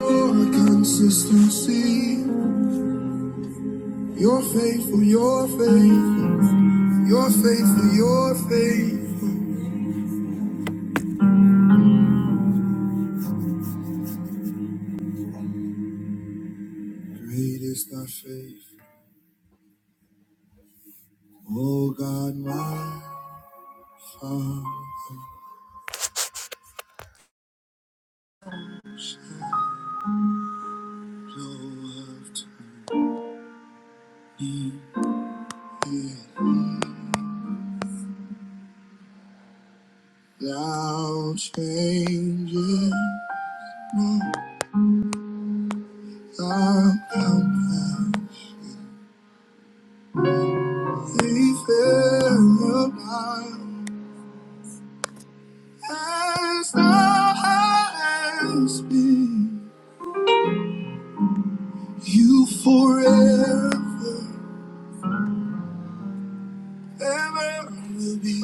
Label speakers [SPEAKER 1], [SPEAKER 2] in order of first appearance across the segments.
[SPEAKER 1] Your consistency, you're faithful, you're faithful, you're faithful, you're faithful. Great is thy faith, Oh God, my Father. So after me, thou changest not thy compassion. They fail not as thou hast been. You forever. ever will be.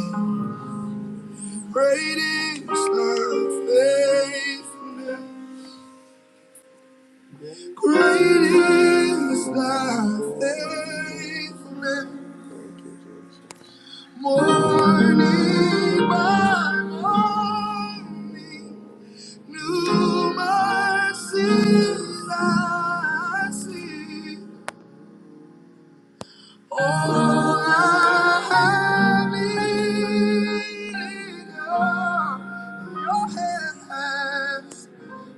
[SPEAKER 1] Great is thy faithfulness. Great is thy faithfulness. Morning by morning, new mercies I see. All I have needed of your hands.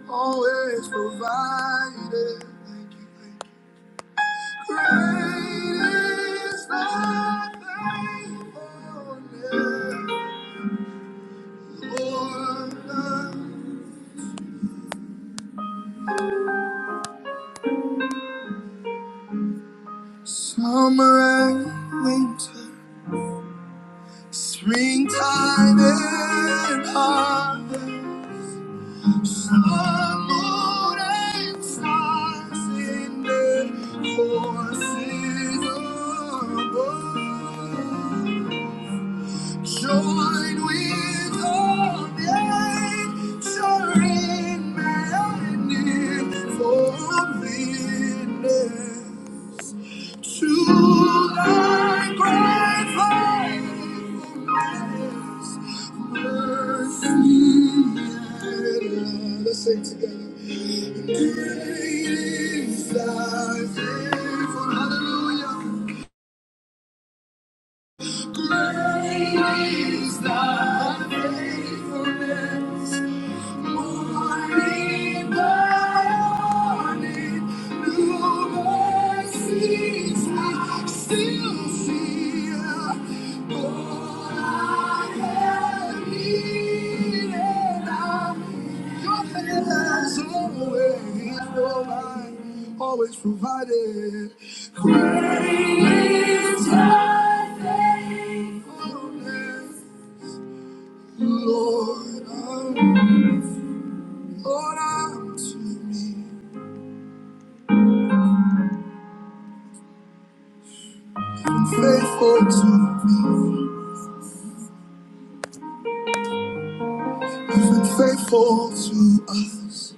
[SPEAKER 1] always provided. Thank you, thank you. Great is thy faithfulness, Lord. Summer and winter, springtime and harvest, sun, moon, and stars in their courses above. Join with all nature in maddening for witness to thy great faithfulness, mercy and love. Let's sing together. Great is thy faithfulness. Hallelujah. Great is thy faithfulness. Morning by morning, new mercies we still see. Lord, I am needed. Your hand has always always provided. Great is thy faithfulness. Lord, I'm, Lord, I'm Faithful to, me, you've been faithful to us.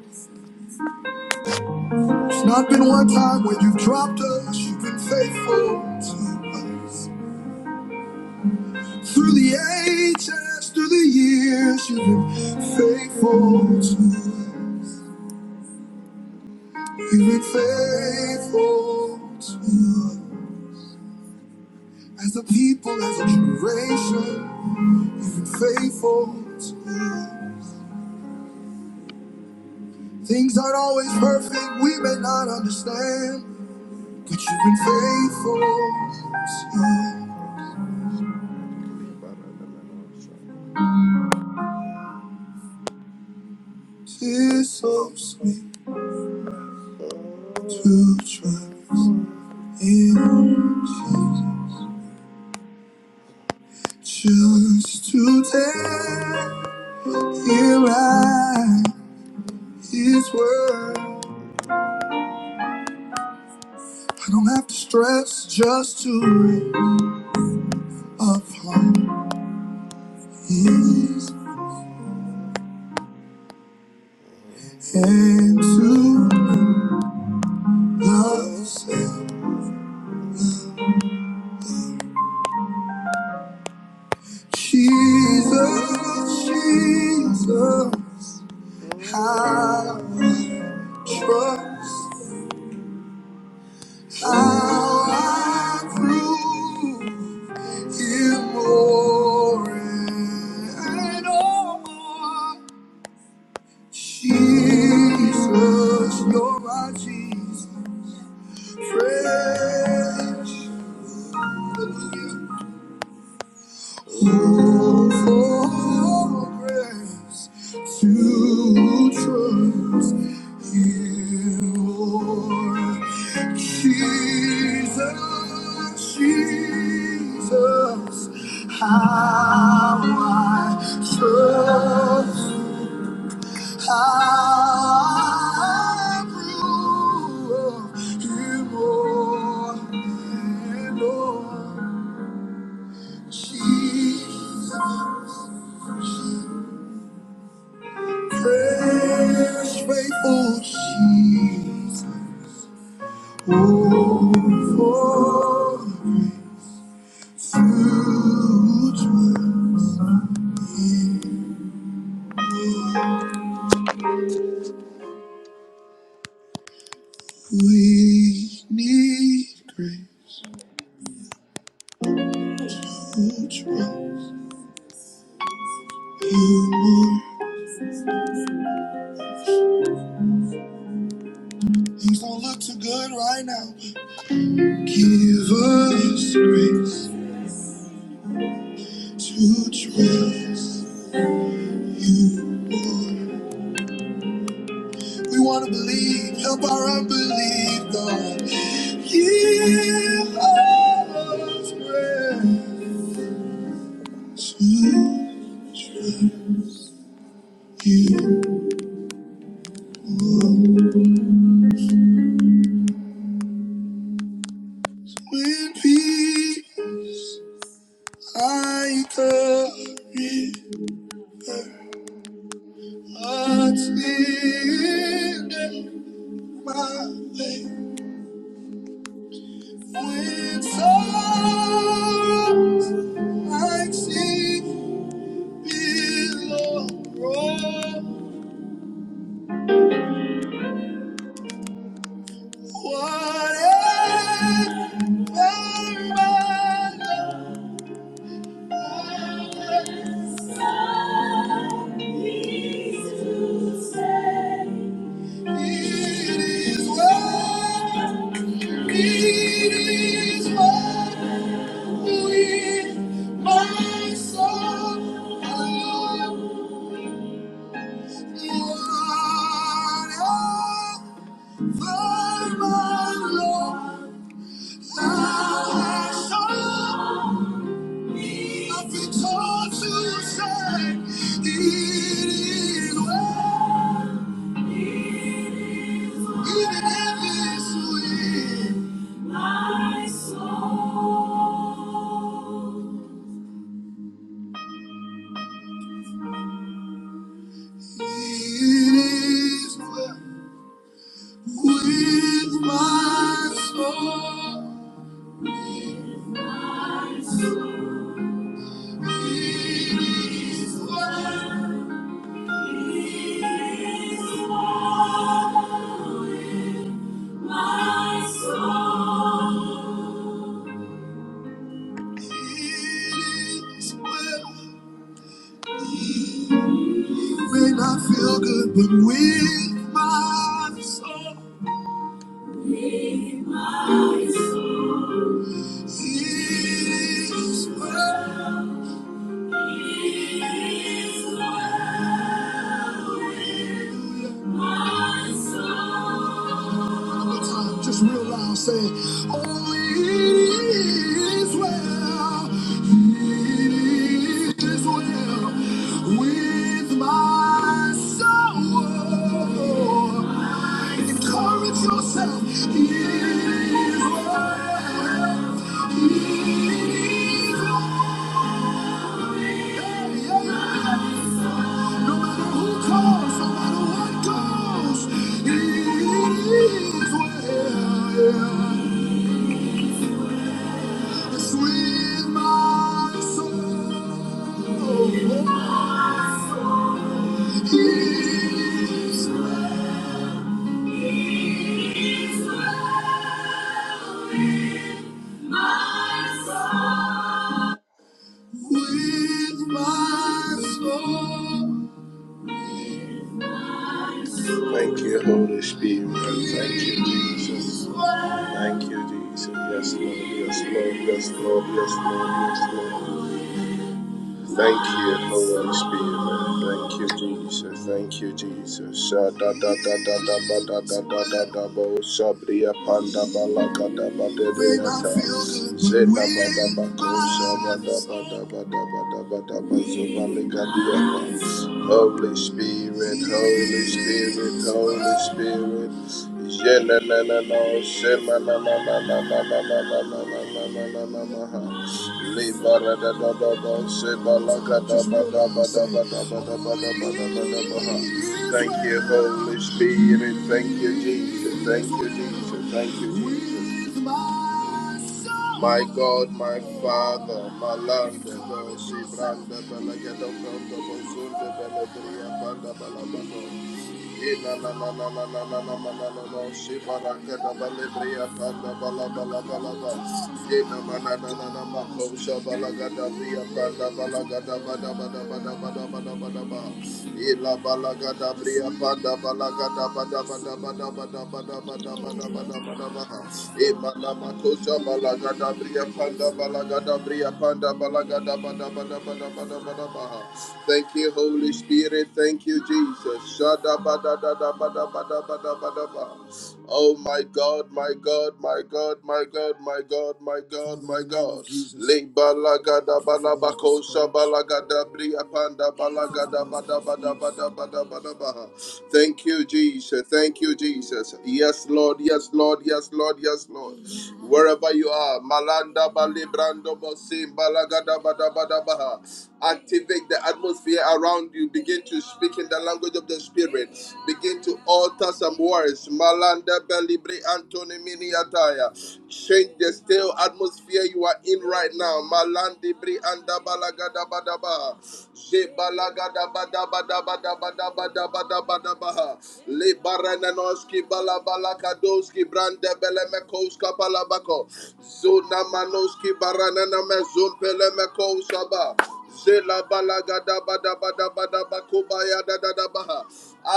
[SPEAKER 1] It's not been one time when you've dropped us, you've been faithful to us. Through the ages, through the years, you've been faithful to us. You've been faithful to us. As a people, as a generation, you've been faithful to us. Things aren't always perfect, we may not understand. But you've been faithful to tears so sweet to trust in Jesus. Just to tell here I his word. I don't have to stress just to read upon his and to love say, Jesus, Jesus, how Trust how I prove him more and more. Jesus, you're my Jesus. Fresh, Oh, for grace to trust you, Lord. Jesus, Jesus, how I trust, how I love you more and more. Jesus. Precious, faithful Jesus, oh, for huge mercy. We need grace. to trust You more. Things don't look too good right now. Give us grace to trust. you We want to believe, help our unbelief, God. Give us grace to trust you more. When behind the river, hearts in my way. When sorrows like sea below roll What What if if my my It is what It is Thank shown? Because you said it is well, even if it's with my soul, it is well with my soul. It is well, with my soul. It is well. It may not feel good, but with my soul. With my soul. Is worth my soul. One more time, Just real loud say, Oh, it is well, it is well with my soul. Encourage yourself, it is well, it is well. Yeah, yeah, yeah. No matter who calls, no matter what goes, it is where it's with my soul. It's with my soul. Thank you, Holy Spirit. Thank you, Jesus. Thank you, Jesus. Yes, Lord. Yes, Lord. Yes, Lord. Yes, Lord. Yes, Lord. Thank you, Holy Spirit. Thank you, Jesus. Thank you, Jesus. Sha da da da da da ba da da da da da bo. Sha panda ba la ga da ba de de ya ta. Se da ba da ba ko. Sha ba da ba da ba da ba da ba da ba. Zo ba le ga di ya ta. Holy Spirit, Holy Spirit, Holy Spirit. Je na na na na. Se ma na na na na na na na na na na na na na na. Thank you, Holy Spirit. Thank you, Jesus. Thank you, Jesus. Thank you, Jesus. My God, my Father, my Lord, the Lord, Sibranda, Belagadon, Belagadon, Belagadon, Belagadon, Belagadon, Belagadon, Ina na na na na na na na na Panda na, na. Shibaraka na balibria na na balaba la balaba. Ina na na na na na na. Shabalaga na bria panda balagada na bada na bada bada baha. Thank you, Holy Spirit. Thank you, Jesus. Shadabadadabadabadabadabadaba. Oh my God, my God, my God, my God, my God, my God, my God. Lebalagada balabako shabalagada briapanda balagada badabadabadabadabadaba. Thank you, Jesus. Thank you, Jesus. Yes, Lord. Yes, Lord. Yes, Lord. Yes, Lord. Wherever you are, Malanda Balibrando Bosim Balagada Badabadabaha. Activate the atmosphere around you. Begin to speak in the language of the Spirit. Begin to alter some words. Malanda Balibre Antoni Miniataya. Change the stale atmosphere you are in right now. Malandi Bri Anda Balagada Badaba. De balagada bada bada bada bada bada bada bada baha. Le barananoski balakadoski brande belemekoska palabako. Zuna manoski baranana mezun pelemekoska ba. Zela balagada bada bada bada bakubaya da da da baha.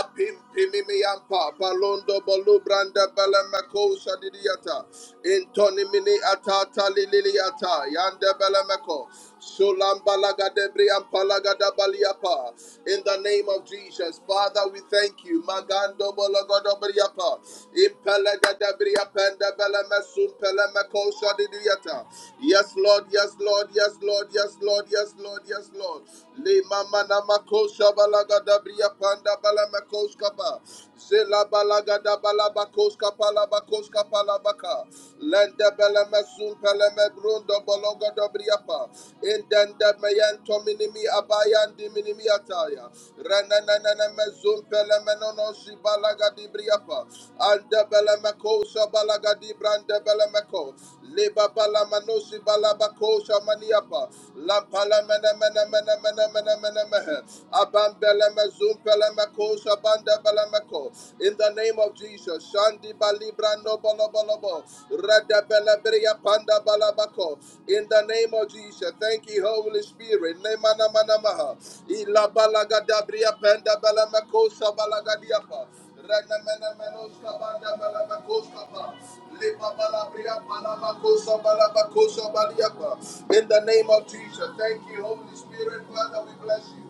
[SPEAKER 1] Apim pimimi yampa palondo bolu brande belemekosa didiata. Intoni mini atata liliata yande belemeko. In the name of Jesus, Father, we thank you. Magando bologodobriapa. Impelegadebriapendebelemesumpelemekosadidiata. Yes, Lord, yes, Lord, yes, Lord, yes, Lord, yes, Lord, yes, Lord. Lima manamakosha balagadabriapanda balamekoskaba. Zela balagada balabakoska palabakoska palabaka. Lende bela mesul pele medrundo bolongo dobriapa. Indende meyento minimi abayandi minimi ataya. Renenenene mezul pele menono shibalaga dibriapa. Ande bele meko shabalaga dibrande bela meko. Leba bala manosi bala bakosha maniapa. Lampala mena mena mena mena mena mena mehe. Abambele mezum pele mekosha banda bele meko. In the name of Jesus, Shandi balibra no bolo bolo bo. Rada bele bria panda bala bako. In the name of Jesus, thank you, Holy Spirit. Nemana mana maha. Ila bala gadabria panda bele mekosha bala gadiapa. In the name of Jesus, thank you, Holy Spirit, Father, we bless you.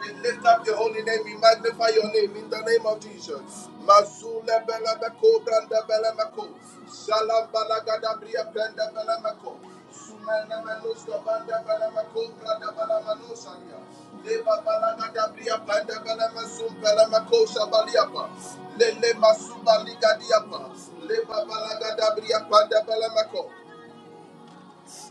[SPEAKER 1] We lift up your holy name, we magnify your name in the name of Jesus. Mazule bela meko, branda bela meko, salam bala bria branda bela meko. Le Le masuba ligadiapa Le la gadabria panda balamako.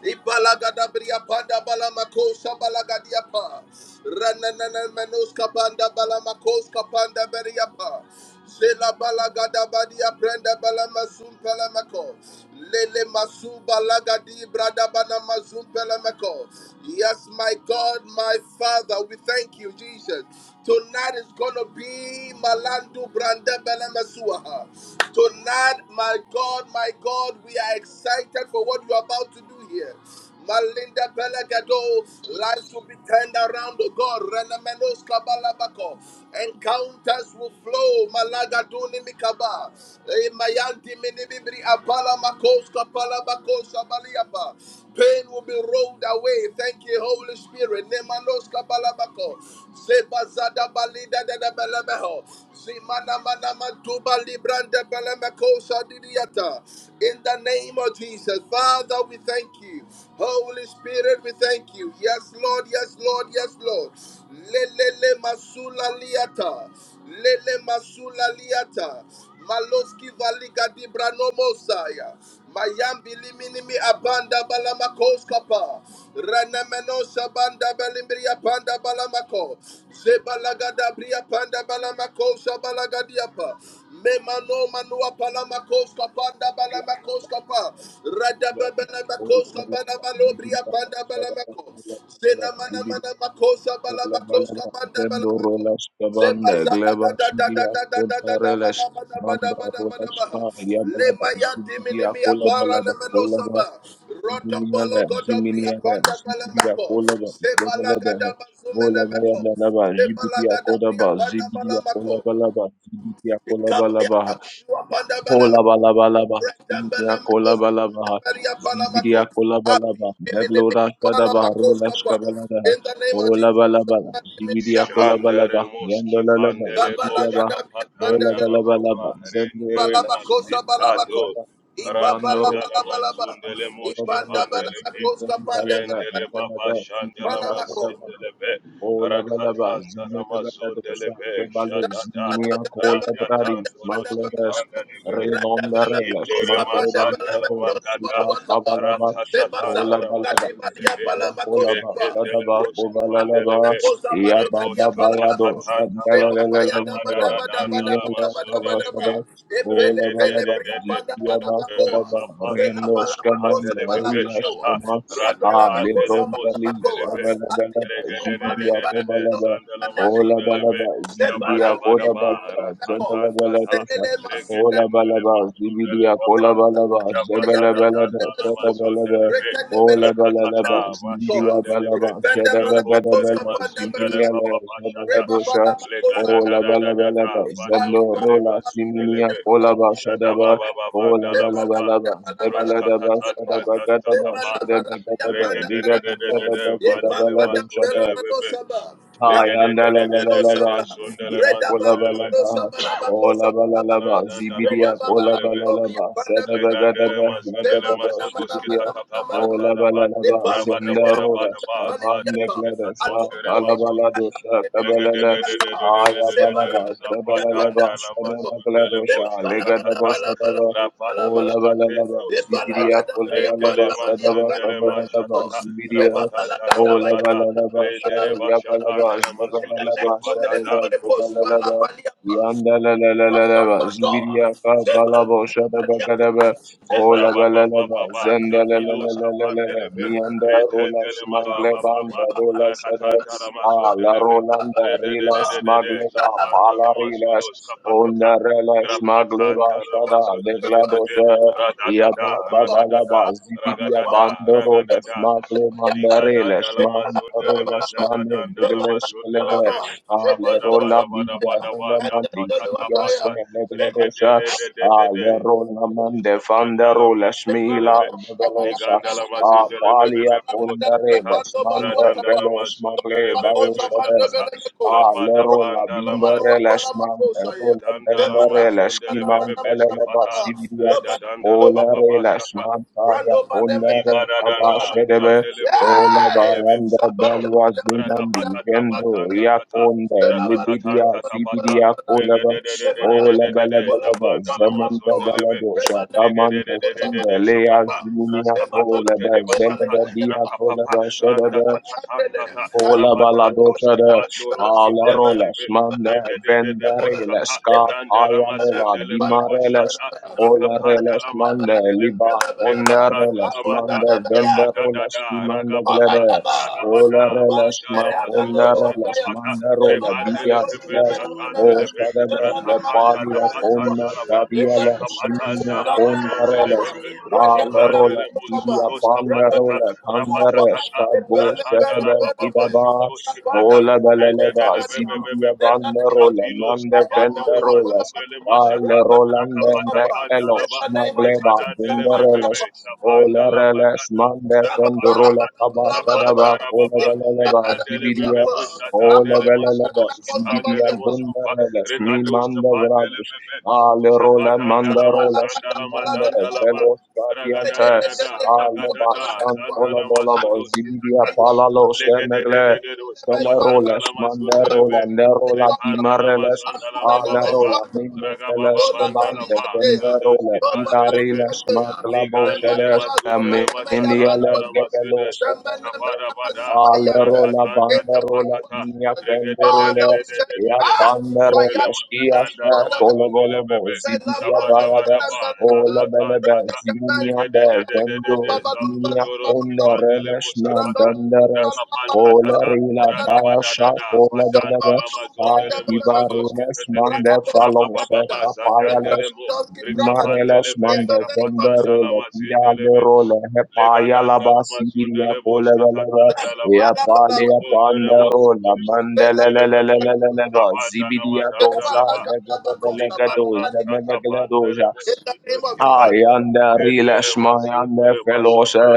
[SPEAKER 1] Ibalagadabriya panda balamakosa balagadia pa. Rananana menoska panda balamakoska panda beria pa. Zela balagada badia prenda balamasum pelamako. Lele masu balagadi brada banamazum pelamako. Yes, my God, my Father, we thank you, Jesus. Tonight is gonna be Malandu Branda Belamasuaha. Tonight, my God, my God, we are excited for what you are about to do Hallelujah. Malinda Pelagado, lives will be turned around, oh God. Renemenos Kabalabako, encounters will flow. Malagaduni Mikaba, Eh, Mayanti Minibibri Apala Makos Kapalabako Sabaliapa. Pain will be rolled away. Thank you, Holy Spirit. Nemanos Kabalabako, Sebazada Balida Belemeho, Zimana Manamatuba Libranda Belemekosa Didiata. In the name of Jesus, Father, we thank you. Holy Spirit, we thank you. Yes, Lord, yes, Lord, yes, Lord. Lelele masula liata. Lele masula liata. Maloski valiga di branomosaya. Mayambi liminimi abanda balamakos kapa. Ranameno sabanda balimbria panda balamako. Zebalagada bria panda balamako sabalagadiapa. Memano manua palamakos kapanda balamakos kapa.
[SPEAKER 2] Zibidi Akola
[SPEAKER 1] Radababalamakos kabana
[SPEAKER 2] Balaba, Zibidi
[SPEAKER 1] balobria
[SPEAKER 2] Akola
[SPEAKER 1] panda balamako. Senamana mana makosa balamakos kabanda balamako. In
[SPEAKER 2] Balaba, Zibidi Akola Balaba, Kolabalabalaba, Zibiria Kolabalabaha, Zibiria Kolabalaba, Neglora Shadabaha, Rola Shkabaladaha,
[SPEAKER 1] the name of Jesus,
[SPEAKER 2] Olabalabala, Zibiria
[SPEAKER 3] Shandere
[SPEAKER 2] Kolabalaba,
[SPEAKER 3] moski
[SPEAKER 2] Yandalalaba,
[SPEAKER 3] vandele
[SPEAKER 2] Zibidiaba,
[SPEAKER 3] boshka
[SPEAKER 1] Kabalagadabriya
[SPEAKER 3] patanda la
[SPEAKER 1] pandabelebeko.
[SPEAKER 3] mama
[SPEAKER 2] Olabalabalaba, Zendoro
[SPEAKER 3] rendere
[SPEAKER 2] Lashma,
[SPEAKER 1] Ibalabakosa
[SPEAKER 3] masitado
[SPEAKER 1] balabako.
[SPEAKER 2] Shaba, Landoro,
[SPEAKER 3] rakadala
[SPEAKER 1] Ibabalabalabalaba.
[SPEAKER 3] mazundele moske
[SPEAKER 2] Kolabalobo,
[SPEAKER 3] vandele be
[SPEAKER 2] Zibiria
[SPEAKER 1] Ipandabelebekoska
[SPEAKER 2] Kalava,
[SPEAKER 3] rendele
[SPEAKER 1] pandabelebeko.
[SPEAKER 3] baba
[SPEAKER 2] Evanada,
[SPEAKER 3] shandela
[SPEAKER 2] Zibiria
[SPEAKER 1] Ipalamako.
[SPEAKER 2] Kolabaha,
[SPEAKER 3] masindele be
[SPEAKER 2] O la ba Olabalaba,
[SPEAKER 3] rakatanda la
[SPEAKER 2] Zimbabwe,
[SPEAKER 3] mazundele
[SPEAKER 2] Dosha,
[SPEAKER 3] be
[SPEAKER 2] Kebale,
[SPEAKER 3] shadada
[SPEAKER 2] Zimia,
[SPEAKER 1] Pandabele-
[SPEAKER 2] Kolabradis,
[SPEAKER 3] radadandoroski
[SPEAKER 2] Magleres,
[SPEAKER 1] pandabelebeko.
[SPEAKER 3] vandele be
[SPEAKER 2] Relon, Relas,
[SPEAKER 1] Radabelebekoska
[SPEAKER 2] Magleba,
[SPEAKER 1] pandabelebeko.
[SPEAKER 2] Ron,
[SPEAKER 3] Shitteremasandalabakata,
[SPEAKER 2] Sita,
[SPEAKER 1] Rodobaluwataba.
[SPEAKER 2] Kabalaba, ba o la ba la ba,
[SPEAKER 1] Sebazabalagadibaliya
[SPEAKER 3] ratatatandaramasundelebe,
[SPEAKER 2] Zibia,
[SPEAKER 1] balamakoska
[SPEAKER 2] Kolaba,
[SPEAKER 1] ba.
[SPEAKER 2] Shadaba, ba
[SPEAKER 3] rekendeleboskivandelebe,
[SPEAKER 1] Mekoza balekadia
[SPEAKER 2] Yababa, Bayado,
[SPEAKER 1] palabako.
[SPEAKER 3] reboskafatatantaba,
[SPEAKER 1] Seba baya daba
[SPEAKER 2] Shadalalalalaba,
[SPEAKER 1] daba daba daba daba
[SPEAKER 2] Minia,
[SPEAKER 3] labadadadandalamasundelebe,
[SPEAKER 2] Ola balaba
[SPEAKER 3] regedededede.
[SPEAKER 2] zipia basta daba
[SPEAKER 3] Zapas
[SPEAKER 2] rendo
[SPEAKER 3] Kotoske
[SPEAKER 2] skaman
[SPEAKER 3] Pandele Vebe
[SPEAKER 2] darila
[SPEAKER 3] Shata
[SPEAKER 2] skaman
[SPEAKER 3] Radli
[SPEAKER 2] a
[SPEAKER 3] Vandele
[SPEAKER 2] lebron dali
[SPEAKER 3] Mosundele Ve
[SPEAKER 2] shabala balaba zibidia ko
[SPEAKER 1] bala
[SPEAKER 3] Regededededede
[SPEAKER 1] meno
[SPEAKER 2] balaba
[SPEAKER 3] Sandala
[SPEAKER 2] ola
[SPEAKER 3] Masundele Ve
[SPEAKER 2] balaba zibidia
[SPEAKER 3] Shabada
[SPEAKER 2] ko da
[SPEAKER 3] Badaba
[SPEAKER 2] balaba zebala
[SPEAKER 3] Rakatan Tata
[SPEAKER 2] balaba sa ola
[SPEAKER 3] Regedendele
[SPEAKER 2] balaba
[SPEAKER 3] Masundele
[SPEAKER 2] zibidia ko
[SPEAKER 3] Baba
[SPEAKER 2] la balaba
[SPEAKER 3] Shabada
[SPEAKER 2] zebala balada
[SPEAKER 3] Dadana
[SPEAKER 2] sada
[SPEAKER 3] Masundele
[SPEAKER 2] balaba
[SPEAKER 3] Ve
[SPEAKER 2] ola balaba
[SPEAKER 3] Rakatata
[SPEAKER 2] zibidia
[SPEAKER 3] Mashandele Ve
[SPEAKER 2] balaba sada balada
[SPEAKER 3] Rokondere
[SPEAKER 2] balada
[SPEAKER 3] Masundele
[SPEAKER 2] zibidia la
[SPEAKER 3] Baba Shata
[SPEAKER 1] Reba
[SPEAKER 2] shabala
[SPEAKER 1] bala makosa
[SPEAKER 3] Legada
[SPEAKER 2] Ola
[SPEAKER 3] da da
[SPEAKER 1] bala
[SPEAKER 2] bala
[SPEAKER 3] da
[SPEAKER 1] mako.
[SPEAKER 2] bala ba
[SPEAKER 3] da
[SPEAKER 2] la ba,
[SPEAKER 3] da
[SPEAKER 2] zeblo
[SPEAKER 1] Ibali
[SPEAKER 3] Vadondere
[SPEAKER 1] balu
[SPEAKER 2] rola
[SPEAKER 1] bali
[SPEAKER 2] siminia
[SPEAKER 1] branda
[SPEAKER 3] Masundele
[SPEAKER 1] bala
[SPEAKER 2] ola ba
[SPEAKER 1] bala
[SPEAKER 2] shada
[SPEAKER 1] bala.
[SPEAKER 3] Shada
[SPEAKER 2] ba
[SPEAKER 3] ba ba ba ba
[SPEAKER 2] ola
[SPEAKER 3] nda
[SPEAKER 1] Thank
[SPEAKER 3] la
[SPEAKER 2] bala
[SPEAKER 3] ba
[SPEAKER 2] bala
[SPEAKER 3] ba.
[SPEAKER 2] ba zebala
[SPEAKER 3] Roska
[SPEAKER 2] da
[SPEAKER 3] ta
[SPEAKER 2] ba
[SPEAKER 3] ta
[SPEAKER 2] shada
[SPEAKER 3] ta
[SPEAKER 2] ba
[SPEAKER 3] ta ta
[SPEAKER 2] gada ba shada ba gada ba
[SPEAKER 3] de
[SPEAKER 2] liga
[SPEAKER 3] de
[SPEAKER 2] ba
[SPEAKER 3] de de de
[SPEAKER 2] shada ba
[SPEAKER 3] de.
[SPEAKER 2] buda
[SPEAKER 3] Vandele
[SPEAKER 2] bala
[SPEAKER 3] ma
[SPEAKER 2] da shada
[SPEAKER 3] zondele bebe.
[SPEAKER 2] Hi,
[SPEAKER 3] Lege de
[SPEAKER 2] and la
[SPEAKER 3] de
[SPEAKER 2] la
[SPEAKER 3] de de
[SPEAKER 2] la
[SPEAKER 3] de
[SPEAKER 2] la
[SPEAKER 3] de
[SPEAKER 2] ba
[SPEAKER 3] de. Zondele
[SPEAKER 2] zibidia
[SPEAKER 3] ma
[SPEAKER 2] kola
[SPEAKER 3] zondele
[SPEAKER 2] ba la
[SPEAKER 3] be.
[SPEAKER 2] ba kola ba la la ba
[SPEAKER 3] Lanzanda la
[SPEAKER 2] zibidia kola ba
[SPEAKER 3] be.
[SPEAKER 2] la la ba sada ba ga da
[SPEAKER 3] Legandele
[SPEAKER 2] ba
[SPEAKER 3] ma
[SPEAKER 2] la ga
[SPEAKER 3] zondele
[SPEAKER 2] da
[SPEAKER 3] ma
[SPEAKER 2] ba
[SPEAKER 3] zodoske
[SPEAKER 2] zibidia
[SPEAKER 3] panda
[SPEAKER 2] kola
[SPEAKER 3] da
[SPEAKER 2] ba la
[SPEAKER 3] ba.
[SPEAKER 2] la ba
[SPEAKER 3] Raba da
[SPEAKER 2] zenda
[SPEAKER 3] ba da ba
[SPEAKER 2] rola
[SPEAKER 3] da ba.
[SPEAKER 2] kaba
[SPEAKER 3] Zaduske
[SPEAKER 2] negla
[SPEAKER 3] ta
[SPEAKER 2] dosha kala ba la dosha kaba
[SPEAKER 1] you.
[SPEAKER 2] la la aya ba
[SPEAKER 1] Seba
[SPEAKER 2] la
[SPEAKER 1] la
[SPEAKER 2] ba
[SPEAKER 1] laga da
[SPEAKER 2] zaba
[SPEAKER 1] bria
[SPEAKER 2] la la
[SPEAKER 1] panda
[SPEAKER 2] ba
[SPEAKER 3] Zapatanda la
[SPEAKER 2] sada
[SPEAKER 1] balabako.
[SPEAKER 2] ba gla
[SPEAKER 3] basunda le
[SPEAKER 2] dosha
[SPEAKER 1] Sheba
[SPEAKER 3] boshka
[SPEAKER 2] lega
[SPEAKER 1] balaba
[SPEAKER 2] da ba
[SPEAKER 3] tatata.
[SPEAKER 1] laba laba
[SPEAKER 2] sada ba
[SPEAKER 1] laba laba laba
[SPEAKER 2] kola
[SPEAKER 3] Rapatius
[SPEAKER 1] laba.
[SPEAKER 2] ba la la ba
[SPEAKER 3] katetos
[SPEAKER 1] la
[SPEAKER 3] kita.
[SPEAKER 1] laga
[SPEAKER 2] zibidia
[SPEAKER 1] da
[SPEAKER 2] kola
[SPEAKER 1] bria
[SPEAKER 2] ba la ba
[SPEAKER 3] Rendele
[SPEAKER 1] panda
[SPEAKER 2] sada
[SPEAKER 1] balia
[SPEAKER 2] ba
[SPEAKER 1] panda
[SPEAKER 3] mazundele
[SPEAKER 2] kaba
[SPEAKER 1] ba
[SPEAKER 2] la la ba
[SPEAKER 3] mashatata.
[SPEAKER 2] zibidia
[SPEAKER 1] la
[SPEAKER 3] Rapata
[SPEAKER 1] balaga da ba
[SPEAKER 2] Ola
[SPEAKER 1] baya.
[SPEAKER 3] daramagada.
[SPEAKER 2] bala la ba sha
[SPEAKER 3] Rendele
[SPEAKER 2] ya bala
[SPEAKER 3] bashatanda
[SPEAKER 2] ba
[SPEAKER 3] la
[SPEAKER 2] zla
[SPEAKER 1] In
[SPEAKER 2] bala
[SPEAKER 1] the
[SPEAKER 2] la
[SPEAKER 3] mazudos
[SPEAKER 1] next
[SPEAKER 2] ba
[SPEAKER 1] two
[SPEAKER 2] sha da
[SPEAKER 1] minutes, I'm
[SPEAKER 3] kefatata.
[SPEAKER 2] ba
[SPEAKER 1] gonna
[SPEAKER 2] go
[SPEAKER 1] push
[SPEAKER 2] bala la
[SPEAKER 1] balaba
[SPEAKER 2] ba
[SPEAKER 1] balia pa.
[SPEAKER 2] yanda la la la
[SPEAKER 1] Do
[SPEAKER 2] la la
[SPEAKER 1] do
[SPEAKER 2] ba
[SPEAKER 1] do do.
[SPEAKER 2] zibidiya ka
[SPEAKER 1] Seba
[SPEAKER 2] bala
[SPEAKER 1] la
[SPEAKER 2] ba
[SPEAKER 1] laga da
[SPEAKER 2] sha da
[SPEAKER 1] ba
[SPEAKER 2] ba
[SPEAKER 1] balia
[SPEAKER 2] ga
[SPEAKER 1] pa.
[SPEAKER 2] da ba
[SPEAKER 1] Sheba
[SPEAKER 2] ola
[SPEAKER 1] la ba.
[SPEAKER 2] bala la ba
[SPEAKER 3] Rabababa,
[SPEAKER 2] zenda la la la
[SPEAKER 3] Javilos,
[SPEAKER 2] la la
[SPEAKER 3] Kapan
[SPEAKER 2] la la
[SPEAKER 3] Deleve,
[SPEAKER 2] mi yanda
[SPEAKER 3] Rete
[SPEAKER 2] rola
[SPEAKER 3] Delema,
[SPEAKER 2] smagle ba anda
[SPEAKER 3] Baba,
[SPEAKER 2] rola sha da
[SPEAKER 3] Rakatanda Ramazo
[SPEAKER 2] a la
[SPEAKER 3] Deleve,
[SPEAKER 2] rola anda rela smagle
[SPEAKER 3] Rededededede,
[SPEAKER 2] ba
[SPEAKER 3] Zavanda
[SPEAKER 2] pala rela
[SPEAKER 3] Ramazudos, Kapatata,
[SPEAKER 2] onda rela smagle ba
[SPEAKER 3] Rapatanda
[SPEAKER 2] sha da le
[SPEAKER 3] Ramazodeskete, Radadada,
[SPEAKER 2] Lerola
[SPEAKER 3] Radadada,
[SPEAKER 2] Bindere,
[SPEAKER 1] kupa bulwa pa.
[SPEAKER 3] Ragadada, Ragadada, Ligadanda Lamazo Delema, Jadadanda Lamazo
[SPEAKER 1] Balaba.
[SPEAKER 3] Deleve,
[SPEAKER 1] Eden
[SPEAKER 3] Shavada
[SPEAKER 1] dolu
[SPEAKER 3] Vada Vada
[SPEAKER 1] ataya.
[SPEAKER 3] Vada
[SPEAKER 1] Eden
[SPEAKER 3] Vada,
[SPEAKER 1] dolu
[SPEAKER 3] Tata
[SPEAKER 1] ataya.
[SPEAKER 3] Pata, regede de. de de de Shabandala Masundelebe, Ligandala Masundelebe, Bosatata, Radandala Masundelebe, Shatata, Rabada Bandala
[SPEAKER 2] Lesman, Rola
[SPEAKER 3] Madandala
[SPEAKER 2] Bendere, Leskiman,
[SPEAKER 3] Mazundelebe,
[SPEAKER 2] Teleleba,
[SPEAKER 3] Beshkefata,
[SPEAKER 2] Sibidia,
[SPEAKER 3] Redadandala
[SPEAKER 2] Bolare
[SPEAKER 3] Baba Shata,
[SPEAKER 2] Lashmantaya Polare
[SPEAKER 3] Livadadana,
[SPEAKER 2] Abashedebe
[SPEAKER 3] Jandele
[SPEAKER 2] Ola
[SPEAKER 3] Moshe
[SPEAKER 2] Bayanda Belwa Zimandi Gendo
[SPEAKER 3] Rakapatatabatandatata,
[SPEAKER 2] Riakonde Libidia
[SPEAKER 1] Yes!
[SPEAKER 3] rakatatantatabata,
[SPEAKER 2] Sibidia Kolaba Ola Bela
[SPEAKER 3] regededededededede,
[SPEAKER 2] Belaba Zemanda
[SPEAKER 3] javandalamasondelebe,
[SPEAKER 2] Beladosha Kamanda Kende
[SPEAKER 3] legedededededede,
[SPEAKER 2] Lea
[SPEAKER 3] shapata,
[SPEAKER 2] Zimina Kolaba
[SPEAKER 3] raskapatonterebashapat,
[SPEAKER 2] Zemanda Dia
[SPEAKER 3] rakapapa,
[SPEAKER 2] Kolaba
[SPEAKER 3] Randa
[SPEAKER 2] Shedebe,
[SPEAKER 3] Tatatata,
[SPEAKER 2] Kola
[SPEAKER 3] Rabata,
[SPEAKER 2] baladosha
[SPEAKER 3] Toski
[SPEAKER 2] de
[SPEAKER 3] Vandoroski
[SPEAKER 2] aleroles
[SPEAKER 3] Vandelebe,
[SPEAKER 2] mande
[SPEAKER 3] Regedede
[SPEAKER 2] vendereles
[SPEAKER 3] boskata randela
[SPEAKER 2] kataya leva
[SPEAKER 3] randatatatantata,
[SPEAKER 2] dimareles
[SPEAKER 3] rabatatoskifandoroskivandelebe, regedededeboshkata, randalamazendelebebeashata,
[SPEAKER 2] kolereles mande
[SPEAKER 3] rakapandalamandelebe,
[SPEAKER 2] liba konereles
[SPEAKER 1] Abunda
[SPEAKER 2] mande
[SPEAKER 1] Baya,
[SPEAKER 2] venderoles
[SPEAKER 3] rekatandalamadarabatadada,
[SPEAKER 2] dimande
[SPEAKER 1] In the
[SPEAKER 3] ragabada,
[SPEAKER 2] glede
[SPEAKER 3] Ragabada,
[SPEAKER 2] kolereles ma
[SPEAKER 3] Vandara Masudos,
[SPEAKER 2] konereles
[SPEAKER 3] Ketapata,
[SPEAKER 2] mande role
[SPEAKER 3] Rebandele Pepe,
[SPEAKER 2] bidiareles
[SPEAKER 4] Makapasindaria mama,
[SPEAKER 3] Shatandele
[SPEAKER 2] Osta
[SPEAKER 3] Pepe,
[SPEAKER 2] de le
[SPEAKER 3] Rakatanda,
[SPEAKER 2] palia con
[SPEAKER 3] Dapatanda,
[SPEAKER 4] limakabrazindaria
[SPEAKER 3] Lava,
[SPEAKER 4] mama,
[SPEAKER 2] badia le
[SPEAKER 1] name of Jesus,
[SPEAKER 2] simia
[SPEAKER 3] Rakapatanda,
[SPEAKER 1] don't be
[SPEAKER 2] con
[SPEAKER 3] Ramazondele
[SPEAKER 2] dareles
[SPEAKER 1] Yapa,
[SPEAKER 3] Pepe,
[SPEAKER 4] ikabrazindaria mama.
[SPEAKER 1] Ragabella
[SPEAKER 3] Shivandele
[SPEAKER 2] Gidya
[SPEAKER 1] Makosaba,
[SPEAKER 3] Musutos, Kapatata,
[SPEAKER 2] Pandarola
[SPEAKER 1] Rendotototuapa,
[SPEAKER 2] Kandara
[SPEAKER 3] Rapatatata,
[SPEAKER 2] Shkabo
[SPEAKER 1] Bele
[SPEAKER 3] Rakanda,
[SPEAKER 1] Bele
[SPEAKER 2] Shataba
[SPEAKER 3] Lava,
[SPEAKER 1] Bele
[SPEAKER 3] Baba,
[SPEAKER 1] Bele,
[SPEAKER 2] Gidaba
[SPEAKER 3] Shotos,
[SPEAKER 1] Rapanda
[SPEAKER 3] Kifata,
[SPEAKER 2] Ola Balalaba
[SPEAKER 3] Redele
[SPEAKER 1] Makosaba,
[SPEAKER 3] Pepe,
[SPEAKER 2] Zibidya
[SPEAKER 3] Pepe,
[SPEAKER 1] in the name of
[SPEAKER 2] Bandarola
[SPEAKER 3] Shapilos,
[SPEAKER 1] Jesus,
[SPEAKER 2] Nanda
[SPEAKER 1] Ayapa
[SPEAKER 3] Kibandele
[SPEAKER 2] Vendarolas
[SPEAKER 3] Mazundele
[SPEAKER 1] Duapanamako,
[SPEAKER 3] Mashata,
[SPEAKER 2] Dale
[SPEAKER 1] Ragabella
[SPEAKER 2] Rolande Ne
[SPEAKER 1] Makosaba,
[SPEAKER 3] Rakapatanda,
[SPEAKER 1] in
[SPEAKER 3] Lava,
[SPEAKER 2] Elos
[SPEAKER 1] the name of
[SPEAKER 2] Magleba
[SPEAKER 1] Jesus,
[SPEAKER 3] Rekadandele Pepe,
[SPEAKER 2] Bindarelas
[SPEAKER 1] Samaniapa.
[SPEAKER 3] Shavanda,
[SPEAKER 2] Ola Reles Mande
[SPEAKER 3] Lamakata,
[SPEAKER 2] Fendarola Kaba
[SPEAKER 1] Shabba-ba-la-ba-la-ba-la-ba-la-ba.
[SPEAKER 2] Shadaba
[SPEAKER 3] Rapandara
[SPEAKER 2] Ola
[SPEAKER 3] Baba,
[SPEAKER 1] ipa la ga
[SPEAKER 2] Balalaba
[SPEAKER 1] da ba
[SPEAKER 3] Rekandele
[SPEAKER 1] di ya
[SPEAKER 2] Zibidia,
[SPEAKER 3] Bebe
[SPEAKER 2] Ola
[SPEAKER 3] Shatandele
[SPEAKER 2] Balalaba
[SPEAKER 3] Masudoski Tandele
[SPEAKER 2] zibidia
[SPEAKER 3] Mosupa,
[SPEAKER 2] Bundarelas Mi
[SPEAKER 3] Regados
[SPEAKER 2] Manda
[SPEAKER 3] Kapandele
[SPEAKER 2] Vradu,
[SPEAKER 3] Bebe,
[SPEAKER 2] Alerola
[SPEAKER 3] Shabatandala
[SPEAKER 2] mandarola
[SPEAKER 3] Masandala
[SPEAKER 2] skimanda
[SPEAKER 3] Madandala Ba,
[SPEAKER 1] Shabalakadabalakadiapa.
[SPEAKER 2] velos
[SPEAKER 3] Ragadada
[SPEAKER 2] gadiantes
[SPEAKER 3] Dada,
[SPEAKER 2] ale
[SPEAKER 3] Vagadada,
[SPEAKER 1] Rededededekadua-palakadua.
[SPEAKER 2] bashantola
[SPEAKER 3] Zandala
[SPEAKER 2] bola
[SPEAKER 3] Masudoski
[SPEAKER 2] bozidia
[SPEAKER 3] Tatan,
[SPEAKER 1] Atumenemeyoataba.
[SPEAKER 2] palalos emegle
[SPEAKER 3] Legedede
[SPEAKER 2] velaroles
[SPEAKER 3] Skafatandala Masundele Be,
[SPEAKER 2] mandarola nerola
[SPEAKER 1] Atumenemeyoataba.
[SPEAKER 3] Rekandala
[SPEAKER 2] dimareles
[SPEAKER 1] Atumenemeyoataba.
[SPEAKER 3] Mazandala Mababa,
[SPEAKER 2] alerola
[SPEAKER 1] Atumenemeyoataba.
[SPEAKER 2] minde veles
[SPEAKER 3] Ragababa Bandala
[SPEAKER 2] kebande
[SPEAKER 3] Ba,
[SPEAKER 1] Zolabaliandea.
[SPEAKER 2] venderola
[SPEAKER 3] Zodoski Tandele Be,
[SPEAKER 2] kidareles
[SPEAKER 1] Zobaladiandea.
[SPEAKER 3] Ligandele
[SPEAKER 2] maglabosedes
[SPEAKER 3] Masundele
[SPEAKER 2] aminia le
[SPEAKER 3] Mashatandala
[SPEAKER 1] Zemanamasumenemeyambaluapa.
[SPEAKER 3] Masede,
[SPEAKER 2] gebelos
[SPEAKER 3] Shabada Shabadabada,
[SPEAKER 1] Zemenemenamasumayantes.
[SPEAKER 2] Alerola
[SPEAKER 3] Rakatanta
[SPEAKER 1] In the
[SPEAKER 2] banderola
[SPEAKER 1] name of
[SPEAKER 3] Tapatata,
[SPEAKER 2] mia
[SPEAKER 1] Jesus.
[SPEAKER 2] pendorole
[SPEAKER 1] Father, we thank you.
[SPEAKER 2] ya
[SPEAKER 3] Regedededededede,
[SPEAKER 1] Ah!
[SPEAKER 2] banderola
[SPEAKER 1] fire. In
[SPEAKER 3] Undelemanda
[SPEAKER 2] skia
[SPEAKER 1] the
[SPEAKER 2] she
[SPEAKER 3] Dandalama
[SPEAKER 1] name
[SPEAKER 2] tolobolo mo
[SPEAKER 3] Zundelebebe,
[SPEAKER 2] zibidia bayada
[SPEAKER 3] Shabadabadaba,
[SPEAKER 2] ola belebe
[SPEAKER 3] Rakatantata,
[SPEAKER 2] ziminia de vendo
[SPEAKER 3] Regededededede,
[SPEAKER 2] ziminia
[SPEAKER 3] Zapundoros,
[SPEAKER 2] ola renesh
[SPEAKER 3] Kibandelemos,
[SPEAKER 2] na
[SPEAKER 3] Kipata,
[SPEAKER 2] benderes kola
[SPEAKER 3] Rakapantatata,
[SPEAKER 2] rila baya sha
[SPEAKER 1] of
[SPEAKER 3] Ragabadadada,
[SPEAKER 2] kola
[SPEAKER 1] Jesus,
[SPEAKER 2] belebe
[SPEAKER 3] Vadandalama
[SPEAKER 1] Shambabalum
[SPEAKER 2] a
[SPEAKER 1] Branda
[SPEAKER 3] Zundelemo Zudos,
[SPEAKER 1] Baramako,
[SPEAKER 2] dibarenes
[SPEAKER 3] Kitetete,
[SPEAKER 2] mande
[SPEAKER 1] Brakadoski
[SPEAKER 2] falonse
[SPEAKER 3] Rabababa,
[SPEAKER 1] Brakadas,
[SPEAKER 2] kapayales
[SPEAKER 3] Zatandelemo,
[SPEAKER 1] Brakadoski Brakadas,
[SPEAKER 2] Marelas
[SPEAKER 1] in
[SPEAKER 3] Rikapandeleve,
[SPEAKER 2] mande
[SPEAKER 1] the name of
[SPEAKER 2] vendere
[SPEAKER 1] Jesus,
[SPEAKER 2] le
[SPEAKER 3] Shafatandalama
[SPEAKER 2] tira le
[SPEAKER 3] Zindeleve,
[SPEAKER 2] role he la
[SPEAKER 3] Legadanda la mazunda
[SPEAKER 2] basiria
[SPEAKER 3] le boshke
[SPEAKER 2] cole
[SPEAKER 3] tatanda la ba.
[SPEAKER 2] Ya pali ya
[SPEAKER 1] Balabalabako,
[SPEAKER 3] Rokonde le
[SPEAKER 2] panda ro la
[SPEAKER 3] mosikirisi
[SPEAKER 2] mandele le
[SPEAKER 3] le
[SPEAKER 2] le le
[SPEAKER 3] bebe.
[SPEAKER 2] le le le ba
[SPEAKER 1] Belabalabako,
[SPEAKER 3] Tabanda la
[SPEAKER 2] zibidia
[SPEAKER 3] madanda
[SPEAKER 2] dosa
[SPEAKER 3] la ba.
[SPEAKER 2] le le le
[SPEAKER 1] Belabalabako,
[SPEAKER 2] le le le
[SPEAKER 1] Shabaliga
[SPEAKER 2] dosa
[SPEAKER 3] Likatanda
[SPEAKER 2] le le
[SPEAKER 1] Divria,
[SPEAKER 2] le
[SPEAKER 3] tabanda le
[SPEAKER 2] dosa
[SPEAKER 1] in the
[SPEAKER 3] mosunde
[SPEAKER 1] name of Jesus.
[SPEAKER 3] skifan.
[SPEAKER 2] Ayanda
[SPEAKER 3] Ende le
[SPEAKER 2] rilesh
[SPEAKER 3] mazunda
[SPEAKER 2] mayanda
[SPEAKER 3] le
[SPEAKER 2] feloshe
[SPEAKER 3] masata.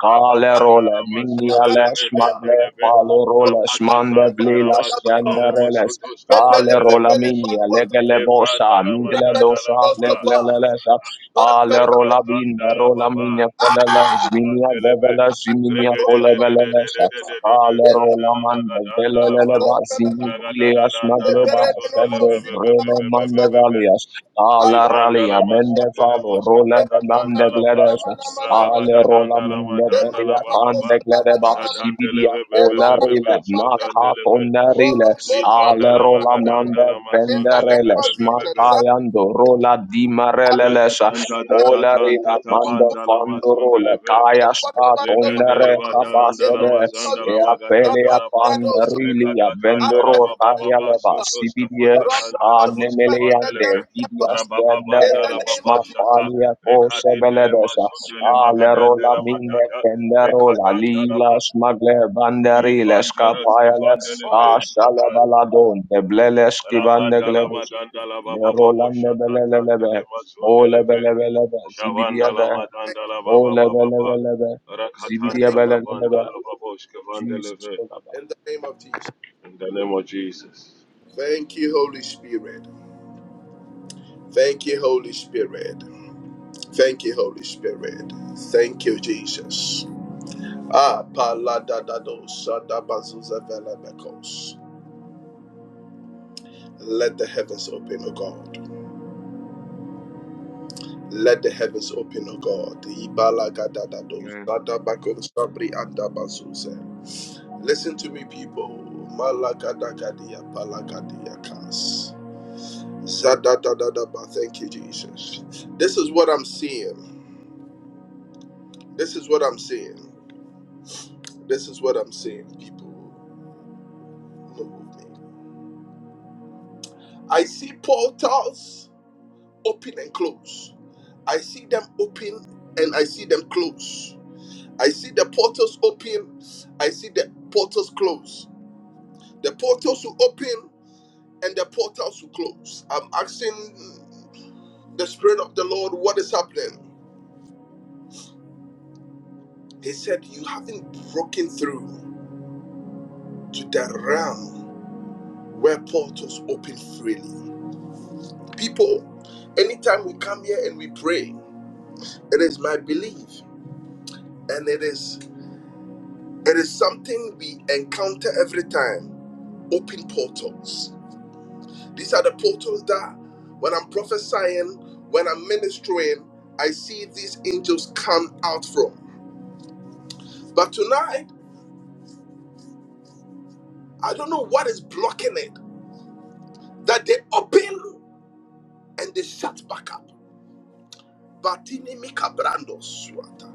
[SPEAKER 2] kale
[SPEAKER 3] Rabadanda
[SPEAKER 2] role
[SPEAKER 3] la
[SPEAKER 2] minia
[SPEAKER 3] mazunda le medende
[SPEAKER 2] magle
[SPEAKER 3] le be.
[SPEAKER 2] palo rolesh mande
[SPEAKER 3] Rapatatanda la
[SPEAKER 2] blilash
[SPEAKER 3] mazunda
[SPEAKER 2] yanda
[SPEAKER 3] le
[SPEAKER 2] reles
[SPEAKER 3] mosoto
[SPEAKER 2] kale
[SPEAKER 1] Pepele
[SPEAKER 2] rola
[SPEAKER 3] be.
[SPEAKER 1] pepele
[SPEAKER 2] minia
[SPEAKER 1] paluata.
[SPEAKER 2] legele bosha
[SPEAKER 3] Levandala
[SPEAKER 2] mingle
[SPEAKER 1] Rapele
[SPEAKER 3] Madandala
[SPEAKER 2] dosha
[SPEAKER 3] Baba,
[SPEAKER 2] legle
[SPEAKER 1] menoskopa.
[SPEAKER 2] lelesa.
[SPEAKER 1] Pam
[SPEAKER 2] kale
[SPEAKER 1] pepele
[SPEAKER 2] rola binne
[SPEAKER 1] minata.
[SPEAKER 3] Rekatandala
[SPEAKER 2] rola minia
[SPEAKER 3] Baba,
[SPEAKER 2] feleles
[SPEAKER 3] Maduski
[SPEAKER 1] Ah!
[SPEAKER 2] minia
[SPEAKER 3] Pandelebe,
[SPEAKER 2] veveles minia
[SPEAKER 1] Kosa
[SPEAKER 2] pole velelesha
[SPEAKER 1] balagadiapa.
[SPEAKER 3] Regedededededededede,
[SPEAKER 2] kale
[SPEAKER 1] Ento
[SPEAKER 2] rola
[SPEAKER 3] Zandala
[SPEAKER 2] mande
[SPEAKER 3] Magadandala
[SPEAKER 2] velelele
[SPEAKER 3] Ba,
[SPEAKER 1] manamakom
[SPEAKER 2] basini
[SPEAKER 1] pelamakom.
[SPEAKER 2] kile yash magle
[SPEAKER 3] Ragadadadandala
[SPEAKER 2] ba
[SPEAKER 1] Lebere de
[SPEAKER 3] Mazondele
[SPEAKER 2] sende
[SPEAKER 1] nomosi
[SPEAKER 2] rele
[SPEAKER 1] balamakom
[SPEAKER 2] mande
[SPEAKER 3] Bebebebebebebebe,
[SPEAKER 2] valias
[SPEAKER 1] sabaliapa.
[SPEAKER 2] Ala
[SPEAKER 1] Abandi
[SPEAKER 2] rali
[SPEAKER 3] Livandala
[SPEAKER 2] amende
[SPEAKER 1] minitiapa.
[SPEAKER 3] Mazondele
[SPEAKER 2] falo
[SPEAKER 3] Boske
[SPEAKER 2] rola de
[SPEAKER 1] Emana
[SPEAKER 2] mande
[SPEAKER 1] mana
[SPEAKER 3] Katatandala Ba,
[SPEAKER 1] mana
[SPEAKER 2] gledes
[SPEAKER 1] mana mana mana
[SPEAKER 2] ale
[SPEAKER 1] mana.
[SPEAKER 2] rola
[SPEAKER 3] Ragabadadandala
[SPEAKER 2] minde
[SPEAKER 3] Madandala
[SPEAKER 2] belia
[SPEAKER 3] Baba,
[SPEAKER 2] tande
[SPEAKER 1] Emanamakosa
[SPEAKER 2] glede ba
[SPEAKER 1] balagadaba.
[SPEAKER 3] Shadandele
[SPEAKER 2] sibidia ola
[SPEAKER 3] Bebebebebebe,
[SPEAKER 2] rile na
[SPEAKER 1] Ebalagadabadia.
[SPEAKER 3] Skodandele Be,
[SPEAKER 2] katonda
[SPEAKER 1] Polo
[SPEAKER 2] rile
[SPEAKER 1] polua
[SPEAKER 2] ale
[SPEAKER 3] Livandala
[SPEAKER 2] rola
[SPEAKER 1] balamanuapa.
[SPEAKER 2] mande
[SPEAKER 3] Magadandala
[SPEAKER 1] In the
[SPEAKER 3] Mazondele
[SPEAKER 1] name
[SPEAKER 2] venderele
[SPEAKER 1] of Jesus,
[SPEAKER 3] Bebebebebe,
[SPEAKER 1] Zambibidiapa.
[SPEAKER 2] smakayando rola di marelelesa
[SPEAKER 3] Rakatanta
[SPEAKER 1] Apipidiapa.
[SPEAKER 2] ola rina
[SPEAKER 3] tatatanta
[SPEAKER 2] mande
[SPEAKER 3] tapanda lama
[SPEAKER 2] fando rola
[SPEAKER 3] zundeleve.
[SPEAKER 2] kaya sta
[SPEAKER 1] Ukukabalagadukaduakabandobaluapa.
[SPEAKER 3] Legendeleva dalanda
[SPEAKER 1] In the
[SPEAKER 2] kabasede
[SPEAKER 3] lama
[SPEAKER 1] name of
[SPEAKER 3] zanda
[SPEAKER 2] e
[SPEAKER 1] Jesus,
[SPEAKER 3] lama
[SPEAKER 2] apele
[SPEAKER 3] gadanda lama.
[SPEAKER 1] Zabaligadosaya.
[SPEAKER 2] rili
[SPEAKER 3] Rekatatanda
[SPEAKER 2] avendoro
[SPEAKER 3] lama
[SPEAKER 2] kaya
[SPEAKER 3] bababa
[SPEAKER 2] leba
[SPEAKER 1] Apepelimiapa.
[SPEAKER 3] sotos
[SPEAKER 2] sibidia
[SPEAKER 3] kafatatanda
[SPEAKER 2] a
[SPEAKER 3] lemoski
[SPEAKER 2] nemeleande
[SPEAKER 3] pandeleve.
[SPEAKER 2] vidia
[SPEAKER 1] Rodobosupelegademiapa. In
[SPEAKER 2] skendere
[SPEAKER 3] Rabababanda
[SPEAKER 1] the
[SPEAKER 2] la
[SPEAKER 1] name
[SPEAKER 3] lama
[SPEAKER 1] of Jesus,
[SPEAKER 3] shata.
[SPEAKER 2] smapalia kose
[SPEAKER 3] Rekadindele
[SPEAKER 2] beledesa
[SPEAKER 3] mazundele
[SPEAKER 2] a lero
[SPEAKER 3] magadanda
[SPEAKER 2] la
[SPEAKER 3] lama
[SPEAKER 2] mine
[SPEAKER 3] dada.
[SPEAKER 2] pendero la
[SPEAKER 3] Rekadanda
[SPEAKER 2] lila
[SPEAKER 3] lama.
[SPEAKER 2] smagle banderi le
[SPEAKER 3] Ivandurus
[SPEAKER 2] skapaya le a
[SPEAKER 1] all of
[SPEAKER 3] kevandeleve
[SPEAKER 1] God,
[SPEAKER 2] sale
[SPEAKER 3] shatan.
[SPEAKER 2] baladon de blele skibande
[SPEAKER 3] Lavanda lama
[SPEAKER 2] glebusa
[SPEAKER 3] danda lama
[SPEAKER 2] lero la
[SPEAKER 3] bababo
[SPEAKER 2] nebelelebe
[SPEAKER 3] shatatandele
[SPEAKER 2] o
[SPEAKER 3] mazundeleve.
[SPEAKER 2] lebelebelebe
[SPEAKER 3] Shavandala
[SPEAKER 2] zibidia
[SPEAKER 1] thank you.
[SPEAKER 3] Madandala
[SPEAKER 2] Oh,
[SPEAKER 3] Baba Baba
[SPEAKER 2] leba, leba, leba.
[SPEAKER 3] Baba
[SPEAKER 1] In the
[SPEAKER 2] Zibidia,
[SPEAKER 1] name
[SPEAKER 3] Rakatanta
[SPEAKER 1] of
[SPEAKER 2] leba, leba.
[SPEAKER 3] Tabandala Baboshka
[SPEAKER 2] Jesus,
[SPEAKER 3] Vandeleve
[SPEAKER 2] kolaba.
[SPEAKER 1] In the name of Jesus.
[SPEAKER 3] in the name of Jesus.
[SPEAKER 1] Thank you, Holy Spirit. Thank you, Holy Spirit. Thank you, Holy Spirit. Thank you, Jesus. Ah, paladadados, sadabazuza velabekos. Let the heavens open, O God. Let the heavens open, O God. Ibalagadadados, sadabakos, sabri andabazuze. Listen to me, people. Malagadagadia, palagadiakas. Zadadadadaba. Thank you, Jesus. This is what I'm seeing. This is what I'm saying. This is what I'm saying, People move me. I see portals open and close. I see them open and I see them close. I see the portals open. I see the portals close. The portals will open and the portals will close. I'm asking the Spirit of the Lord what is happening. He said, You haven't broken through to the realm where portals open freely. People, anytime we come here and we pray, it is my belief and it is it is something we encounter every time. Open portals. These are the portals that when I'm prophesying, when I'm ministering, I see these angels come out from. But tonight, I don't know what is blocking it. That they open and they shut back up. But Mika Brando Swata.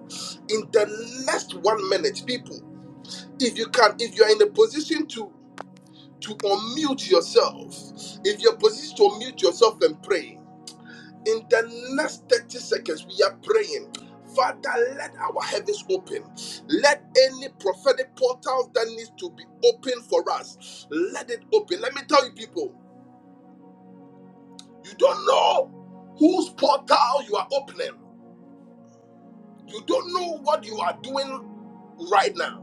[SPEAKER 1] In the next one minute, people. if you can if you're in a position to to unmute yourself if you're positioned to unmute yourself and pray in the next 30 seconds we are praying father let our heavens open let any prophetic portal that needs to be open for us let it open let me tell you people you don't know whose portal you are opening you don't know what you are doing right now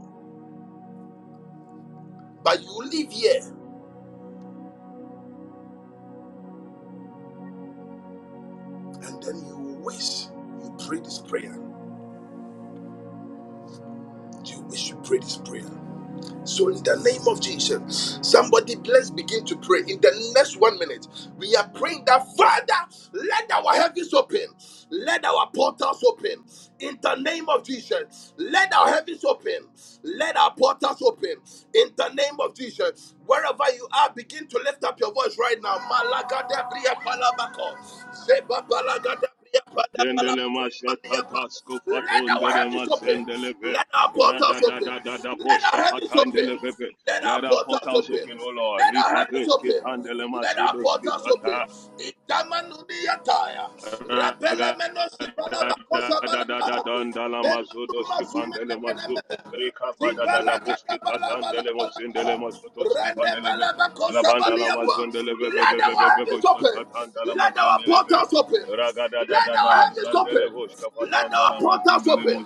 [SPEAKER 1] but you live here and then you wish you pray this prayer you, we should pray this prayer. So, in the name of Jesus, somebody bless begin to pray. In the next one minute, we are praying that Father, let our heavens open, let our portals open. In the name of Jesus, let our heavens open, let our portals open. In the name of Jesus, wherever you are, begin to lift up your voice right now. Malaga de bria palabako, zeba balaga de bria
[SPEAKER 3] Dendele
[SPEAKER 1] palabako.
[SPEAKER 3] Mashatata
[SPEAKER 1] Let our
[SPEAKER 3] Skofatondele
[SPEAKER 1] heavens open.
[SPEAKER 3] Mazendeleve
[SPEAKER 1] Let our portals open.
[SPEAKER 3] Radadadadada
[SPEAKER 1] Let
[SPEAKER 3] Boshka
[SPEAKER 1] our heavens open.
[SPEAKER 3] Patandeleve
[SPEAKER 1] Let our
[SPEAKER 3] Let our
[SPEAKER 1] portals
[SPEAKER 3] portals
[SPEAKER 1] open.
[SPEAKER 3] open, O Lord.
[SPEAKER 1] Let our heavens open.
[SPEAKER 3] Livadoskitandele
[SPEAKER 1] Let our portals
[SPEAKER 3] Mazudoskitata
[SPEAKER 1] open. Itamanudiyataya. Rapele
[SPEAKER 3] Raga da
[SPEAKER 1] menosipala
[SPEAKER 3] da
[SPEAKER 1] bakosa
[SPEAKER 3] da da da
[SPEAKER 1] balaba.
[SPEAKER 3] don da la mazo dos
[SPEAKER 1] Lemanuma
[SPEAKER 3] ki van de le mazo.
[SPEAKER 1] sumenemeneme.
[SPEAKER 3] Rika va
[SPEAKER 1] Let
[SPEAKER 3] da da da
[SPEAKER 1] our
[SPEAKER 3] bos ki ta tan de le mos in de be. La banda la mazo be be be be be be bo
[SPEAKER 1] heavens
[SPEAKER 3] sha
[SPEAKER 1] open.
[SPEAKER 3] ta tan da la
[SPEAKER 1] Let
[SPEAKER 3] mazo
[SPEAKER 1] our
[SPEAKER 3] de be.
[SPEAKER 1] portals open.
[SPEAKER 3] Raga da da
[SPEAKER 1] Let
[SPEAKER 3] da
[SPEAKER 1] our
[SPEAKER 3] da
[SPEAKER 1] heavens
[SPEAKER 3] zan de le
[SPEAKER 1] open.
[SPEAKER 3] bosh ka pa tan
[SPEAKER 1] Let
[SPEAKER 3] da
[SPEAKER 1] our
[SPEAKER 3] la
[SPEAKER 1] portals
[SPEAKER 3] de le
[SPEAKER 1] open.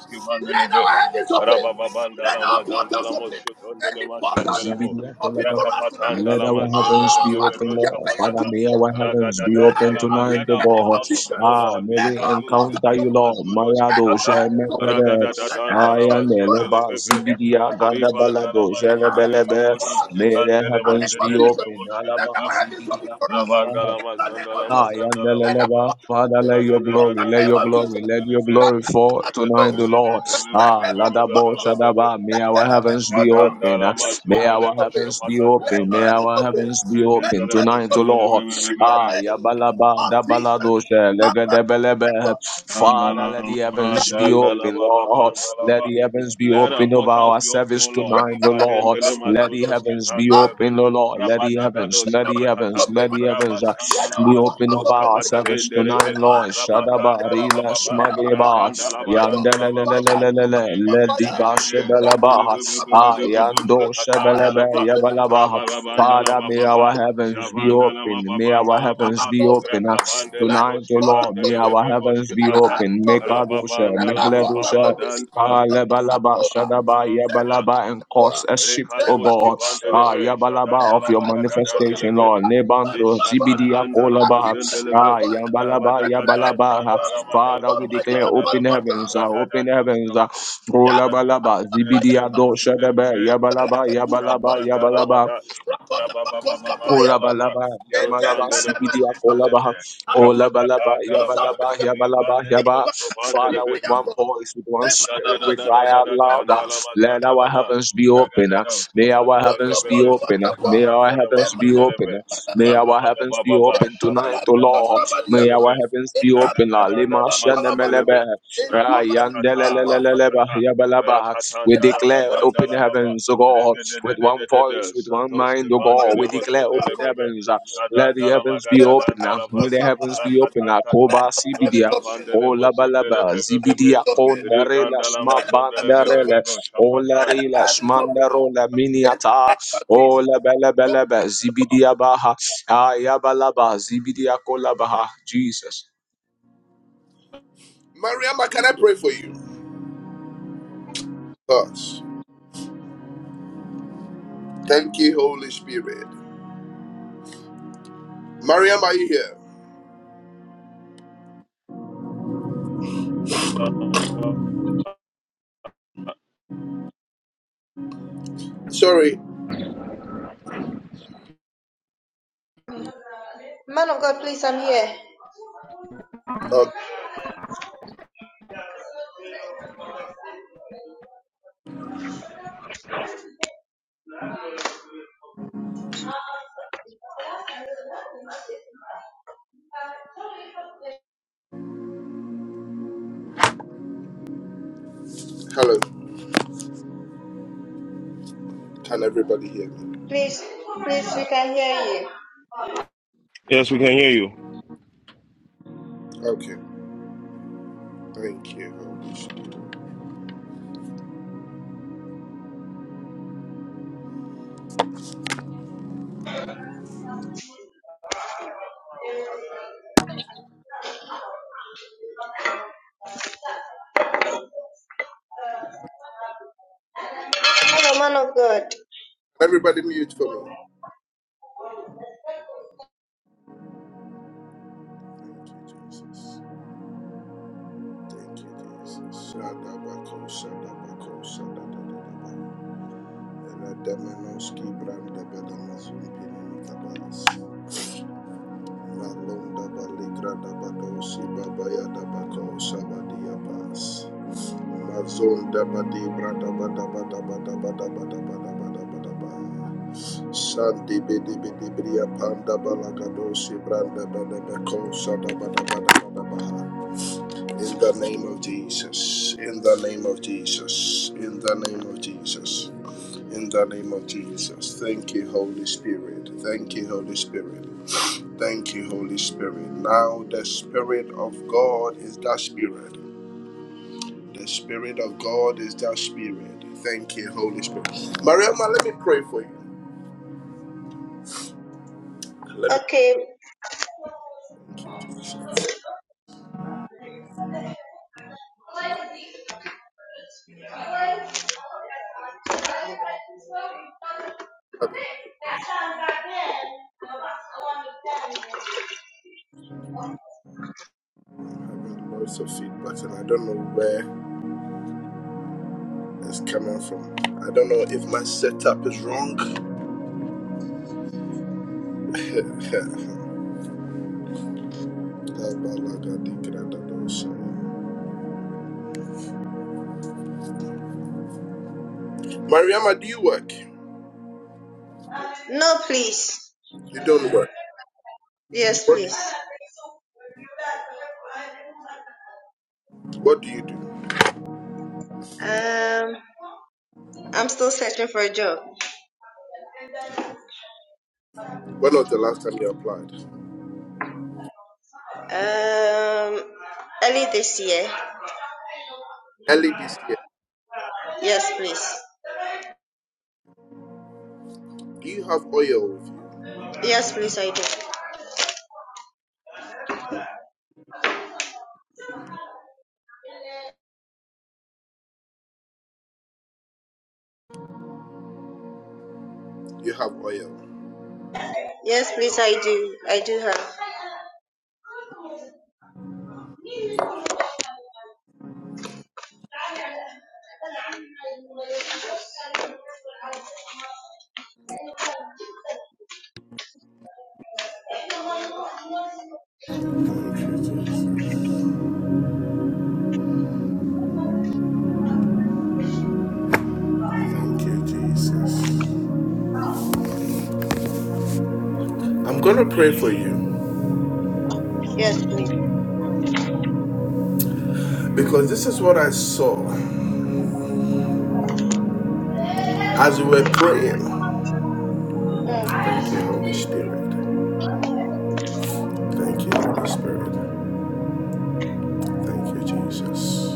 [SPEAKER 3] de le
[SPEAKER 1] Let
[SPEAKER 3] be.
[SPEAKER 1] our heavens open.
[SPEAKER 3] Raba ba ban da
[SPEAKER 1] Let
[SPEAKER 3] la
[SPEAKER 1] our
[SPEAKER 3] ma dan da
[SPEAKER 1] portals
[SPEAKER 3] la mos
[SPEAKER 1] open.
[SPEAKER 3] shu ton de le
[SPEAKER 1] Any
[SPEAKER 3] mas in
[SPEAKER 1] portal
[SPEAKER 3] de
[SPEAKER 1] that needs to be
[SPEAKER 2] Zibidia,
[SPEAKER 1] open
[SPEAKER 2] kolaba.
[SPEAKER 1] for us tonight.
[SPEAKER 2] Let our heavens be
[SPEAKER 1] Oh,
[SPEAKER 3] be be
[SPEAKER 2] open,
[SPEAKER 1] Maluke,
[SPEAKER 3] bosh ka
[SPEAKER 2] Lord.
[SPEAKER 1] pay
[SPEAKER 2] Father,
[SPEAKER 1] to
[SPEAKER 2] may our
[SPEAKER 1] the
[SPEAKER 2] heavens be
[SPEAKER 1] Let
[SPEAKER 2] open
[SPEAKER 1] it
[SPEAKER 3] Ragadadandalama,
[SPEAKER 1] open in
[SPEAKER 2] tonight,
[SPEAKER 3] Let
[SPEAKER 2] O
[SPEAKER 3] our
[SPEAKER 1] the name
[SPEAKER 2] God.
[SPEAKER 1] of
[SPEAKER 3] portals open, O
[SPEAKER 1] Jesus.
[SPEAKER 2] Ah,
[SPEAKER 3] Lord.
[SPEAKER 2] may
[SPEAKER 1] Let
[SPEAKER 2] we
[SPEAKER 1] our
[SPEAKER 3] Lisadio
[SPEAKER 1] portals
[SPEAKER 2] encounter you,
[SPEAKER 3] zendelema
[SPEAKER 1] open.
[SPEAKER 2] Lord.
[SPEAKER 3] zudos
[SPEAKER 1] Let
[SPEAKER 2] Mayado,
[SPEAKER 1] our
[SPEAKER 3] kitata.
[SPEAKER 1] heavens open.
[SPEAKER 2] Shemekrede.
[SPEAKER 1] Let the heavens
[SPEAKER 3] Ragadadadandalama
[SPEAKER 1] open
[SPEAKER 2] Ayane,
[SPEAKER 1] for us.
[SPEAKER 2] leba,
[SPEAKER 3] zundelevebe.
[SPEAKER 1] In the
[SPEAKER 2] zibidia,
[SPEAKER 1] name of
[SPEAKER 2] ganda,
[SPEAKER 1] Jesus.
[SPEAKER 2] balado,
[SPEAKER 3] Rivandalama
[SPEAKER 1] Let our heavens
[SPEAKER 3] zundelema
[SPEAKER 1] open
[SPEAKER 2] Shelebelebe.
[SPEAKER 1] for
[SPEAKER 3] godos
[SPEAKER 1] us. In
[SPEAKER 2] May the
[SPEAKER 1] the
[SPEAKER 3] kitandelema
[SPEAKER 1] name
[SPEAKER 2] heavens be
[SPEAKER 1] of Jesus.
[SPEAKER 3] zendelevebo
[SPEAKER 2] open.
[SPEAKER 1] Let
[SPEAKER 2] Alaba,
[SPEAKER 3] shkitata.
[SPEAKER 1] our heavens open
[SPEAKER 2] zibidia.
[SPEAKER 1] for us. In
[SPEAKER 3] Ravandalama
[SPEAKER 1] the name of
[SPEAKER 3] zandalama
[SPEAKER 2] Ah,
[SPEAKER 1] Jesus.
[SPEAKER 3] zandalama
[SPEAKER 1] Let our
[SPEAKER 3] baba.
[SPEAKER 2] yandeleleba.
[SPEAKER 1] portals
[SPEAKER 2] Father,
[SPEAKER 1] open.
[SPEAKER 2] let your
[SPEAKER 1] In the
[SPEAKER 2] glory, let
[SPEAKER 1] name
[SPEAKER 2] your
[SPEAKER 1] of
[SPEAKER 3] Ragadadadandalama
[SPEAKER 2] glory,
[SPEAKER 1] Jesus.
[SPEAKER 2] let your
[SPEAKER 3] zundelebe.
[SPEAKER 2] glory fall tonight, the
[SPEAKER 1] Salabalagados.
[SPEAKER 2] Lord. Ah, Ladabo
[SPEAKER 1] Beredebeluatos.
[SPEAKER 2] Shadaba, may our heavens be
[SPEAKER 1] Rebelebeluatos.
[SPEAKER 2] open. ah.
[SPEAKER 3] Dadandalama
[SPEAKER 1] Let our
[SPEAKER 2] May
[SPEAKER 1] heavens
[SPEAKER 2] our
[SPEAKER 3] zundelema
[SPEAKER 1] open.
[SPEAKER 2] heavens be
[SPEAKER 1] Let
[SPEAKER 2] open.
[SPEAKER 1] our
[SPEAKER 3] shkifatandalama
[SPEAKER 2] May
[SPEAKER 3] zi-
[SPEAKER 1] heavens
[SPEAKER 2] our
[SPEAKER 1] open.
[SPEAKER 2] heavens be
[SPEAKER 1] Let
[SPEAKER 2] open
[SPEAKER 1] our
[SPEAKER 3] Legendelema
[SPEAKER 1] heavens
[SPEAKER 2] tonight, the
[SPEAKER 1] open.
[SPEAKER 2] Lord.
[SPEAKER 1] In the
[SPEAKER 2] Ah,
[SPEAKER 3] zendelebebebebe.
[SPEAKER 1] name
[SPEAKER 2] Yabalaba,
[SPEAKER 1] of Jesus.
[SPEAKER 2] Dabaladosha,
[SPEAKER 1] Somebody
[SPEAKER 2] Legadebelebe.
[SPEAKER 1] remember.
[SPEAKER 3] Let
[SPEAKER 2] Father, let the heavens be open, Lord. Let the heavens be
[SPEAKER 3] our
[SPEAKER 2] open over
[SPEAKER 3] portals
[SPEAKER 2] our
[SPEAKER 3] be open,
[SPEAKER 2] service
[SPEAKER 3] O Lord.
[SPEAKER 2] tonight, the
[SPEAKER 3] Liva
[SPEAKER 2] Lord.
[SPEAKER 1] Our let
[SPEAKER 3] dendele
[SPEAKER 2] Let the
[SPEAKER 3] mazudos
[SPEAKER 2] heavens be
[SPEAKER 1] our
[SPEAKER 3] kitandelebe.
[SPEAKER 2] open, O Lord. Let the heavens,
[SPEAKER 3] Rabadadados
[SPEAKER 2] let the
[SPEAKER 1] heavens
[SPEAKER 2] heavens,
[SPEAKER 3] kapatata.
[SPEAKER 1] open,
[SPEAKER 2] let
[SPEAKER 1] my
[SPEAKER 2] the
[SPEAKER 1] God.
[SPEAKER 2] heavens uh,
[SPEAKER 1] Let
[SPEAKER 3] Rabashandala
[SPEAKER 2] be
[SPEAKER 1] our
[SPEAKER 2] open
[SPEAKER 1] portals
[SPEAKER 2] over
[SPEAKER 3] mazutos
[SPEAKER 1] open,
[SPEAKER 2] our
[SPEAKER 1] my
[SPEAKER 3] kapata
[SPEAKER 1] God.
[SPEAKER 2] service
[SPEAKER 3] dendelebe.
[SPEAKER 2] tonight,
[SPEAKER 1] Let our
[SPEAKER 2] Lord.
[SPEAKER 1] heavens open, my
[SPEAKER 2] Shadaba,
[SPEAKER 3] Rapatandala
[SPEAKER 1] God.
[SPEAKER 2] Rila,
[SPEAKER 3] bababa.
[SPEAKER 1] Let our
[SPEAKER 2] Smageba,
[SPEAKER 1] portals
[SPEAKER 3] Ragandala
[SPEAKER 1] open, my God.
[SPEAKER 3] badandala bababa.
[SPEAKER 2] Yandelelelelelele,
[SPEAKER 1] Fire, Zuba, Lua,
[SPEAKER 2] Lediba,
[SPEAKER 1] fire.
[SPEAKER 3] Regedededede.
[SPEAKER 1] Let them,
[SPEAKER 2] Shebeleba,
[SPEAKER 1] Lua,
[SPEAKER 2] Ah,
[SPEAKER 1] Palua.
[SPEAKER 3] Zandelebebebebebebo.
[SPEAKER 2] Yando,
[SPEAKER 1] Let our
[SPEAKER 2] Shebelebe,
[SPEAKER 3] Shakatatandala
[SPEAKER 1] heavens
[SPEAKER 3] ba.
[SPEAKER 1] open, my God.
[SPEAKER 2] Yabalabaha.
[SPEAKER 1] Let
[SPEAKER 3] Rabababandala
[SPEAKER 2] Father, may our
[SPEAKER 3] bababa.
[SPEAKER 2] heavens be
[SPEAKER 3] Shavandala
[SPEAKER 2] open. May our
[SPEAKER 3] mababandala
[SPEAKER 1] Shaka,
[SPEAKER 3] baba.
[SPEAKER 2] heavens be
[SPEAKER 1] Mako,
[SPEAKER 2] open. uh,
[SPEAKER 1] Shaka.
[SPEAKER 3] Rakapandele
[SPEAKER 1] Let
[SPEAKER 2] Tonight, O
[SPEAKER 1] our portals
[SPEAKER 2] Lord, may
[SPEAKER 3] vosketandele
[SPEAKER 1] open.
[SPEAKER 2] our
[SPEAKER 3] bebe
[SPEAKER 2] heavens be
[SPEAKER 1] Let
[SPEAKER 3] vosketata.
[SPEAKER 1] our
[SPEAKER 2] open.
[SPEAKER 1] heavens
[SPEAKER 2] Make
[SPEAKER 1] open. Let
[SPEAKER 3] Rababandala
[SPEAKER 1] our portals
[SPEAKER 2] our
[SPEAKER 1] open.
[SPEAKER 2] Ah,
[SPEAKER 3] bababandala
[SPEAKER 2] lebalaba,
[SPEAKER 1] Lua,
[SPEAKER 2] shadaba,
[SPEAKER 3] va.
[SPEAKER 2] yabalaba, and cause
[SPEAKER 1] Lua.
[SPEAKER 2] a shift, oh
[SPEAKER 1] Deba,
[SPEAKER 3] Rekatoski
[SPEAKER 2] God.
[SPEAKER 3] vandele
[SPEAKER 1] Lua.
[SPEAKER 2] Ah,
[SPEAKER 3] ve.
[SPEAKER 2] yabalaba of
[SPEAKER 3] Jadandala
[SPEAKER 2] your
[SPEAKER 1] Deba,
[SPEAKER 3] magadadandele
[SPEAKER 2] manifestation,
[SPEAKER 1] Lua.
[SPEAKER 3] ve.
[SPEAKER 2] Lord. Nebando, zibidiya
[SPEAKER 3] Litsatatandala
[SPEAKER 2] kolaba.
[SPEAKER 3] mazendele ve.
[SPEAKER 2] Ah, yabalaba,
[SPEAKER 3] Rabadatata
[SPEAKER 2] yabalaba.
[SPEAKER 3] zandala
[SPEAKER 2] Father, we declare
[SPEAKER 3] madoskapatandala
[SPEAKER 2] open
[SPEAKER 3] va.
[SPEAKER 2] heavens, ah, open heavens.
[SPEAKER 3] Ragadadoska
[SPEAKER 2] ah. Kolabalaba, zibidiya do, shadaba,
[SPEAKER 3] Elebebe,
[SPEAKER 2] yabalaba, yabalaba, yabalaba.
[SPEAKER 3] Shavandalabada, Rabababababandalaba,
[SPEAKER 2] Olabalaba, Yamalaba, Sibidia, Olabaha,
[SPEAKER 3] Roskandelebosindelebe,
[SPEAKER 2] Olabalaba,
[SPEAKER 3] Shapatandalaba,
[SPEAKER 2] Yabalaba, Yabalaba,
[SPEAKER 3] Rivandelebo,
[SPEAKER 2] Yaba. Father,
[SPEAKER 3] Shovandelebe,
[SPEAKER 2] with one voice, with one spirit, we cry out louder. Let our
[SPEAKER 3] Shadadadadadadandalama,
[SPEAKER 2] heavens be open. uh.
[SPEAKER 3] Ragadada,
[SPEAKER 2] May our heavens be
[SPEAKER 3] Skapandelebebe,
[SPEAKER 2] open. uh. May our
[SPEAKER 3] Skapatatandalama,
[SPEAKER 2] heavens be open.
[SPEAKER 3] Sundelebe,
[SPEAKER 2] uh.
[SPEAKER 1] Thank
[SPEAKER 2] May
[SPEAKER 1] you.
[SPEAKER 2] our heavens be
[SPEAKER 3] Rabababababa,
[SPEAKER 2] open tonight, O
[SPEAKER 3] Shafandalama,
[SPEAKER 2] Lord. May
[SPEAKER 3] Sundeleve.
[SPEAKER 2] our heavens be open. la. Lima
[SPEAKER 3] Ragadadandalamasandalebe,
[SPEAKER 2] shenemelebe,
[SPEAKER 3] rapatatata,
[SPEAKER 2] rayandeleleleleleba,
[SPEAKER 3] rapatata,
[SPEAKER 2] Yabalaba. We
[SPEAKER 1] In the name
[SPEAKER 2] declare
[SPEAKER 1] of
[SPEAKER 2] open
[SPEAKER 1] Jesus,
[SPEAKER 3] rakatandalamadandalababa,
[SPEAKER 2] heavens, O God with one
[SPEAKER 3] regededededede,
[SPEAKER 2] voice, with one mind, O God. We declare open
[SPEAKER 1] Balagadabako,
[SPEAKER 3] satoskivandelemasandelebebe,
[SPEAKER 2] heavens. uh, Let the heavens be open. uh,
[SPEAKER 3] kadandalamagadadandalaba,
[SPEAKER 2] Let the heavens
[SPEAKER 1] Ebalagadosaba.
[SPEAKER 2] be open. uh,
[SPEAKER 3] rakatantata,
[SPEAKER 2] Koba
[SPEAKER 1] let our heavens
[SPEAKER 2] Sibidia.
[SPEAKER 1] open,
[SPEAKER 2] O Labalaba.
[SPEAKER 3] roskavandelemosindelebebeebe,
[SPEAKER 2] Zibidia
[SPEAKER 1] heavens open,
[SPEAKER 2] Kondarela Sma
[SPEAKER 1] heavens open,
[SPEAKER 2] Bandarele.
[SPEAKER 3] rigandalamasandelebebebe,
[SPEAKER 2] O
[SPEAKER 1] let
[SPEAKER 3] shafatandalama-
[SPEAKER 2] Larela
[SPEAKER 1] our heavens open.
[SPEAKER 2] Smandarola
[SPEAKER 1] In the
[SPEAKER 2] Miniata.
[SPEAKER 1] name of
[SPEAKER 2] O
[SPEAKER 1] Jesus.
[SPEAKER 2] Labalabalaba. Zibidia Baha. Ayabalaba. Zibidia Kolabaha. Jesus.
[SPEAKER 1] Mariama, can I pray for you? Thoughts. Thank you, Holy Spirit. Mariam, are you here? Sorry.
[SPEAKER 4] Man of God, please, I'm here.
[SPEAKER 1] Oh, hello. Can everybody hear me?
[SPEAKER 4] Please, please, we can hear you.
[SPEAKER 3] Yes, we can hear you.
[SPEAKER 1] Okay. Thank you, Holy Spirit.
[SPEAKER 4] Hello, man of God.
[SPEAKER 1] everybody mute for me? Thank you, Jesus. Thank you, Jesus. Shadabako, Shadabako, Shadadadadaba. Eladamenoski brandabadamazum pinimikabaras. Malondabaligradabadosi babayadabako shabadiabas. Mazondabadibradabadabadabadabadabadabadabadabadaba. Shandibidibidibriyapandabalagadosibrandabanabako shadabadabadabadabaha. In the name of Jesus. In the name of Jesus. In the name of Jesus. In the name of Jesus. Thank you, Holy Spirit. Thank you, Holy Spirit. Thank you, Holy Spirit. Now, the Spirit of God is that Spirit. The Spirit of God is that Spirit. Thank you, Holy Spirit. Mariama, let me pray for you. Let me
[SPEAKER 4] Okay,
[SPEAKER 1] pray. Thank you, Jesus. Heaven, having lots of feedback, and I don't know where it's coming from. I don't know if my setup is wrong. Mariama, do you work?
[SPEAKER 4] No, please.
[SPEAKER 1] You don't work.
[SPEAKER 4] Yes,
[SPEAKER 1] What do you,
[SPEAKER 4] please.
[SPEAKER 1] what do you do?
[SPEAKER 4] Um, I'm still searching for a job.
[SPEAKER 1] When was the last time you applied?
[SPEAKER 4] Um, early this year.
[SPEAKER 1] Early this year.
[SPEAKER 4] Yes, please.
[SPEAKER 1] Do you have oil with you?
[SPEAKER 4] Yes, please, I do.
[SPEAKER 1] You have oil.
[SPEAKER 4] Yes, please, I do. I do have.
[SPEAKER 1] Thank you, Jesus. Thank you, Jesus. I'm gonna pray for you
[SPEAKER 4] Yes, please.
[SPEAKER 1] because this is what I saw as we were praying.
[SPEAKER 4] Mm.
[SPEAKER 1] Thank you, Holy Spirit. Thank you, Holy Spirit. Thank you, Jesus.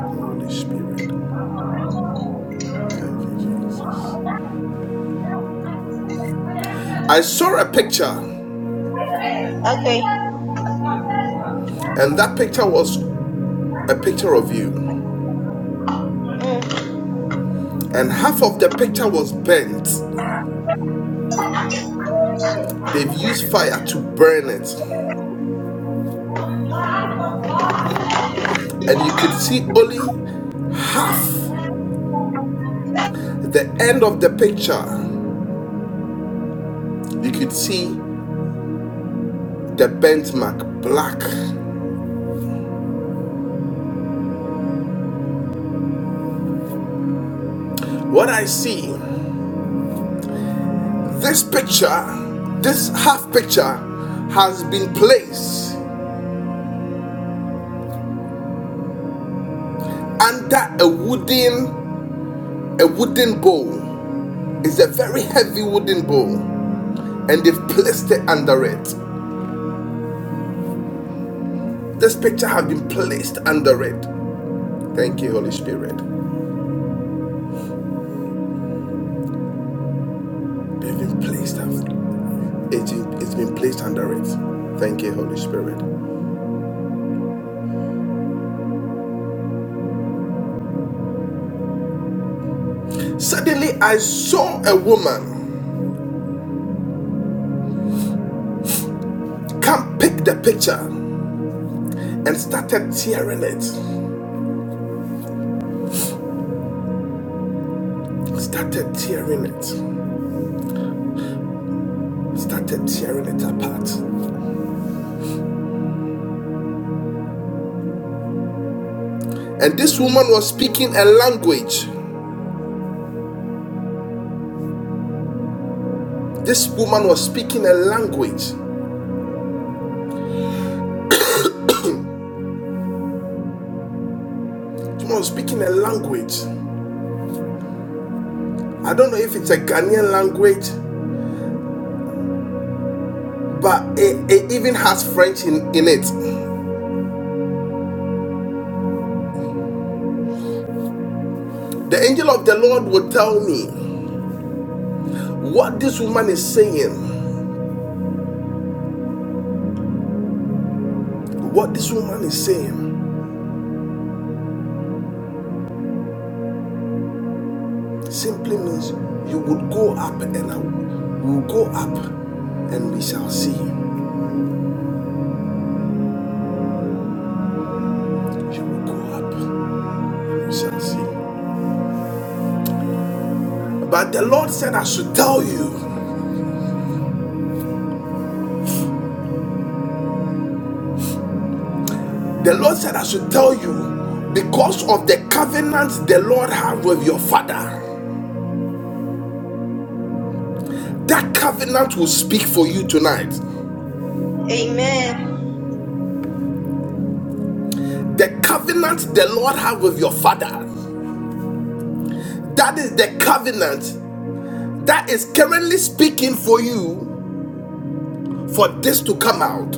[SPEAKER 1] Holy Spirit. Thank you, Jesus. I saw a picture, and
[SPEAKER 4] Okay.
[SPEAKER 1] that picture was a picture of you.
[SPEAKER 4] Mm.
[SPEAKER 1] And half of the picture was burnt. They've used fire to burn it. And you could see only half the end of the picture. You could see the burnt mark black. What I see, this picture, this half picture has been placed under a wooden a wooden bowl. It's a very heavy wooden bowl and they've placed it under it. This picture has been placed under it. Thank you, Holy Spirit. They've been placed under it's been it's been placed under it. Thank you, Holy Spirit. Suddenly I saw a woman come pick the picture and started tearing it. Started tearing it. Started tearing it apart. And this woman was speaking a language. This woman was speaking a language. This woman was speaking a language. I don't know if it's a Ghanaian language but it, it even has French in, in it. The angel of the Lord will tell me what this woman is saying. What this woman is saying simply means you would go up and I will go up and we shall see. You will go up, and we shall see. But the Lord said, I should tell you. The Lord said, I should tell you because of the covenant the Lord had with your father. That covenant will speak for you tonight.
[SPEAKER 4] Amen.
[SPEAKER 1] The covenant the Lord had with your father, that is the covenant that is currently speaking for you for this to come out.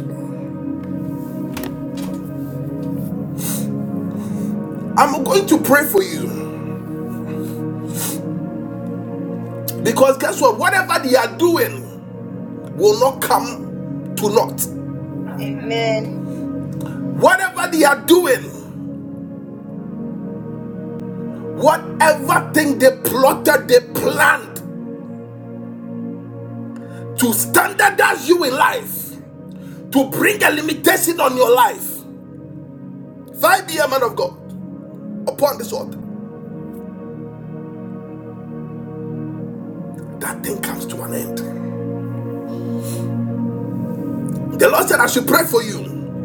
[SPEAKER 1] I'm going to pray for you because guess what? Whatever they are doing will not come to naught.
[SPEAKER 4] Amen.
[SPEAKER 1] Whatever they are doing, whatever thing they plotted, they planned to standardize you in life, to bring a limitation on your life, find the man of God upon this altar. That thing comes to an end. The Lord said, I should pray for you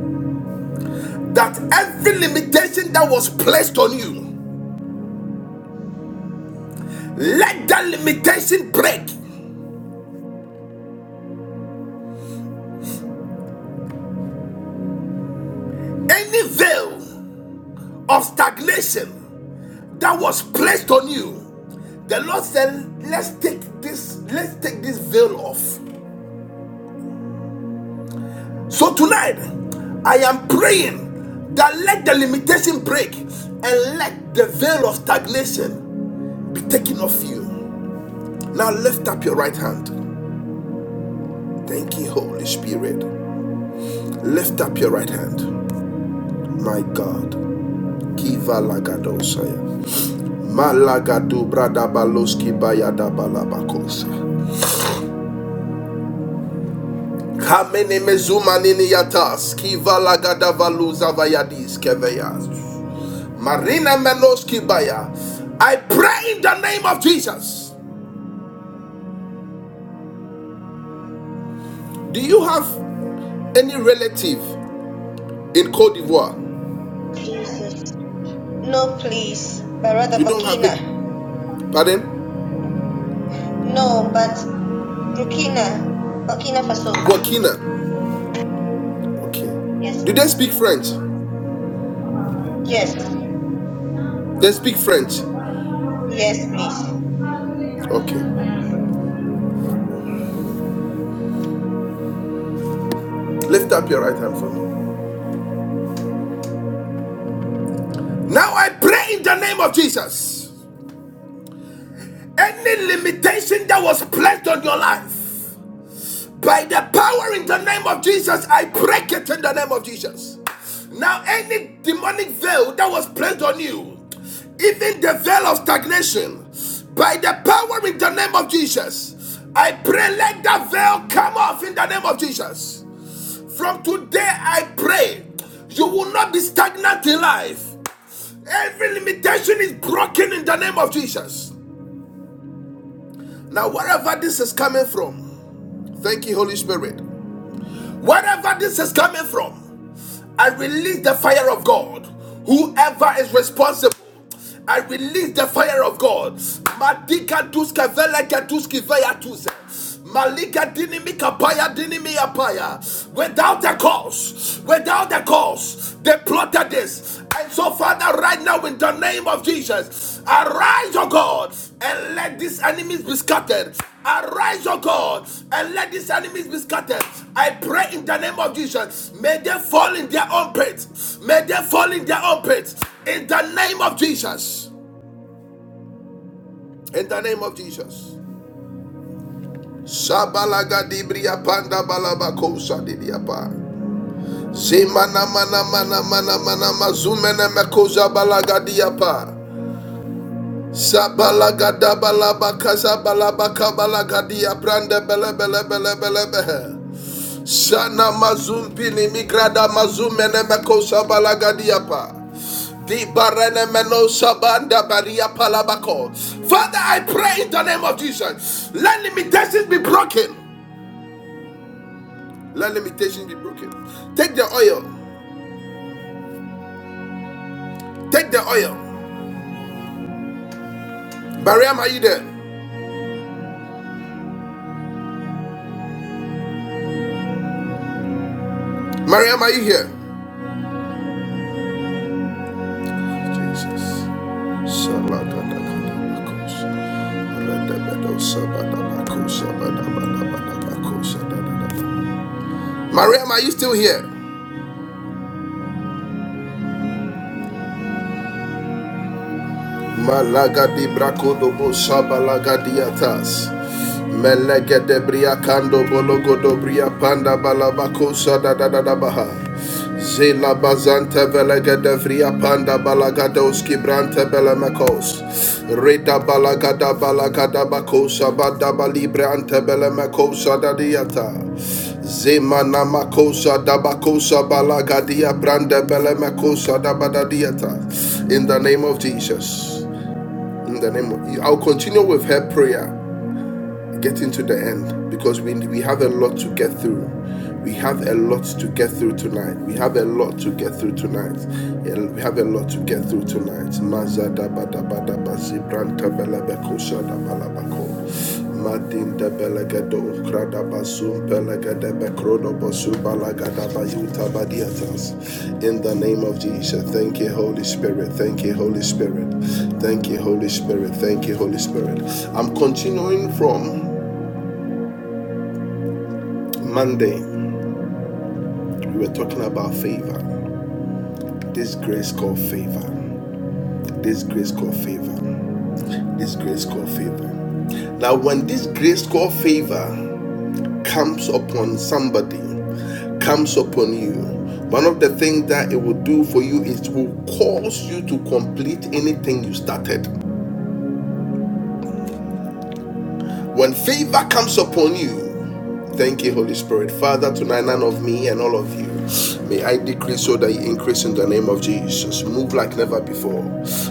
[SPEAKER 1] that every limitation that was placed on you, let that limitation break. Any veil of stagnation that was placed on you, the Lord said, let's take this, let's take this veil off. So tonight, I am praying that let the limitation break and let the veil of stagnation be taken off you. Now lift up your right hand. Thank you, Holy Spirit. Lift up your right hand, my God. Kiva lagadosaya. Malagadu bradabaloski bayadabalabakosa. Kamene mezuma nini yatas. Kiva lagadavaluza vayadis keveyas. Marina menoski baya. I pray in the name of Jesus. Do you have any relative in Cote d'Ivoire?
[SPEAKER 4] Jesus. No, please. Barada
[SPEAKER 1] You don't have it?
[SPEAKER 4] Bakina.
[SPEAKER 1] Pardon?
[SPEAKER 4] No, but Burkina Burkina Faso.
[SPEAKER 1] Burkina. Okay.
[SPEAKER 4] Yes,
[SPEAKER 1] Do they
[SPEAKER 4] please.
[SPEAKER 1] speak French?
[SPEAKER 4] Yes.
[SPEAKER 1] They speak French.
[SPEAKER 4] Yes, please.
[SPEAKER 1] Okay. Lift up your right hand for me. Now I pray in the name of Jesus. Any limitation that was placed on your life, by the power in the name of Jesus, I break it in the name of Jesus. Now, any demonic veil that was placed on you, even the veil of stagnation, by the power in the name of Jesus, I pray let that veil come off in the name of Jesus. From today, I pray you will not be stagnant in life. Every limitation is broken in the name of Jesus. Now, wherever this is coming from, thank you, Holy Spirit. Wherever this is coming from, I release the fire of God. Whoever is responsible I release the fire of God. Madika duske veleke duske veyatuse. Malika dinimi kapaya dinimi apaya. Without a cause, without a cause, they plotted this. And so, Father, right now, in the name of Jesus, arise, O God, and let these enemies be scattered. Arise, O God, and let these enemies be scattered. I pray in the name of Jesus. May they fall in their own pit. May they fall in their own pit. In the name of Jesus. In the name of Jesus. Shabalaga dibriya panda balaba kosa dibriapa. Zimana mana mana mana mana mazumene mekoza balaga diapa. Sabalaga dabalaba kaza balaba kabalaga diaprande bele bele bele bele bele. Shana mazumpini migrada mazumene meko shabalagadiapa. Di barene meno shabanda baria palabako. Father, I pray in the name of Jesus. Let limitations be broken. Let limitations be broken. Take the oil. Take the oil. Mariam, are you there? Mariam, are you here? Jesus. Shalakadakadabakos. Redebedo shabadabakos, shabadabadabakos, shabadabadabakos. Mariam, are you still here? Malagadi brakodo shabalagadiatas. Melegede briakando bologodo bria balabakosa da da da da baha. Zela bazante velegede vria balagadoski brante belemekos. Reda balagada balagada bakosa bada ante belemekosa da Zemana makosa dabakosa balagadia branda belemakosa dabadadiata. In the name of Jesus. In the name of I'll continue with her prayer getting to the end because we, we have a lot to get through. We have a lot to get through tonight. We have a lot to get through tonight. Yeah, We have a lot to get through tonight. Mazada bada bada bazi branta bela beko Madin de belegado krada basum belegade bekrodo basu balagada bayuta badiatas. In the name of Jesus, thank you, Holy Spirit. Thank you, Holy Spirit. Thank you, Holy Spirit. Thank you, Holy Spirit. I'm continuing from Monday, we were talking about favor. This grace called favor. This grace called favor. This grace called favor. Now, when this grace called favor comes upon somebody, comes upon you, one of the things that it will do for you is it will cause you to complete anything you started. When favor comes upon you, thank you, Holy Spirit. Father, tonight, none of me and all of you. May I decrease so that you increase in the name of Jesus. Move like never before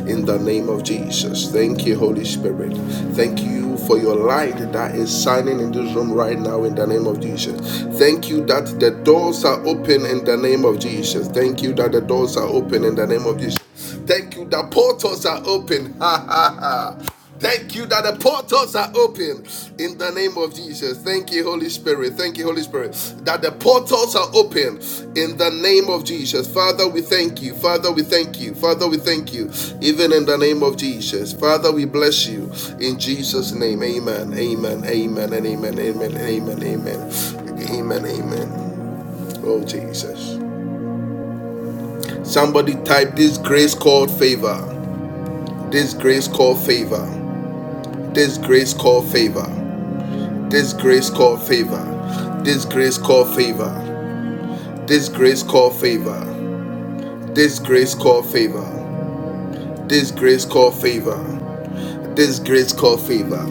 [SPEAKER 1] in the name of Jesus. Thank you, Holy Spirit. Thank you for your light that is shining in this room right now in the name of Jesus. Thank you that the doors are open in the name of Jesus. Thank you that the doors are open in the name of Jesus. Thank you that portals are open. Ha ha ha. Thank you that the portals are open in the name of Jesus. Thank you, Holy Spirit. Thank you, Holy Spirit. That the portals are open in the name of Jesus. Father, we thank you. Father, we thank you. Father, we thank you. Even in the name of Jesus. Father, we bless you in Jesus' name. Amen. Amen. Amen. And amen. Amen. Amen. Amen. Amen. Amen. Oh, Jesus. Somebody type this grace called favor. This grace called favor. This grace called favor. This grace called favor. This grace called favor. This grace called favor. This grace called favor. This grace called favor this grace called favor.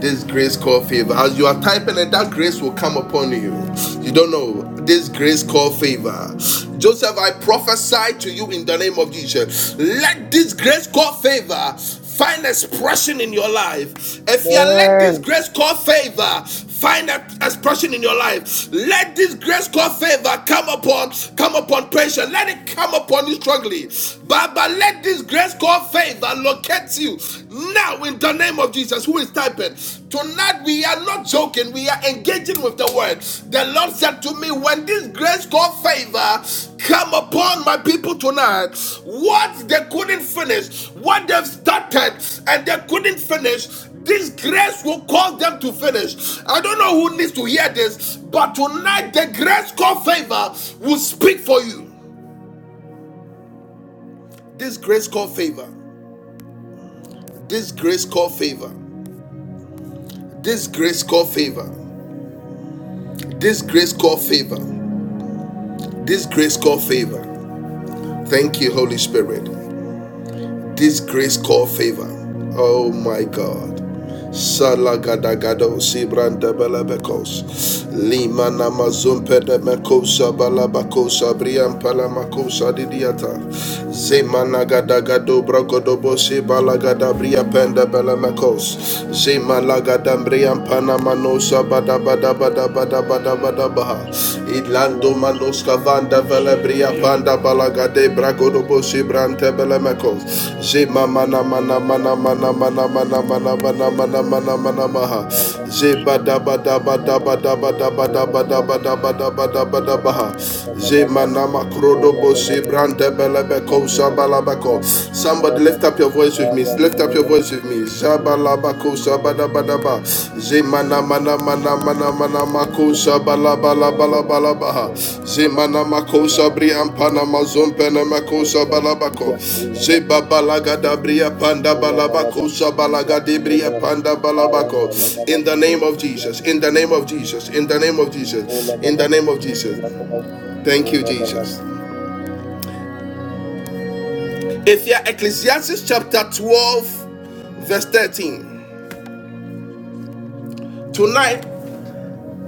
[SPEAKER 1] This grace called favor. As you are typing it, that grace will come upon you. You don't know. This grace called favor. Joseph, I prophesy to you in the name of Jesus. Let this grace called favor find expression in your life. If you let this grace called favor find that expression in your life. Let this grace called favor come upon, come upon patience. Let it come upon you strongly. Baba, let this grace called faith that locates you now in the name of Jesus. Who is typing? Tonight we are not joking, we are engaging with the word. The Lord said to me, When this grace called favor come upon my people tonight, what they couldn't finish, what they've started and they couldn't finish, this grace will cause them to finish. I don't know who needs to hear this, but tonight the grace called favor will speak for you. This grace called favor. This grace called favor. This grace called favor. This grace called favor. This grace called favor. Thank you, Holy Spirit. This grace called favor. Oh my God. Salagadagado Sibranda Balabacos Lima Namazumpe de Macosa Balabacosa Brian Palamacosa Didiata Zemanagadagado Bragodobosi Balagada Bria Penda Balamacos Zemalagada Brian Panamanosa Bada Bada Bada Bada Bada Bada Baha Idlando Manosca Rada vele panda balagade bragodobo
[SPEAKER 2] Amen.
[SPEAKER 1] shibrante belemeko. Jima mana mana mana mana mana mana mana mana mana mana mana maha. Jiba daba daba daba daba daba daba daba daba daba daba daba ha. Jima nama krodobo shibrante belebeko shabalabako. Somebody lift up your voice with me. Lift up your voice with me. Shabalabako shabadabadaba. Zemana mana mana mana mana mako shabalabalabalabalabaha. Zemana mako shabri ampana mazumpene
[SPEAKER 5] Wait.
[SPEAKER 1] mako shabalabako. Zebabalagada bria panda balabako shabalagade bria panda balabako. In the name of Jesus, in the
[SPEAKER 2] Thank you.
[SPEAKER 1] name of Jesus, in the name of
[SPEAKER 2] Hola,
[SPEAKER 1] Jesus, in
[SPEAKER 2] hola,
[SPEAKER 1] the
[SPEAKER 2] hola.
[SPEAKER 1] name of Jesus.
[SPEAKER 2] Hola, hola,
[SPEAKER 1] Thank you,
[SPEAKER 2] hola, hola.
[SPEAKER 1] Jesus. If you are Ecclesiastes chapter 12, verse 13. Tonight,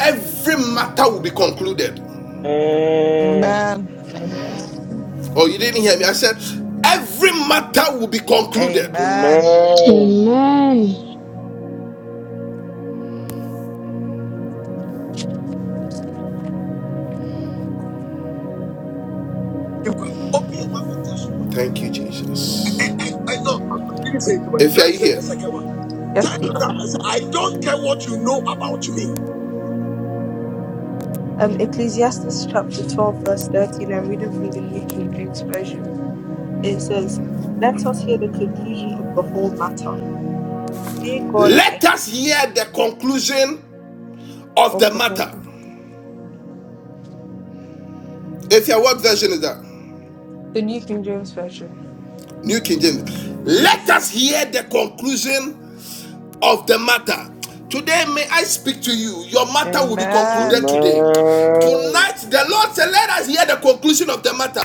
[SPEAKER 1] every matter will be concluded.
[SPEAKER 2] Amen.
[SPEAKER 6] Amen.
[SPEAKER 5] Mm.
[SPEAKER 1] Oh, you didn't hear me. I said, every matter will be concluded.
[SPEAKER 6] Amen.
[SPEAKER 2] Amen.
[SPEAKER 7] Amen.
[SPEAKER 8] You cry. Open your mouth and tell somebody.
[SPEAKER 1] Thank you,
[SPEAKER 8] I,
[SPEAKER 1] Jesus.
[SPEAKER 8] I, I no, no, no, you didn't say it well.
[SPEAKER 1] If you
[SPEAKER 8] Let
[SPEAKER 1] are
[SPEAKER 8] me say the second
[SPEAKER 1] here,
[SPEAKER 8] one.
[SPEAKER 5] Yes,
[SPEAKER 8] Tell
[SPEAKER 5] please.
[SPEAKER 8] another person, I don't care what you know about me.
[SPEAKER 5] Um, Ecclesiastes chapter 12, verse 13. I'm reading from the New King James Version. It says, Let us hear the conclusion of the whole matter. Fear God
[SPEAKER 1] let
[SPEAKER 5] and
[SPEAKER 1] us hear the conclusion of
[SPEAKER 5] of
[SPEAKER 1] the
[SPEAKER 5] the whole
[SPEAKER 1] matter.
[SPEAKER 5] matter.
[SPEAKER 1] If you are, what version is that?
[SPEAKER 5] The New King James Version.
[SPEAKER 1] New King James.
[SPEAKER 5] It
[SPEAKER 1] Let
[SPEAKER 5] says,
[SPEAKER 1] us hear the conclusion of the matter. Today, may I speak to you. Your matter will be
[SPEAKER 6] Amen.
[SPEAKER 1] concluded today.
[SPEAKER 2] Amen.
[SPEAKER 1] Tonight, the Lord said, Let us hear the conclusion of the matter.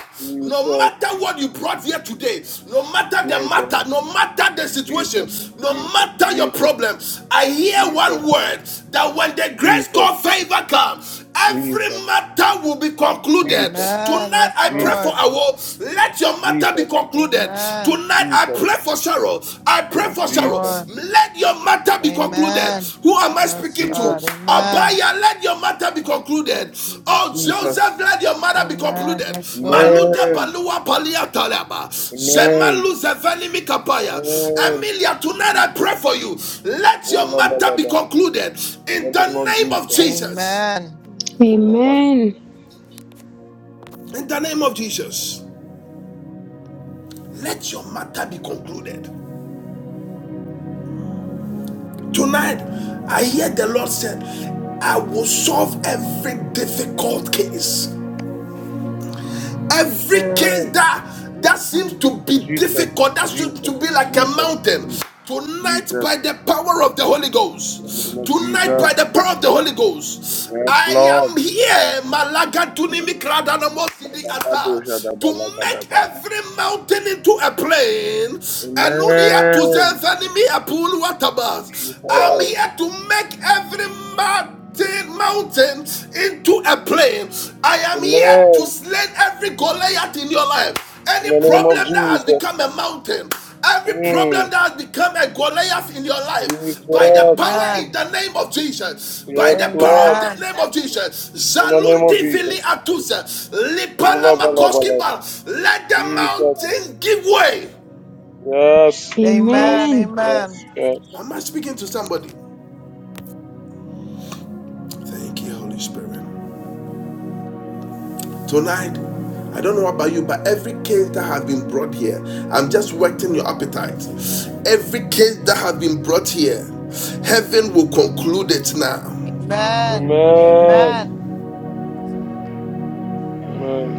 [SPEAKER 1] No
[SPEAKER 2] Jesus,
[SPEAKER 1] matter what you brought here today, no matter the
[SPEAKER 2] Jesus,
[SPEAKER 1] matter, no matter the situation,
[SPEAKER 2] Jesus,
[SPEAKER 1] no matter your
[SPEAKER 2] Jesus,
[SPEAKER 1] problem, I hear
[SPEAKER 2] Jesus,
[SPEAKER 1] one word that when the
[SPEAKER 2] Jesus,
[SPEAKER 1] grace
[SPEAKER 2] Jesus,
[SPEAKER 1] called favor comes, Every
[SPEAKER 2] Jesus, Jesus,
[SPEAKER 1] matter will be concluded.
[SPEAKER 2] Jesus,
[SPEAKER 6] Amen.
[SPEAKER 1] Tonight
[SPEAKER 6] Yes,
[SPEAKER 1] I pray for
[SPEAKER 6] Lord.
[SPEAKER 1] Awo. Let your matter be
[SPEAKER 2] Jesus,
[SPEAKER 1] concluded.
[SPEAKER 6] Amen.
[SPEAKER 1] Tonight I
[SPEAKER 2] Jesus,
[SPEAKER 1] pray for Cheryl. I pray for
[SPEAKER 6] Yes,
[SPEAKER 1] Cheryl.
[SPEAKER 2] Jesus,
[SPEAKER 6] Lord.
[SPEAKER 1] Let your matter be concluded.
[SPEAKER 6] Amen.
[SPEAKER 1] Who am I
[SPEAKER 6] Yes,
[SPEAKER 1] speaking to?
[SPEAKER 2] Jesus,
[SPEAKER 6] God. Amen.
[SPEAKER 1] Abaya, let your matter be concluded.
[SPEAKER 6] Thank you,
[SPEAKER 1] Oh
[SPEAKER 6] Jesus.
[SPEAKER 2] Jesus.
[SPEAKER 1] Joseph, let your matter be
[SPEAKER 6] Amen.
[SPEAKER 1] concluded.
[SPEAKER 6] Yes, Lord.
[SPEAKER 1] Maluda
[SPEAKER 2] Amen.
[SPEAKER 1] Balua Palia Talaba.
[SPEAKER 2] Amen.
[SPEAKER 1] Zemalu Zevani Mikapaya.
[SPEAKER 2] Amen.
[SPEAKER 1] Emilia, tonight I pray for you. Let
[SPEAKER 2] Oh,
[SPEAKER 1] your
[SPEAKER 2] balada, la,
[SPEAKER 1] matter be
[SPEAKER 2] la,
[SPEAKER 1] concluded
[SPEAKER 2] In
[SPEAKER 1] in
[SPEAKER 2] the name
[SPEAKER 1] the
[SPEAKER 2] of
[SPEAKER 1] name of
[SPEAKER 2] Jesus.
[SPEAKER 1] Jesus.
[SPEAKER 6] Amen.
[SPEAKER 9] Amen.
[SPEAKER 2] Oh, la,
[SPEAKER 7] Amen.
[SPEAKER 1] In the name of Jesus, let your matter be concluded. Tonight, I hear the Lord said, I will solve every difficult case. Every case
[SPEAKER 2] Amen.
[SPEAKER 1] that that seems
[SPEAKER 10] Oh,
[SPEAKER 1] to be
[SPEAKER 2] Jesus,
[SPEAKER 1] difficult, that seems to
[SPEAKER 2] Jesus,
[SPEAKER 1] be like a
[SPEAKER 2] Jesus,
[SPEAKER 1] mountain.
[SPEAKER 2] Jesus,
[SPEAKER 1] Tonight,
[SPEAKER 2] Jesus,
[SPEAKER 1] by the power of the Holy
[SPEAKER 2] in the
[SPEAKER 1] Ghost,
[SPEAKER 2] name of
[SPEAKER 1] tonight
[SPEAKER 2] Jesus.
[SPEAKER 1] by the power of the Holy Ghost,
[SPEAKER 2] Yes,
[SPEAKER 1] I
[SPEAKER 2] Lord.
[SPEAKER 1] am here, Malaga Tunimi Kradanamosidi Ata, to make
[SPEAKER 2] Ba-ba-ba-do-sha-da-ba-la-ga-da-ba.
[SPEAKER 1] every mountain into a plain, and only to
[SPEAKER 2] Amen.
[SPEAKER 1] enemy a pool water bath. I'm
[SPEAKER 2] Jesus.
[SPEAKER 1] here to make every mountain. Turn mountains into a plain. I am here to
[SPEAKER 2] Amen.
[SPEAKER 1] slay every Goliath in your life.
[SPEAKER 2] In
[SPEAKER 1] Any
[SPEAKER 2] the name of
[SPEAKER 1] problem that has
[SPEAKER 2] Jesus.
[SPEAKER 1] become a mountain, every
[SPEAKER 2] Mm.
[SPEAKER 1] problem that has become a Goliath in your life, by the
[SPEAKER 2] Jesus.
[SPEAKER 1] power in
[SPEAKER 6] Amen.
[SPEAKER 1] the name of Jesus, by
[SPEAKER 2] Yes,
[SPEAKER 1] the power
[SPEAKER 2] Lord.
[SPEAKER 1] of the
[SPEAKER 6] Amen.
[SPEAKER 1] name of Jesus,
[SPEAKER 2] In the name of
[SPEAKER 1] Zalundi Vili
[SPEAKER 2] Jesus.
[SPEAKER 1] Atusa,
[SPEAKER 2] Oh, la,
[SPEAKER 1] Lipala
[SPEAKER 2] ba, la, ba,
[SPEAKER 1] Makoski
[SPEAKER 2] la.
[SPEAKER 1] let the
[SPEAKER 2] Jesus.
[SPEAKER 1] mountain give way.
[SPEAKER 2] Yes.
[SPEAKER 6] Amen.
[SPEAKER 2] Yes.
[SPEAKER 7] Amen.
[SPEAKER 2] Yes.
[SPEAKER 6] Amen.
[SPEAKER 2] Yes.
[SPEAKER 1] Am I speaking to somebody? Thank you, Holy Spirit. Tonight, I don't know about you, but every case that has been brought here, I'm just whetting your appetite. Every case that has been brought here, heaven will conclude it now.
[SPEAKER 6] Amen.
[SPEAKER 2] Amen.
[SPEAKER 6] Amen.
[SPEAKER 2] Amen.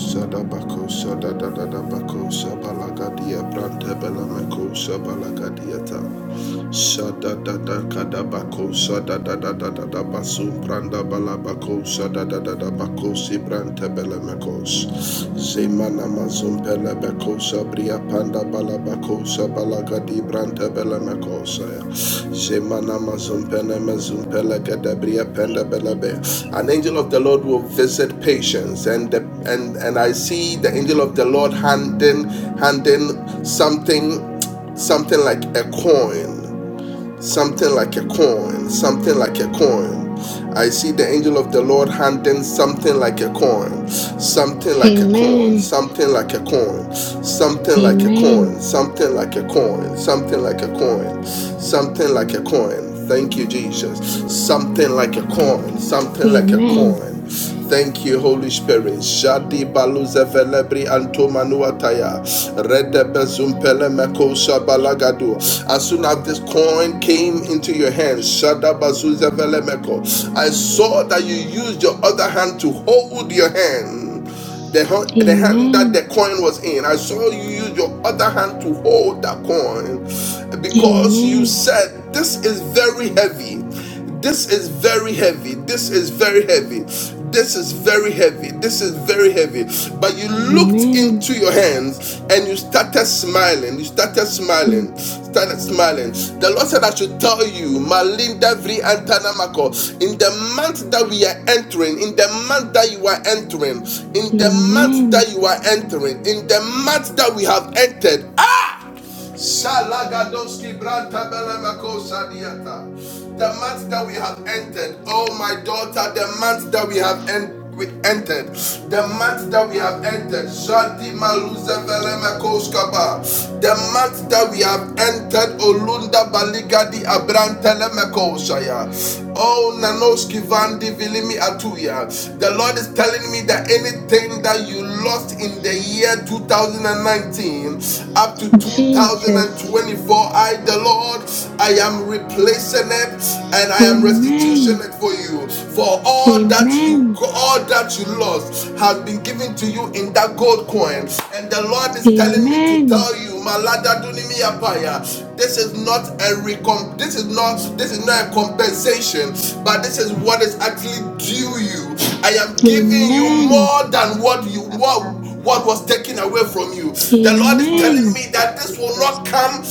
[SPEAKER 1] sadabako, Shadadadakadabako, shadadadadadabasu, brandabalabako, shadadadadabako, sibrantebelemekos. Zemanamazum pelebeko, sabria pandabalabako, sabalagadi, brantebelemekos. Zemanamazum penemezum pelegedebria pendebelebe. An angel of the Lord will visit patience, and the, and and I see the angel of the Lord handing handing something something like a coin something like a coin, something like a coin. I see the angel of the Lord handing something like a coin, something like a coin,
[SPEAKER 7] Amen.
[SPEAKER 1] something like a coin, something like a
[SPEAKER 7] Amen.
[SPEAKER 1] coin, something like a coin, something like a coin, something like a coin. Thank you, Jesus. Something like a coin, something like a
[SPEAKER 7] Amen.
[SPEAKER 1] coin. Thank you, Holy Spirit. Shadi baluze velebri anto manuataya. Rede bezumpele meko shabalagadu. As soon as this coin came into your hand, shada bazuze vele I saw that you used your other hand to hold your hand. The, hand- the hand that the
[SPEAKER 7] Amen.
[SPEAKER 1] coin was in. I saw you use your other hand to hold that coin because you
[SPEAKER 7] Amen.
[SPEAKER 1] said, This is very heavy. This is very heavy. This is very heavy. This is very heavy. This is very heavy. But you looked
[SPEAKER 7] Amen.
[SPEAKER 1] into into your hands and you started smiling. You started
[SPEAKER 7] Hmm.
[SPEAKER 1] smiling. Started smiling. The Lord said, I should tell you, Malinda Vri Antanamako, in the month that we are entering, in the month that you are entering, in the month
[SPEAKER 7] Amen.
[SPEAKER 1] that you are entering, in the month that we have entered, Shalagadoski branta belemakosa diata. The month that we have entered, oh my daughter, the month that we have en- we entered, the month that we have entered, Shanti Maluza Velemakoskaba, the month that we have entered, Olunda Baligadi Abrantelemekosaya, oh Nanoski Vandi Vilimi Atuya. The Lord is telling me that anything that that you lost in the year 2019 up to
[SPEAKER 7] Jesus.
[SPEAKER 1] 2024, I, the Lord, I am replacing it and I am restitution
[SPEAKER 7] Amen.
[SPEAKER 1] it for you. For all that you
[SPEAKER 7] Amen.
[SPEAKER 1] all that you lost has been given to you in that gold coin. And the Lord is telling me to
[SPEAKER 7] Amen.
[SPEAKER 1] tell you, Malada Dunimi Apaya, this is not a recomp this is not this is not a compensation, but this this is what is actually due you. I am giving you
[SPEAKER 10] I'm
[SPEAKER 7] Amen. Amen.
[SPEAKER 1] more than
[SPEAKER 10] done.
[SPEAKER 1] what you
[SPEAKER 10] I'm
[SPEAKER 1] what,
[SPEAKER 10] done.
[SPEAKER 1] what was taken away from you. The Lord is
[SPEAKER 10] Oh,
[SPEAKER 1] telling
[SPEAKER 10] thank
[SPEAKER 7] Amen.
[SPEAKER 1] me that
[SPEAKER 10] you,
[SPEAKER 1] this will
[SPEAKER 10] Jesus.
[SPEAKER 1] not come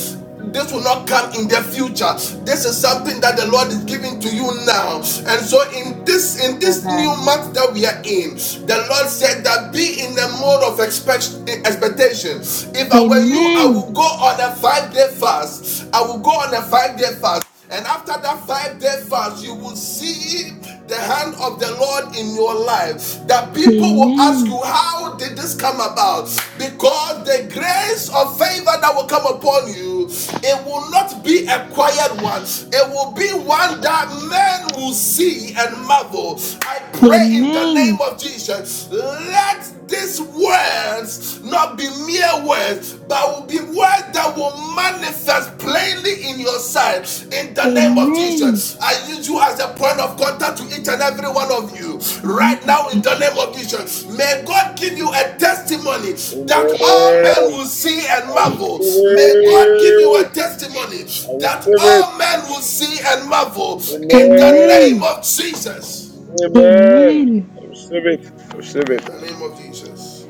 [SPEAKER 1] this will not come in the future this is something that the lord is giving to you now and so in this in this new
[SPEAKER 10] Amen.
[SPEAKER 1] month that we are in the lord said that be in the
[SPEAKER 10] Amen.
[SPEAKER 1] mode of expect, expectation if i were you i
[SPEAKER 7] Amen.
[SPEAKER 1] would go on a five day fast i will go on a five day fast and after that five day fast, you will see the hand of the Lord in your life. That people will ask you, How did this come about? Because the grace of favor that will come upon you, it will not be a quiet one. It will be one that men men will see and marvel. I pray in the name
[SPEAKER 7] Amen.
[SPEAKER 1] of Jesus. Let these words not be mere words, but will be words that will manifest plainly in your sight. In the name of
[SPEAKER 7] Amen.
[SPEAKER 1] Jesus, I use you as a point of contact to each and every one of you right
[SPEAKER 7] Amen.
[SPEAKER 1] now in
[SPEAKER 7] Thank
[SPEAKER 1] the
[SPEAKER 7] you.
[SPEAKER 1] name
[SPEAKER 7] Jesus.
[SPEAKER 1] of Jesus. May God give you a testimony that all men
[SPEAKER 2] Amen.
[SPEAKER 1] will see
[SPEAKER 2] I
[SPEAKER 1] and
[SPEAKER 2] receive
[SPEAKER 1] marvel. May God give you
[SPEAKER 2] it.
[SPEAKER 1] a testimony
[SPEAKER 2] I receive
[SPEAKER 1] that
[SPEAKER 2] it.
[SPEAKER 1] all men will see and marvel in the name
[SPEAKER 2] Amen.
[SPEAKER 7] Amen.
[SPEAKER 1] of Jesus.
[SPEAKER 2] Amen.
[SPEAKER 7] Amen.
[SPEAKER 2] I receive it. I receive
[SPEAKER 1] In
[SPEAKER 2] it.
[SPEAKER 1] the name of Jesus.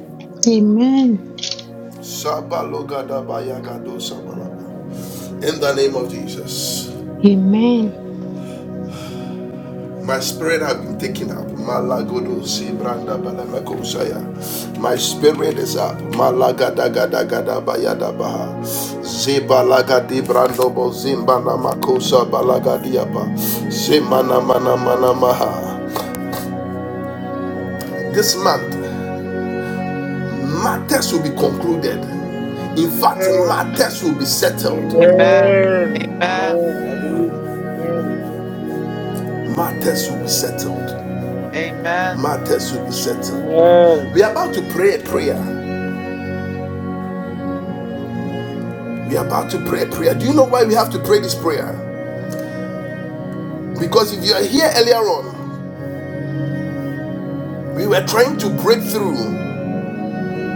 [SPEAKER 7] Amen.
[SPEAKER 1] In the name of Jesus.
[SPEAKER 7] Amen.
[SPEAKER 1] My spirit has been taken up. Malagodo Zibranda Balameko Saya. My spirit is up. Malagadagadagada Bayada Baha. Zibalagadi Brando Bozimbana Makosa Balagadiapa. Zimana Mana Mana Maha. This month, matters will be concluded. In fact,
[SPEAKER 2] Amen.
[SPEAKER 1] matters will be settled.
[SPEAKER 6] Amen.
[SPEAKER 2] Amen.
[SPEAKER 6] Amen.
[SPEAKER 2] Amen. I believe. Amen.
[SPEAKER 1] Matters will be settled.
[SPEAKER 6] Amen.
[SPEAKER 1] Matters will be settled.
[SPEAKER 2] Amen.
[SPEAKER 1] We are about to pray a prayer. We are about to pray a prayer. Do you know why we have to pray this prayer? Because if you are here earlier on, we were trying to break through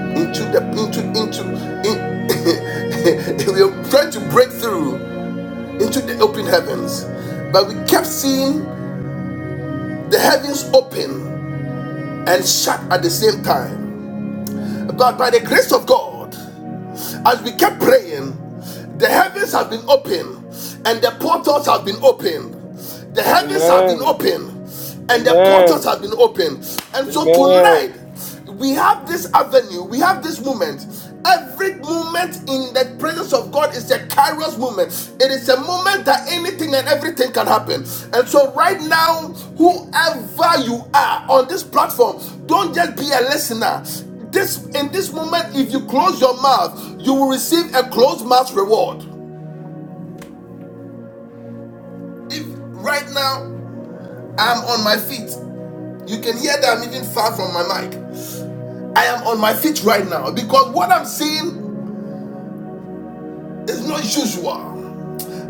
[SPEAKER 1] into the into into in, we were trying to break through into the open heavens, but we kept seeing the heavens open and shut at the same time. But by the grace of God, As we kept praying, the heavens have been opened and the portals have been opened. The heavens have been
[SPEAKER 2] Amen.
[SPEAKER 1] opened and the
[SPEAKER 2] Amen.
[SPEAKER 1] portals have been opened. And so
[SPEAKER 2] Amen.
[SPEAKER 1] tonight, we have this avenue, we have this moment. Every moment in the presence of God is a kairos moment. It is a moment that anything and everything can happen. And so, right now, whoever you are on this platform, don't just be a listener. This in this moment, if you close your mouth, you will receive a closed mouth reward. If right now I'm on my feet, you can hear that I'm even far from my mic. I am on my feet right now because what I'm seeing is not usual.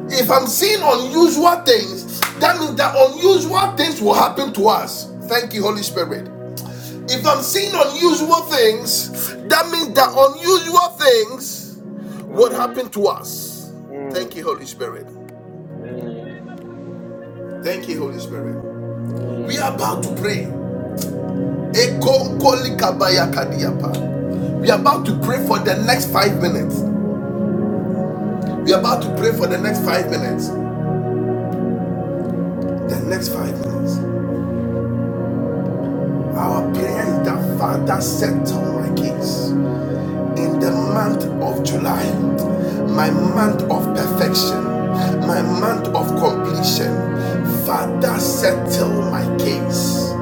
[SPEAKER 1] If I'm seeing unusual things, that means that unusual things will happen to us. Thank you, Holy Spirit. If I'm seeing unusual things, that means that
[SPEAKER 2] Mm,
[SPEAKER 1] unusual things would
[SPEAKER 2] mm,
[SPEAKER 1] happen to us.
[SPEAKER 2] mm,
[SPEAKER 1] Thank you, Holy Spirit.
[SPEAKER 2] mm,
[SPEAKER 1] Thank you, Holy Spirit. We
[SPEAKER 2] mm,
[SPEAKER 1] are about to
[SPEAKER 2] mm.
[SPEAKER 1] pray. Ekonkolikabakadiapa. We are about to pray for the next five minutes. We are about to pray for the next five minutes. The next five minutes. Our prayer is that Father settle my case in the month of July, my month of perfection, my month of completion. Father settle my case.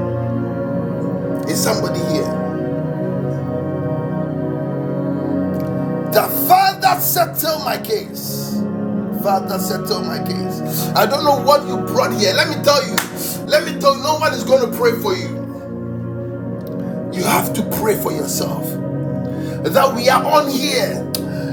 [SPEAKER 1] Is somebody here? The Father settle my case. Father, settle my case. I don't know what you brought here. Let me tell you. Let me tell you, no one is going to pray for you. You have to pray for yourself. That we are on here.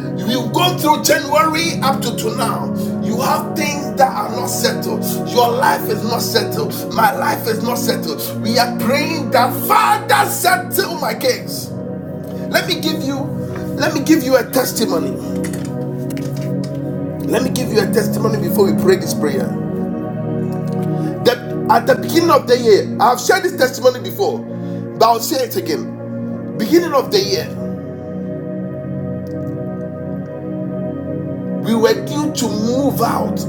[SPEAKER 1] We've gone through January up to, to now. You have things that are not settled. Your life is not settled. My life is not settled. We are praying that Father settle my case. Let me give you, let me give you a testimony. Let me give you a testimony before we pray this prayer. That at the beginning of the year, I've shared this testimony before, but I'll say it again. Beginning of the year, we were due to move out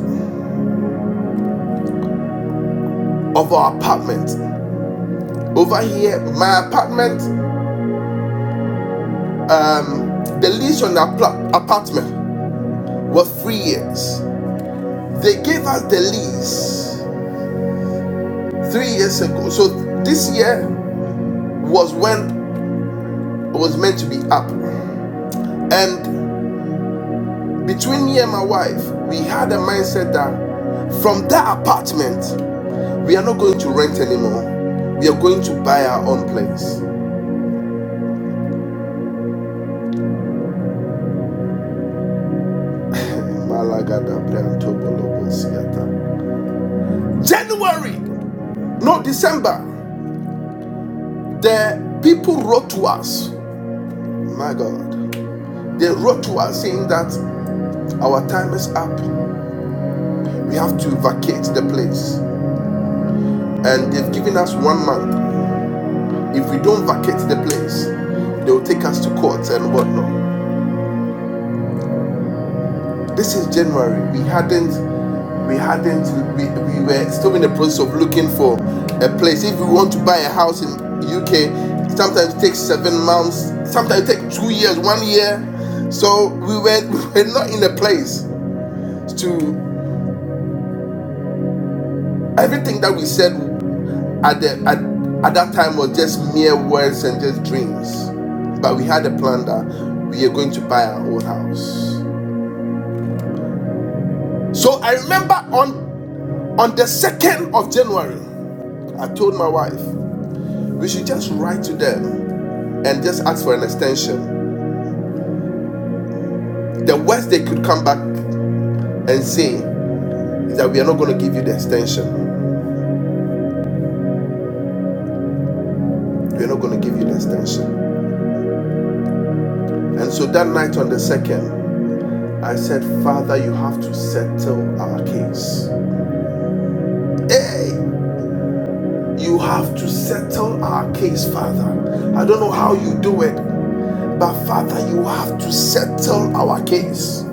[SPEAKER 1] of our apartment. Over here, my apartment, um, the lease on the apartment was three years. They gave us the lease three years ago. So this year was when it was meant to be up. And between me and my wife, we had a mindset that from that apartment. We are not going to rent anymore. We are going to buy our own place. January, no December, the people wrote to us. My God, they wrote to us saying that our time is up. We have to vacate the place, and they've given us one month. If we don't vacate the place, they will take us to court and whatnot. This is January. We hadn't, we hadn't, we, we were still in the process of looking for a place. If you want to buy a house in UK, sometimes it takes seven months, sometimes it takes two years, one year. So we were, we were not in a place to everything that we said at the at, at that time was just mere words and just dreams. But we had a plan that we are going to buy our own house. So I remember on on the second of January. I told my wife, we should just write to them and just ask for an extension. The worst they could come back and say is that we are not going to give you the extension. We are not going to give you the extension. And so that night on the second, I said, Father, you have to settle our case. Hey, you have to settle our case, Father. I don't know how you do it, but Father, you have to settle our case.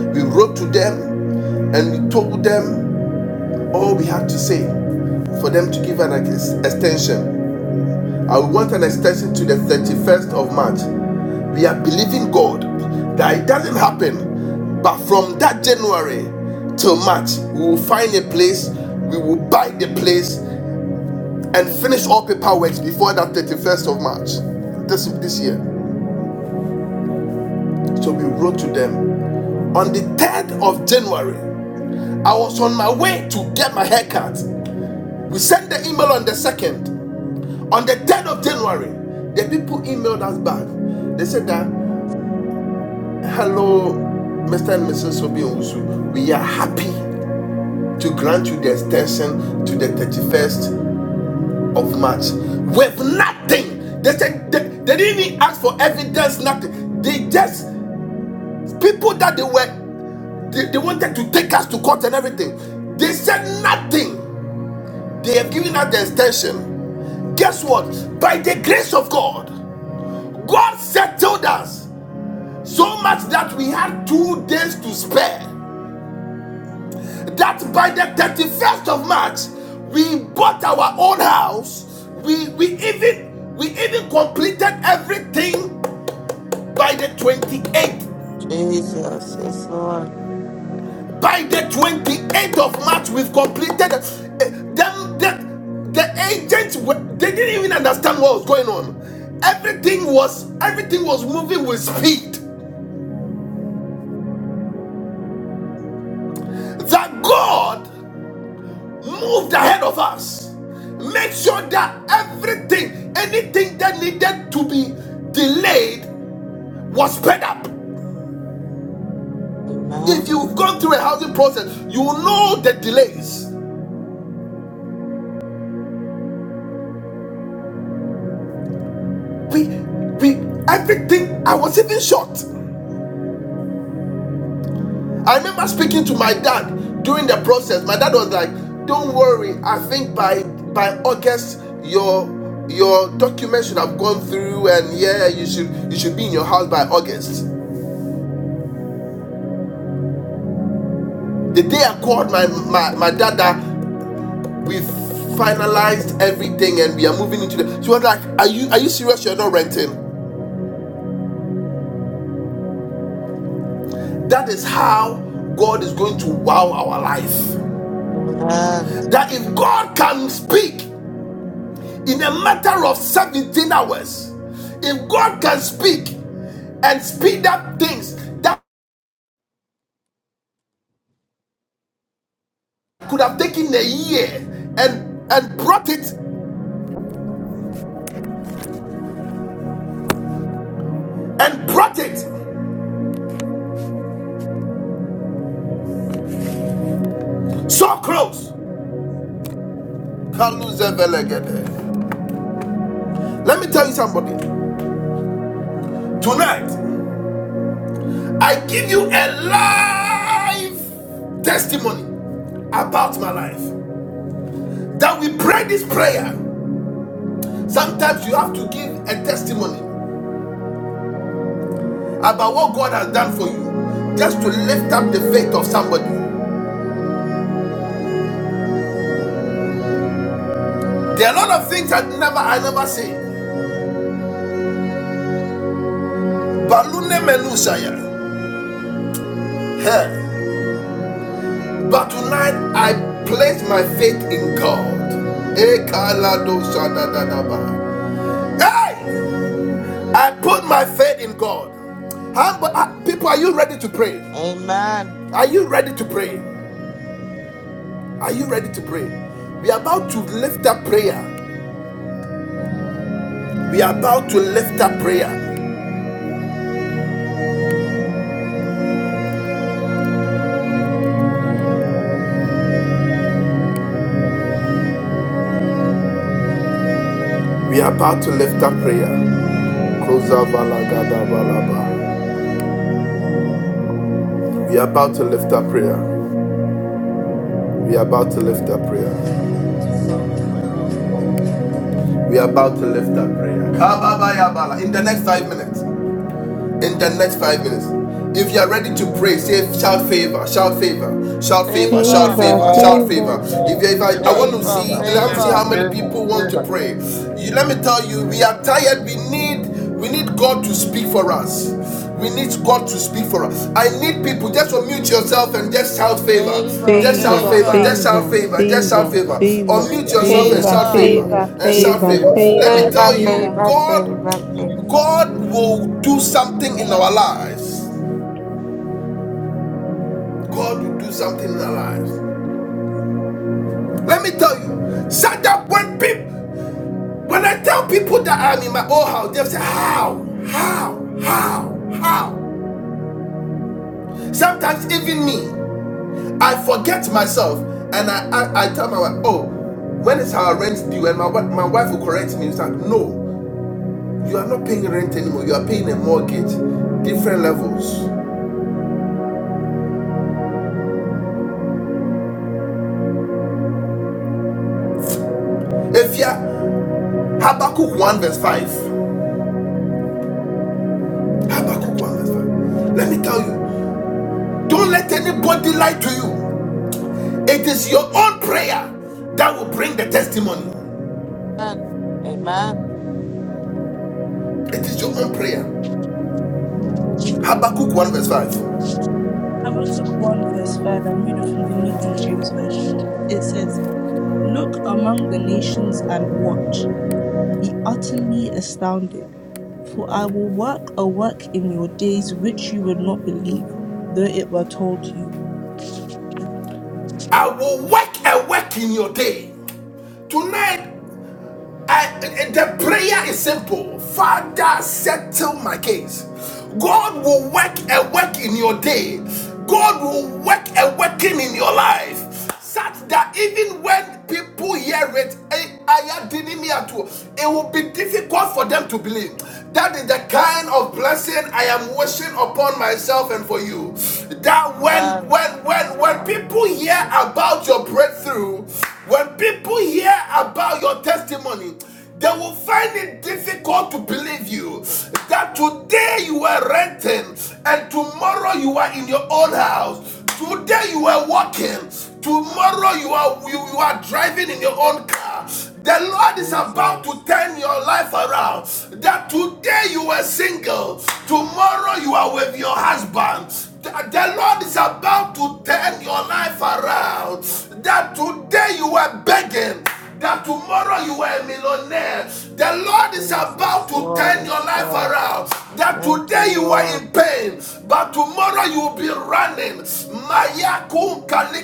[SPEAKER 1] We wrote to them and we told them all we had to say. for them to give an extension. I want an extension to the 31st of March. We are believing God that it doesn't happen, but from that January till March, we will find a place, we will buy the place, and finish all paperwork before that 31st of March this, this year. So we wrote to them on the 3rd of January. I was on my way to get my haircut. We sent the email on the 2nd. On the 10th of January, the people emailed us back. They said that, hello, Mr. and Mrs. Sobi Owusu, we are happy to grant you the extension to the 31st of March with nothing. They said they, they didn't even ask for evidence, nothing. They just, people that they were, they, they wanted to take us to court and everything. They said nothing. They have given us the extension. Guess what? By the grace of God, God settled us. So much that we had two days to spare. That by the 31st of March, we bought our own house. We we even we even completed everything by the 28th.
[SPEAKER 6] Jesus. Yes, Lord.
[SPEAKER 1] By the 28th of March, we've completed eh, them the, the agents they didn't even understand what was going on. Everything was everything was moving with speed. That God moved ahead of us. Make sure that everything, anything that needed to be delayed, was sped up. If
[SPEAKER 6] Amen.
[SPEAKER 1] you've gone through a housing process, you will know the delays. We, we, everything. I was even shocked. I remember speaking to my dad during the process. My dad was like, "Don't worry. I think by by August, your your documents should have gone through, and yeah, you should you should be in your house by August." The day I called my my, my dada, we finalized everything and we are moving into the. She was like, "Are you are you serious? You're not renting?" That is how God is going to wow our life.
[SPEAKER 6] Amen.
[SPEAKER 1] That if God can speak in a matter of 17 hours, if God can speak and speed up things that could have taken a year and and brought it and brought it so close. Let me tell you somebody. Tonight, I give you a live testimony about my life. That we pray this prayer. Sometimes you have to give a testimony about what God has done for you, just to lift up the faith of somebody. There are a lot of things that never I never say. Balune melusaya. Hey. But tonight I place my faith in God. Ekaladosadadadaba. Hey! I put my faith in God. How- uh, people, are you ready to pray?
[SPEAKER 6] Amen.
[SPEAKER 1] Are you ready to pray? Are you ready to pray? We are about to lift up prayer. We are about to lift up prayer. We are about to lift up prayer. We are about to lift up prayer. We are about to lift up prayer. We are about to lift up prayer. In the next five minutes. in the next five minutes. If you are ready to pray, say shout favor, shout favor, shout favor, shout
[SPEAKER 6] Favor,
[SPEAKER 7] Favor,
[SPEAKER 1] favor,
[SPEAKER 2] Favor,
[SPEAKER 1] shout favor.
[SPEAKER 7] favor,
[SPEAKER 2] favor,
[SPEAKER 1] If you, if I, I
[SPEAKER 2] favor,
[SPEAKER 1] want to
[SPEAKER 6] favor,
[SPEAKER 1] see,
[SPEAKER 2] favor,
[SPEAKER 1] let me see
[SPEAKER 2] favor,
[SPEAKER 6] favor,
[SPEAKER 1] how
[SPEAKER 2] favor,
[SPEAKER 1] many people want to
[SPEAKER 2] favor,
[SPEAKER 1] pray. You, let me tell you, we are tired. We need, we need God to speak for us. We need God to speak for us. I need people. Just unmute yourself and just shout favor.
[SPEAKER 6] favor,
[SPEAKER 1] Just shout
[SPEAKER 11] Favor,
[SPEAKER 5] Favor.
[SPEAKER 1] favor.
[SPEAKER 6] favor,
[SPEAKER 1] Just shout
[SPEAKER 11] favor,
[SPEAKER 1] favor. Just shout
[SPEAKER 11] favor,
[SPEAKER 1] favor.
[SPEAKER 11] favor,
[SPEAKER 1] Unmute
[SPEAKER 2] favor,
[SPEAKER 1] yourself and
[SPEAKER 11] favor,
[SPEAKER 2] favor,
[SPEAKER 7] favor,
[SPEAKER 1] shout
[SPEAKER 6] favor.
[SPEAKER 2] favor,
[SPEAKER 1] favor.
[SPEAKER 11] favor,
[SPEAKER 7] favor,
[SPEAKER 1] And
[SPEAKER 2] favor,
[SPEAKER 1] shout
[SPEAKER 7] favor,
[SPEAKER 1] favor.
[SPEAKER 11] favor,
[SPEAKER 2] favor.
[SPEAKER 1] Let
[SPEAKER 7] favor,
[SPEAKER 1] me
[SPEAKER 12] Favor,
[SPEAKER 1] tell you,
[SPEAKER 7] favor.
[SPEAKER 12] favor,
[SPEAKER 11] favor.
[SPEAKER 1] God
[SPEAKER 12] favor, favor.
[SPEAKER 1] God
[SPEAKER 12] favor.
[SPEAKER 1] will do something in our lives. God will do something in our lives. Let me tell you, such that when people, when I tell people that I'm in my old house, they'll say, How? How? How? How? Sometimes even me, I forget myself and I, I, I tell my wife, Oh, when is our rent due? And my, my wife will correct me and say, No, you are not paying rent anymore, you are paying a mortgage, different levels. If you are Habakkuk 1 verse 5. Habakkuk 1 verse 5. Let me tell you, don't let anybody lie to you. It is your own prayer that will bring the testimony.
[SPEAKER 6] Amen. Amen.
[SPEAKER 1] It is your own prayer. Habakkuk 1 verse 5.
[SPEAKER 5] Habakkuk 1, verse 5. I'm reading from the New King James Version. It says, Look among the nations and watch. be utterly astounded. For I will work a work in your days which you would not believe, though it were told you.
[SPEAKER 1] I will work a work in your day. Tonight, I- the prayer is simple Father, settle my case. God will work a work in your day, God will work a working in your life, such that even when people hear it, eh, it will be difficult for them to believe. That is the kind of blessing I am wishing upon myself and for you that when
[SPEAKER 6] And
[SPEAKER 1] when when
[SPEAKER 6] it's
[SPEAKER 1] when
[SPEAKER 6] God, I
[SPEAKER 1] people
[SPEAKER 6] receive
[SPEAKER 1] hear
[SPEAKER 6] you.
[SPEAKER 1] about your breakthrough, when people hear about your testimony, they will find it difficult to believe you that today you were renting and tomorrow you are in your own house. Today you are walking. Tomorrow you are you, you are driving in your own car. The Lord is about
[SPEAKER 6] Jesus,
[SPEAKER 1] to turn your life around. That today you were single, tomorrow you are with your husband. The Lord is about to turn your life around. That today you were begging, that tomorrow you are a millionaire. The Lord is
[SPEAKER 6] Jesus,
[SPEAKER 1] about to
[SPEAKER 6] Lord,
[SPEAKER 1] turn your
[SPEAKER 6] yes,
[SPEAKER 1] life
[SPEAKER 6] God.
[SPEAKER 1] around. That
[SPEAKER 6] Thank you,
[SPEAKER 1] today you are in
[SPEAKER 6] Lord.
[SPEAKER 1] pain, but tomorrow you will be running.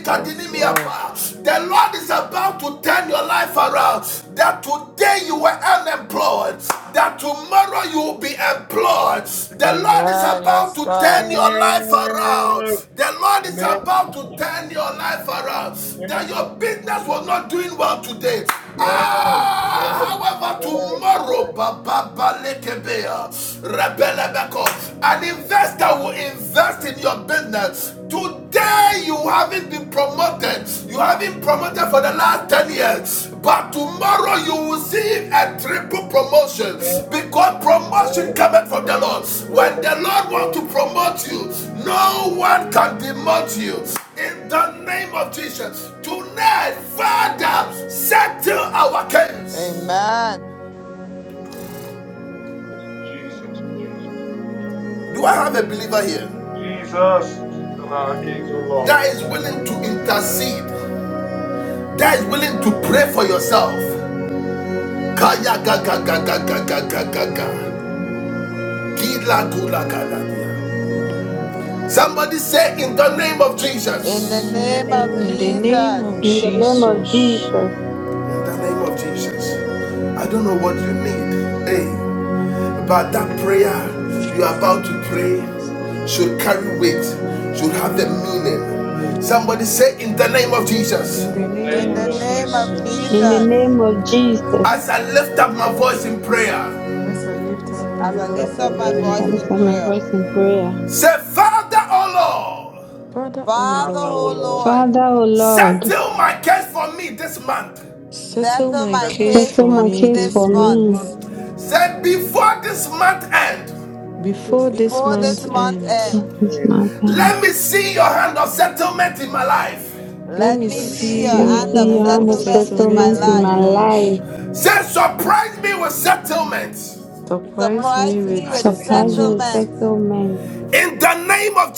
[SPEAKER 6] Yes, Lord.
[SPEAKER 1] The Lord is about to turn your life around. That today you were unemployed, that tomorrow you will be employed God. The Lord is
[SPEAKER 6] Amen.
[SPEAKER 1] about
[SPEAKER 6] Yes,
[SPEAKER 1] to turn
[SPEAKER 6] God.
[SPEAKER 1] your life around.
[SPEAKER 2] Amen.
[SPEAKER 1] The Lord is
[SPEAKER 2] Amen.
[SPEAKER 1] about to turn your life around.
[SPEAKER 2] Yes,
[SPEAKER 1] That your
[SPEAKER 2] yes,
[SPEAKER 1] business was not doing well today.
[SPEAKER 2] yes, yes, yes.
[SPEAKER 1] Ah, however, tomorrow, Baba Balekebea, Rebelebeko, an investor will invest in your business. Today, you haven't been promoted. You haven't been promoted for the last 10 years. But tomorrow you will see a triple promotion because
[SPEAKER 2] Yes,
[SPEAKER 1] promotion cometh from the
[SPEAKER 2] yes,
[SPEAKER 1] Lord.
[SPEAKER 2] yes,
[SPEAKER 1] When the Lord
[SPEAKER 2] yes.
[SPEAKER 1] wants to promote you, no one can demote you. In the name of Jesus, tonight, Father, settle our case.
[SPEAKER 6] Amen.
[SPEAKER 2] Jesus, Jesus,
[SPEAKER 1] Do I have a believer here
[SPEAKER 2] Jesus, Lord, King, so Lord.
[SPEAKER 1] that is willing to intercede, that is willing to pray for yourself? Kaya ga ga ga ga ga ga ga ga ga. Gila gula gala. Somebody say, In the name of
[SPEAKER 6] In the
[SPEAKER 1] Jesus. In
[SPEAKER 5] In the
[SPEAKER 6] name
[SPEAKER 5] name
[SPEAKER 6] of
[SPEAKER 5] of
[SPEAKER 11] In the
[SPEAKER 5] Jesus.
[SPEAKER 11] name of
[SPEAKER 6] Jesus.
[SPEAKER 7] In the name of
[SPEAKER 11] Jesus.
[SPEAKER 7] Jesus,
[SPEAKER 1] the name of Jesus. I don't
[SPEAKER 11] Mm,
[SPEAKER 1] know what you need. Hey, but
[SPEAKER 11] mm.
[SPEAKER 1] that prayer you are about to
[SPEAKER 11] Oh,
[SPEAKER 1] pray
[SPEAKER 11] yes, Lord.
[SPEAKER 1] should carry weight, should have the
[SPEAKER 11] Amen.
[SPEAKER 1] meaning. Somebody
[SPEAKER 11] Amen.
[SPEAKER 1] say, In the name of Jesus.
[SPEAKER 11] In the
[SPEAKER 2] In the
[SPEAKER 11] name
[SPEAKER 6] In
[SPEAKER 2] name
[SPEAKER 11] of
[SPEAKER 6] the
[SPEAKER 2] of
[SPEAKER 6] name
[SPEAKER 2] Jesus.
[SPEAKER 6] of
[SPEAKER 7] in the
[SPEAKER 11] Jesus.
[SPEAKER 6] Jesus.
[SPEAKER 7] name of Jesus,
[SPEAKER 1] As I lift up my voice in prayer,
[SPEAKER 11] As I
[SPEAKER 2] As
[SPEAKER 11] lift
[SPEAKER 2] I
[SPEAKER 11] up my
[SPEAKER 6] As I
[SPEAKER 2] lift up
[SPEAKER 6] lift
[SPEAKER 11] voice
[SPEAKER 2] my
[SPEAKER 6] up
[SPEAKER 11] in
[SPEAKER 6] my
[SPEAKER 2] voice
[SPEAKER 7] as I
[SPEAKER 2] and
[SPEAKER 6] voice
[SPEAKER 11] prayer.
[SPEAKER 6] in
[SPEAKER 2] say,
[SPEAKER 7] lift up my
[SPEAKER 6] prayer.
[SPEAKER 7] voice in prayer.
[SPEAKER 1] say, Father, oh Lord,
[SPEAKER 11] Father, O
[SPEAKER 6] Father,
[SPEAKER 2] Father,
[SPEAKER 6] O
[SPEAKER 2] will Lord,
[SPEAKER 11] Lord,
[SPEAKER 6] Lord,
[SPEAKER 7] Father, O Lord,
[SPEAKER 1] settle my case for me this month.
[SPEAKER 11] settle
[SPEAKER 6] settle
[SPEAKER 11] my
[SPEAKER 6] my
[SPEAKER 2] thank you
[SPEAKER 5] My
[SPEAKER 11] case
[SPEAKER 2] for your
[SPEAKER 6] case
[SPEAKER 7] settle
[SPEAKER 5] day
[SPEAKER 11] for
[SPEAKER 6] for
[SPEAKER 7] my
[SPEAKER 11] me
[SPEAKER 6] me
[SPEAKER 5] of
[SPEAKER 7] case
[SPEAKER 6] this
[SPEAKER 7] for
[SPEAKER 11] this
[SPEAKER 5] the
[SPEAKER 6] month.
[SPEAKER 7] me
[SPEAKER 11] month.
[SPEAKER 5] month.
[SPEAKER 1] Say before this month end,
[SPEAKER 11] Before
[SPEAKER 5] Before
[SPEAKER 11] this
[SPEAKER 6] Before
[SPEAKER 5] this
[SPEAKER 6] this
[SPEAKER 11] month
[SPEAKER 5] month,
[SPEAKER 6] month
[SPEAKER 11] end.
[SPEAKER 6] end,
[SPEAKER 7] at this mountain.
[SPEAKER 1] let me see your hand of settlement in my life.
[SPEAKER 5] I
[SPEAKER 11] Let
[SPEAKER 6] let
[SPEAKER 5] not
[SPEAKER 11] me
[SPEAKER 2] Let
[SPEAKER 6] me
[SPEAKER 2] me see
[SPEAKER 6] see your
[SPEAKER 11] see
[SPEAKER 5] receive
[SPEAKER 2] the
[SPEAKER 7] Let
[SPEAKER 11] your
[SPEAKER 7] me
[SPEAKER 5] your
[SPEAKER 6] hand of
[SPEAKER 7] see
[SPEAKER 5] answer
[SPEAKER 2] hand
[SPEAKER 11] hand
[SPEAKER 7] your
[SPEAKER 2] of
[SPEAKER 7] hand
[SPEAKER 11] of
[SPEAKER 7] of
[SPEAKER 6] settlement in my
[SPEAKER 11] settlement
[SPEAKER 7] settlement
[SPEAKER 5] in
[SPEAKER 11] in
[SPEAKER 2] success
[SPEAKER 7] in
[SPEAKER 2] in
[SPEAKER 5] my
[SPEAKER 11] my
[SPEAKER 7] my
[SPEAKER 6] life.
[SPEAKER 5] life.
[SPEAKER 2] my
[SPEAKER 7] life.
[SPEAKER 11] life.
[SPEAKER 2] life.
[SPEAKER 1] Said, surprise me with settlement.
[SPEAKER 5] The
[SPEAKER 11] Surprise
[SPEAKER 5] prize
[SPEAKER 11] me
[SPEAKER 6] Surprise
[SPEAKER 5] will
[SPEAKER 6] me
[SPEAKER 11] with
[SPEAKER 2] Supply
[SPEAKER 5] be
[SPEAKER 6] with
[SPEAKER 7] Surprise
[SPEAKER 5] such
[SPEAKER 7] me with
[SPEAKER 11] settlements
[SPEAKER 6] settlement
[SPEAKER 7] settlement.
[SPEAKER 1] In the name of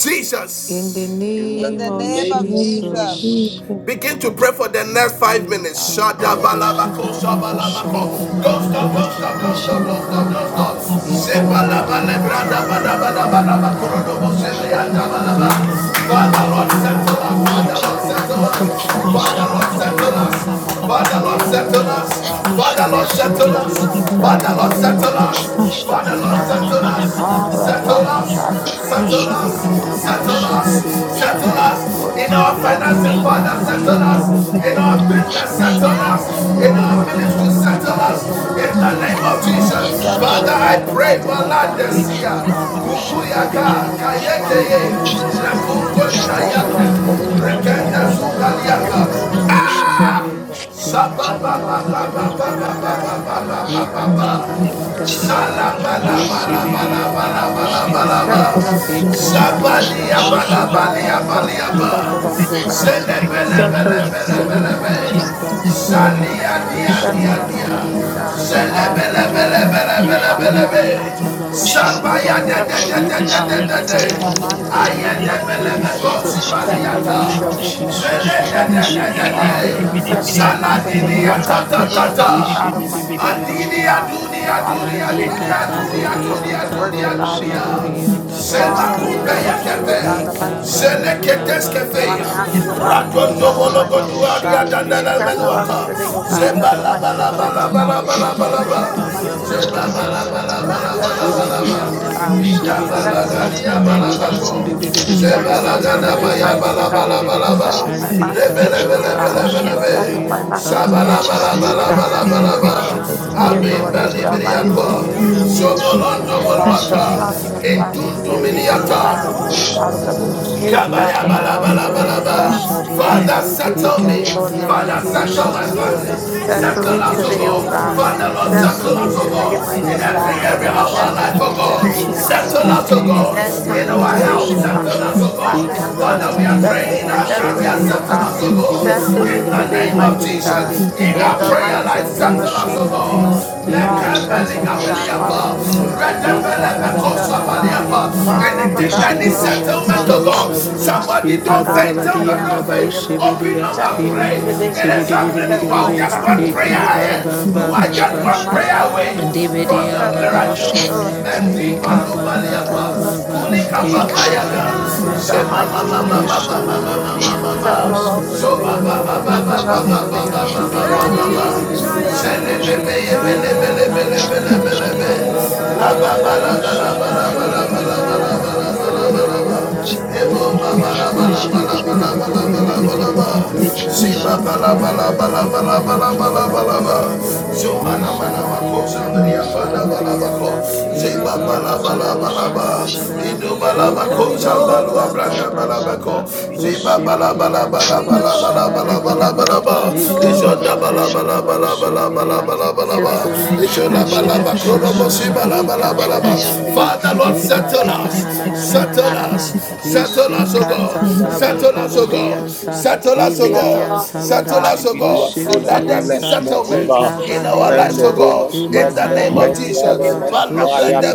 [SPEAKER 11] In the
[SPEAKER 1] Jesus.
[SPEAKER 5] in the
[SPEAKER 2] in the
[SPEAKER 6] in
[SPEAKER 11] name
[SPEAKER 6] the
[SPEAKER 5] name
[SPEAKER 11] of
[SPEAKER 5] of
[SPEAKER 7] In the
[SPEAKER 6] name of
[SPEAKER 2] name
[SPEAKER 5] Jesus.
[SPEAKER 2] of
[SPEAKER 7] name of
[SPEAKER 2] Jesus.
[SPEAKER 6] Jesus.
[SPEAKER 11] Jesus.
[SPEAKER 7] Jesus.
[SPEAKER 1] Begin to pray for the next five minutes.
[SPEAKER 6] Father, in the
[SPEAKER 11] Ikabudi
[SPEAKER 6] name of
[SPEAKER 7] Ashida,
[SPEAKER 1] Shadabalabako,
[SPEAKER 7] pata,
[SPEAKER 11] anda
[SPEAKER 6] Jesus,
[SPEAKER 7] pata,
[SPEAKER 6] Father, I
[SPEAKER 7] pata,
[SPEAKER 6] ask that
[SPEAKER 11] bausha
[SPEAKER 6] you
[SPEAKER 1] shabalabako.
[SPEAKER 7] pata,
[SPEAKER 11] da da
[SPEAKER 6] settle
[SPEAKER 11] da
[SPEAKER 1] Go
[SPEAKER 11] da
[SPEAKER 6] me,
[SPEAKER 11] da
[SPEAKER 1] stop,
[SPEAKER 6] God,
[SPEAKER 1] go
[SPEAKER 11] da da
[SPEAKER 6] this
[SPEAKER 1] stop,
[SPEAKER 7] pata,
[SPEAKER 1] go
[SPEAKER 6] month,
[SPEAKER 11] da
[SPEAKER 7] pata,
[SPEAKER 11] da
[SPEAKER 1] stop,
[SPEAKER 6] Lord.
[SPEAKER 1] go
[SPEAKER 11] da da da da da
[SPEAKER 1] stop,
[SPEAKER 11] da
[SPEAKER 1] go
[SPEAKER 11] da.
[SPEAKER 1] stop.
[SPEAKER 6] Father,
[SPEAKER 5] Let me see
[SPEAKER 6] settle
[SPEAKER 5] your
[SPEAKER 6] me this
[SPEAKER 7] pata,
[SPEAKER 6] month,
[SPEAKER 11] Isabudi
[SPEAKER 6] Lord, in the
[SPEAKER 11] anta
[SPEAKER 7] pata.
[SPEAKER 6] mighty
[SPEAKER 11] bada
[SPEAKER 5] strength
[SPEAKER 6] name
[SPEAKER 11] bada
[SPEAKER 6] of
[SPEAKER 7] Ashida,
[SPEAKER 11] bada bada
[SPEAKER 7] pata,
[SPEAKER 6] Jesus.
[SPEAKER 11] bada
[SPEAKER 7] pata,
[SPEAKER 1] Shebalabalebradabalabalabalabakorodobo,
[SPEAKER 11] bada
[SPEAKER 5] in
[SPEAKER 6] Settle my
[SPEAKER 11] bada.
[SPEAKER 5] my
[SPEAKER 6] matter,
[SPEAKER 1] shebriandabalaba.
[SPEAKER 5] career.
[SPEAKER 6] Jehovah.
[SPEAKER 5] Let me see
[SPEAKER 11] Ikabanda
[SPEAKER 1] Father
[SPEAKER 11] da
[SPEAKER 1] Lord,
[SPEAKER 11] di
[SPEAKER 6] Settle my
[SPEAKER 11] anda
[SPEAKER 1] settle
[SPEAKER 5] and
[SPEAKER 1] us.
[SPEAKER 6] matter,
[SPEAKER 5] my
[SPEAKER 11] bausha
[SPEAKER 1] Father
[SPEAKER 6] mighty
[SPEAKER 5] health
[SPEAKER 1] Lord,
[SPEAKER 11] budi
[SPEAKER 6] God.
[SPEAKER 1] settle
[SPEAKER 5] is
[SPEAKER 1] us.
[SPEAKER 5] your
[SPEAKER 11] anta bada
[SPEAKER 6] Settle
[SPEAKER 5] sickness,
[SPEAKER 11] bada.
[SPEAKER 6] my
[SPEAKER 1] Father Lord,
[SPEAKER 6] matter,
[SPEAKER 5] and
[SPEAKER 6] O
[SPEAKER 5] that's
[SPEAKER 1] settle us.
[SPEAKER 6] God.
[SPEAKER 7] pata,
[SPEAKER 11] Ikabanda
[SPEAKER 7] pata,
[SPEAKER 5] why
[SPEAKER 11] da
[SPEAKER 7] pata,
[SPEAKER 5] they
[SPEAKER 11] da
[SPEAKER 1] Father,
[SPEAKER 11] da
[SPEAKER 1] Lord,
[SPEAKER 11] da
[SPEAKER 7] pata,
[SPEAKER 11] da da
[SPEAKER 1] settle
[SPEAKER 7] pata,
[SPEAKER 11] da
[SPEAKER 5] God
[SPEAKER 1] us.
[SPEAKER 11] da
[SPEAKER 7] pata.
[SPEAKER 6] Jesus,
[SPEAKER 11] da.
[SPEAKER 6] God.
[SPEAKER 5] and
[SPEAKER 1] Father,
[SPEAKER 7] Ashida,
[SPEAKER 6] The
[SPEAKER 1] Lord,
[SPEAKER 7] pata,
[SPEAKER 6] shame
[SPEAKER 1] settle
[SPEAKER 6] that the
[SPEAKER 1] us.
[SPEAKER 5] it's
[SPEAKER 11] Ishabudi
[SPEAKER 6] enemy,
[SPEAKER 11] anta
[SPEAKER 5] forgotten.
[SPEAKER 6] God, is
[SPEAKER 1] Father,
[SPEAKER 11] bada
[SPEAKER 1] Lord,
[SPEAKER 6] going to
[SPEAKER 11] bada
[SPEAKER 1] settle
[SPEAKER 6] bring
[SPEAKER 11] bada
[SPEAKER 6] to
[SPEAKER 1] us.
[SPEAKER 6] my
[SPEAKER 11] bada.
[SPEAKER 5] So
[SPEAKER 7] pata,
[SPEAKER 5] that
[SPEAKER 6] doorstep,
[SPEAKER 1] Father,
[SPEAKER 6] O
[SPEAKER 5] this
[SPEAKER 7] pata,
[SPEAKER 1] Lord,
[SPEAKER 5] year
[SPEAKER 6] God.
[SPEAKER 5] is
[SPEAKER 1] settle
[SPEAKER 7] pata,
[SPEAKER 11] Ikabanda
[SPEAKER 1] us.
[SPEAKER 11] da
[SPEAKER 5] the
[SPEAKER 11] da
[SPEAKER 7] pata,
[SPEAKER 11] da da
[SPEAKER 6] Father, I
[SPEAKER 7] pata,
[SPEAKER 11] da
[SPEAKER 5] Lord
[SPEAKER 1] Settle
[SPEAKER 7] pata,
[SPEAKER 6] block,
[SPEAKER 11] da
[SPEAKER 7] pata. Ashida, pata, pata, pata, pata, pata, pata, pata,
[SPEAKER 6] O
[SPEAKER 1] us.
[SPEAKER 7] pata.
[SPEAKER 5] is
[SPEAKER 11] da da
[SPEAKER 6] God,
[SPEAKER 11] da.
[SPEAKER 6] my
[SPEAKER 1] Settle
[SPEAKER 6] transmit
[SPEAKER 7] Ashida,
[SPEAKER 6] today
[SPEAKER 1] us.
[SPEAKER 11] Ima
[SPEAKER 7] pata,
[SPEAKER 6] in
[SPEAKER 7] pata,
[SPEAKER 6] the
[SPEAKER 5] with
[SPEAKER 11] anda
[SPEAKER 6] mighty
[SPEAKER 7] pata,
[SPEAKER 6] name
[SPEAKER 1] Settle
[SPEAKER 6] of
[SPEAKER 11] bausha
[SPEAKER 1] us.
[SPEAKER 6] Jesus.
[SPEAKER 11] budi anta
[SPEAKER 6] I
[SPEAKER 1] Settle
[SPEAKER 11] bada
[SPEAKER 1] us.
[SPEAKER 6] ask,
[SPEAKER 11] bada.
[SPEAKER 6] Lord,
[SPEAKER 1] In
[SPEAKER 6] that you,
[SPEAKER 1] our
[SPEAKER 6] O God, will
[SPEAKER 1] finances,
[SPEAKER 6] settle
[SPEAKER 11] Ikabanda
[SPEAKER 6] my
[SPEAKER 1] Father,
[SPEAKER 7] pata,
[SPEAKER 11] da
[SPEAKER 7] pata,
[SPEAKER 11] di
[SPEAKER 5] us.
[SPEAKER 6] matter,
[SPEAKER 1] settle
[SPEAKER 6] O
[SPEAKER 1] us.
[SPEAKER 11] anda
[SPEAKER 7] pata,
[SPEAKER 5] with
[SPEAKER 11] ba
[SPEAKER 6] God.
[SPEAKER 11] ba
[SPEAKER 7] pata,
[SPEAKER 5] us,
[SPEAKER 11] ba
[SPEAKER 1] In
[SPEAKER 5] with
[SPEAKER 11] ba.
[SPEAKER 1] our
[SPEAKER 5] us,
[SPEAKER 7] pata.
[SPEAKER 6] You.
[SPEAKER 1] business,
[SPEAKER 5] with
[SPEAKER 1] settle
[SPEAKER 7] Andreas
[SPEAKER 1] us.
[SPEAKER 7] was a
[SPEAKER 6] You,
[SPEAKER 1] In
[SPEAKER 5] us, with
[SPEAKER 6] O
[SPEAKER 1] our
[SPEAKER 7] Morava
[SPEAKER 6] Lord,
[SPEAKER 5] us.
[SPEAKER 6] will
[SPEAKER 1] ministry,
[SPEAKER 6] settle my
[SPEAKER 7] Palamura
[SPEAKER 5] So
[SPEAKER 1] settle us.
[SPEAKER 7] Tante
[SPEAKER 6] matter
[SPEAKER 5] this
[SPEAKER 6] today,
[SPEAKER 11] Ushabarabarabarabarabarabarabara.
[SPEAKER 5] is
[SPEAKER 6] O
[SPEAKER 1] In
[SPEAKER 5] ever
[SPEAKER 1] the
[SPEAKER 7] Antonia
[SPEAKER 5] is
[SPEAKER 1] name of
[SPEAKER 6] Jesus.
[SPEAKER 7] Satsome
[SPEAKER 5] something.
[SPEAKER 1] Jesus.
[SPEAKER 11] Ikababa
[SPEAKER 6] Settle,
[SPEAKER 1] Father,
[SPEAKER 6] O
[SPEAKER 1] I
[SPEAKER 6] God, the
[SPEAKER 11] ushaburiyan
[SPEAKER 1] pray,
[SPEAKER 6] matter of my
[SPEAKER 11] sabara.
[SPEAKER 6] family
[SPEAKER 11] Ima
[SPEAKER 6] member, O
[SPEAKER 1] Maladesia.
[SPEAKER 11] anda
[SPEAKER 6] God.
[SPEAKER 11] ba
[SPEAKER 7] Satsome this
[SPEAKER 6] Settle my
[SPEAKER 7] mother
[SPEAKER 11] ushaburiyan
[SPEAKER 1] Kukuyaka,
[SPEAKER 7] the
[SPEAKER 11] da.
[SPEAKER 6] husband's
[SPEAKER 7] mighty
[SPEAKER 6] matter
[SPEAKER 7] name
[SPEAKER 1] Kayekeye,
[SPEAKER 6] today,
[SPEAKER 7] of
[SPEAKER 6] O
[SPEAKER 7] Jesus I
[SPEAKER 6] Jehovah.
[SPEAKER 7] pray
[SPEAKER 11] Ikabarabarabariyan da ba
[SPEAKER 6] Settle
[SPEAKER 1] Lakukolikayaka,
[SPEAKER 6] us
[SPEAKER 7] Satsome
[SPEAKER 11] ushibiriyan.
[SPEAKER 6] today,
[SPEAKER 7] the man
[SPEAKER 6] mighty
[SPEAKER 7] of
[SPEAKER 1] Rekenda
[SPEAKER 7] my
[SPEAKER 6] God.
[SPEAKER 7] Palamura
[SPEAKER 1] Zugaliaka,
[SPEAKER 6] Settle
[SPEAKER 11] Ikabarabarabariyan da
[SPEAKER 6] us
[SPEAKER 11] ba
[SPEAKER 7] Satsome
[SPEAKER 5] I
[SPEAKER 6] today,
[SPEAKER 5] am
[SPEAKER 7] in the
[SPEAKER 11] ushaburiyan.
[SPEAKER 7] mighty
[SPEAKER 6] Jehovah.
[SPEAKER 5] finish a
[SPEAKER 7] name
[SPEAKER 5] little
[SPEAKER 11] Ima
[SPEAKER 7] of
[SPEAKER 5] bit
[SPEAKER 7] Jesus
[SPEAKER 6] Settle us
[SPEAKER 7] this
[SPEAKER 5] that
[SPEAKER 6] today, mighty
[SPEAKER 11] kabarabarabariyan da
[SPEAKER 6] God.
[SPEAKER 11] bara.
[SPEAKER 7] mother
[SPEAKER 6] Father,
[SPEAKER 5] just
[SPEAKER 6] I
[SPEAKER 5] in our
[SPEAKER 6] ask
[SPEAKER 7] the
[SPEAKER 6] that
[SPEAKER 5] lives.
[SPEAKER 6] you
[SPEAKER 7] mighty name
[SPEAKER 6] settle
[SPEAKER 5] That's how
[SPEAKER 7] of
[SPEAKER 6] us,
[SPEAKER 5] see
[SPEAKER 6] Lord.
[SPEAKER 7] Jesus.
[SPEAKER 5] your
[SPEAKER 11] Ikabababababa.
[SPEAKER 7] I pray. I
[SPEAKER 5] fulfillment in our
[SPEAKER 6] Settle us,
[SPEAKER 5] lives.
[SPEAKER 6] mighty
[SPEAKER 11] Ishibiriyan da ba
[SPEAKER 5] That's
[SPEAKER 6] God.
[SPEAKER 5] how see your
[SPEAKER 11] ushaburiyan.
[SPEAKER 5] fulfillment
[SPEAKER 6] Settle
[SPEAKER 5] in
[SPEAKER 6] us,
[SPEAKER 5] our lives
[SPEAKER 6] Jehovah.
[SPEAKER 5] in the life
[SPEAKER 11] Ikabariyan da ba
[SPEAKER 7] shall
[SPEAKER 5] of
[SPEAKER 7] not
[SPEAKER 6] Mighty
[SPEAKER 7] God
[SPEAKER 5] Jesus.
[SPEAKER 6] God, I ask
[SPEAKER 11] ushabarabara.
[SPEAKER 6] that
[SPEAKER 5] Let us
[SPEAKER 6] you
[SPEAKER 7] up.
[SPEAKER 5] see your
[SPEAKER 6] settle us,
[SPEAKER 5] fulfillment
[SPEAKER 6] O
[SPEAKER 5] in our lives.
[SPEAKER 6] God.
[SPEAKER 7] Father, give me an
[SPEAKER 11] Ikabarabarabarabarabara.
[SPEAKER 6] Settle
[SPEAKER 7] over
[SPEAKER 6] us,
[SPEAKER 5] the Lord
[SPEAKER 7] settlement
[SPEAKER 11] Eka
[SPEAKER 6] Jehovah.
[SPEAKER 7] in
[SPEAKER 11] ba
[SPEAKER 5] is
[SPEAKER 11] ba ba
[SPEAKER 7] Jesus'
[SPEAKER 5] the
[SPEAKER 11] ba
[SPEAKER 7] mighty
[SPEAKER 11] ba
[SPEAKER 7] name. I
[SPEAKER 11] ba.
[SPEAKER 7] pray.
[SPEAKER 5] first
[SPEAKER 6] Settle
[SPEAKER 11] Oshanda
[SPEAKER 7] Settlement,
[SPEAKER 11] da
[SPEAKER 6] us,
[SPEAKER 5] and the
[SPEAKER 11] di
[SPEAKER 5] other.
[SPEAKER 11] di
[SPEAKER 1] Shabalia
[SPEAKER 6] mighty God.
[SPEAKER 11] antaba
[SPEAKER 6] Have
[SPEAKER 7] settlement,
[SPEAKER 6] your
[SPEAKER 11] usaburiya.
[SPEAKER 6] way.
[SPEAKER 7] settlement. In the
[SPEAKER 11] Eke
[SPEAKER 6] Father,
[SPEAKER 11] be
[SPEAKER 6] I
[SPEAKER 1] Shelebelebelebelebelebe.
[SPEAKER 11] di
[SPEAKER 6] ask
[SPEAKER 5] We
[SPEAKER 7] mighty
[SPEAKER 6] that
[SPEAKER 7] name
[SPEAKER 6] you
[SPEAKER 7] of
[SPEAKER 11] antaba
[SPEAKER 6] settle us,
[SPEAKER 7] Jesus, I
[SPEAKER 1] Sabaya
[SPEAKER 6] Lord.
[SPEAKER 1] de
[SPEAKER 11] usaburiya.
[SPEAKER 7] pray.
[SPEAKER 1] de
[SPEAKER 6] Settle
[SPEAKER 1] de de
[SPEAKER 6] us,
[SPEAKER 7] I
[SPEAKER 11] Ebe
[SPEAKER 1] de
[SPEAKER 7] shall
[SPEAKER 11] di
[SPEAKER 1] de
[SPEAKER 6] God.
[SPEAKER 1] de
[SPEAKER 7] take it. I
[SPEAKER 1] de.
[SPEAKER 6] In
[SPEAKER 11] antaba
[SPEAKER 6] the
[SPEAKER 11] da da da da
[SPEAKER 6] mighty
[SPEAKER 11] da da.
[SPEAKER 6] name of
[SPEAKER 11] Daddy
[SPEAKER 1] Ayedebelebe
[SPEAKER 6] Jesus.
[SPEAKER 11] settle
[SPEAKER 7] shall
[SPEAKER 11] us
[SPEAKER 7] not
[SPEAKER 11] in
[SPEAKER 7] God
[SPEAKER 11] the
[SPEAKER 6] Settle
[SPEAKER 1] kosibaliata.
[SPEAKER 6] us,
[SPEAKER 11] name of
[SPEAKER 7] up.
[SPEAKER 6] Jehovah.
[SPEAKER 11] Jesus.
[SPEAKER 1] Zele
[SPEAKER 11] ah.
[SPEAKER 1] de
[SPEAKER 7] I shall take it. I
[SPEAKER 1] de
[SPEAKER 6] Settle
[SPEAKER 1] de
[SPEAKER 7] shall
[SPEAKER 6] us,
[SPEAKER 7] take
[SPEAKER 1] de
[SPEAKER 11] Eka
[SPEAKER 1] de.
[SPEAKER 6] God.
[SPEAKER 11] ba ba ba
[SPEAKER 6] Settle
[SPEAKER 11] ba
[SPEAKER 6] my
[SPEAKER 11] ba
[SPEAKER 6] matter to
[SPEAKER 11] ba
[SPEAKER 6] the
[SPEAKER 1] Shaladidiya
[SPEAKER 11] ba
[SPEAKER 6] yoke,
[SPEAKER 1] ta
[SPEAKER 11] ba
[SPEAKER 6] God.
[SPEAKER 7] it. I
[SPEAKER 1] ta
[SPEAKER 11] ba.
[SPEAKER 6] Settle
[SPEAKER 1] ta
[SPEAKER 6] the
[SPEAKER 7] shall
[SPEAKER 1] ta.
[SPEAKER 7] take
[SPEAKER 6] matter, God,
[SPEAKER 11] Eshe
[SPEAKER 6] of
[SPEAKER 11] be di
[SPEAKER 6] my
[SPEAKER 11] be di be di
[SPEAKER 6] children,
[SPEAKER 11] be
[SPEAKER 6] oh
[SPEAKER 11] di.
[SPEAKER 1] Adidiya
[SPEAKER 6] God.
[SPEAKER 1] dudiya
[SPEAKER 6] Father, the
[SPEAKER 1] dudiya
[SPEAKER 11] Andi
[SPEAKER 6] shame,
[SPEAKER 1] dudiya
[SPEAKER 6] God, we
[SPEAKER 1] dudiya
[SPEAKER 11] katabudi
[SPEAKER 6] need to
[SPEAKER 1] dudiya
[SPEAKER 6] is a
[SPEAKER 11] antaba
[SPEAKER 6] burden,
[SPEAKER 1] dudiya
[SPEAKER 6] God, for
[SPEAKER 1] dudiya.
[SPEAKER 11] ushabudi
[SPEAKER 6] them.
[SPEAKER 11] andaba
[SPEAKER 1] Sela
[SPEAKER 6] Father, we
[SPEAKER 1] kumbe
[SPEAKER 6] need
[SPEAKER 11] uskabara.
[SPEAKER 6] you
[SPEAKER 1] ya
[SPEAKER 6] to be
[SPEAKER 1] kepe.
[SPEAKER 6] God, in the
[SPEAKER 11] Ika
[SPEAKER 6] mighty
[SPEAKER 11] ba
[SPEAKER 6] name of
[SPEAKER 1] Sele
[SPEAKER 11] ba ba
[SPEAKER 6] Jesus.
[SPEAKER 1] ketes
[SPEAKER 11] ba ba
[SPEAKER 6] Father,
[SPEAKER 1] kefeya.
[SPEAKER 11] ba
[SPEAKER 6] I ask,
[SPEAKER 11] ba
[SPEAKER 6] oh
[SPEAKER 7] it.
[SPEAKER 11] da na
[SPEAKER 6] God, if
[SPEAKER 11] di
[SPEAKER 6] you
[SPEAKER 11] di
[SPEAKER 1] Radondo
[SPEAKER 6] settle
[SPEAKER 1] bolo
[SPEAKER 6] my
[SPEAKER 11] andaba
[SPEAKER 1] godu
[SPEAKER 6] matter, God.
[SPEAKER 1] aria
[SPEAKER 11] ushubudi
[SPEAKER 1] dandala
[SPEAKER 6] Settle us
[SPEAKER 11] antabara.
[SPEAKER 1] menuata.
[SPEAKER 7] Jesus,
[SPEAKER 6] today, O God.
[SPEAKER 7] settlement,
[SPEAKER 1] Zeba
[SPEAKER 6] Settle
[SPEAKER 11] Ika
[SPEAKER 1] la
[SPEAKER 6] my
[SPEAKER 1] ba
[SPEAKER 11] ba
[SPEAKER 1] la ba
[SPEAKER 11] ba
[SPEAKER 6] siblings,
[SPEAKER 1] la
[SPEAKER 6] O
[SPEAKER 11] ba
[SPEAKER 1] ba
[SPEAKER 6] God.
[SPEAKER 1] la
[SPEAKER 11] ba
[SPEAKER 6] Their
[SPEAKER 1] ba
[SPEAKER 11] ba
[SPEAKER 1] la ba
[SPEAKER 11] ba
[SPEAKER 6] mountain
[SPEAKER 1] la
[SPEAKER 5] are
[SPEAKER 1] ba.
[SPEAKER 11] ba
[SPEAKER 6] phone in the
[SPEAKER 11] ba
[SPEAKER 5] looking for
[SPEAKER 11] ba
[SPEAKER 6] mighty
[SPEAKER 11] ba
[SPEAKER 5] something
[SPEAKER 6] name
[SPEAKER 1] Zeba
[SPEAKER 11] ba
[SPEAKER 6] of
[SPEAKER 1] ba
[SPEAKER 11] ba.
[SPEAKER 1] la
[SPEAKER 5] Father,
[SPEAKER 7] Jesus,
[SPEAKER 1] ba
[SPEAKER 6] Jesus.
[SPEAKER 5] but
[SPEAKER 1] la ba
[SPEAKER 5] we
[SPEAKER 1] la
[SPEAKER 5] don't.
[SPEAKER 1] ba
[SPEAKER 7] settlement,
[SPEAKER 1] la
[SPEAKER 6] Settle
[SPEAKER 1] ba
[SPEAKER 6] us
[SPEAKER 1] la
[SPEAKER 11] Ushibudi
[SPEAKER 1] ba.
[SPEAKER 6] today, O
[SPEAKER 11] andaba
[SPEAKER 6] God.
[SPEAKER 5] ask for
[SPEAKER 1] Ida ba
[SPEAKER 7] Jesus,
[SPEAKER 1] la
[SPEAKER 6] Settle
[SPEAKER 1] gani
[SPEAKER 6] us
[SPEAKER 5] that
[SPEAKER 11] anda.
[SPEAKER 1] ya
[SPEAKER 5] you
[SPEAKER 1] ba
[SPEAKER 7] settlement,
[SPEAKER 6] today,
[SPEAKER 1] la ba
[SPEAKER 11] Ika
[SPEAKER 1] ko.
[SPEAKER 7] Jesus,
[SPEAKER 11] budi
[SPEAKER 6] Jehovah.
[SPEAKER 11] di di di di
[SPEAKER 7] settlement,
[SPEAKER 11] di di
[SPEAKER 1] Zeba
[SPEAKER 6] Settle
[SPEAKER 11] di
[SPEAKER 1] la
[SPEAKER 7] Jesus.
[SPEAKER 6] us
[SPEAKER 7] In
[SPEAKER 11] di
[SPEAKER 7] the
[SPEAKER 11] di
[SPEAKER 1] gada
[SPEAKER 6] today,
[SPEAKER 1] ba
[SPEAKER 11] di
[SPEAKER 1] ya
[SPEAKER 5] open
[SPEAKER 11] di di
[SPEAKER 1] ba
[SPEAKER 6] mighty
[SPEAKER 11] di di
[SPEAKER 1] la
[SPEAKER 11] di
[SPEAKER 1] ba
[SPEAKER 7] mighty
[SPEAKER 11] di
[SPEAKER 1] la
[SPEAKER 6] God.
[SPEAKER 11] di
[SPEAKER 1] ba
[SPEAKER 11] di.
[SPEAKER 7] name
[SPEAKER 1] la
[SPEAKER 7] of
[SPEAKER 6] Settle
[SPEAKER 5] in
[SPEAKER 7] Jesus,
[SPEAKER 1] ba.
[SPEAKER 7] I
[SPEAKER 6] my
[SPEAKER 5] their
[SPEAKER 11] Anti
[SPEAKER 6] matter
[SPEAKER 7] pray.
[SPEAKER 5] houses,
[SPEAKER 6] today, O
[SPEAKER 11] kataba
[SPEAKER 6] God.
[SPEAKER 5] in
[SPEAKER 7] Settle me,
[SPEAKER 5] their
[SPEAKER 1] Lebelebelebelebelebe.
[SPEAKER 7] Abba
[SPEAKER 6] Settle
[SPEAKER 5] family,
[SPEAKER 7] Father.
[SPEAKER 6] my matter
[SPEAKER 7] Settle me,
[SPEAKER 11] antabara.
[SPEAKER 6] today,
[SPEAKER 7] Jesus,
[SPEAKER 6] mighty
[SPEAKER 11] Ika
[SPEAKER 7] mighty
[SPEAKER 6] God.
[SPEAKER 5] in their
[SPEAKER 11] ba
[SPEAKER 7] name, I
[SPEAKER 11] ba
[SPEAKER 7] pray.
[SPEAKER 1] Shabalabalabalabalabalaba.
[SPEAKER 11] ba
[SPEAKER 5] way,
[SPEAKER 11] ba
[SPEAKER 5] in
[SPEAKER 6] After to
[SPEAKER 11] ba
[SPEAKER 7] Settle
[SPEAKER 11] ba
[SPEAKER 6] clear,
[SPEAKER 5] their
[SPEAKER 7] me,
[SPEAKER 11] ba
[SPEAKER 6] Lord,
[SPEAKER 7] Lord
[SPEAKER 11] ba
[SPEAKER 6] in
[SPEAKER 11] ba
[SPEAKER 6] the
[SPEAKER 11] ba
[SPEAKER 7] Jesus.
[SPEAKER 11] ba
[SPEAKER 6] mighty
[SPEAKER 1] Abimbelibriapa.
[SPEAKER 5] Father,
[SPEAKER 7] Settle
[SPEAKER 6] name
[SPEAKER 7] me,
[SPEAKER 6] of
[SPEAKER 11] dianda ba
[SPEAKER 7] Lord
[SPEAKER 6] Jesus.
[SPEAKER 11] usha
[SPEAKER 7] Jesus.
[SPEAKER 11] da
[SPEAKER 1] Shobolondo
[SPEAKER 11] da
[SPEAKER 5] and
[SPEAKER 11] da
[SPEAKER 7] I
[SPEAKER 11] da
[SPEAKER 6] Father,
[SPEAKER 11] da
[SPEAKER 6] the
[SPEAKER 7] should have
[SPEAKER 11] da
[SPEAKER 1] bolwata.
[SPEAKER 11] da
[SPEAKER 7] get
[SPEAKER 6] plots
[SPEAKER 11] da.
[SPEAKER 7] it,
[SPEAKER 6] and
[SPEAKER 7] get it,
[SPEAKER 5] that
[SPEAKER 6] plans
[SPEAKER 7] get
[SPEAKER 6] of
[SPEAKER 7] it,
[SPEAKER 6] the
[SPEAKER 11] ECB
[SPEAKER 6] enemy,
[SPEAKER 7] get it,
[SPEAKER 6] Lord
[SPEAKER 7] get it,
[SPEAKER 5] they
[SPEAKER 7] get
[SPEAKER 5] that
[SPEAKER 6] God.
[SPEAKER 11] dianda ba
[SPEAKER 7] it.
[SPEAKER 5] we
[SPEAKER 1] Intunduminiata.
[SPEAKER 5] receive
[SPEAKER 11] usha
[SPEAKER 6] Father,
[SPEAKER 5] something
[SPEAKER 6] the
[SPEAKER 11] da da
[SPEAKER 6] bring
[SPEAKER 11] da.
[SPEAKER 5] in your
[SPEAKER 6] shame,
[SPEAKER 5] word,
[SPEAKER 6] God,
[SPEAKER 7] I
[SPEAKER 6] to
[SPEAKER 11] Ika
[SPEAKER 6] my
[SPEAKER 11] ba
[SPEAKER 7] cannot
[SPEAKER 5] that we
[SPEAKER 6] household,
[SPEAKER 11] dianda
[SPEAKER 6] Lord
[SPEAKER 11] ba
[SPEAKER 7] settle
[SPEAKER 6] God.
[SPEAKER 7] me,
[SPEAKER 11] usha
[SPEAKER 1] Kabayabalabalaba.
[SPEAKER 5] have
[SPEAKER 7] I
[SPEAKER 5] to
[SPEAKER 6] Father, I
[SPEAKER 5] go
[SPEAKER 11] budia.
[SPEAKER 1] Father,
[SPEAKER 7] cannot
[SPEAKER 5] into
[SPEAKER 6] rebuke it
[SPEAKER 5] your
[SPEAKER 1] settle
[SPEAKER 7] settle
[SPEAKER 5] word,
[SPEAKER 7] me.
[SPEAKER 11] Ika
[SPEAKER 6] today,
[SPEAKER 1] me.
[SPEAKER 11] ba
[SPEAKER 6] Lord, in the
[SPEAKER 5] Father,
[SPEAKER 11] dianda
[SPEAKER 1] Father,
[SPEAKER 6] mighty
[SPEAKER 11] ba
[SPEAKER 6] name
[SPEAKER 7] Our
[SPEAKER 6] of
[SPEAKER 1] settle
[SPEAKER 11] usha
[SPEAKER 1] my
[SPEAKER 11] ba da
[SPEAKER 7] Father,
[SPEAKER 11] ba
[SPEAKER 6] Jesus.
[SPEAKER 1] family.
[SPEAKER 11] da.
[SPEAKER 5] your word.
[SPEAKER 7] Father,
[SPEAKER 6] Set for
[SPEAKER 7] settle
[SPEAKER 11] Ika
[SPEAKER 1] Settle
[SPEAKER 6] me
[SPEAKER 5] Father,
[SPEAKER 7] me.
[SPEAKER 11] ba
[SPEAKER 1] us,
[SPEAKER 11] da
[SPEAKER 1] O
[SPEAKER 6] today,
[SPEAKER 11] ba
[SPEAKER 5] that's
[SPEAKER 6] oh
[SPEAKER 11] da
[SPEAKER 5] what
[SPEAKER 1] God.
[SPEAKER 11] ba
[SPEAKER 7] Father,
[SPEAKER 6] God.
[SPEAKER 5] the
[SPEAKER 1] Father,
[SPEAKER 11] dianda
[SPEAKER 1] Lord,
[SPEAKER 7] settle
[SPEAKER 11] ba
[SPEAKER 7] me.
[SPEAKER 6] Set for
[SPEAKER 11] usku
[SPEAKER 1] settle
[SPEAKER 6] me
[SPEAKER 1] us, O
[SPEAKER 11] budia.
[SPEAKER 7] Settle
[SPEAKER 6] today,
[SPEAKER 1] God.
[SPEAKER 7] me,
[SPEAKER 1] In
[SPEAKER 6] mighty
[SPEAKER 11] Ima
[SPEAKER 7] Lord.
[SPEAKER 1] every
[SPEAKER 6] God.
[SPEAKER 11] anda
[SPEAKER 1] area
[SPEAKER 11] ba
[SPEAKER 7] Settle
[SPEAKER 1] of
[SPEAKER 7] us,
[SPEAKER 1] our
[SPEAKER 6] Set
[SPEAKER 11] usha
[SPEAKER 6] for
[SPEAKER 11] ba
[SPEAKER 7] O
[SPEAKER 1] life,
[SPEAKER 11] da
[SPEAKER 7] Lord.
[SPEAKER 1] O
[SPEAKER 6] me
[SPEAKER 11] ba da ba
[SPEAKER 1] God.
[SPEAKER 7] In
[SPEAKER 6] today,
[SPEAKER 11] dia.
[SPEAKER 7] Jesus'
[SPEAKER 1] Settle
[SPEAKER 6] Jehovah.
[SPEAKER 1] us,
[SPEAKER 7] mighty
[SPEAKER 1] O
[SPEAKER 11] Ika ba
[SPEAKER 7] name,
[SPEAKER 11] da
[SPEAKER 1] God.
[SPEAKER 7] we
[SPEAKER 11] ba
[SPEAKER 6] Set for
[SPEAKER 1] In
[SPEAKER 6] me
[SPEAKER 7] settle
[SPEAKER 11] dianda
[SPEAKER 1] our
[SPEAKER 11] ba
[SPEAKER 7] us,
[SPEAKER 6] today,
[SPEAKER 7] O
[SPEAKER 1] health,
[SPEAKER 6] oh
[SPEAKER 11] usha
[SPEAKER 7] Lord.
[SPEAKER 6] God.
[SPEAKER 1] settle us,
[SPEAKER 11] budia.
[SPEAKER 7] In
[SPEAKER 1] O God.
[SPEAKER 5] Father,
[SPEAKER 6] Father, I
[SPEAKER 7] Jesus'
[SPEAKER 11] Ika
[SPEAKER 6] ask
[SPEAKER 11] ba da
[SPEAKER 1] Father,
[SPEAKER 6] that
[SPEAKER 1] we
[SPEAKER 7] mighty
[SPEAKER 11] ba
[SPEAKER 6] you
[SPEAKER 1] are
[SPEAKER 7] name,
[SPEAKER 6] set
[SPEAKER 11] dianda
[SPEAKER 6] for
[SPEAKER 1] praying
[SPEAKER 11] ba
[SPEAKER 1] in
[SPEAKER 7] I
[SPEAKER 6] me,
[SPEAKER 1] our
[SPEAKER 7] am
[SPEAKER 5] and
[SPEAKER 6] set
[SPEAKER 11] usha
[SPEAKER 6] for
[SPEAKER 5] must
[SPEAKER 1] career,
[SPEAKER 6] me,
[SPEAKER 7] and
[SPEAKER 6] oh
[SPEAKER 11] budia.
[SPEAKER 1] settle
[SPEAKER 6] God.
[SPEAKER 1] us, O
[SPEAKER 7] settle
[SPEAKER 11] Ike
[SPEAKER 1] God.
[SPEAKER 11] bidi
[SPEAKER 7] In the
[SPEAKER 11] bidi
[SPEAKER 6] Settle
[SPEAKER 1] In
[SPEAKER 6] me
[SPEAKER 11] bidi
[SPEAKER 1] the
[SPEAKER 11] bidi
[SPEAKER 7] mighty
[SPEAKER 6] today,
[SPEAKER 1] name
[SPEAKER 11] bidi
[SPEAKER 7] name
[SPEAKER 1] of
[SPEAKER 11] bidi
[SPEAKER 6] mighty
[SPEAKER 7] of
[SPEAKER 11] bidi bidi.
[SPEAKER 6] God.
[SPEAKER 1] Jesus,
[SPEAKER 7] Jesus, I
[SPEAKER 1] in
[SPEAKER 6] In
[SPEAKER 7] pray.
[SPEAKER 1] our
[SPEAKER 6] the
[SPEAKER 11] Andi
[SPEAKER 1] prayer
[SPEAKER 6] mighty
[SPEAKER 1] life,
[SPEAKER 7] Settle
[SPEAKER 11] kataba
[SPEAKER 6] name
[SPEAKER 7] me,
[SPEAKER 6] of
[SPEAKER 1] settle us, O
[SPEAKER 7] Lord.
[SPEAKER 6] Jesus,
[SPEAKER 7] In the
[SPEAKER 11] ushabadaya.
[SPEAKER 1] God.
[SPEAKER 6] Lord.
[SPEAKER 7] mighty name of
[SPEAKER 6] Father,
[SPEAKER 11] Ibidi
[SPEAKER 6] settle
[SPEAKER 7] Jesus,
[SPEAKER 11] antaba
[SPEAKER 6] me, God. Father, if
[SPEAKER 7] settle
[SPEAKER 6] you
[SPEAKER 7] me,
[SPEAKER 11] ushabarabara.
[SPEAKER 6] can
[SPEAKER 7] Lord.
[SPEAKER 6] do it, Lord, it
[SPEAKER 7] Jesus,
[SPEAKER 6] cannot
[SPEAKER 7] in
[SPEAKER 6] be
[SPEAKER 7] my
[SPEAKER 6] done, oh God.
[SPEAKER 11] Ikabadabadabadabadi
[SPEAKER 7] business, in
[SPEAKER 11] andaba.
[SPEAKER 7] my business,
[SPEAKER 6] Father
[SPEAKER 1] Anything that
[SPEAKER 6] God, you
[SPEAKER 7] settle
[SPEAKER 1] needs
[SPEAKER 7] me.
[SPEAKER 11] Ishibidi
[SPEAKER 6] are
[SPEAKER 7] In
[SPEAKER 1] settlement,
[SPEAKER 11] antaba
[SPEAKER 6] strong
[SPEAKER 1] O
[SPEAKER 6] and
[SPEAKER 7] Jesus'
[SPEAKER 1] God.
[SPEAKER 6] battle, oh
[SPEAKER 11] ushabara.
[SPEAKER 7] mighty
[SPEAKER 6] God.
[SPEAKER 7] name.
[SPEAKER 1] Somebody
[SPEAKER 6] A
[SPEAKER 7] I
[SPEAKER 1] don't
[SPEAKER 6] God
[SPEAKER 1] faint.
[SPEAKER 6] that
[SPEAKER 1] Tell
[SPEAKER 11] Ikabadabadi
[SPEAKER 6] can
[SPEAKER 1] them
[SPEAKER 6] never
[SPEAKER 1] don't
[SPEAKER 11] andaba
[SPEAKER 1] faint.
[SPEAKER 6] fail, Lord.
[SPEAKER 1] Open
[SPEAKER 11] ushibidiya.
[SPEAKER 1] your mouth,
[SPEAKER 6] Settle me
[SPEAKER 1] pray.
[SPEAKER 11] Imini
[SPEAKER 6] today,
[SPEAKER 1] It is
[SPEAKER 11] antibidi
[SPEAKER 6] Lord.
[SPEAKER 11] bidi
[SPEAKER 1] happening. You
[SPEAKER 11] bidi
[SPEAKER 6] Settle
[SPEAKER 1] are
[SPEAKER 6] my
[SPEAKER 11] bidi.
[SPEAKER 1] just
[SPEAKER 7] And
[SPEAKER 1] one
[SPEAKER 6] family
[SPEAKER 1] prayer
[SPEAKER 7] Jesus
[SPEAKER 6] today,
[SPEAKER 11] Ikababa
[SPEAKER 1] ahead.
[SPEAKER 7] practically
[SPEAKER 1] You
[SPEAKER 7] my
[SPEAKER 11] baba.
[SPEAKER 6] Jehovah.
[SPEAKER 1] are
[SPEAKER 7] brain.
[SPEAKER 11] Baba,
[SPEAKER 1] just
[SPEAKER 6] In
[SPEAKER 7] I
[SPEAKER 6] the
[SPEAKER 1] one
[SPEAKER 7] should have
[SPEAKER 1] prayer
[SPEAKER 6] mighty
[SPEAKER 7] get
[SPEAKER 1] away
[SPEAKER 6] name
[SPEAKER 7] every day,
[SPEAKER 6] of
[SPEAKER 7] every day,
[SPEAKER 11] Ndebere
[SPEAKER 1] from
[SPEAKER 6] Jesus,
[SPEAKER 1] your
[SPEAKER 11] anda
[SPEAKER 7] every
[SPEAKER 11] ba
[SPEAKER 6] settle
[SPEAKER 7] day, every
[SPEAKER 6] us,
[SPEAKER 1] miracle.
[SPEAKER 7] day.
[SPEAKER 6] settle us
[SPEAKER 11] ushabara
[SPEAKER 7] That's all
[SPEAKER 6] today,
[SPEAKER 1] Menti
[SPEAKER 6] oh
[SPEAKER 7] I've
[SPEAKER 11] eka
[SPEAKER 6] God.
[SPEAKER 7] done.
[SPEAKER 11] ba
[SPEAKER 7] I've
[SPEAKER 11] ba ba
[SPEAKER 1] malubaliapa.
[SPEAKER 6] Settle
[SPEAKER 7] done.
[SPEAKER 11] ba
[SPEAKER 6] us
[SPEAKER 11] ba
[SPEAKER 7] That's
[SPEAKER 1] Kuli
[SPEAKER 7] all this
[SPEAKER 11] eka
[SPEAKER 7] is.
[SPEAKER 1] kamahayaga.
[SPEAKER 11] ba
[SPEAKER 7] That's all
[SPEAKER 11] ba
[SPEAKER 7] in my
[SPEAKER 11] ba
[SPEAKER 6] in the
[SPEAKER 11] ba
[SPEAKER 1] Shema
[SPEAKER 11] ba
[SPEAKER 6] mighty
[SPEAKER 1] mama
[SPEAKER 7] finances.
[SPEAKER 6] name
[SPEAKER 7] That's
[SPEAKER 6] of
[SPEAKER 11] ushabara
[SPEAKER 6] Jesus.
[SPEAKER 11] ba de anda ba
[SPEAKER 7] all in
[SPEAKER 6] Settle
[SPEAKER 7] my
[SPEAKER 6] us
[SPEAKER 7] finances.
[SPEAKER 6] today,
[SPEAKER 11] uskubari
[SPEAKER 1] soba.
[SPEAKER 7] And my
[SPEAKER 11] anta
[SPEAKER 6] Lord.
[SPEAKER 7] thing,
[SPEAKER 11] bara
[SPEAKER 7] Lord
[SPEAKER 6] Settle
[SPEAKER 7] Jesus,
[SPEAKER 6] us
[SPEAKER 7] help me.
[SPEAKER 11] imini
[SPEAKER 6] today,
[SPEAKER 11] anti
[SPEAKER 6] mighty
[SPEAKER 11] bidi bidi
[SPEAKER 7] Lord
[SPEAKER 6] God.
[SPEAKER 11] bidi bidi bidi bidi
[SPEAKER 7] Jesus, I
[SPEAKER 11] bidi
[SPEAKER 1] Shene
[SPEAKER 7] should
[SPEAKER 11] bidi
[SPEAKER 7] have get every day, every
[SPEAKER 11] eka ba ba ba
[SPEAKER 7] day. I should
[SPEAKER 11] ba
[SPEAKER 7] have
[SPEAKER 11] ba
[SPEAKER 7] done.
[SPEAKER 11] ba ba ba ushada da da da da
[SPEAKER 7] Settle
[SPEAKER 11] ri
[SPEAKER 7] me
[SPEAKER 11] anda ba
[SPEAKER 7] upon it. Mighty
[SPEAKER 11] uskubari
[SPEAKER 7] name of
[SPEAKER 11] anda
[SPEAKER 7] Jesus, I
[SPEAKER 11] imini
[SPEAKER 7] pray.
[SPEAKER 2] Rolas,
[SPEAKER 11] anti
[SPEAKER 7] I
[SPEAKER 11] bidi
[SPEAKER 7] shall it,
[SPEAKER 11] bidi bidi
[SPEAKER 7] it, it,
[SPEAKER 11] bidi
[SPEAKER 7] it,
[SPEAKER 11] bidi
[SPEAKER 7] it,
[SPEAKER 11] bidi
[SPEAKER 7] it,
[SPEAKER 11] bidi
[SPEAKER 7] it, it, it, it. I
[SPEAKER 11] eka
[SPEAKER 1] Ziba
[SPEAKER 11] ba
[SPEAKER 7] shall it,
[SPEAKER 11] ba
[SPEAKER 1] bala
[SPEAKER 7] it,
[SPEAKER 11] ba
[SPEAKER 7] it,
[SPEAKER 1] bala bala
[SPEAKER 11] ba
[SPEAKER 7] it,
[SPEAKER 11] ba
[SPEAKER 7] it, it,
[SPEAKER 11] ba ba
[SPEAKER 1] bala
[SPEAKER 7] it, it, it.
[SPEAKER 1] bala
[SPEAKER 5] Wherever
[SPEAKER 11] ba
[SPEAKER 1] bala
[SPEAKER 5] thou
[SPEAKER 11] ba
[SPEAKER 1] bala
[SPEAKER 5] must
[SPEAKER 7] Settle
[SPEAKER 5] be
[SPEAKER 11] ba
[SPEAKER 1] ba.
[SPEAKER 7] me
[SPEAKER 11] ba
[SPEAKER 7] this
[SPEAKER 5] sacred,
[SPEAKER 11] ba
[SPEAKER 7] one
[SPEAKER 5] Father,
[SPEAKER 7] of
[SPEAKER 5] Lord,
[SPEAKER 1] Zomana
[SPEAKER 7] heaven
[SPEAKER 1] mana
[SPEAKER 7] and
[SPEAKER 1] mako
[SPEAKER 11] Ishabadianda
[SPEAKER 7] settle me.
[SPEAKER 1] zambria panda
[SPEAKER 5] wherever
[SPEAKER 7] Don't be
[SPEAKER 5] thou
[SPEAKER 1] bala
[SPEAKER 5] be,
[SPEAKER 1] bako.
[SPEAKER 11] Bauskabudianda
[SPEAKER 7] the
[SPEAKER 5] let us
[SPEAKER 7] mighty
[SPEAKER 1] Ziba
[SPEAKER 5] receive
[SPEAKER 7] name of
[SPEAKER 1] bala
[SPEAKER 11] Ibidian
[SPEAKER 5] your
[SPEAKER 1] bala
[SPEAKER 11] Sabau
[SPEAKER 7] Jesus.
[SPEAKER 1] bala ba.
[SPEAKER 7] I shall it,
[SPEAKER 11] Shadarada
[SPEAKER 7] it,
[SPEAKER 1] Indo bala
[SPEAKER 7] it, it,
[SPEAKER 1] bako
[SPEAKER 7] it,
[SPEAKER 11] Eka Baba
[SPEAKER 1] zambalu
[SPEAKER 11] Baba
[SPEAKER 1] abranda bala bako.
[SPEAKER 11] Baba
[SPEAKER 7] it, it,
[SPEAKER 1] Ziba
[SPEAKER 7] it,
[SPEAKER 1] bala
[SPEAKER 7] it, it.
[SPEAKER 1] bala
[SPEAKER 11] Ushimidian
[SPEAKER 1] bala
[SPEAKER 11] Sabau
[SPEAKER 1] bala
[SPEAKER 7] Jesus,
[SPEAKER 1] bala bala bala bala
[SPEAKER 11] Shadaradianda
[SPEAKER 1] ba.
[SPEAKER 11] Eka
[SPEAKER 1] Ishonda bala
[SPEAKER 11] Badabadianda
[SPEAKER 1] bala bala bala bala
[SPEAKER 11] Baushaburia
[SPEAKER 1] bala bala ba.
[SPEAKER 11] Settlement in the
[SPEAKER 1] Ishola bala
[SPEAKER 11] name of
[SPEAKER 1] bakro no
[SPEAKER 11] Jesus,
[SPEAKER 1] bosi bala bala
[SPEAKER 11] Eka
[SPEAKER 1] bala ba.
[SPEAKER 11] Badiandi
[SPEAKER 1] Father Lord
[SPEAKER 11] Ima
[SPEAKER 1] settle us,
[SPEAKER 12] And
[SPEAKER 11] Kanana
[SPEAKER 12] that I will make
[SPEAKER 1] settle
[SPEAKER 12] happen.
[SPEAKER 11] Nananana
[SPEAKER 1] us, Settle us, O
[SPEAKER 12] Yes.
[SPEAKER 11] Ishikata
[SPEAKER 1] God.
[SPEAKER 11] Tabu
[SPEAKER 1] Settle us, O God.
[SPEAKER 11] Kobodianta
[SPEAKER 1] Settle us, O
[SPEAKER 12] I will
[SPEAKER 6] Settle
[SPEAKER 1] God.
[SPEAKER 11] Ibidian
[SPEAKER 6] us, O
[SPEAKER 1] Settle
[SPEAKER 11] Sabada
[SPEAKER 1] us,
[SPEAKER 6] God.
[SPEAKER 1] O God. Let
[SPEAKER 6] Settle
[SPEAKER 1] there
[SPEAKER 6] us
[SPEAKER 1] be
[SPEAKER 11] Ushibidianta
[SPEAKER 6] today,
[SPEAKER 1] settlement in
[SPEAKER 6] Jesus.
[SPEAKER 1] our lives, O
[SPEAKER 11] Ikabandianda,
[SPEAKER 1] God. In
[SPEAKER 6] Jesus,
[SPEAKER 1] the
[SPEAKER 6] in the
[SPEAKER 1] name of
[SPEAKER 6] mighty
[SPEAKER 1] Jesus.
[SPEAKER 6] name
[SPEAKER 11] Imakaniniantaba,
[SPEAKER 6] of
[SPEAKER 1] Balu brende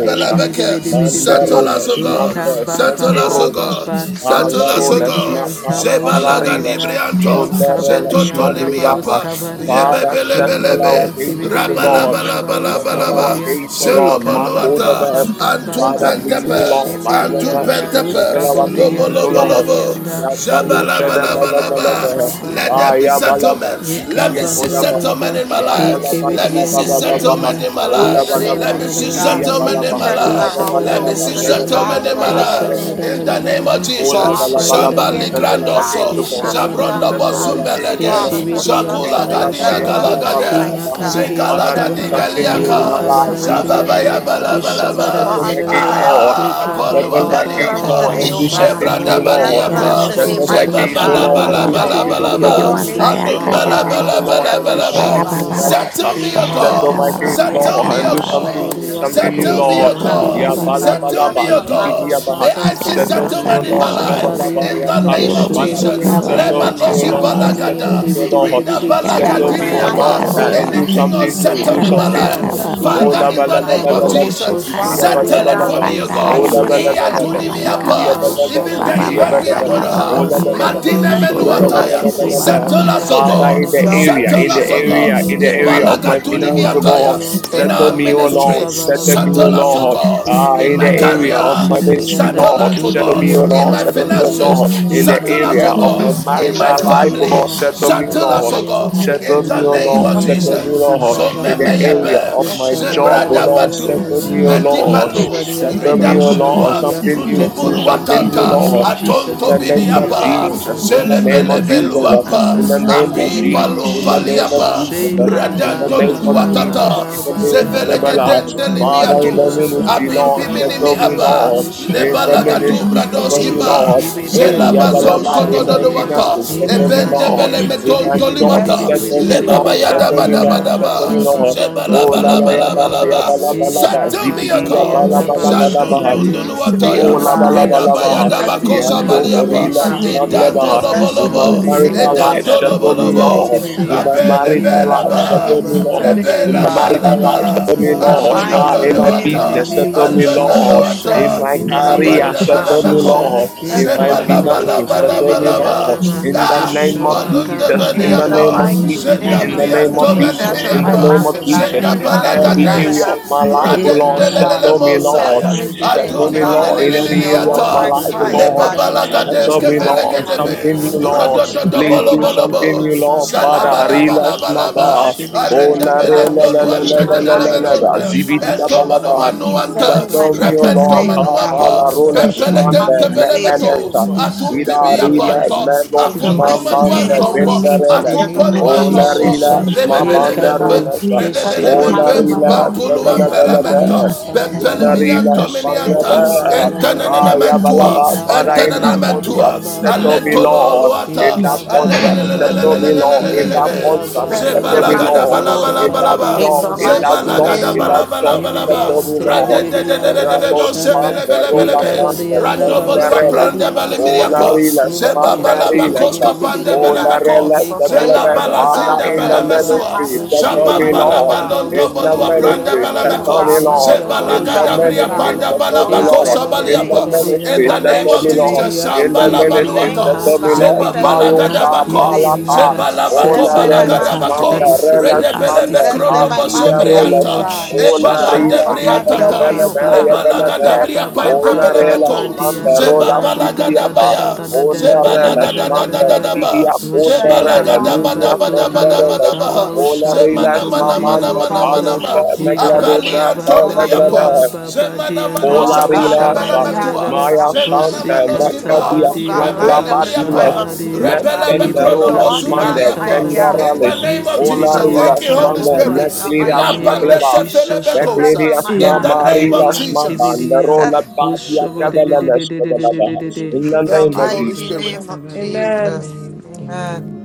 [SPEAKER 2] Manda
[SPEAKER 1] Settle us, O
[SPEAKER 2] Rolas,
[SPEAKER 12] set
[SPEAKER 1] God.
[SPEAKER 2] Manda
[SPEAKER 12] up.
[SPEAKER 1] Settle us, O
[SPEAKER 2] Fendorolas,
[SPEAKER 1] God.
[SPEAKER 11] Ikababababa,
[SPEAKER 1] Settle
[SPEAKER 2] Alla
[SPEAKER 1] us, O
[SPEAKER 2] Rolas,
[SPEAKER 1] God.
[SPEAKER 2] Maca
[SPEAKER 11] Ushibidiantaba,
[SPEAKER 1] Shebalaga
[SPEAKER 2] Palarinas,
[SPEAKER 11] Usharabara,
[SPEAKER 1] dibrianto.
[SPEAKER 12] So
[SPEAKER 2] Onderela
[SPEAKER 11] Ikaburianda,
[SPEAKER 2] smagliba.
[SPEAKER 1] Setotolimiapa.
[SPEAKER 2] us.
[SPEAKER 11] Bauskabaria,
[SPEAKER 2] Father, settle
[SPEAKER 1] Yebebelebelebe.
[SPEAKER 2] our cases, O Lord.
[SPEAKER 11] Iminiantibidibidianda,
[SPEAKER 2] Settle our
[SPEAKER 1] Rabalabalabalaba.
[SPEAKER 11] Bauskaburia,
[SPEAKER 2] case, O Lord. Makoda behet.
[SPEAKER 1] Sheloboluata. And
[SPEAKER 11] Ikababababa,
[SPEAKER 2] Father,
[SPEAKER 12] set,
[SPEAKER 2] please,
[SPEAKER 12] so
[SPEAKER 2] O
[SPEAKER 1] Tumpentepe,
[SPEAKER 12] set,
[SPEAKER 2] Lord, by
[SPEAKER 12] so
[SPEAKER 2] your mercy,
[SPEAKER 11] Ushibidianda,
[SPEAKER 1] Antumpentepe,
[SPEAKER 12] set
[SPEAKER 2] settle
[SPEAKER 12] to
[SPEAKER 2] our
[SPEAKER 1] Lobo
[SPEAKER 12] me,
[SPEAKER 2] cases, O
[SPEAKER 1] Lobo
[SPEAKER 12] Lord
[SPEAKER 2] Lord.
[SPEAKER 1] Lobo,
[SPEAKER 12] Father,
[SPEAKER 11] Uskaburiantibidianda,
[SPEAKER 12] in the
[SPEAKER 2] Yabalo
[SPEAKER 12] name of
[SPEAKER 2] shada
[SPEAKER 12] Jesus,
[SPEAKER 2] bala bala
[SPEAKER 1] Jabalabalaba,
[SPEAKER 2] behet.
[SPEAKER 12] Father,
[SPEAKER 1] let
[SPEAKER 11] Ikababababa,
[SPEAKER 12] in
[SPEAKER 1] there
[SPEAKER 12] the name
[SPEAKER 1] be
[SPEAKER 12] of
[SPEAKER 2] Aya bala ba.
[SPEAKER 1] settlement. Let
[SPEAKER 11] Yeka
[SPEAKER 2] Zikiti
[SPEAKER 1] me
[SPEAKER 11] ba
[SPEAKER 1] see
[SPEAKER 2] akoda
[SPEAKER 11] ba
[SPEAKER 2] ba.
[SPEAKER 11] ba
[SPEAKER 1] settlement
[SPEAKER 11] ba,
[SPEAKER 1] in my
[SPEAKER 12] let there
[SPEAKER 2] Yabala
[SPEAKER 11] eke
[SPEAKER 1] life.
[SPEAKER 12] be settlement. Let there
[SPEAKER 2] bala
[SPEAKER 12] be
[SPEAKER 1] Let me
[SPEAKER 2] ba ba
[SPEAKER 1] see
[SPEAKER 2] ba
[SPEAKER 11] bedianda ba da ba
[SPEAKER 12] settlement,
[SPEAKER 11] da,
[SPEAKER 1] settlement in my
[SPEAKER 6] Settle us
[SPEAKER 2] Ola
[SPEAKER 11] isha
[SPEAKER 1] life.
[SPEAKER 2] bala
[SPEAKER 6] today,
[SPEAKER 11] ba da
[SPEAKER 1] Let
[SPEAKER 2] ba.
[SPEAKER 1] me
[SPEAKER 11] ba da
[SPEAKER 6] mighty
[SPEAKER 1] see
[SPEAKER 11] ba da
[SPEAKER 2] Zibidi
[SPEAKER 11] ba
[SPEAKER 6] God.
[SPEAKER 2] ya
[SPEAKER 11] da ba
[SPEAKER 12] settlement,
[SPEAKER 1] settlement
[SPEAKER 2] bala
[SPEAKER 11] da,
[SPEAKER 1] in
[SPEAKER 2] ba.
[SPEAKER 1] my
[SPEAKER 6] Settle
[SPEAKER 12] settlement
[SPEAKER 1] life.
[SPEAKER 6] our
[SPEAKER 2] Zobada
[SPEAKER 11] isha
[SPEAKER 12] in
[SPEAKER 11] ba
[SPEAKER 2] bala
[SPEAKER 11] da
[SPEAKER 1] Let
[SPEAKER 12] my
[SPEAKER 2] ba
[SPEAKER 11] la
[SPEAKER 1] me
[SPEAKER 11] la
[SPEAKER 6] households
[SPEAKER 1] see
[SPEAKER 11] la la
[SPEAKER 6] today,
[SPEAKER 2] Shada
[SPEAKER 12] life,
[SPEAKER 11] la la,
[SPEAKER 6] God,
[SPEAKER 1] settlement
[SPEAKER 6] in
[SPEAKER 2] bala
[SPEAKER 1] in
[SPEAKER 6] the
[SPEAKER 1] my
[SPEAKER 2] bala
[SPEAKER 6] mighty
[SPEAKER 11] isha
[SPEAKER 1] life.
[SPEAKER 11] ba
[SPEAKER 2] bala.
[SPEAKER 6] name
[SPEAKER 11] da
[SPEAKER 6] of
[SPEAKER 11] la
[SPEAKER 1] In
[SPEAKER 11] la
[SPEAKER 1] the
[SPEAKER 11] la la
[SPEAKER 1] name
[SPEAKER 6] Jesus.
[SPEAKER 1] of
[SPEAKER 11] la,
[SPEAKER 2] Ola
[SPEAKER 1] Jesus,
[SPEAKER 6] Father,
[SPEAKER 2] bala
[SPEAKER 11] isha
[SPEAKER 12] Thy
[SPEAKER 6] if
[SPEAKER 11] ba
[SPEAKER 2] bala
[SPEAKER 11] da
[SPEAKER 6] you
[SPEAKER 2] ba,
[SPEAKER 11] la la
[SPEAKER 1] Shambali
[SPEAKER 6] can't
[SPEAKER 11] la
[SPEAKER 6] do
[SPEAKER 2] seta
[SPEAKER 12] name,
[SPEAKER 6] it,
[SPEAKER 2] la
[SPEAKER 11] la,
[SPEAKER 2] wa
[SPEAKER 6] God,
[SPEAKER 12] Jesus,
[SPEAKER 2] king
[SPEAKER 6] it
[SPEAKER 1] Grandoso,
[SPEAKER 2] so
[SPEAKER 12] said
[SPEAKER 2] boha,
[SPEAKER 11] isha
[SPEAKER 6] cannot
[SPEAKER 12] to
[SPEAKER 11] ba
[SPEAKER 6] be
[SPEAKER 11] da
[SPEAKER 12] me,
[SPEAKER 6] done,
[SPEAKER 11] la
[SPEAKER 1] Jabrondo
[SPEAKER 6] oh
[SPEAKER 11] la
[SPEAKER 12] Lord
[SPEAKER 11] la
[SPEAKER 2] seta
[SPEAKER 11] la
[SPEAKER 2] la
[SPEAKER 6] God.
[SPEAKER 11] la,
[SPEAKER 12] Father,
[SPEAKER 2] wa king
[SPEAKER 12] said
[SPEAKER 2] so
[SPEAKER 1] Bosumbelege,
[SPEAKER 12] to
[SPEAKER 6] Father,
[SPEAKER 2] long.
[SPEAKER 11] ishi
[SPEAKER 12] me,
[SPEAKER 6] settle us
[SPEAKER 2] Ya
[SPEAKER 11] bedianta
[SPEAKER 1] Jagula
[SPEAKER 6] today.
[SPEAKER 11] ba
[SPEAKER 2] bala ba,
[SPEAKER 1] Gadia
[SPEAKER 11] usha
[SPEAKER 12] Father,
[SPEAKER 2] ya
[SPEAKER 6] Settle
[SPEAKER 11] ba
[SPEAKER 12] let
[SPEAKER 11] da,
[SPEAKER 6] us
[SPEAKER 2] bala
[SPEAKER 12] there
[SPEAKER 2] ba
[SPEAKER 12] be
[SPEAKER 6] today,
[SPEAKER 2] ba
[SPEAKER 1] Galagade,
[SPEAKER 2] ha ba
[SPEAKER 6] mighty
[SPEAKER 11] imaka
[SPEAKER 2] ha.
[SPEAKER 6] God.
[SPEAKER 12] settlement in
[SPEAKER 2] Father,
[SPEAKER 11] didianta
[SPEAKER 12] my
[SPEAKER 2] do
[SPEAKER 11] ba
[SPEAKER 1] Jekalagadi
[SPEAKER 6] Settle
[SPEAKER 11] da,
[SPEAKER 6] us
[SPEAKER 12] life, O
[SPEAKER 2] something
[SPEAKER 6] today,
[SPEAKER 12] Lord.
[SPEAKER 2] new in my
[SPEAKER 1] Galiaka,
[SPEAKER 6] Lord,
[SPEAKER 11] imaka
[SPEAKER 6] in
[SPEAKER 11] ba
[SPEAKER 6] the
[SPEAKER 2] life.
[SPEAKER 11] da ba
[SPEAKER 2] Do
[SPEAKER 12] Father,
[SPEAKER 6] mighty
[SPEAKER 12] if
[SPEAKER 2] something
[SPEAKER 12] you,
[SPEAKER 6] name
[SPEAKER 11] dianda,
[SPEAKER 2] in
[SPEAKER 6] of
[SPEAKER 2] my
[SPEAKER 12] Father,
[SPEAKER 2] life.
[SPEAKER 6] Jesus.
[SPEAKER 12] said
[SPEAKER 11] usha da
[SPEAKER 12] to
[SPEAKER 11] la
[SPEAKER 2] Set
[SPEAKER 12] me,
[SPEAKER 11] la
[SPEAKER 2] for
[SPEAKER 11] la
[SPEAKER 6] Father,
[SPEAKER 2] my
[SPEAKER 11] la
[SPEAKER 12] said
[SPEAKER 6] we
[SPEAKER 1] Ah,
[SPEAKER 11] la
[SPEAKER 12] to
[SPEAKER 2] case,
[SPEAKER 6] cry
[SPEAKER 11] la,
[SPEAKER 12] me,
[SPEAKER 6] out,
[SPEAKER 2] Lord.
[SPEAKER 6] oh
[SPEAKER 11] eka
[SPEAKER 6] God.
[SPEAKER 11] ba
[SPEAKER 2] Settle
[SPEAKER 11] ba
[SPEAKER 2] my
[SPEAKER 11] ba
[SPEAKER 6] Settle
[SPEAKER 2] case,
[SPEAKER 11] ba,
[SPEAKER 6] us
[SPEAKER 2] Lord,
[SPEAKER 12] Andara
[SPEAKER 6] today,
[SPEAKER 2] and
[SPEAKER 6] oh
[SPEAKER 2] do
[SPEAKER 12] ya
[SPEAKER 11] usha ba
[SPEAKER 2] something
[SPEAKER 6] God.
[SPEAKER 11] da ba
[SPEAKER 2] new,
[SPEAKER 12] masaka.
[SPEAKER 2] Lord.
[SPEAKER 11] dianda
[SPEAKER 6] Settle
[SPEAKER 11] ba
[SPEAKER 6] us
[SPEAKER 12] Yaramo
[SPEAKER 11] uska
[SPEAKER 6] today,
[SPEAKER 2] Settle my
[SPEAKER 12] shukuru
[SPEAKER 11] bluria,
[SPEAKER 6] mighty
[SPEAKER 2] case, O
[SPEAKER 6] God.
[SPEAKER 12] mutuka
[SPEAKER 2] Lord,
[SPEAKER 11] Imini
[SPEAKER 2] and
[SPEAKER 12] baba
[SPEAKER 2] do
[SPEAKER 12] ba.
[SPEAKER 11] ante
[SPEAKER 2] something
[SPEAKER 11] bidi
[SPEAKER 6] Jehovah,
[SPEAKER 2] new,
[SPEAKER 6] for
[SPEAKER 11] bidi
[SPEAKER 2] Lord.
[SPEAKER 11] bidi
[SPEAKER 6] your
[SPEAKER 12] Yuruma
[SPEAKER 11] bidi.
[SPEAKER 1] ah,
[SPEAKER 6] name's
[SPEAKER 12] saya
[SPEAKER 6] sake,
[SPEAKER 2] Settle
[SPEAKER 12] ka
[SPEAKER 6] oh
[SPEAKER 2] my
[SPEAKER 11] Ande
[SPEAKER 12] baba
[SPEAKER 6] God.
[SPEAKER 2] case, O
[SPEAKER 12] baba.
[SPEAKER 11] kata
[SPEAKER 2] Lord, and
[SPEAKER 11] bao
[SPEAKER 2] do
[SPEAKER 6] Settle us, oh
[SPEAKER 1] ah.
[SPEAKER 2] something
[SPEAKER 12] Baya
[SPEAKER 6] God.
[SPEAKER 2] new
[SPEAKER 11] shabada
[SPEAKER 2] in
[SPEAKER 12] baba
[SPEAKER 2] my
[SPEAKER 6] Father,
[SPEAKER 12] ba.
[SPEAKER 11] bara.
[SPEAKER 6] just
[SPEAKER 1] settle,
[SPEAKER 2] life.
[SPEAKER 6] for your
[SPEAKER 12] Baya
[SPEAKER 11] Eka
[SPEAKER 6] name's sake,
[SPEAKER 2] Settle
[SPEAKER 12] saka
[SPEAKER 2] my
[SPEAKER 6] oh
[SPEAKER 11] bada da
[SPEAKER 12] baba
[SPEAKER 2] case,
[SPEAKER 6] God.
[SPEAKER 11] di
[SPEAKER 12] baya
[SPEAKER 11] anda
[SPEAKER 2] Lord,
[SPEAKER 12] ka
[SPEAKER 6] Oh
[SPEAKER 2] and
[SPEAKER 11] bao
[SPEAKER 2] do
[SPEAKER 6] God,
[SPEAKER 12] baba
[SPEAKER 6] that
[SPEAKER 12] ba.
[SPEAKER 2] something
[SPEAKER 6] your
[SPEAKER 2] new,
[SPEAKER 6] angels
[SPEAKER 11] shaburia.
[SPEAKER 6] will
[SPEAKER 2] something
[SPEAKER 1] Settle,
[SPEAKER 2] new,
[SPEAKER 6] take
[SPEAKER 12] Yurumu
[SPEAKER 6] us
[SPEAKER 11] Imini
[SPEAKER 6] from
[SPEAKER 2] Lord.
[SPEAKER 12] suku
[SPEAKER 6] God
[SPEAKER 11] ante
[SPEAKER 12] baba
[SPEAKER 11] bidi
[SPEAKER 2] Ya
[SPEAKER 6] today, oh
[SPEAKER 11] bidi
[SPEAKER 2] bala
[SPEAKER 6] God,
[SPEAKER 12] baba.
[SPEAKER 11] ya.
[SPEAKER 6] and
[SPEAKER 1] settle.
[SPEAKER 2] bala
[SPEAKER 6] touch
[SPEAKER 2] ba,
[SPEAKER 6] all our
[SPEAKER 11] Eka
[SPEAKER 2] zibidi
[SPEAKER 6] matters
[SPEAKER 11] ba
[SPEAKER 2] ya ba.
[SPEAKER 11] ba
[SPEAKER 6] today,
[SPEAKER 1] May
[SPEAKER 6] oh
[SPEAKER 11] ba
[SPEAKER 1] I
[SPEAKER 7] That the
[SPEAKER 6] God.
[SPEAKER 1] see
[SPEAKER 11] ba
[SPEAKER 2] Settle
[SPEAKER 7] way
[SPEAKER 12] Yarama
[SPEAKER 11] ba.
[SPEAKER 2] me,
[SPEAKER 6] Settle
[SPEAKER 2] O
[SPEAKER 1] settlement?
[SPEAKER 7] of
[SPEAKER 6] all
[SPEAKER 12] saka
[SPEAKER 2] Lord,
[SPEAKER 6] our
[SPEAKER 11] Isha
[SPEAKER 7] Jesus
[SPEAKER 12] baba
[SPEAKER 6] matters
[SPEAKER 12] ba.
[SPEAKER 2] kabala
[SPEAKER 7] might
[SPEAKER 1] It's
[SPEAKER 11] badi
[SPEAKER 2] ba
[SPEAKER 7] be
[SPEAKER 6] today,
[SPEAKER 2] ya
[SPEAKER 11] anda
[SPEAKER 7] be my
[SPEAKER 2] ba.
[SPEAKER 11] bao
[SPEAKER 7] life
[SPEAKER 12] Yurumu
[SPEAKER 2] Father,
[SPEAKER 7] from
[SPEAKER 11] shubudi
[SPEAKER 2] please
[SPEAKER 12] suka
[SPEAKER 6] God,
[SPEAKER 7] me.
[SPEAKER 6] on
[SPEAKER 11] anta
[SPEAKER 6] my
[SPEAKER 12] baya
[SPEAKER 11] bara.
[SPEAKER 2] settle me,
[SPEAKER 6] mind,
[SPEAKER 12] kata
[SPEAKER 2] O
[SPEAKER 7] Set
[SPEAKER 6] God.
[SPEAKER 12] baba
[SPEAKER 11] Imini
[SPEAKER 2] Lord,
[SPEAKER 7] me
[SPEAKER 6] Settle
[SPEAKER 11] ni
[SPEAKER 6] me
[SPEAKER 2] settle me,
[SPEAKER 11] ante
[SPEAKER 7] over,
[SPEAKER 2] O
[SPEAKER 6] today,
[SPEAKER 11] bidi
[SPEAKER 6] oh.
[SPEAKER 11] bidi
[SPEAKER 2] Lord,
[SPEAKER 7] set me
[SPEAKER 11] bidi.
[SPEAKER 7] over,
[SPEAKER 2] settle
[SPEAKER 6] Settle
[SPEAKER 2] me,
[SPEAKER 6] my
[SPEAKER 11] Eka
[SPEAKER 2] O
[SPEAKER 11] ba
[SPEAKER 12] Yaramasaya
[SPEAKER 6] matter
[SPEAKER 11] ba
[SPEAKER 2] Lord,
[SPEAKER 11] ba
[SPEAKER 6] today,
[SPEAKER 2] and
[SPEAKER 7] set
[SPEAKER 2] do
[SPEAKER 7] me
[SPEAKER 11] ba.
[SPEAKER 12] kabababa,
[SPEAKER 1] anything
[SPEAKER 6] Jehovah.
[SPEAKER 2] something
[SPEAKER 7] over.
[SPEAKER 2] new,
[SPEAKER 11] Eka
[SPEAKER 2] do
[SPEAKER 1] unsettled
[SPEAKER 7] In
[SPEAKER 11] ba
[SPEAKER 1] in
[SPEAKER 7] the
[SPEAKER 1] my
[SPEAKER 11] ba
[SPEAKER 2] something
[SPEAKER 1] life.
[SPEAKER 7] mighty
[SPEAKER 6] Jehovah,
[SPEAKER 11] ba.
[SPEAKER 12] yaramasaka
[SPEAKER 2] new.
[SPEAKER 7] name
[SPEAKER 6] settle
[SPEAKER 7] of
[SPEAKER 6] my
[SPEAKER 1] Father,
[SPEAKER 2] Oh
[SPEAKER 12] bababa,
[SPEAKER 2] la
[SPEAKER 11] Eka
[SPEAKER 7] Jesus,
[SPEAKER 6] matter,
[SPEAKER 11] ba
[SPEAKER 6] oh
[SPEAKER 7] I
[SPEAKER 2] bala
[SPEAKER 7] pray.
[SPEAKER 6] God.
[SPEAKER 11] ba
[SPEAKER 2] bala
[SPEAKER 11] ba.
[SPEAKER 2] bala.
[SPEAKER 7] I should I
[SPEAKER 12] yoromusuka
[SPEAKER 2] Zibidi ya
[SPEAKER 6] Father, you are
[SPEAKER 2] bala
[SPEAKER 11] Ushabudi
[SPEAKER 6] the
[SPEAKER 7] get
[SPEAKER 11] anda
[SPEAKER 2] bala
[SPEAKER 12] yamasaka
[SPEAKER 6] God.
[SPEAKER 2] ba.
[SPEAKER 11] bao
[SPEAKER 12] pandara
[SPEAKER 6] I
[SPEAKER 2] Ola
[SPEAKER 6] hear
[SPEAKER 11] skaburia.
[SPEAKER 2] bala
[SPEAKER 12] yamasaka
[SPEAKER 6] Lord,
[SPEAKER 2] bala
[SPEAKER 1] to
[SPEAKER 6] and
[SPEAKER 2] ba,
[SPEAKER 1] an
[SPEAKER 6] know
[SPEAKER 12] baba
[SPEAKER 11] Imini
[SPEAKER 6] it
[SPEAKER 11] anda
[SPEAKER 6] all,
[SPEAKER 2] zibidi
[SPEAKER 12] yakaba,
[SPEAKER 2] ya
[SPEAKER 6] oh
[SPEAKER 11] bao
[SPEAKER 6] God.
[SPEAKER 2] bala ba,
[SPEAKER 6] Father,
[SPEAKER 2] zibidi
[SPEAKER 6] settle
[SPEAKER 2] ya
[SPEAKER 12] bababa
[SPEAKER 6] my
[SPEAKER 1] event
[SPEAKER 2] bala
[SPEAKER 1] we are
[SPEAKER 2] ba,
[SPEAKER 6] matter
[SPEAKER 1] going
[SPEAKER 12] yasaka
[SPEAKER 7] Totally
[SPEAKER 1] to
[SPEAKER 6] today,
[SPEAKER 1] have.
[SPEAKER 7] open
[SPEAKER 2] ola
[SPEAKER 7] in
[SPEAKER 6] Lord.
[SPEAKER 12] bababa,
[SPEAKER 7] the
[SPEAKER 2] bala ba,
[SPEAKER 11] Ikabadianda
[SPEAKER 7] mighty name
[SPEAKER 1] Madina
[SPEAKER 7] of
[SPEAKER 6] Settle
[SPEAKER 2] zibidi ya
[SPEAKER 6] my
[SPEAKER 2] bala
[SPEAKER 7] Jesus.
[SPEAKER 11] Baushivia,
[SPEAKER 6] matter
[SPEAKER 1] menuataya.
[SPEAKER 2] bala
[SPEAKER 7] Fifth
[SPEAKER 12] oyoromusuku
[SPEAKER 6] today,
[SPEAKER 2] bala
[SPEAKER 7] of me,
[SPEAKER 2] ba.
[SPEAKER 7] oh
[SPEAKER 6] mighty
[SPEAKER 1] Settle
[SPEAKER 7] Lord,
[SPEAKER 1] us,
[SPEAKER 12] bababa.
[SPEAKER 11] Ikabadian
[SPEAKER 6] God.
[SPEAKER 1] O
[SPEAKER 7] in the
[SPEAKER 2] Father,
[SPEAKER 1] God.
[SPEAKER 2] in
[SPEAKER 7] mighty
[SPEAKER 2] the
[SPEAKER 7] name
[SPEAKER 11] Sabarabara,
[SPEAKER 7] of
[SPEAKER 2] area,
[SPEAKER 6] Jehovah,
[SPEAKER 1] Settle
[SPEAKER 2] in the
[SPEAKER 7] Jesus.
[SPEAKER 1] us,
[SPEAKER 12] Thank
[SPEAKER 1] O
[SPEAKER 6] settle
[SPEAKER 7] Fifth
[SPEAKER 6] me
[SPEAKER 7] of
[SPEAKER 1] God.
[SPEAKER 2] area,
[SPEAKER 7] me,
[SPEAKER 12] you,
[SPEAKER 2] in
[SPEAKER 11] Ikabadian
[SPEAKER 2] the
[SPEAKER 12] O
[SPEAKER 6] today,
[SPEAKER 7] Lord
[SPEAKER 2] area
[SPEAKER 12] Lord,
[SPEAKER 6] Lord.
[SPEAKER 2] of
[SPEAKER 12] in
[SPEAKER 11] Sabara,
[SPEAKER 12] the
[SPEAKER 2] my
[SPEAKER 7] Jesus. Fifth
[SPEAKER 1] Ibalagatuni
[SPEAKER 12] name
[SPEAKER 7] of
[SPEAKER 2] finances,
[SPEAKER 12] of
[SPEAKER 7] me,
[SPEAKER 2] oh God,
[SPEAKER 1] miataya.
[SPEAKER 12] Jesus.
[SPEAKER 11] Ikabadian
[SPEAKER 1] In
[SPEAKER 2] settle
[SPEAKER 1] our
[SPEAKER 7] Lord.
[SPEAKER 11] Sabara,
[SPEAKER 2] me, O Lord,
[SPEAKER 7] Fifth
[SPEAKER 1] ministry.
[SPEAKER 7] of
[SPEAKER 2] settle
[SPEAKER 7] me,
[SPEAKER 2] me, O
[SPEAKER 1] Settle
[SPEAKER 7] Lord
[SPEAKER 1] us,
[SPEAKER 7] Jesus.
[SPEAKER 1] O
[SPEAKER 2] Lord.
[SPEAKER 11] Isabarabarabaria,
[SPEAKER 1] God.
[SPEAKER 7] Fifth of
[SPEAKER 2] Ah,
[SPEAKER 7] me, Lord. Fifth of
[SPEAKER 1] In
[SPEAKER 2] in
[SPEAKER 1] my
[SPEAKER 7] me,
[SPEAKER 2] the
[SPEAKER 7] Lord.
[SPEAKER 11] Imirianda
[SPEAKER 2] area of
[SPEAKER 1] career.
[SPEAKER 7] Life
[SPEAKER 2] my
[SPEAKER 7] and shine
[SPEAKER 2] ministry,
[SPEAKER 7] like
[SPEAKER 11] Baushivirianda,
[SPEAKER 1] Settle
[SPEAKER 2] Lord,
[SPEAKER 7] me.
[SPEAKER 1] us,
[SPEAKER 7] Fifth
[SPEAKER 1] O
[SPEAKER 7] of
[SPEAKER 2] settle
[SPEAKER 1] God.
[SPEAKER 2] me, O
[SPEAKER 7] me,
[SPEAKER 6] Settle
[SPEAKER 11] Ibirian
[SPEAKER 6] me
[SPEAKER 1] In
[SPEAKER 2] Lord,
[SPEAKER 7] Lord.
[SPEAKER 1] my
[SPEAKER 2] settle
[SPEAKER 6] today,
[SPEAKER 2] me,
[SPEAKER 6] God.
[SPEAKER 2] O
[SPEAKER 7] Fifth of
[SPEAKER 1] finances.
[SPEAKER 7] me,
[SPEAKER 11] Sabarabaria,
[SPEAKER 2] Lord. In the
[SPEAKER 7] Lord.
[SPEAKER 1] Settle us,
[SPEAKER 2] area
[SPEAKER 1] oh
[SPEAKER 7] Fifth of
[SPEAKER 6] That's me
[SPEAKER 2] of
[SPEAKER 7] me, Lord. Fifth of me,
[SPEAKER 2] my
[SPEAKER 11] Ikabu,
[SPEAKER 1] God,
[SPEAKER 7] Lord.
[SPEAKER 1] in
[SPEAKER 6] today,
[SPEAKER 1] my
[SPEAKER 2] marital life, oh
[SPEAKER 6] Jehovah.
[SPEAKER 1] family,
[SPEAKER 2] God,
[SPEAKER 11] Antabadianda,
[SPEAKER 2] settle me,
[SPEAKER 6] In
[SPEAKER 1] settle
[SPEAKER 6] the
[SPEAKER 1] us,
[SPEAKER 2] Lord.
[SPEAKER 1] oh
[SPEAKER 6] mighty
[SPEAKER 1] God,
[SPEAKER 5] Thank
[SPEAKER 11] Andabadianda,
[SPEAKER 6] name of
[SPEAKER 2] Settle
[SPEAKER 7] Fifth
[SPEAKER 1] in
[SPEAKER 2] me,
[SPEAKER 1] the
[SPEAKER 2] O
[SPEAKER 6] Jesus,
[SPEAKER 1] name
[SPEAKER 7] of
[SPEAKER 2] Lord.
[SPEAKER 1] of
[SPEAKER 7] me, Lord.
[SPEAKER 11] Andabadianda,
[SPEAKER 6] certainly,
[SPEAKER 2] Settle
[SPEAKER 1] Jesus.
[SPEAKER 2] me, Lord
[SPEAKER 6] God.
[SPEAKER 1] So
[SPEAKER 2] in
[SPEAKER 7] Fifth
[SPEAKER 2] the
[SPEAKER 7] of
[SPEAKER 11] Ikababa,
[SPEAKER 7] me,
[SPEAKER 2] area
[SPEAKER 1] Zomemeyebe,
[SPEAKER 2] of my
[SPEAKER 7] Lord.
[SPEAKER 6] Certainly, oh
[SPEAKER 2] job, oh
[SPEAKER 6] God.
[SPEAKER 2] Lord.
[SPEAKER 1] Zebradabadu,
[SPEAKER 2] Settle
[SPEAKER 7] In the
[SPEAKER 2] me,
[SPEAKER 11] Ushabarabarabarabarabarabara,
[SPEAKER 2] oh
[SPEAKER 6] I'm
[SPEAKER 7] mighty
[SPEAKER 2] Lord.
[SPEAKER 7] name
[SPEAKER 1] Bedibalu,
[SPEAKER 7] of Jesus,
[SPEAKER 11] Ikabadianda
[SPEAKER 2] Settle
[SPEAKER 7] settle
[SPEAKER 2] me,
[SPEAKER 7] me,
[SPEAKER 2] oh
[SPEAKER 7] O Lord,
[SPEAKER 2] Lord.
[SPEAKER 1] Ridabudua,
[SPEAKER 11] Baushabaria,
[SPEAKER 2] Something
[SPEAKER 7] settle
[SPEAKER 2] new. Do
[SPEAKER 11] settlement
[SPEAKER 2] something
[SPEAKER 11] in
[SPEAKER 2] new,
[SPEAKER 11] the
[SPEAKER 1] Ruduburuatata,
[SPEAKER 11] name
[SPEAKER 7] me,
[SPEAKER 2] Lord.
[SPEAKER 11] of
[SPEAKER 7] O Lord,
[SPEAKER 11] Jesus
[SPEAKER 2] In the
[SPEAKER 11] that
[SPEAKER 7] settle
[SPEAKER 2] name
[SPEAKER 11] the
[SPEAKER 2] of
[SPEAKER 11] river
[SPEAKER 1] Atontobiniaba,
[SPEAKER 11] put
[SPEAKER 2] Jesus.
[SPEAKER 11] us,
[SPEAKER 2] In
[SPEAKER 11] uh,
[SPEAKER 2] the
[SPEAKER 7] me, O
[SPEAKER 2] name
[SPEAKER 11] that
[SPEAKER 2] of
[SPEAKER 6] blessed
[SPEAKER 11] is set
[SPEAKER 2] Jesus.
[SPEAKER 11] to
[SPEAKER 2] uh,
[SPEAKER 11] us
[SPEAKER 1] luampa.
[SPEAKER 2] In
[SPEAKER 11] uh,
[SPEAKER 2] the
[SPEAKER 7] Lord,
[SPEAKER 2] name
[SPEAKER 11] in the
[SPEAKER 2] of
[SPEAKER 1] Api
[SPEAKER 7] in
[SPEAKER 11] name
[SPEAKER 7] my
[SPEAKER 11] of
[SPEAKER 2] Jesus.
[SPEAKER 7] body,
[SPEAKER 1] palu
[SPEAKER 2] In the name of
[SPEAKER 11] Jesus.
[SPEAKER 7] settle
[SPEAKER 2] Jesus.
[SPEAKER 1] Palupaliapa,
[SPEAKER 2] uh,
[SPEAKER 11] Sheka
[SPEAKER 2] In the
[SPEAKER 11] ba
[SPEAKER 1] Radando
[SPEAKER 2] name
[SPEAKER 11] ba
[SPEAKER 2] of
[SPEAKER 11] ba ba
[SPEAKER 2] Jesus. In
[SPEAKER 11] ba
[SPEAKER 2] the
[SPEAKER 1] Duduatata,
[SPEAKER 11] ba
[SPEAKER 2] name of
[SPEAKER 11] ba ba
[SPEAKER 2] Nebala.
[SPEAKER 11] ba ba
[SPEAKER 1] Zevelegeden
[SPEAKER 11] ba
[SPEAKER 2] Father, in
[SPEAKER 11] ba ba
[SPEAKER 2] the
[SPEAKER 1] delimiatus.
[SPEAKER 7] me,
[SPEAKER 2] ministry,
[SPEAKER 11] ba ba
[SPEAKER 1] Abim
[SPEAKER 2] Lord,
[SPEAKER 7] in
[SPEAKER 11] ba
[SPEAKER 6] to
[SPEAKER 7] my
[SPEAKER 11] ba
[SPEAKER 6] be
[SPEAKER 1] biminimi
[SPEAKER 2] settle
[SPEAKER 7] health,
[SPEAKER 2] me,
[SPEAKER 6] in
[SPEAKER 11] ba
[SPEAKER 6] God.
[SPEAKER 11] ba
[SPEAKER 1] aba.
[SPEAKER 2] Lord.
[SPEAKER 7] settle me,
[SPEAKER 2] In the
[SPEAKER 1] Lebala
[SPEAKER 6] Settle me
[SPEAKER 7] settle
[SPEAKER 1] gadu
[SPEAKER 11] Rishadadadadia.
[SPEAKER 2] ministry,
[SPEAKER 7] me, Lord
[SPEAKER 2] settle
[SPEAKER 1] bradoski
[SPEAKER 6] today,
[SPEAKER 2] me,
[SPEAKER 11] Ibi
[SPEAKER 7] Jesus,
[SPEAKER 1] ba.
[SPEAKER 2] Lord.
[SPEAKER 6] Jehovah.
[SPEAKER 11] kibi di
[SPEAKER 7] settle
[SPEAKER 2] Hey,
[SPEAKER 7] me,
[SPEAKER 11] anda
[SPEAKER 6] In
[SPEAKER 11] ba
[SPEAKER 6] the
[SPEAKER 7] Lord
[SPEAKER 1] Zelabazon
[SPEAKER 2] Yabalaba, in
[SPEAKER 6] mighty
[SPEAKER 7] Jesus,
[SPEAKER 2] my
[SPEAKER 11] ushaburia.
[SPEAKER 6] name
[SPEAKER 1] todododowata.
[SPEAKER 6] of
[SPEAKER 2] finances, settle
[SPEAKER 11] Ima
[SPEAKER 2] me,
[SPEAKER 6] Jesus.
[SPEAKER 1] Ebende
[SPEAKER 11] kanini
[SPEAKER 2] Lord.
[SPEAKER 1] bele
[SPEAKER 11] anti
[SPEAKER 2] In
[SPEAKER 1] meton
[SPEAKER 2] my
[SPEAKER 11] bidi bidi
[SPEAKER 7] settle me, Lord Jesus, settle
[SPEAKER 2] job,
[SPEAKER 7] me,
[SPEAKER 11] bidi
[SPEAKER 1] toliwata.
[SPEAKER 11] bidi
[SPEAKER 7] Lord
[SPEAKER 6] Certainly
[SPEAKER 11] bidi
[SPEAKER 2] settle me,
[SPEAKER 11] bidi
[SPEAKER 6] today,
[SPEAKER 7] Jesus,
[SPEAKER 1] Lebaba
[SPEAKER 11] bidi.
[SPEAKER 2] Lord.
[SPEAKER 1] yada
[SPEAKER 2] Settle
[SPEAKER 6] God.
[SPEAKER 2] me,
[SPEAKER 7] settle
[SPEAKER 1] bada
[SPEAKER 7] me,
[SPEAKER 2] Lord.
[SPEAKER 11] Ika
[SPEAKER 1] bada
[SPEAKER 7] Lord
[SPEAKER 11] ba
[SPEAKER 2] Settle
[SPEAKER 1] ba.
[SPEAKER 2] me,
[SPEAKER 11] ba
[SPEAKER 7] Jesus,
[SPEAKER 11] ba
[SPEAKER 2] Lord.
[SPEAKER 11] ba
[SPEAKER 1] Zebala
[SPEAKER 11] ba
[SPEAKER 2] Oh,
[SPEAKER 7] settle
[SPEAKER 11] ba
[SPEAKER 1] bala
[SPEAKER 7] me,
[SPEAKER 11] ba
[SPEAKER 1] bala
[SPEAKER 7] Lord
[SPEAKER 2] Labayada,
[SPEAKER 11] ba
[SPEAKER 1] bala
[SPEAKER 11] ba.
[SPEAKER 7] Jesus
[SPEAKER 1] ba.
[SPEAKER 2] Yabalaba,
[SPEAKER 6] Jehovah,
[SPEAKER 7] my
[SPEAKER 2] Laba,
[SPEAKER 11] Isha
[SPEAKER 6] settle
[SPEAKER 1] Settle
[SPEAKER 6] me
[SPEAKER 1] me, O
[SPEAKER 11] kada
[SPEAKER 2] Zibidi,
[SPEAKER 6] today,
[SPEAKER 7] assets
[SPEAKER 11] di
[SPEAKER 1] God.
[SPEAKER 7] and
[SPEAKER 11] anda
[SPEAKER 7] my
[SPEAKER 2] Yabalaba,
[SPEAKER 6] Lord.
[SPEAKER 11] ba
[SPEAKER 2] Laba,
[SPEAKER 7] business
[SPEAKER 2] Laba.
[SPEAKER 1] Zandun
[SPEAKER 7] system
[SPEAKER 1] dun
[SPEAKER 11] ushaburia.
[SPEAKER 1] dun
[SPEAKER 6] Certainly
[SPEAKER 7] in my in the
[SPEAKER 6] today, oh
[SPEAKER 1] wataya.
[SPEAKER 7] view
[SPEAKER 11] Ika
[SPEAKER 7] of
[SPEAKER 2] Kola bala
[SPEAKER 6] God.
[SPEAKER 11] budi
[SPEAKER 7] my
[SPEAKER 1] Reda
[SPEAKER 2] bala
[SPEAKER 7] assets
[SPEAKER 11] anta
[SPEAKER 1] baya
[SPEAKER 2] baha.
[SPEAKER 11] ba
[SPEAKER 7] and
[SPEAKER 11] da ba
[SPEAKER 1] daba
[SPEAKER 7] in
[SPEAKER 11] di
[SPEAKER 7] the
[SPEAKER 1] kosa
[SPEAKER 6] Certainly
[SPEAKER 11] anda.
[SPEAKER 2] Yando
[SPEAKER 7] mighty
[SPEAKER 6] today,
[SPEAKER 7] name of
[SPEAKER 6] oh
[SPEAKER 1] baliapa.
[SPEAKER 2] rila
[SPEAKER 6] God.
[SPEAKER 7] Jesus. I
[SPEAKER 2] shmagle
[SPEAKER 7] pray,
[SPEAKER 11] Ishibidiyanda
[SPEAKER 2] baha.
[SPEAKER 1] Idantolo
[SPEAKER 7] I
[SPEAKER 6] Settle
[SPEAKER 2] In my
[SPEAKER 7] settle
[SPEAKER 6] me
[SPEAKER 1] bolobo.
[SPEAKER 7] me,
[SPEAKER 6] today,
[SPEAKER 11] bauskabudiyanda
[SPEAKER 2] marital
[SPEAKER 7] Lord.
[SPEAKER 6] Lord.
[SPEAKER 2] life,
[SPEAKER 1] Edantolo
[SPEAKER 6] Settle
[SPEAKER 2] settle
[SPEAKER 6] me
[SPEAKER 7] Settle
[SPEAKER 2] me,
[SPEAKER 7] me,
[SPEAKER 6] today,
[SPEAKER 11] bauskabudiyan
[SPEAKER 1] bolobo.
[SPEAKER 2] Lord.
[SPEAKER 7] Lord.
[SPEAKER 2] In
[SPEAKER 1] La
[SPEAKER 11] tibidiya.
[SPEAKER 6] Jehovah.
[SPEAKER 2] my
[SPEAKER 1] bele
[SPEAKER 7] Settle
[SPEAKER 2] marital
[SPEAKER 7] me,
[SPEAKER 11] Iba
[SPEAKER 1] bela
[SPEAKER 2] life,
[SPEAKER 11] ba
[SPEAKER 7] Lord.
[SPEAKER 6] Settle
[SPEAKER 11] ba
[SPEAKER 2] settle me,
[SPEAKER 1] ba.
[SPEAKER 11] ba
[SPEAKER 6] me
[SPEAKER 11] ba.
[SPEAKER 7] Settle
[SPEAKER 2] Lord.
[SPEAKER 7] me,
[SPEAKER 6] today,
[SPEAKER 1] Lebe
[SPEAKER 6] O
[SPEAKER 2] In
[SPEAKER 1] la
[SPEAKER 2] my
[SPEAKER 7] Lord.
[SPEAKER 1] ba
[SPEAKER 6] God.
[SPEAKER 7] In
[SPEAKER 1] la
[SPEAKER 2] marital
[SPEAKER 7] my
[SPEAKER 1] ba
[SPEAKER 2] life,
[SPEAKER 11] Ishibidiyan
[SPEAKER 2] settle me,
[SPEAKER 7] finances,
[SPEAKER 6] In the
[SPEAKER 7] settle
[SPEAKER 2] Lord.
[SPEAKER 7] me.
[SPEAKER 2] Ah,
[SPEAKER 6] mighty
[SPEAKER 2] in
[SPEAKER 11] sabausibidiya.
[SPEAKER 2] my
[SPEAKER 7] In my
[SPEAKER 6] name
[SPEAKER 11] In
[SPEAKER 6] of
[SPEAKER 7] heart,
[SPEAKER 11] the
[SPEAKER 1] alolololoata,
[SPEAKER 2] business,
[SPEAKER 7] settle
[SPEAKER 11] name
[SPEAKER 2] settle
[SPEAKER 11] of
[SPEAKER 7] me.
[SPEAKER 2] me,
[SPEAKER 6] Jesus.
[SPEAKER 2] Lord.
[SPEAKER 7] Memory Primary
[SPEAKER 11] Jesus. ah,
[SPEAKER 2] In
[SPEAKER 6] Settle
[SPEAKER 1] alololoata,
[SPEAKER 7] target
[SPEAKER 2] my
[SPEAKER 11] In
[SPEAKER 6] me
[SPEAKER 11] the
[SPEAKER 7] research
[SPEAKER 11] name
[SPEAKER 6] today,
[SPEAKER 2] career,
[SPEAKER 11] of
[SPEAKER 6] O
[SPEAKER 2] settle
[SPEAKER 6] God.
[SPEAKER 2] me,
[SPEAKER 11] Jesus.
[SPEAKER 1] rabanako,
[SPEAKER 11] ah,
[SPEAKER 2] Lord.
[SPEAKER 7] wabakala
[SPEAKER 2] In
[SPEAKER 6] Settle
[SPEAKER 2] my
[SPEAKER 1] leba
[SPEAKER 6] me
[SPEAKER 1] la
[SPEAKER 7] Computational
[SPEAKER 1] ba,
[SPEAKER 11] Ikabu.
[SPEAKER 1] la
[SPEAKER 6] today,
[SPEAKER 2] finances,
[SPEAKER 1] ba la
[SPEAKER 2] settle
[SPEAKER 1] ba
[SPEAKER 6] Jehovah.
[SPEAKER 2] me,
[SPEAKER 1] la ba.
[SPEAKER 6] Settle
[SPEAKER 11] Andibidiyanda
[SPEAKER 2] Lord.
[SPEAKER 6] me,
[SPEAKER 11] ba.
[SPEAKER 2] In
[SPEAKER 5] you.
[SPEAKER 2] the
[SPEAKER 7] Analysis
[SPEAKER 6] settle
[SPEAKER 1] ah,
[SPEAKER 6] me,
[SPEAKER 2] name of
[SPEAKER 6] Lord.
[SPEAKER 11] Ushabaka
[SPEAKER 1] balunda
[SPEAKER 2] Jesus,
[SPEAKER 11] ba
[SPEAKER 7] Alapha
[SPEAKER 11] da
[SPEAKER 2] in
[SPEAKER 6] In
[SPEAKER 2] the
[SPEAKER 11] da
[SPEAKER 5] Thank
[SPEAKER 6] the
[SPEAKER 2] name
[SPEAKER 1] beliapa,
[SPEAKER 11] ba.
[SPEAKER 2] of
[SPEAKER 7] settlement
[SPEAKER 6] mighty
[SPEAKER 2] Jesus,
[SPEAKER 7] Design
[SPEAKER 1] zenda
[SPEAKER 2] in
[SPEAKER 6] name
[SPEAKER 2] the
[SPEAKER 6] of
[SPEAKER 11] Ushibidiyan
[SPEAKER 2] name
[SPEAKER 1] brianto
[SPEAKER 2] of
[SPEAKER 7] Design
[SPEAKER 6] Jesus,
[SPEAKER 2] Jesus,
[SPEAKER 6] settle
[SPEAKER 2] in
[SPEAKER 11] sabaushabada
[SPEAKER 2] the
[SPEAKER 6] my
[SPEAKER 11] bada
[SPEAKER 1] manimiriapa,
[SPEAKER 2] name
[SPEAKER 7] settlement
[SPEAKER 2] of
[SPEAKER 6] matter,
[SPEAKER 11] bada bada
[SPEAKER 6] God.
[SPEAKER 2] Jesus.
[SPEAKER 11] bada
[SPEAKER 1] zenda
[SPEAKER 6] Every
[SPEAKER 7] Define
[SPEAKER 11] bada
[SPEAKER 6] matter,
[SPEAKER 11] bada
[SPEAKER 6] oh
[SPEAKER 2] Every
[SPEAKER 11] bada.
[SPEAKER 6] God,
[SPEAKER 7] settlement
[SPEAKER 6] I
[SPEAKER 2] area
[SPEAKER 1] balagadesi,
[SPEAKER 2] of
[SPEAKER 6] have
[SPEAKER 2] my
[SPEAKER 7] Define
[SPEAKER 6] before
[SPEAKER 2] life,
[SPEAKER 6] you
[SPEAKER 2] oh
[SPEAKER 6] today,
[SPEAKER 2] Lord,
[SPEAKER 1] endaya,
[SPEAKER 6] oh
[SPEAKER 7] settlement
[SPEAKER 6] God.
[SPEAKER 2] settle me,
[SPEAKER 11] Ekabulu
[SPEAKER 2] Lord.
[SPEAKER 6] Settle
[SPEAKER 7] Father,
[SPEAKER 6] it today,
[SPEAKER 2] Settle
[SPEAKER 6] oh
[SPEAKER 2] me,
[SPEAKER 11] andikata
[SPEAKER 7] set
[SPEAKER 6] God.
[SPEAKER 2] Lord, in
[SPEAKER 7] my mind in
[SPEAKER 2] every
[SPEAKER 7] the
[SPEAKER 11] bausha
[SPEAKER 2] area
[SPEAKER 11] bara
[SPEAKER 2] of
[SPEAKER 6] Jehovah,
[SPEAKER 2] my
[SPEAKER 1] aduata,
[SPEAKER 11] bara
[SPEAKER 6] I
[SPEAKER 2] life,
[SPEAKER 11] bara
[SPEAKER 2] oh
[SPEAKER 7] mighty
[SPEAKER 6] cry,
[SPEAKER 11] bara
[SPEAKER 6] oh
[SPEAKER 11] bara
[SPEAKER 2] God.
[SPEAKER 1] leba
[SPEAKER 7] name
[SPEAKER 6] God.
[SPEAKER 11] bara
[SPEAKER 6] You
[SPEAKER 11] bara bara
[SPEAKER 7] of
[SPEAKER 1] balagadege
[SPEAKER 6] settle,
[SPEAKER 2] Settle
[SPEAKER 11] bara
[SPEAKER 6] oh
[SPEAKER 2] me,
[SPEAKER 7] Jesus.
[SPEAKER 11] bara
[SPEAKER 6] God, my
[SPEAKER 2] Lord,
[SPEAKER 7] And by
[SPEAKER 6] matter
[SPEAKER 7] the
[SPEAKER 2] something
[SPEAKER 7] power
[SPEAKER 6] today,
[SPEAKER 2] new,
[SPEAKER 7] of
[SPEAKER 6] oh
[SPEAKER 7] the
[SPEAKER 11] ekaba
[SPEAKER 7] Holy
[SPEAKER 6] God.
[SPEAKER 2] Lord.
[SPEAKER 11] ba
[SPEAKER 7] Spirit,
[SPEAKER 11] ba
[SPEAKER 2] Please
[SPEAKER 7] I
[SPEAKER 6] Every
[SPEAKER 11] ba
[SPEAKER 2] do
[SPEAKER 7] pray
[SPEAKER 11] ba ba
[SPEAKER 6] matter,
[SPEAKER 7] you,
[SPEAKER 2] something
[SPEAKER 6] Lord
[SPEAKER 1] dobolobo,
[SPEAKER 2] new,
[SPEAKER 11] ba ba
[SPEAKER 2] Lord.
[SPEAKER 7] Lord,
[SPEAKER 11] ba
[SPEAKER 1] zala
[SPEAKER 2] Father,
[SPEAKER 6] Father,
[SPEAKER 1] ba, la
[SPEAKER 6] I
[SPEAKER 11] ba ba
[SPEAKER 1] ba
[SPEAKER 6] have
[SPEAKER 2] relax
[SPEAKER 1] la
[SPEAKER 11] ba
[SPEAKER 1] ba
[SPEAKER 7] settle
[SPEAKER 2] my
[SPEAKER 1] la
[SPEAKER 6] before
[SPEAKER 7] me,
[SPEAKER 6] you
[SPEAKER 7] Lord.
[SPEAKER 1] ba,
[SPEAKER 2] bar.
[SPEAKER 6] Settle me
[SPEAKER 7] settle
[SPEAKER 11] ushibidi
[SPEAKER 2] Oh,
[SPEAKER 6] today,
[SPEAKER 1] arende
[SPEAKER 6] O
[SPEAKER 2] la,
[SPEAKER 11] anda
[SPEAKER 2] re,
[SPEAKER 7] me
[SPEAKER 6] God,
[SPEAKER 2] la,
[SPEAKER 1] belendo
[SPEAKER 2] la,
[SPEAKER 11] bauska
[SPEAKER 2] la, la,
[SPEAKER 6] in
[SPEAKER 11] bara
[SPEAKER 1] luanta
[SPEAKER 6] the
[SPEAKER 2] la,
[SPEAKER 11] bara
[SPEAKER 7] financially,
[SPEAKER 2] la,
[SPEAKER 11] bara
[SPEAKER 2] la, la,
[SPEAKER 11] bara
[SPEAKER 6] mighty
[SPEAKER 7] settle
[SPEAKER 2] la.
[SPEAKER 1] tedelebelonte,
[SPEAKER 11] bara
[SPEAKER 7] me, O
[SPEAKER 6] name of
[SPEAKER 2] Zibidi, ba, ba, la,
[SPEAKER 11] ekaba
[SPEAKER 6] Jesus.
[SPEAKER 2] ba.
[SPEAKER 11] ba ba ba
[SPEAKER 6] Settle
[SPEAKER 7] Lord,
[SPEAKER 11] ba
[SPEAKER 6] my
[SPEAKER 2] Settle
[SPEAKER 11] ba
[SPEAKER 2] me, oh
[SPEAKER 6] matter
[SPEAKER 11] ba
[SPEAKER 7] settle
[SPEAKER 1] repent,
[SPEAKER 7] me,
[SPEAKER 11] ba
[SPEAKER 7] O Lord, settle me,
[SPEAKER 2] Lord.
[SPEAKER 7] O
[SPEAKER 6] today, O
[SPEAKER 7] Lord,
[SPEAKER 11] ba li
[SPEAKER 6] God.
[SPEAKER 2] Kapa, la,
[SPEAKER 11] anda
[SPEAKER 2] rolas,
[SPEAKER 6] Settle
[SPEAKER 7] settle
[SPEAKER 6] my
[SPEAKER 2] man,
[SPEAKER 7] me, O
[SPEAKER 11] baushibidi
[SPEAKER 6] matter
[SPEAKER 1] pente
[SPEAKER 7] Lord,
[SPEAKER 2] me,
[SPEAKER 11] anta
[SPEAKER 6] today,
[SPEAKER 7] settle
[SPEAKER 11] bara
[SPEAKER 1] belemeto,
[SPEAKER 2] enesa.
[SPEAKER 7] me,
[SPEAKER 6] Jehovah.
[SPEAKER 7] O Lord,
[SPEAKER 1] atum
[SPEAKER 11] Jesus
[SPEAKER 2] Vida,
[SPEAKER 7] in my
[SPEAKER 11] settle
[SPEAKER 2] rila,
[SPEAKER 11] us up.
[SPEAKER 7] finances,
[SPEAKER 6] In
[SPEAKER 2] melos,
[SPEAKER 7] settle
[SPEAKER 6] the
[SPEAKER 7] me,
[SPEAKER 11] Jehovah
[SPEAKER 2] man,
[SPEAKER 6] mighty
[SPEAKER 7] in the
[SPEAKER 2] man,
[SPEAKER 11] settle
[SPEAKER 2] de,
[SPEAKER 6] name
[SPEAKER 11] us
[SPEAKER 7] mighty
[SPEAKER 6] of
[SPEAKER 11] up.
[SPEAKER 7] name of
[SPEAKER 6] Jesus,
[SPEAKER 11] In the
[SPEAKER 2] vintereles.
[SPEAKER 7] Jesus,
[SPEAKER 6] settle
[SPEAKER 7] in
[SPEAKER 11] name
[SPEAKER 6] my
[SPEAKER 7] my
[SPEAKER 11] of
[SPEAKER 2] Oh,
[SPEAKER 6] matter,
[SPEAKER 2] la,
[SPEAKER 7] business,
[SPEAKER 6] Lord.
[SPEAKER 11] Jesus.
[SPEAKER 7] settle
[SPEAKER 11] uh,
[SPEAKER 2] relax
[SPEAKER 6] Settle
[SPEAKER 7] me.
[SPEAKER 6] my
[SPEAKER 2] my
[SPEAKER 7] ah,
[SPEAKER 6] matter, O
[SPEAKER 2] banda,
[SPEAKER 11] Ekabulu.
[SPEAKER 6] God.
[SPEAKER 2] rolas.
[SPEAKER 7] me, Lord.
[SPEAKER 6] Settle the
[SPEAKER 11] Eshibidi
[SPEAKER 6] matter
[SPEAKER 7] Settle
[SPEAKER 6] of
[SPEAKER 11] anda
[SPEAKER 6] my
[SPEAKER 11] ba.
[SPEAKER 7] me,
[SPEAKER 2] Olarila
[SPEAKER 7] Lord.
[SPEAKER 6] family,
[SPEAKER 7] Settle
[SPEAKER 6] O
[SPEAKER 7] me,
[SPEAKER 2] Shabalabalabe,
[SPEAKER 11] Imakadudiyan
[SPEAKER 7] Lord. Settle
[SPEAKER 11] sabarabara,
[SPEAKER 7] me,
[SPEAKER 2] Kundarila
[SPEAKER 7] Lord.
[SPEAKER 2] Shmaglebe,
[SPEAKER 7] Settle me, Lord.
[SPEAKER 11] ushabarabarabarabarabarabara,
[SPEAKER 7] Settle me,
[SPEAKER 2] Ayabalaba.
[SPEAKER 7] Lord.
[SPEAKER 11] eka
[SPEAKER 2] Father,
[SPEAKER 11] ba
[SPEAKER 2] in that
[SPEAKER 11] ba
[SPEAKER 7] Settle
[SPEAKER 11] ba
[SPEAKER 7] me,
[SPEAKER 11] ba
[SPEAKER 2] contract,
[SPEAKER 11] ba ba
[SPEAKER 7] Lord.
[SPEAKER 2] settle me,
[SPEAKER 11] ba ba,
[SPEAKER 2] Lord. In
[SPEAKER 7] In
[SPEAKER 2] that
[SPEAKER 11] eka ba
[SPEAKER 7] the
[SPEAKER 2] contract,
[SPEAKER 11] ba ba
[SPEAKER 7] mighty
[SPEAKER 2] settle
[SPEAKER 7] name
[SPEAKER 11] ba,
[SPEAKER 2] me,
[SPEAKER 7] of
[SPEAKER 2] Lord. In
[SPEAKER 7] Jesus,
[SPEAKER 2] that
[SPEAKER 11] eka
[SPEAKER 6] God.
[SPEAKER 7] I
[SPEAKER 11] ba
[SPEAKER 7] pray.
[SPEAKER 2] contract,
[SPEAKER 11] ba ba
[SPEAKER 6] Settle
[SPEAKER 2] settle
[SPEAKER 6] their
[SPEAKER 2] me,
[SPEAKER 11] ba,
[SPEAKER 6] matters,
[SPEAKER 2] Lord
[SPEAKER 6] Lord.
[SPEAKER 2] in that
[SPEAKER 11] ushadarariyan
[SPEAKER 6] In
[SPEAKER 2] job,
[SPEAKER 6] the
[SPEAKER 2] in that
[SPEAKER 6] mighty
[SPEAKER 2] job,
[SPEAKER 6] name
[SPEAKER 2] in
[SPEAKER 11] bauskuviya,
[SPEAKER 6] of
[SPEAKER 2] that job, settle
[SPEAKER 11] ibiriyan
[SPEAKER 2] me, Lord.
[SPEAKER 11] tebiribiriyan
[SPEAKER 2] Rabos
[SPEAKER 11] bausharara,
[SPEAKER 2] manderola
[SPEAKER 11] ika
[SPEAKER 2] mandes
[SPEAKER 11] bariyan
[SPEAKER 1] Polua
[SPEAKER 2] vendereles,
[SPEAKER 1] prande
[SPEAKER 11] bauskaburiyan
[SPEAKER 1] bele
[SPEAKER 11] sabara,
[SPEAKER 1] miriapo.
[SPEAKER 2] olariles
[SPEAKER 1] Zeba
[SPEAKER 11] imiriyan
[SPEAKER 1] bala
[SPEAKER 2] mandariles,
[SPEAKER 6] to
[SPEAKER 1] bakoska
[SPEAKER 6] today,
[SPEAKER 1] pande
[SPEAKER 6] oh
[SPEAKER 11] tebiribiribiribiri,
[SPEAKER 1] bele
[SPEAKER 6] God.
[SPEAKER 1] meko.
[SPEAKER 2] olareles,
[SPEAKER 6] For
[SPEAKER 11] Andi ka
[SPEAKER 1] Zela
[SPEAKER 2] sebelebe.
[SPEAKER 11] ba
[SPEAKER 6] favoring,
[SPEAKER 1] bala
[SPEAKER 6] oh
[SPEAKER 11] ba ba
[SPEAKER 2] Father,
[SPEAKER 6] God,
[SPEAKER 1] zinde
[SPEAKER 6] and
[SPEAKER 11] ba
[SPEAKER 2] in the
[SPEAKER 1] bele
[SPEAKER 11] ba
[SPEAKER 6] settling
[SPEAKER 11] ba,
[SPEAKER 6] my
[SPEAKER 1] mesua.
[SPEAKER 2] ministry,
[SPEAKER 6] matter today,
[SPEAKER 2] settle me,
[SPEAKER 1] Zabamba
[SPEAKER 6] mighty
[SPEAKER 11] ushibiriyan
[SPEAKER 2] Lord.
[SPEAKER 6] God.
[SPEAKER 1] balondo
[SPEAKER 2] In the
[SPEAKER 1] bolua
[SPEAKER 6] Jesus, in
[SPEAKER 1] prande
[SPEAKER 11] bauskuviya.
[SPEAKER 2] ministry,
[SPEAKER 6] your
[SPEAKER 1] bele
[SPEAKER 6] name, oh
[SPEAKER 2] settle
[SPEAKER 1] meko.
[SPEAKER 2] me,
[SPEAKER 6] God,
[SPEAKER 11] Imani
[SPEAKER 6] will be
[SPEAKER 2] Lord.
[SPEAKER 11] anda
[SPEAKER 1] Zeba la
[SPEAKER 2] In the
[SPEAKER 6] glorified,
[SPEAKER 11] baushala
[SPEAKER 6] oh
[SPEAKER 11] la
[SPEAKER 1] bria
[SPEAKER 11] la la
[SPEAKER 2] ministry,
[SPEAKER 6] God.
[SPEAKER 1] panda
[SPEAKER 11] la.
[SPEAKER 2] settle
[SPEAKER 1] bala
[SPEAKER 6] Lord,
[SPEAKER 2] me,
[SPEAKER 6] I
[SPEAKER 2] Lord.
[SPEAKER 1] bakosa
[SPEAKER 6] bless
[SPEAKER 11] Iskabara
[SPEAKER 6] your
[SPEAKER 11] la
[SPEAKER 2] In
[SPEAKER 11] la
[SPEAKER 2] the
[SPEAKER 6] name,
[SPEAKER 1] baliapa.
[SPEAKER 11] la
[SPEAKER 6] Lord.
[SPEAKER 11] la
[SPEAKER 1] In
[SPEAKER 2] ministry,
[SPEAKER 11] anda
[SPEAKER 6] I
[SPEAKER 1] the name
[SPEAKER 2] settle
[SPEAKER 6] bless
[SPEAKER 1] of
[SPEAKER 2] me,
[SPEAKER 6] your
[SPEAKER 2] Lord.
[SPEAKER 1] Jesus,
[SPEAKER 6] name,
[SPEAKER 11] baushibiriya.
[SPEAKER 2] In the
[SPEAKER 1] Sambala
[SPEAKER 6] Jesus.
[SPEAKER 2] ministry,
[SPEAKER 6] Thank
[SPEAKER 1] baluata.
[SPEAKER 6] you,
[SPEAKER 11] Ibirianda,
[SPEAKER 6] oh
[SPEAKER 2] settle
[SPEAKER 6] God, for
[SPEAKER 2] Lord.
[SPEAKER 1] Zeba bala
[SPEAKER 6] settling
[SPEAKER 2] Mayo
[SPEAKER 6] my
[SPEAKER 11] Ibirianda,
[SPEAKER 1] gada
[SPEAKER 6] matter
[SPEAKER 1] bako.
[SPEAKER 6] today, oh
[SPEAKER 11] Ibirianda.
[SPEAKER 6] God.
[SPEAKER 2] Shapalata.
[SPEAKER 1] Zeba la bako.
[SPEAKER 2] Ola
[SPEAKER 6] Settling my
[SPEAKER 2] relas
[SPEAKER 11] Settlement ah,
[SPEAKER 6] matter
[SPEAKER 11] that
[SPEAKER 2] manda
[SPEAKER 6] today,
[SPEAKER 11] is settled
[SPEAKER 1] Reda.
[SPEAKER 2] relas
[SPEAKER 6] Jesus.
[SPEAKER 11] us
[SPEAKER 2] manda
[SPEAKER 11] this
[SPEAKER 6] Settling
[SPEAKER 11] evening
[SPEAKER 6] my
[SPEAKER 2] papila
[SPEAKER 11] in
[SPEAKER 6] matter,
[SPEAKER 11] the
[SPEAKER 2] rolas.
[SPEAKER 11] name
[SPEAKER 6] mighty
[SPEAKER 11] of
[SPEAKER 6] God.
[SPEAKER 1] Ebala.
[SPEAKER 2] Ola
[SPEAKER 11] Jesus. ah.
[SPEAKER 2] relas
[SPEAKER 6] Jehovah, have
[SPEAKER 2] bela
[SPEAKER 6] your
[SPEAKER 11] Ika
[SPEAKER 6] way,
[SPEAKER 2] bela
[SPEAKER 11] ba
[SPEAKER 6] oh
[SPEAKER 11] ba
[SPEAKER 2] bela
[SPEAKER 6] God.
[SPEAKER 11] ba
[SPEAKER 2] bela
[SPEAKER 11] ba ba
[SPEAKER 2] bela.
[SPEAKER 1] Lebria
[SPEAKER 11] ba
[SPEAKER 6] Settle my
[SPEAKER 11] ba
[SPEAKER 1] pante
[SPEAKER 11] ba
[SPEAKER 2] Ola
[SPEAKER 6] matter,
[SPEAKER 11] ba
[SPEAKER 6] Lord.
[SPEAKER 2] relas
[SPEAKER 11] ba
[SPEAKER 1] belemeko.
[SPEAKER 2] manda
[SPEAKER 5] you.
[SPEAKER 1] Zeba
[SPEAKER 6] Jesus,
[SPEAKER 2] rolas
[SPEAKER 11] da
[SPEAKER 6] I
[SPEAKER 11] da
[SPEAKER 6] need
[SPEAKER 11] da
[SPEAKER 1] balaga
[SPEAKER 6] you,
[SPEAKER 1] da
[SPEAKER 11] da da
[SPEAKER 2] shikidiata.
[SPEAKER 6] God.
[SPEAKER 11] da
[SPEAKER 1] baya.
[SPEAKER 11] da da
[SPEAKER 5] Amen.
[SPEAKER 11] da
[SPEAKER 2] Ola
[SPEAKER 6] I
[SPEAKER 11] da
[SPEAKER 1] Zeba
[SPEAKER 11] da da
[SPEAKER 6] need
[SPEAKER 2] relas
[SPEAKER 1] laga
[SPEAKER 11] da
[SPEAKER 1] da
[SPEAKER 6] you,
[SPEAKER 11] da da
[SPEAKER 1] da
[SPEAKER 11] da
[SPEAKER 6] God.
[SPEAKER 1] da
[SPEAKER 2] manda
[SPEAKER 11] da
[SPEAKER 1] da
[SPEAKER 11] da
[SPEAKER 1] da
[SPEAKER 11] da.
[SPEAKER 1] ba.
[SPEAKER 2] bidia
[SPEAKER 6] You
[SPEAKER 2] konda
[SPEAKER 6] decide
[SPEAKER 1] Zeba
[SPEAKER 6] on my
[SPEAKER 2] rela
[SPEAKER 1] laga
[SPEAKER 11] Oshika
[SPEAKER 6] mouth
[SPEAKER 1] da
[SPEAKER 11] da
[SPEAKER 6] to be
[SPEAKER 2] minia
[SPEAKER 11] ba to
[SPEAKER 6] with
[SPEAKER 2] konda
[SPEAKER 11] di
[SPEAKER 6] us.
[SPEAKER 2] relas.
[SPEAKER 11] ba
[SPEAKER 2] Ola
[SPEAKER 11] usha bo
[SPEAKER 6] You
[SPEAKER 1] Zemana
[SPEAKER 2] relas
[SPEAKER 11] ko
[SPEAKER 6] just
[SPEAKER 1] mana
[SPEAKER 6] need
[SPEAKER 1] mana
[SPEAKER 2] mamanda
[SPEAKER 1] mana
[SPEAKER 6] God
[SPEAKER 11] ba
[SPEAKER 6] to
[SPEAKER 1] mana
[SPEAKER 6] show
[SPEAKER 1] ma.
[SPEAKER 2] balusa
[SPEAKER 11] da.
[SPEAKER 6] up with God.
[SPEAKER 11] Ika
[SPEAKER 1] Abali
[SPEAKER 2] megladosa
[SPEAKER 11] ba ba
[SPEAKER 6] Show
[SPEAKER 11] ba
[SPEAKER 1] antomini
[SPEAKER 6] up,
[SPEAKER 11] ba
[SPEAKER 1] apa.
[SPEAKER 11] ba
[SPEAKER 6] Lord.
[SPEAKER 2] tabaglada.
[SPEAKER 11] ba ba di
[SPEAKER 1] Zemana
[SPEAKER 6] Show
[SPEAKER 11] anda
[SPEAKER 1] manos
[SPEAKER 6] up,
[SPEAKER 11] ba
[SPEAKER 6] God,
[SPEAKER 1] abande
[SPEAKER 6] on
[SPEAKER 11] usha
[SPEAKER 2] Kolarila
[SPEAKER 11] da
[SPEAKER 6] my
[SPEAKER 2] sha
[SPEAKER 11] da da da
[SPEAKER 6] behalf,
[SPEAKER 11] da
[SPEAKER 1] belemetua.
[SPEAKER 6] oh
[SPEAKER 11] da
[SPEAKER 2] Maya
[SPEAKER 6] God.
[SPEAKER 5] Ruth
[SPEAKER 1] Zemana
[SPEAKER 2] Shanta
[SPEAKER 1] manos
[SPEAKER 11] usika ta
[SPEAKER 6] Show up,
[SPEAKER 1] kiba.
[SPEAKER 11] ba
[SPEAKER 2] Makadia
[SPEAKER 6] oh
[SPEAKER 11] di
[SPEAKER 5] 3:18
[SPEAKER 6] God.
[SPEAKER 11] anda
[SPEAKER 2] Smagla
[SPEAKER 11] ba
[SPEAKER 6] Line
[SPEAKER 1] Rapeli
[SPEAKER 6] up the
[SPEAKER 1] mi
[SPEAKER 11] usha da
[SPEAKER 6] tribe
[SPEAKER 2] Badiles
[SPEAKER 1] apa.
[SPEAKER 6] of
[SPEAKER 11] da di
[SPEAKER 6] Judah,
[SPEAKER 11] ya
[SPEAKER 6] oh
[SPEAKER 1] Repele
[SPEAKER 6] God.
[SPEAKER 11] ima
[SPEAKER 6] Show
[SPEAKER 2] Meskenderola
[SPEAKER 1] bekronomo
[SPEAKER 11] kabu
[SPEAKER 6] up,
[SPEAKER 11] di
[SPEAKER 6] God,
[SPEAKER 1] zubali
[SPEAKER 6] on
[SPEAKER 2] Smande
[SPEAKER 11] anta
[SPEAKER 6] my
[SPEAKER 11] ba
[SPEAKER 1] apa.
[SPEAKER 11] da ba
[SPEAKER 6] behalf,
[SPEAKER 11] da
[SPEAKER 1] In
[SPEAKER 6] oh
[SPEAKER 1] the
[SPEAKER 2] Vendaralis
[SPEAKER 6] Lord.
[SPEAKER 1] name of
[SPEAKER 11] isi bi
[SPEAKER 1] Jesus.
[SPEAKER 11] di
[SPEAKER 6] Show
[SPEAKER 2] Olarila
[SPEAKER 1] Thank
[SPEAKER 6] up,
[SPEAKER 1] you,
[SPEAKER 11] anta ba
[SPEAKER 1] Holy
[SPEAKER 11] da ba
[SPEAKER 2] Smande
[SPEAKER 11] da
[SPEAKER 1] Spirit.
[SPEAKER 6] Jehovah, in the
[SPEAKER 11] in
[SPEAKER 2] Meklida
[SPEAKER 11] the
[SPEAKER 6] mighty
[SPEAKER 11] name
[SPEAKER 1] Lapa
[SPEAKER 6] name
[SPEAKER 11] of
[SPEAKER 6] of
[SPEAKER 2] Smagleba
[SPEAKER 1] lese
[SPEAKER 6] Jesus,
[SPEAKER 11] Jesus
[SPEAKER 6] and
[SPEAKER 11] ah.
[SPEAKER 6] settle
[SPEAKER 2] Beklidia
[SPEAKER 6] my
[SPEAKER 1] felebekosa.
[SPEAKER 2] Sma
[SPEAKER 1] In the
[SPEAKER 11] ima
[SPEAKER 6] matter, oh
[SPEAKER 11] kadi
[SPEAKER 1] name
[SPEAKER 2] Marila
[SPEAKER 1] of
[SPEAKER 11] di
[SPEAKER 6] God.
[SPEAKER 2] Sma
[SPEAKER 11] anti bi
[SPEAKER 1] Jesus.
[SPEAKER 11] di ya
[SPEAKER 2] Banderola
[SPEAKER 6] Settle
[SPEAKER 2] Badia
[SPEAKER 11] usho bo de de de de
[SPEAKER 2] Kavelanes
[SPEAKER 11] de de de de de
[SPEAKER 2] Kaveladaha
[SPEAKER 11] de de
[SPEAKER 2] in the
[SPEAKER 6] the
[SPEAKER 2] name
[SPEAKER 1] Thank
[SPEAKER 11] andi
[SPEAKER 1] you,
[SPEAKER 2] of
[SPEAKER 11] bi
[SPEAKER 1] Holy
[SPEAKER 6] mighty
[SPEAKER 11] di
[SPEAKER 2] Jesus.
[SPEAKER 1] Spirit.
[SPEAKER 6] name
[SPEAKER 11] anta
[SPEAKER 6] of
[SPEAKER 11] ba da ya
[SPEAKER 6] Jesus.
[SPEAKER 11] amen
[SPEAKER 6] Amen.
[SPEAKER 11] amen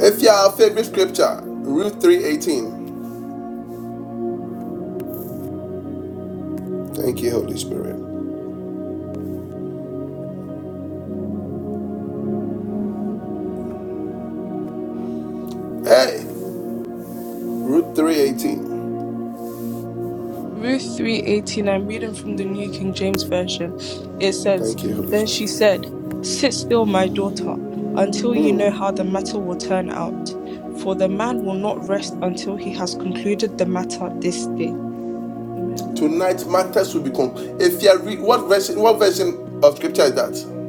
[SPEAKER 1] If you have favorite scripture, Ruth 3:18. Thank you, Holy Spirit. Hey, Ruth 3:18.
[SPEAKER 5] I'm reading from the New King James Version. It says,
[SPEAKER 1] Thank you, Holy
[SPEAKER 5] "Then she
[SPEAKER 1] Spirit.
[SPEAKER 5] said, 'Sit still, my daughter, until you know how the matter will turn out, for the man will not rest until he has concluded the matter this day." Amen.
[SPEAKER 1] Tonight matters will become. If you are read what version what version of scripture is that?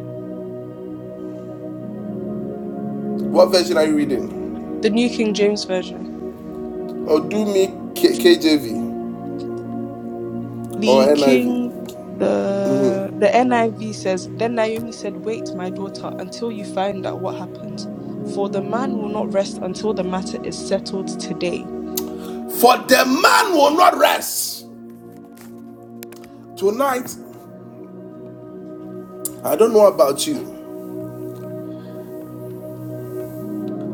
[SPEAKER 1] What version are you reading?
[SPEAKER 5] The New King James Version.
[SPEAKER 1] Or do me K- KJV or
[SPEAKER 5] The
[SPEAKER 1] NIV.
[SPEAKER 5] king, the the NIV says, Then Naomi said, Wait, my daughter, until you find out what happened. For the man will not rest until the matter is settled today.
[SPEAKER 1] For the man will not rest. Tonight, I don't know about you.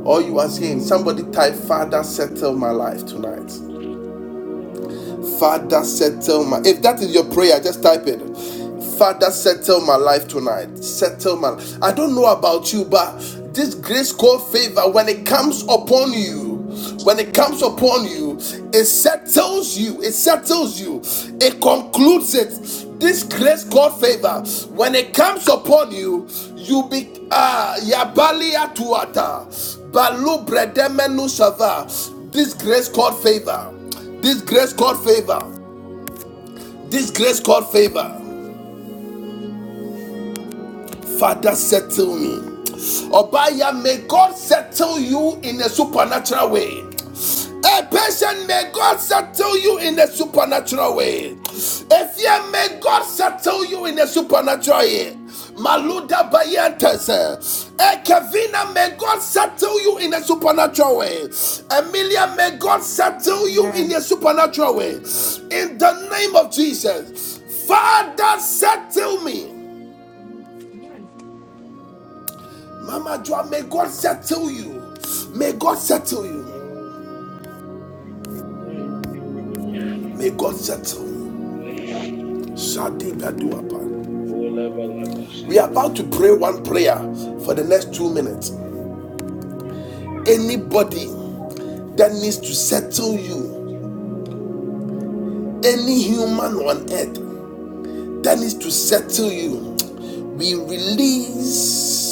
[SPEAKER 1] or you are saying, somebody type, Father, settle my life tonight. Father, settle my. If that is your prayer, just type it. Father, settle my life tonight. Settle my. I don't know about you, but this grace called favor, when it comes upon you, when it comes upon you, it settles you. It settles you. It concludes it. This grace called favor, when it comes upon you, you be ah yabalia tuata balu bredemenu shava. This grace called favor. This grace called favor. This grace called favor. Father, settle me. Obaya, may God settle you in a supernatural way. A patient, may God settle you in a supernatural way. A fear, may God settle you in a supernatural way. Maluda Bayantes. eh. A Kavina, may God settle you in a supernatural way. Emilia, may God settle you in
[SPEAKER 10] Amen.
[SPEAKER 1] a supernatural way. In the name of Jesus. Father, settle me. Mama Joa, may God settle you. May God settle you. May God settle you. Shadi Baduapa. We are about to pray one prayer for the next two minutes. Anybody that needs to settle you, any human on earth that needs to settle you, we release.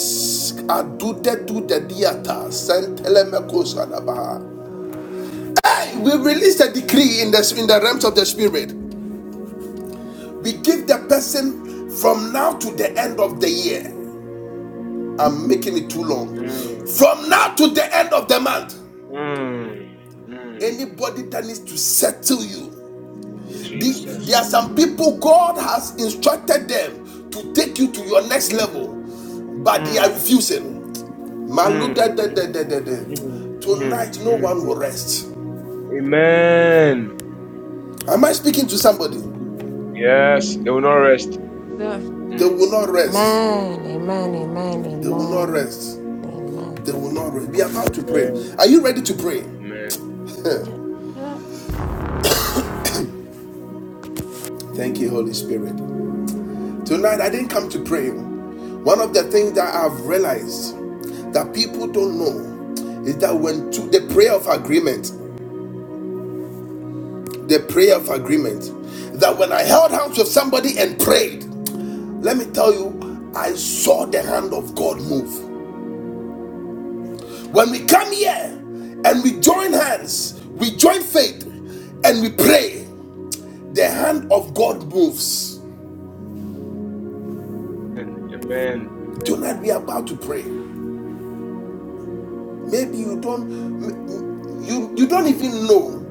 [SPEAKER 1] We release the decree in the, in the realms of the spirit. We give the person from now to the end of the year. I'm making it too long.
[SPEAKER 2] Mm,
[SPEAKER 1] From now to the end of the month.
[SPEAKER 2] mm, mm,
[SPEAKER 1] Anybody that needs to settle you. The-
[SPEAKER 2] Jesus.
[SPEAKER 1] there are some people God has instructed them to take you to your next level, but they are
[SPEAKER 2] mm, mm,
[SPEAKER 1] refusing. Malu
[SPEAKER 2] mm, mm, mm.
[SPEAKER 1] Tonight, no
[SPEAKER 2] mm.
[SPEAKER 1] one will rest.
[SPEAKER 2] Amen.
[SPEAKER 1] Am I speaking to somebody?
[SPEAKER 2] Yes, they will not rest.
[SPEAKER 5] Yeah,
[SPEAKER 1] They
[SPEAKER 2] Mm.
[SPEAKER 1] will not rest.
[SPEAKER 12] Amen, amen, amen,
[SPEAKER 1] They will not
[SPEAKER 12] amen,
[SPEAKER 1] rest.
[SPEAKER 12] amen.
[SPEAKER 1] They will not rest. We are about to pray.
[SPEAKER 2] Amen.
[SPEAKER 1] Are you ready to pray?
[SPEAKER 2] Amen.
[SPEAKER 5] yeah.
[SPEAKER 1] Thank you, Holy Spirit. Tonight, I didn't come to pray. One of the things that I've realized that people don't know is that when to the prayer of agreement, the prayer of agreement, that when I held hands with somebody and prayed, let me tell you, I saw the hand of God move. Come and you don't you you don't even know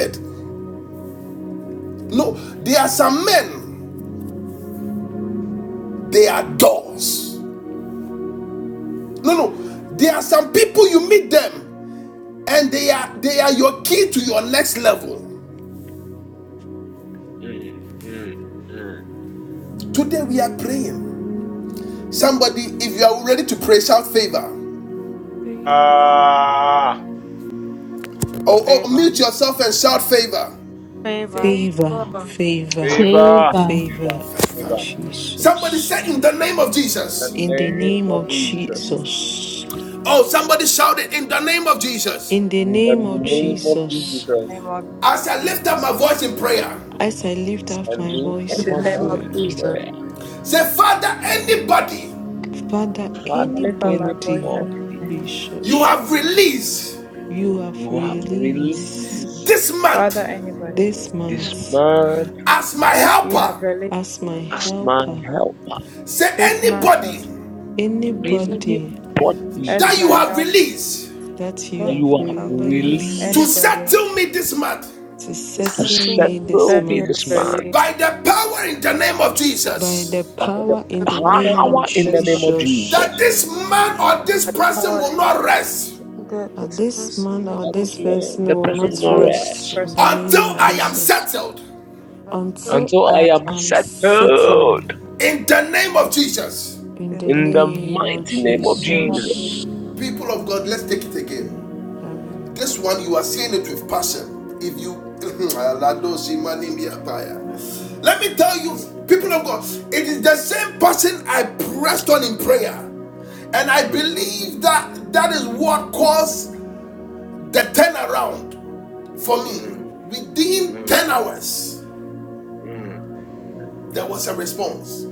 [SPEAKER 1] it. No, they are doors. No, no, there are some people you meet them and they are they are your key to your next level.
[SPEAKER 2] Mm. Mm.
[SPEAKER 1] Today we are praying. Somebody, if you are ready to pray, shout favor.
[SPEAKER 5] favor,
[SPEAKER 2] Ah,
[SPEAKER 1] Or, or
[SPEAKER 10] Favor.
[SPEAKER 1] mute yourself and shout favor.
[SPEAKER 10] Favor.
[SPEAKER 5] favor.
[SPEAKER 11] favor
[SPEAKER 9] We will.
[SPEAKER 11] favor
[SPEAKER 7] Save
[SPEAKER 2] favor,
[SPEAKER 7] us.
[SPEAKER 2] favor,
[SPEAKER 11] favor
[SPEAKER 2] favor.
[SPEAKER 1] Somebody
[SPEAKER 11] Jesus
[SPEAKER 1] say in the name of Jesus.
[SPEAKER 2] In the
[SPEAKER 11] In the
[SPEAKER 2] name
[SPEAKER 11] name
[SPEAKER 2] of
[SPEAKER 11] of
[SPEAKER 2] Jesus.
[SPEAKER 11] Jesus.
[SPEAKER 1] Oh, somebody shouted in the name of Jesus.
[SPEAKER 11] In the
[SPEAKER 2] In the
[SPEAKER 11] name of
[SPEAKER 2] name of
[SPEAKER 10] In
[SPEAKER 11] Jesus.
[SPEAKER 10] the name
[SPEAKER 2] Jesus.
[SPEAKER 10] of
[SPEAKER 1] As I lift up my
[SPEAKER 10] Jesus.
[SPEAKER 1] voice in prayer,
[SPEAKER 11] As I lift up
[SPEAKER 2] And
[SPEAKER 11] my
[SPEAKER 2] lift up
[SPEAKER 10] In
[SPEAKER 11] voice
[SPEAKER 10] the
[SPEAKER 2] my
[SPEAKER 11] in
[SPEAKER 10] name of
[SPEAKER 11] prayer,
[SPEAKER 2] voice in
[SPEAKER 10] Jesus.
[SPEAKER 2] prayer.
[SPEAKER 1] say, Father, anybody
[SPEAKER 11] Father,
[SPEAKER 2] Father,
[SPEAKER 10] Lift up my voice
[SPEAKER 11] anybody,
[SPEAKER 10] and
[SPEAKER 2] anybody
[SPEAKER 10] pray.
[SPEAKER 1] you
[SPEAKER 11] Jesus,
[SPEAKER 1] have released
[SPEAKER 11] you have
[SPEAKER 2] you have
[SPEAKER 11] released
[SPEAKER 2] released
[SPEAKER 1] this
[SPEAKER 10] Father,
[SPEAKER 1] month
[SPEAKER 10] anybody,
[SPEAKER 5] This
[SPEAKER 11] this
[SPEAKER 2] this
[SPEAKER 5] month
[SPEAKER 11] month
[SPEAKER 2] man
[SPEAKER 1] as my
[SPEAKER 10] you
[SPEAKER 1] helper,
[SPEAKER 10] have released
[SPEAKER 11] as my
[SPEAKER 5] and
[SPEAKER 2] as
[SPEAKER 5] my
[SPEAKER 2] my
[SPEAKER 5] help,
[SPEAKER 11] helper.
[SPEAKER 2] helper.
[SPEAKER 1] say,
[SPEAKER 10] this month of
[SPEAKER 1] anybody
[SPEAKER 10] Ju-
[SPEAKER 5] anything
[SPEAKER 11] Anybody,
[SPEAKER 2] Anybody
[SPEAKER 10] as
[SPEAKER 1] that
[SPEAKER 11] Jesus,
[SPEAKER 1] you
[SPEAKER 10] my
[SPEAKER 1] have
[SPEAKER 10] help.
[SPEAKER 1] released
[SPEAKER 11] that you
[SPEAKER 2] that
[SPEAKER 5] that
[SPEAKER 11] have
[SPEAKER 5] you
[SPEAKER 2] you have
[SPEAKER 5] have released
[SPEAKER 1] to
[SPEAKER 11] released
[SPEAKER 2] released
[SPEAKER 10] Anybody
[SPEAKER 1] settle me this month
[SPEAKER 11] to
[SPEAKER 5] to
[SPEAKER 2] to
[SPEAKER 11] settle
[SPEAKER 5] settle
[SPEAKER 11] me
[SPEAKER 5] me
[SPEAKER 11] this
[SPEAKER 2] settle
[SPEAKER 10] that you
[SPEAKER 2] me this
[SPEAKER 10] have
[SPEAKER 11] month
[SPEAKER 2] man.
[SPEAKER 1] by
[SPEAKER 10] released,
[SPEAKER 1] the power in the name of
[SPEAKER 11] by
[SPEAKER 1] Jesus.
[SPEAKER 11] the
[SPEAKER 2] by the
[SPEAKER 5] with
[SPEAKER 11] power
[SPEAKER 5] the
[SPEAKER 11] in the
[SPEAKER 5] power
[SPEAKER 11] name
[SPEAKER 10] settle
[SPEAKER 11] of
[SPEAKER 2] power in the
[SPEAKER 10] this month
[SPEAKER 2] name of Jesus.
[SPEAKER 1] that
[SPEAKER 11] Jesus.
[SPEAKER 1] this man or this
[SPEAKER 10] by the
[SPEAKER 1] person
[SPEAKER 10] power
[SPEAKER 1] will
[SPEAKER 10] in the
[SPEAKER 1] not
[SPEAKER 10] name of
[SPEAKER 1] rest
[SPEAKER 10] Jesus.
[SPEAKER 5] that
[SPEAKER 11] That
[SPEAKER 5] this
[SPEAKER 11] this man
[SPEAKER 5] person
[SPEAKER 11] or
[SPEAKER 2] That
[SPEAKER 5] will
[SPEAKER 2] this
[SPEAKER 11] this
[SPEAKER 2] man,
[SPEAKER 11] person
[SPEAKER 2] the
[SPEAKER 11] will
[SPEAKER 2] person
[SPEAKER 10] This
[SPEAKER 11] not
[SPEAKER 2] will not
[SPEAKER 10] month of
[SPEAKER 11] rest
[SPEAKER 2] rest
[SPEAKER 11] in
[SPEAKER 10] person.
[SPEAKER 11] the name
[SPEAKER 1] until
[SPEAKER 11] of
[SPEAKER 1] I
[SPEAKER 10] Yes.
[SPEAKER 1] am
[SPEAKER 11] Jesus
[SPEAKER 1] settled
[SPEAKER 11] until
[SPEAKER 2] until
[SPEAKER 10] In
[SPEAKER 11] I
[SPEAKER 2] I am
[SPEAKER 11] am
[SPEAKER 2] settled
[SPEAKER 11] settled
[SPEAKER 1] in the name of Jesus.
[SPEAKER 11] in the
[SPEAKER 2] in
[SPEAKER 5] not.
[SPEAKER 2] the
[SPEAKER 11] name
[SPEAKER 2] mighty
[SPEAKER 11] of
[SPEAKER 2] name
[SPEAKER 10] the
[SPEAKER 2] of
[SPEAKER 10] name of Jesus.
[SPEAKER 2] Jesus.
[SPEAKER 11] Jesus.
[SPEAKER 1] People of God, let's take it again.
[SPEAKER 11] Mm, heaven.
[SPEAKER 1] This one, you are saying it with passion. If you, let me tell you, people of God, it is the same person I pressed on in prayer. And
[SPEAKER 2] Mm,
[SPEAKER 1] I
[SPEAKER 2] mm,
[SPEAKER 1] believe that that is what caused the turnaround for me.
[SPEAKER 2] mm, mm,
[SPEAKER 1] Within
[SPEAKER 2] mm,
[SPEAKER 1] 10 hours,
[SPEAKER 2] mm.
[SPEAKER 1] there was a response.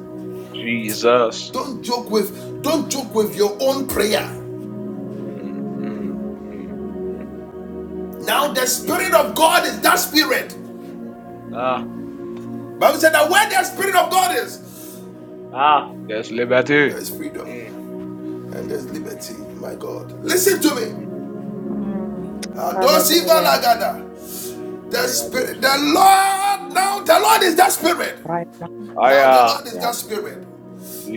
[SPEAKER 2] Jesus.
[SPEAKER 1] Don't joke with don't joke with
[SPEAKER 2] Mm,
[SPEAKER 1] your own prayer.
[SPEAKER 2] mm, mm, mm, mm,
[SPEAKER 1] Now the
[SPEAKER 2] mm.
[SPEAKER 1] spirit of God is that spirit.
[SPEAKER 2] Ah,
[SPEAKER 1] Bible said that where the spirit of God is,
[SPEAKER 2] ah, there's liberty.
[SPEAKER 1] there is freedom
[SPEAKER 2] Mm,
[SPEAKER 1] and
[SPEAKER 2] mm,
[SPEAKER 1] there's
[SPEAKER 2] mm,
[SPEAKER 1] liberty. My God,
[SPEAKER 2] mm, mm.
[SPEAKER 1] listen to me.
[SPEAKER 10] Mm.
[SPEAKER 1] Adosiva
[SPEAKER 10] Hallelujah.
[SPEAKER 1] lagada. The
[SPEAKER 2] I am. the-
[SPEAKER 1] spirit, the Lord. Now the Lord is that spirit.
[SPEAKER 10] Right now,
[SPEAKER 2] I
[SPEAKER 1] Now the Lord
[SPEAKER 2] am.
[SPEAKER 1] is
[SPEAKER 10] yeah,
[SPEAKER 1] that spirit.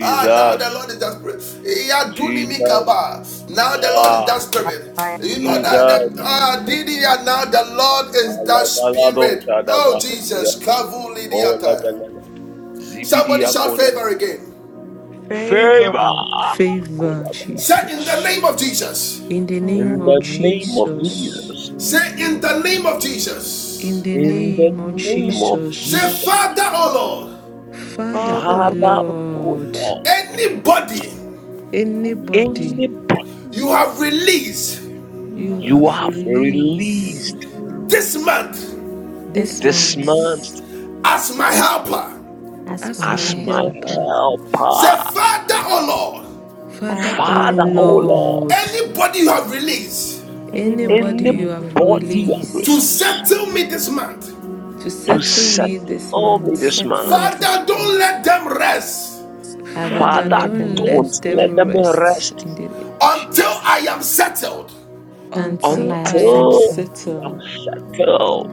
[SPEAKER 1] Ah, now the Lord is that spirit. Yeah,
[SPEAKER 2] Jesus.
[SPEAKER 1] dunimikaba. Now the Lord is
[SPEAKER 2] Ah,
[SPEAKER 1] that
[SPEAKER 10] right
[SPEAKER 1] spirit.
[SPEAKER 10] now,
[SPEAKER 1] You know
[SPEAKER 10] God,
[SPEAKER 1] that
[SPEAKER 2] Jesus.
[SPEAKER 10] I
[SPEAKER 1] the
[SPEAKER 10] thank you,
[SPEAKER 1] ah
[SPEAKER 10] thank
[SPEAKER 1] Didia, now the Lord is that
[SPEAKER 2] Alabalado
[SPEAKER 1] spirit. Oh
[SPEAKER 2] Shadaba.
[SPEAKER 10] you.
[SPEAKER 1] Jesus,
[SPEAKER 2] Yeah.
[SPEAKER 1] Kavu
[SPEAKER 2] Oh,
[SPEAKER 1] Lidiataya.
[SPEAKER 2] level.
[SPEAKER 1] Somebody
[SPEAKER 2] Zibidia
[SPEAKER 1] shout
[SPEAKER 2] Koda.
[SPEAKER 1] favor again.
[SPEAKER 5] Favor
[SPEAKER 2] Favor.
[SPEAKER 11] Favor,
[SPEAKER 2] Kolaba.
[SPEAKER 1] Say in the
[SPEAKER 11] Jesus.
[SPEAKER 1] name of Jesus.
[SPEAKER 11] In the
[SPEAKER 5] in the
[SPEAKER 11] name
[SPEAKER 2] In
[SPEAKER 5] name
[SPEAKER 11] of
[SPEAKER 2] the name of
[SPEAKER 5] of
[SPEAKER 11] Jesus.
[SPEAKER 2] Jesus.
[SPEAKER 1] Say in the name of
[SPEAKER 11] In
[SPEAKER 1] Jesus.
[SPEAKER 11] the
[SPEAKER 5] in
[SPEAKER 2] In the
[SPEAKER 11] name of
[SPEAKER 5] the
[SPEAKER 2] name of
[SPEAKER 1] Say,
[SPEAKER 5] name of the
[SPEAKER 2] Jesus.
[SPEAKER 11] Jesus.
[SPEAKER 1] Father, oh
[SPEAKER 11] Father,
[SPEAKER 5] Father,
[SPEAKER 11] oh
[SPEAKER 5] in
[SPEAKER 2] Father, oh
[SPEAKER 11] Lord,
[SPEAKER 1] Lord,
[SPEAKER 2] Lord.
[SPEAKER 1] anybody
[SPEAKER 5] Only what
[SPEAKER 11] anybody
[SPEAKER 2] Anybody
[SPEAKER 1] you have released
[SPEAKER 5] you have
[SPEAKER 11] you
[SPEAKER 2] you
[SPEAKER 11] have
[SPEAKER 5] released
[SPEAKER 2] have
[SPEAKER 11] released
[SPEAKER 2] released
[SPEAKER 1] this month
[SPEAKER 12] This
[SPEAKER 11] this
[SPEAKER 5] this
[SPEAKER 2] this
[SPEAKER 12] month,
[SPEAKER 2] month
[SPEAKER 11] month
[SPEAKER 1] as my helper.
[SPEAKER 12] as
[SPEAKER 5] his
[SPEAKER 11] as
[SPEAKER 12] my
[SPEAKER 11] my
[SPEAKER 2] as
[SPEAKER 12] health,
[SPEAKER 2] my
[SPEAKER 12] coach,
[SPEAKER 11] helper
[SPEAKER 1] Say,
[SPEAKER 2] helper.
[SPEAKER 1] Father, oh Lord,
[SPEAKER 11] Father, oh
[SPEAKER 12] Father, O
[SPEAKER 5] Father,
[SPEAKER 2] Father,
[SPEAKER 5] and
[SPEAKER 2] oh
[SPEAKER 5] in
[SPEAKER 12] Lord,
[SPEAKER 2] Lord.
[SPEAKER 11] Lord,
[SPEAKER 1] anybody you have released
[SPEAKER 5] what
[SPEAKER 12] anybody
[SPEAKER 11] anybody
[SPEAKER 12] you
[SPEAKER 2] Anybody
[SPEAKER 11] you
[SPEAKER 5] you
[SPEAKER 12] have
[SPEAKER 11] have
[SPEAKER 5] have released
[SPEAKER 12] released
[SPEAKER 2] you have
[SPEAKER 1] to
[SPEAKER 11] released
[SPEAKER 2] released
[SPEAKER 1] settle me this month,
[SPEAKER 11] to
[SPEAKER 5] the
[SPEAKER 2] to
[SPEAKER 5] stuff
[SPEAKER 11] settle
[SPEAKER 2] set
[SPEAKER 11] me
[SPEAKER 5] that you
[SPEAKER 11] this
[SPEAKER 5] Father,
[SPEAKER 2] on me
[SPEAKER 12] to
[SPEAKER 11] month,
[SPEAKER 2] this
[SPEAKER 12] settle
[SPEAKER 2] month.
[SPEAKER 12] me to
[SPEAKER 1] Father, don't
[SPEAKER 12] sleep,
[SPEAKER 1] let them rest
[SPEAKER 5] you have
[SPEAKER 12] Father,
[SPEAKER 5] failed it,
[SPEAKER 11] Father,
[SPEAKER 12] don't
[SPEAKER 2] Father,
[SPEAKER 12] let
[SPEAKER 5] not
[SPEAKER 11] don't
[SPEAKER 12] them
[SPEAKER 5] let
[SPEAKER 2] don't
[SPEAKER 11] let
[SPEAKER 12] rest
[SPEAKER 2] let
[SPEAKER 5] them
[SPEAKER 11] them
[SPEAKER 2] them
[SPEAKER 11] rest
[SPEAKER 2] rest
[SPEAKER 11] in the name of
[SPEAKER 1] until I
[SPEAKER 11] Jesus
[SPEAKER 1] am settled.
[SPEAKER 12] until I
[SPEAKER 11] until
[SPEAKER 12] am
[SPEAKER 11] I am
[SPEAKER 2] until
[SPEAKER 12] settled.
[SPEAKER 2] I am
[SPEAKER 11] settled.
[SPEAKER 2] settled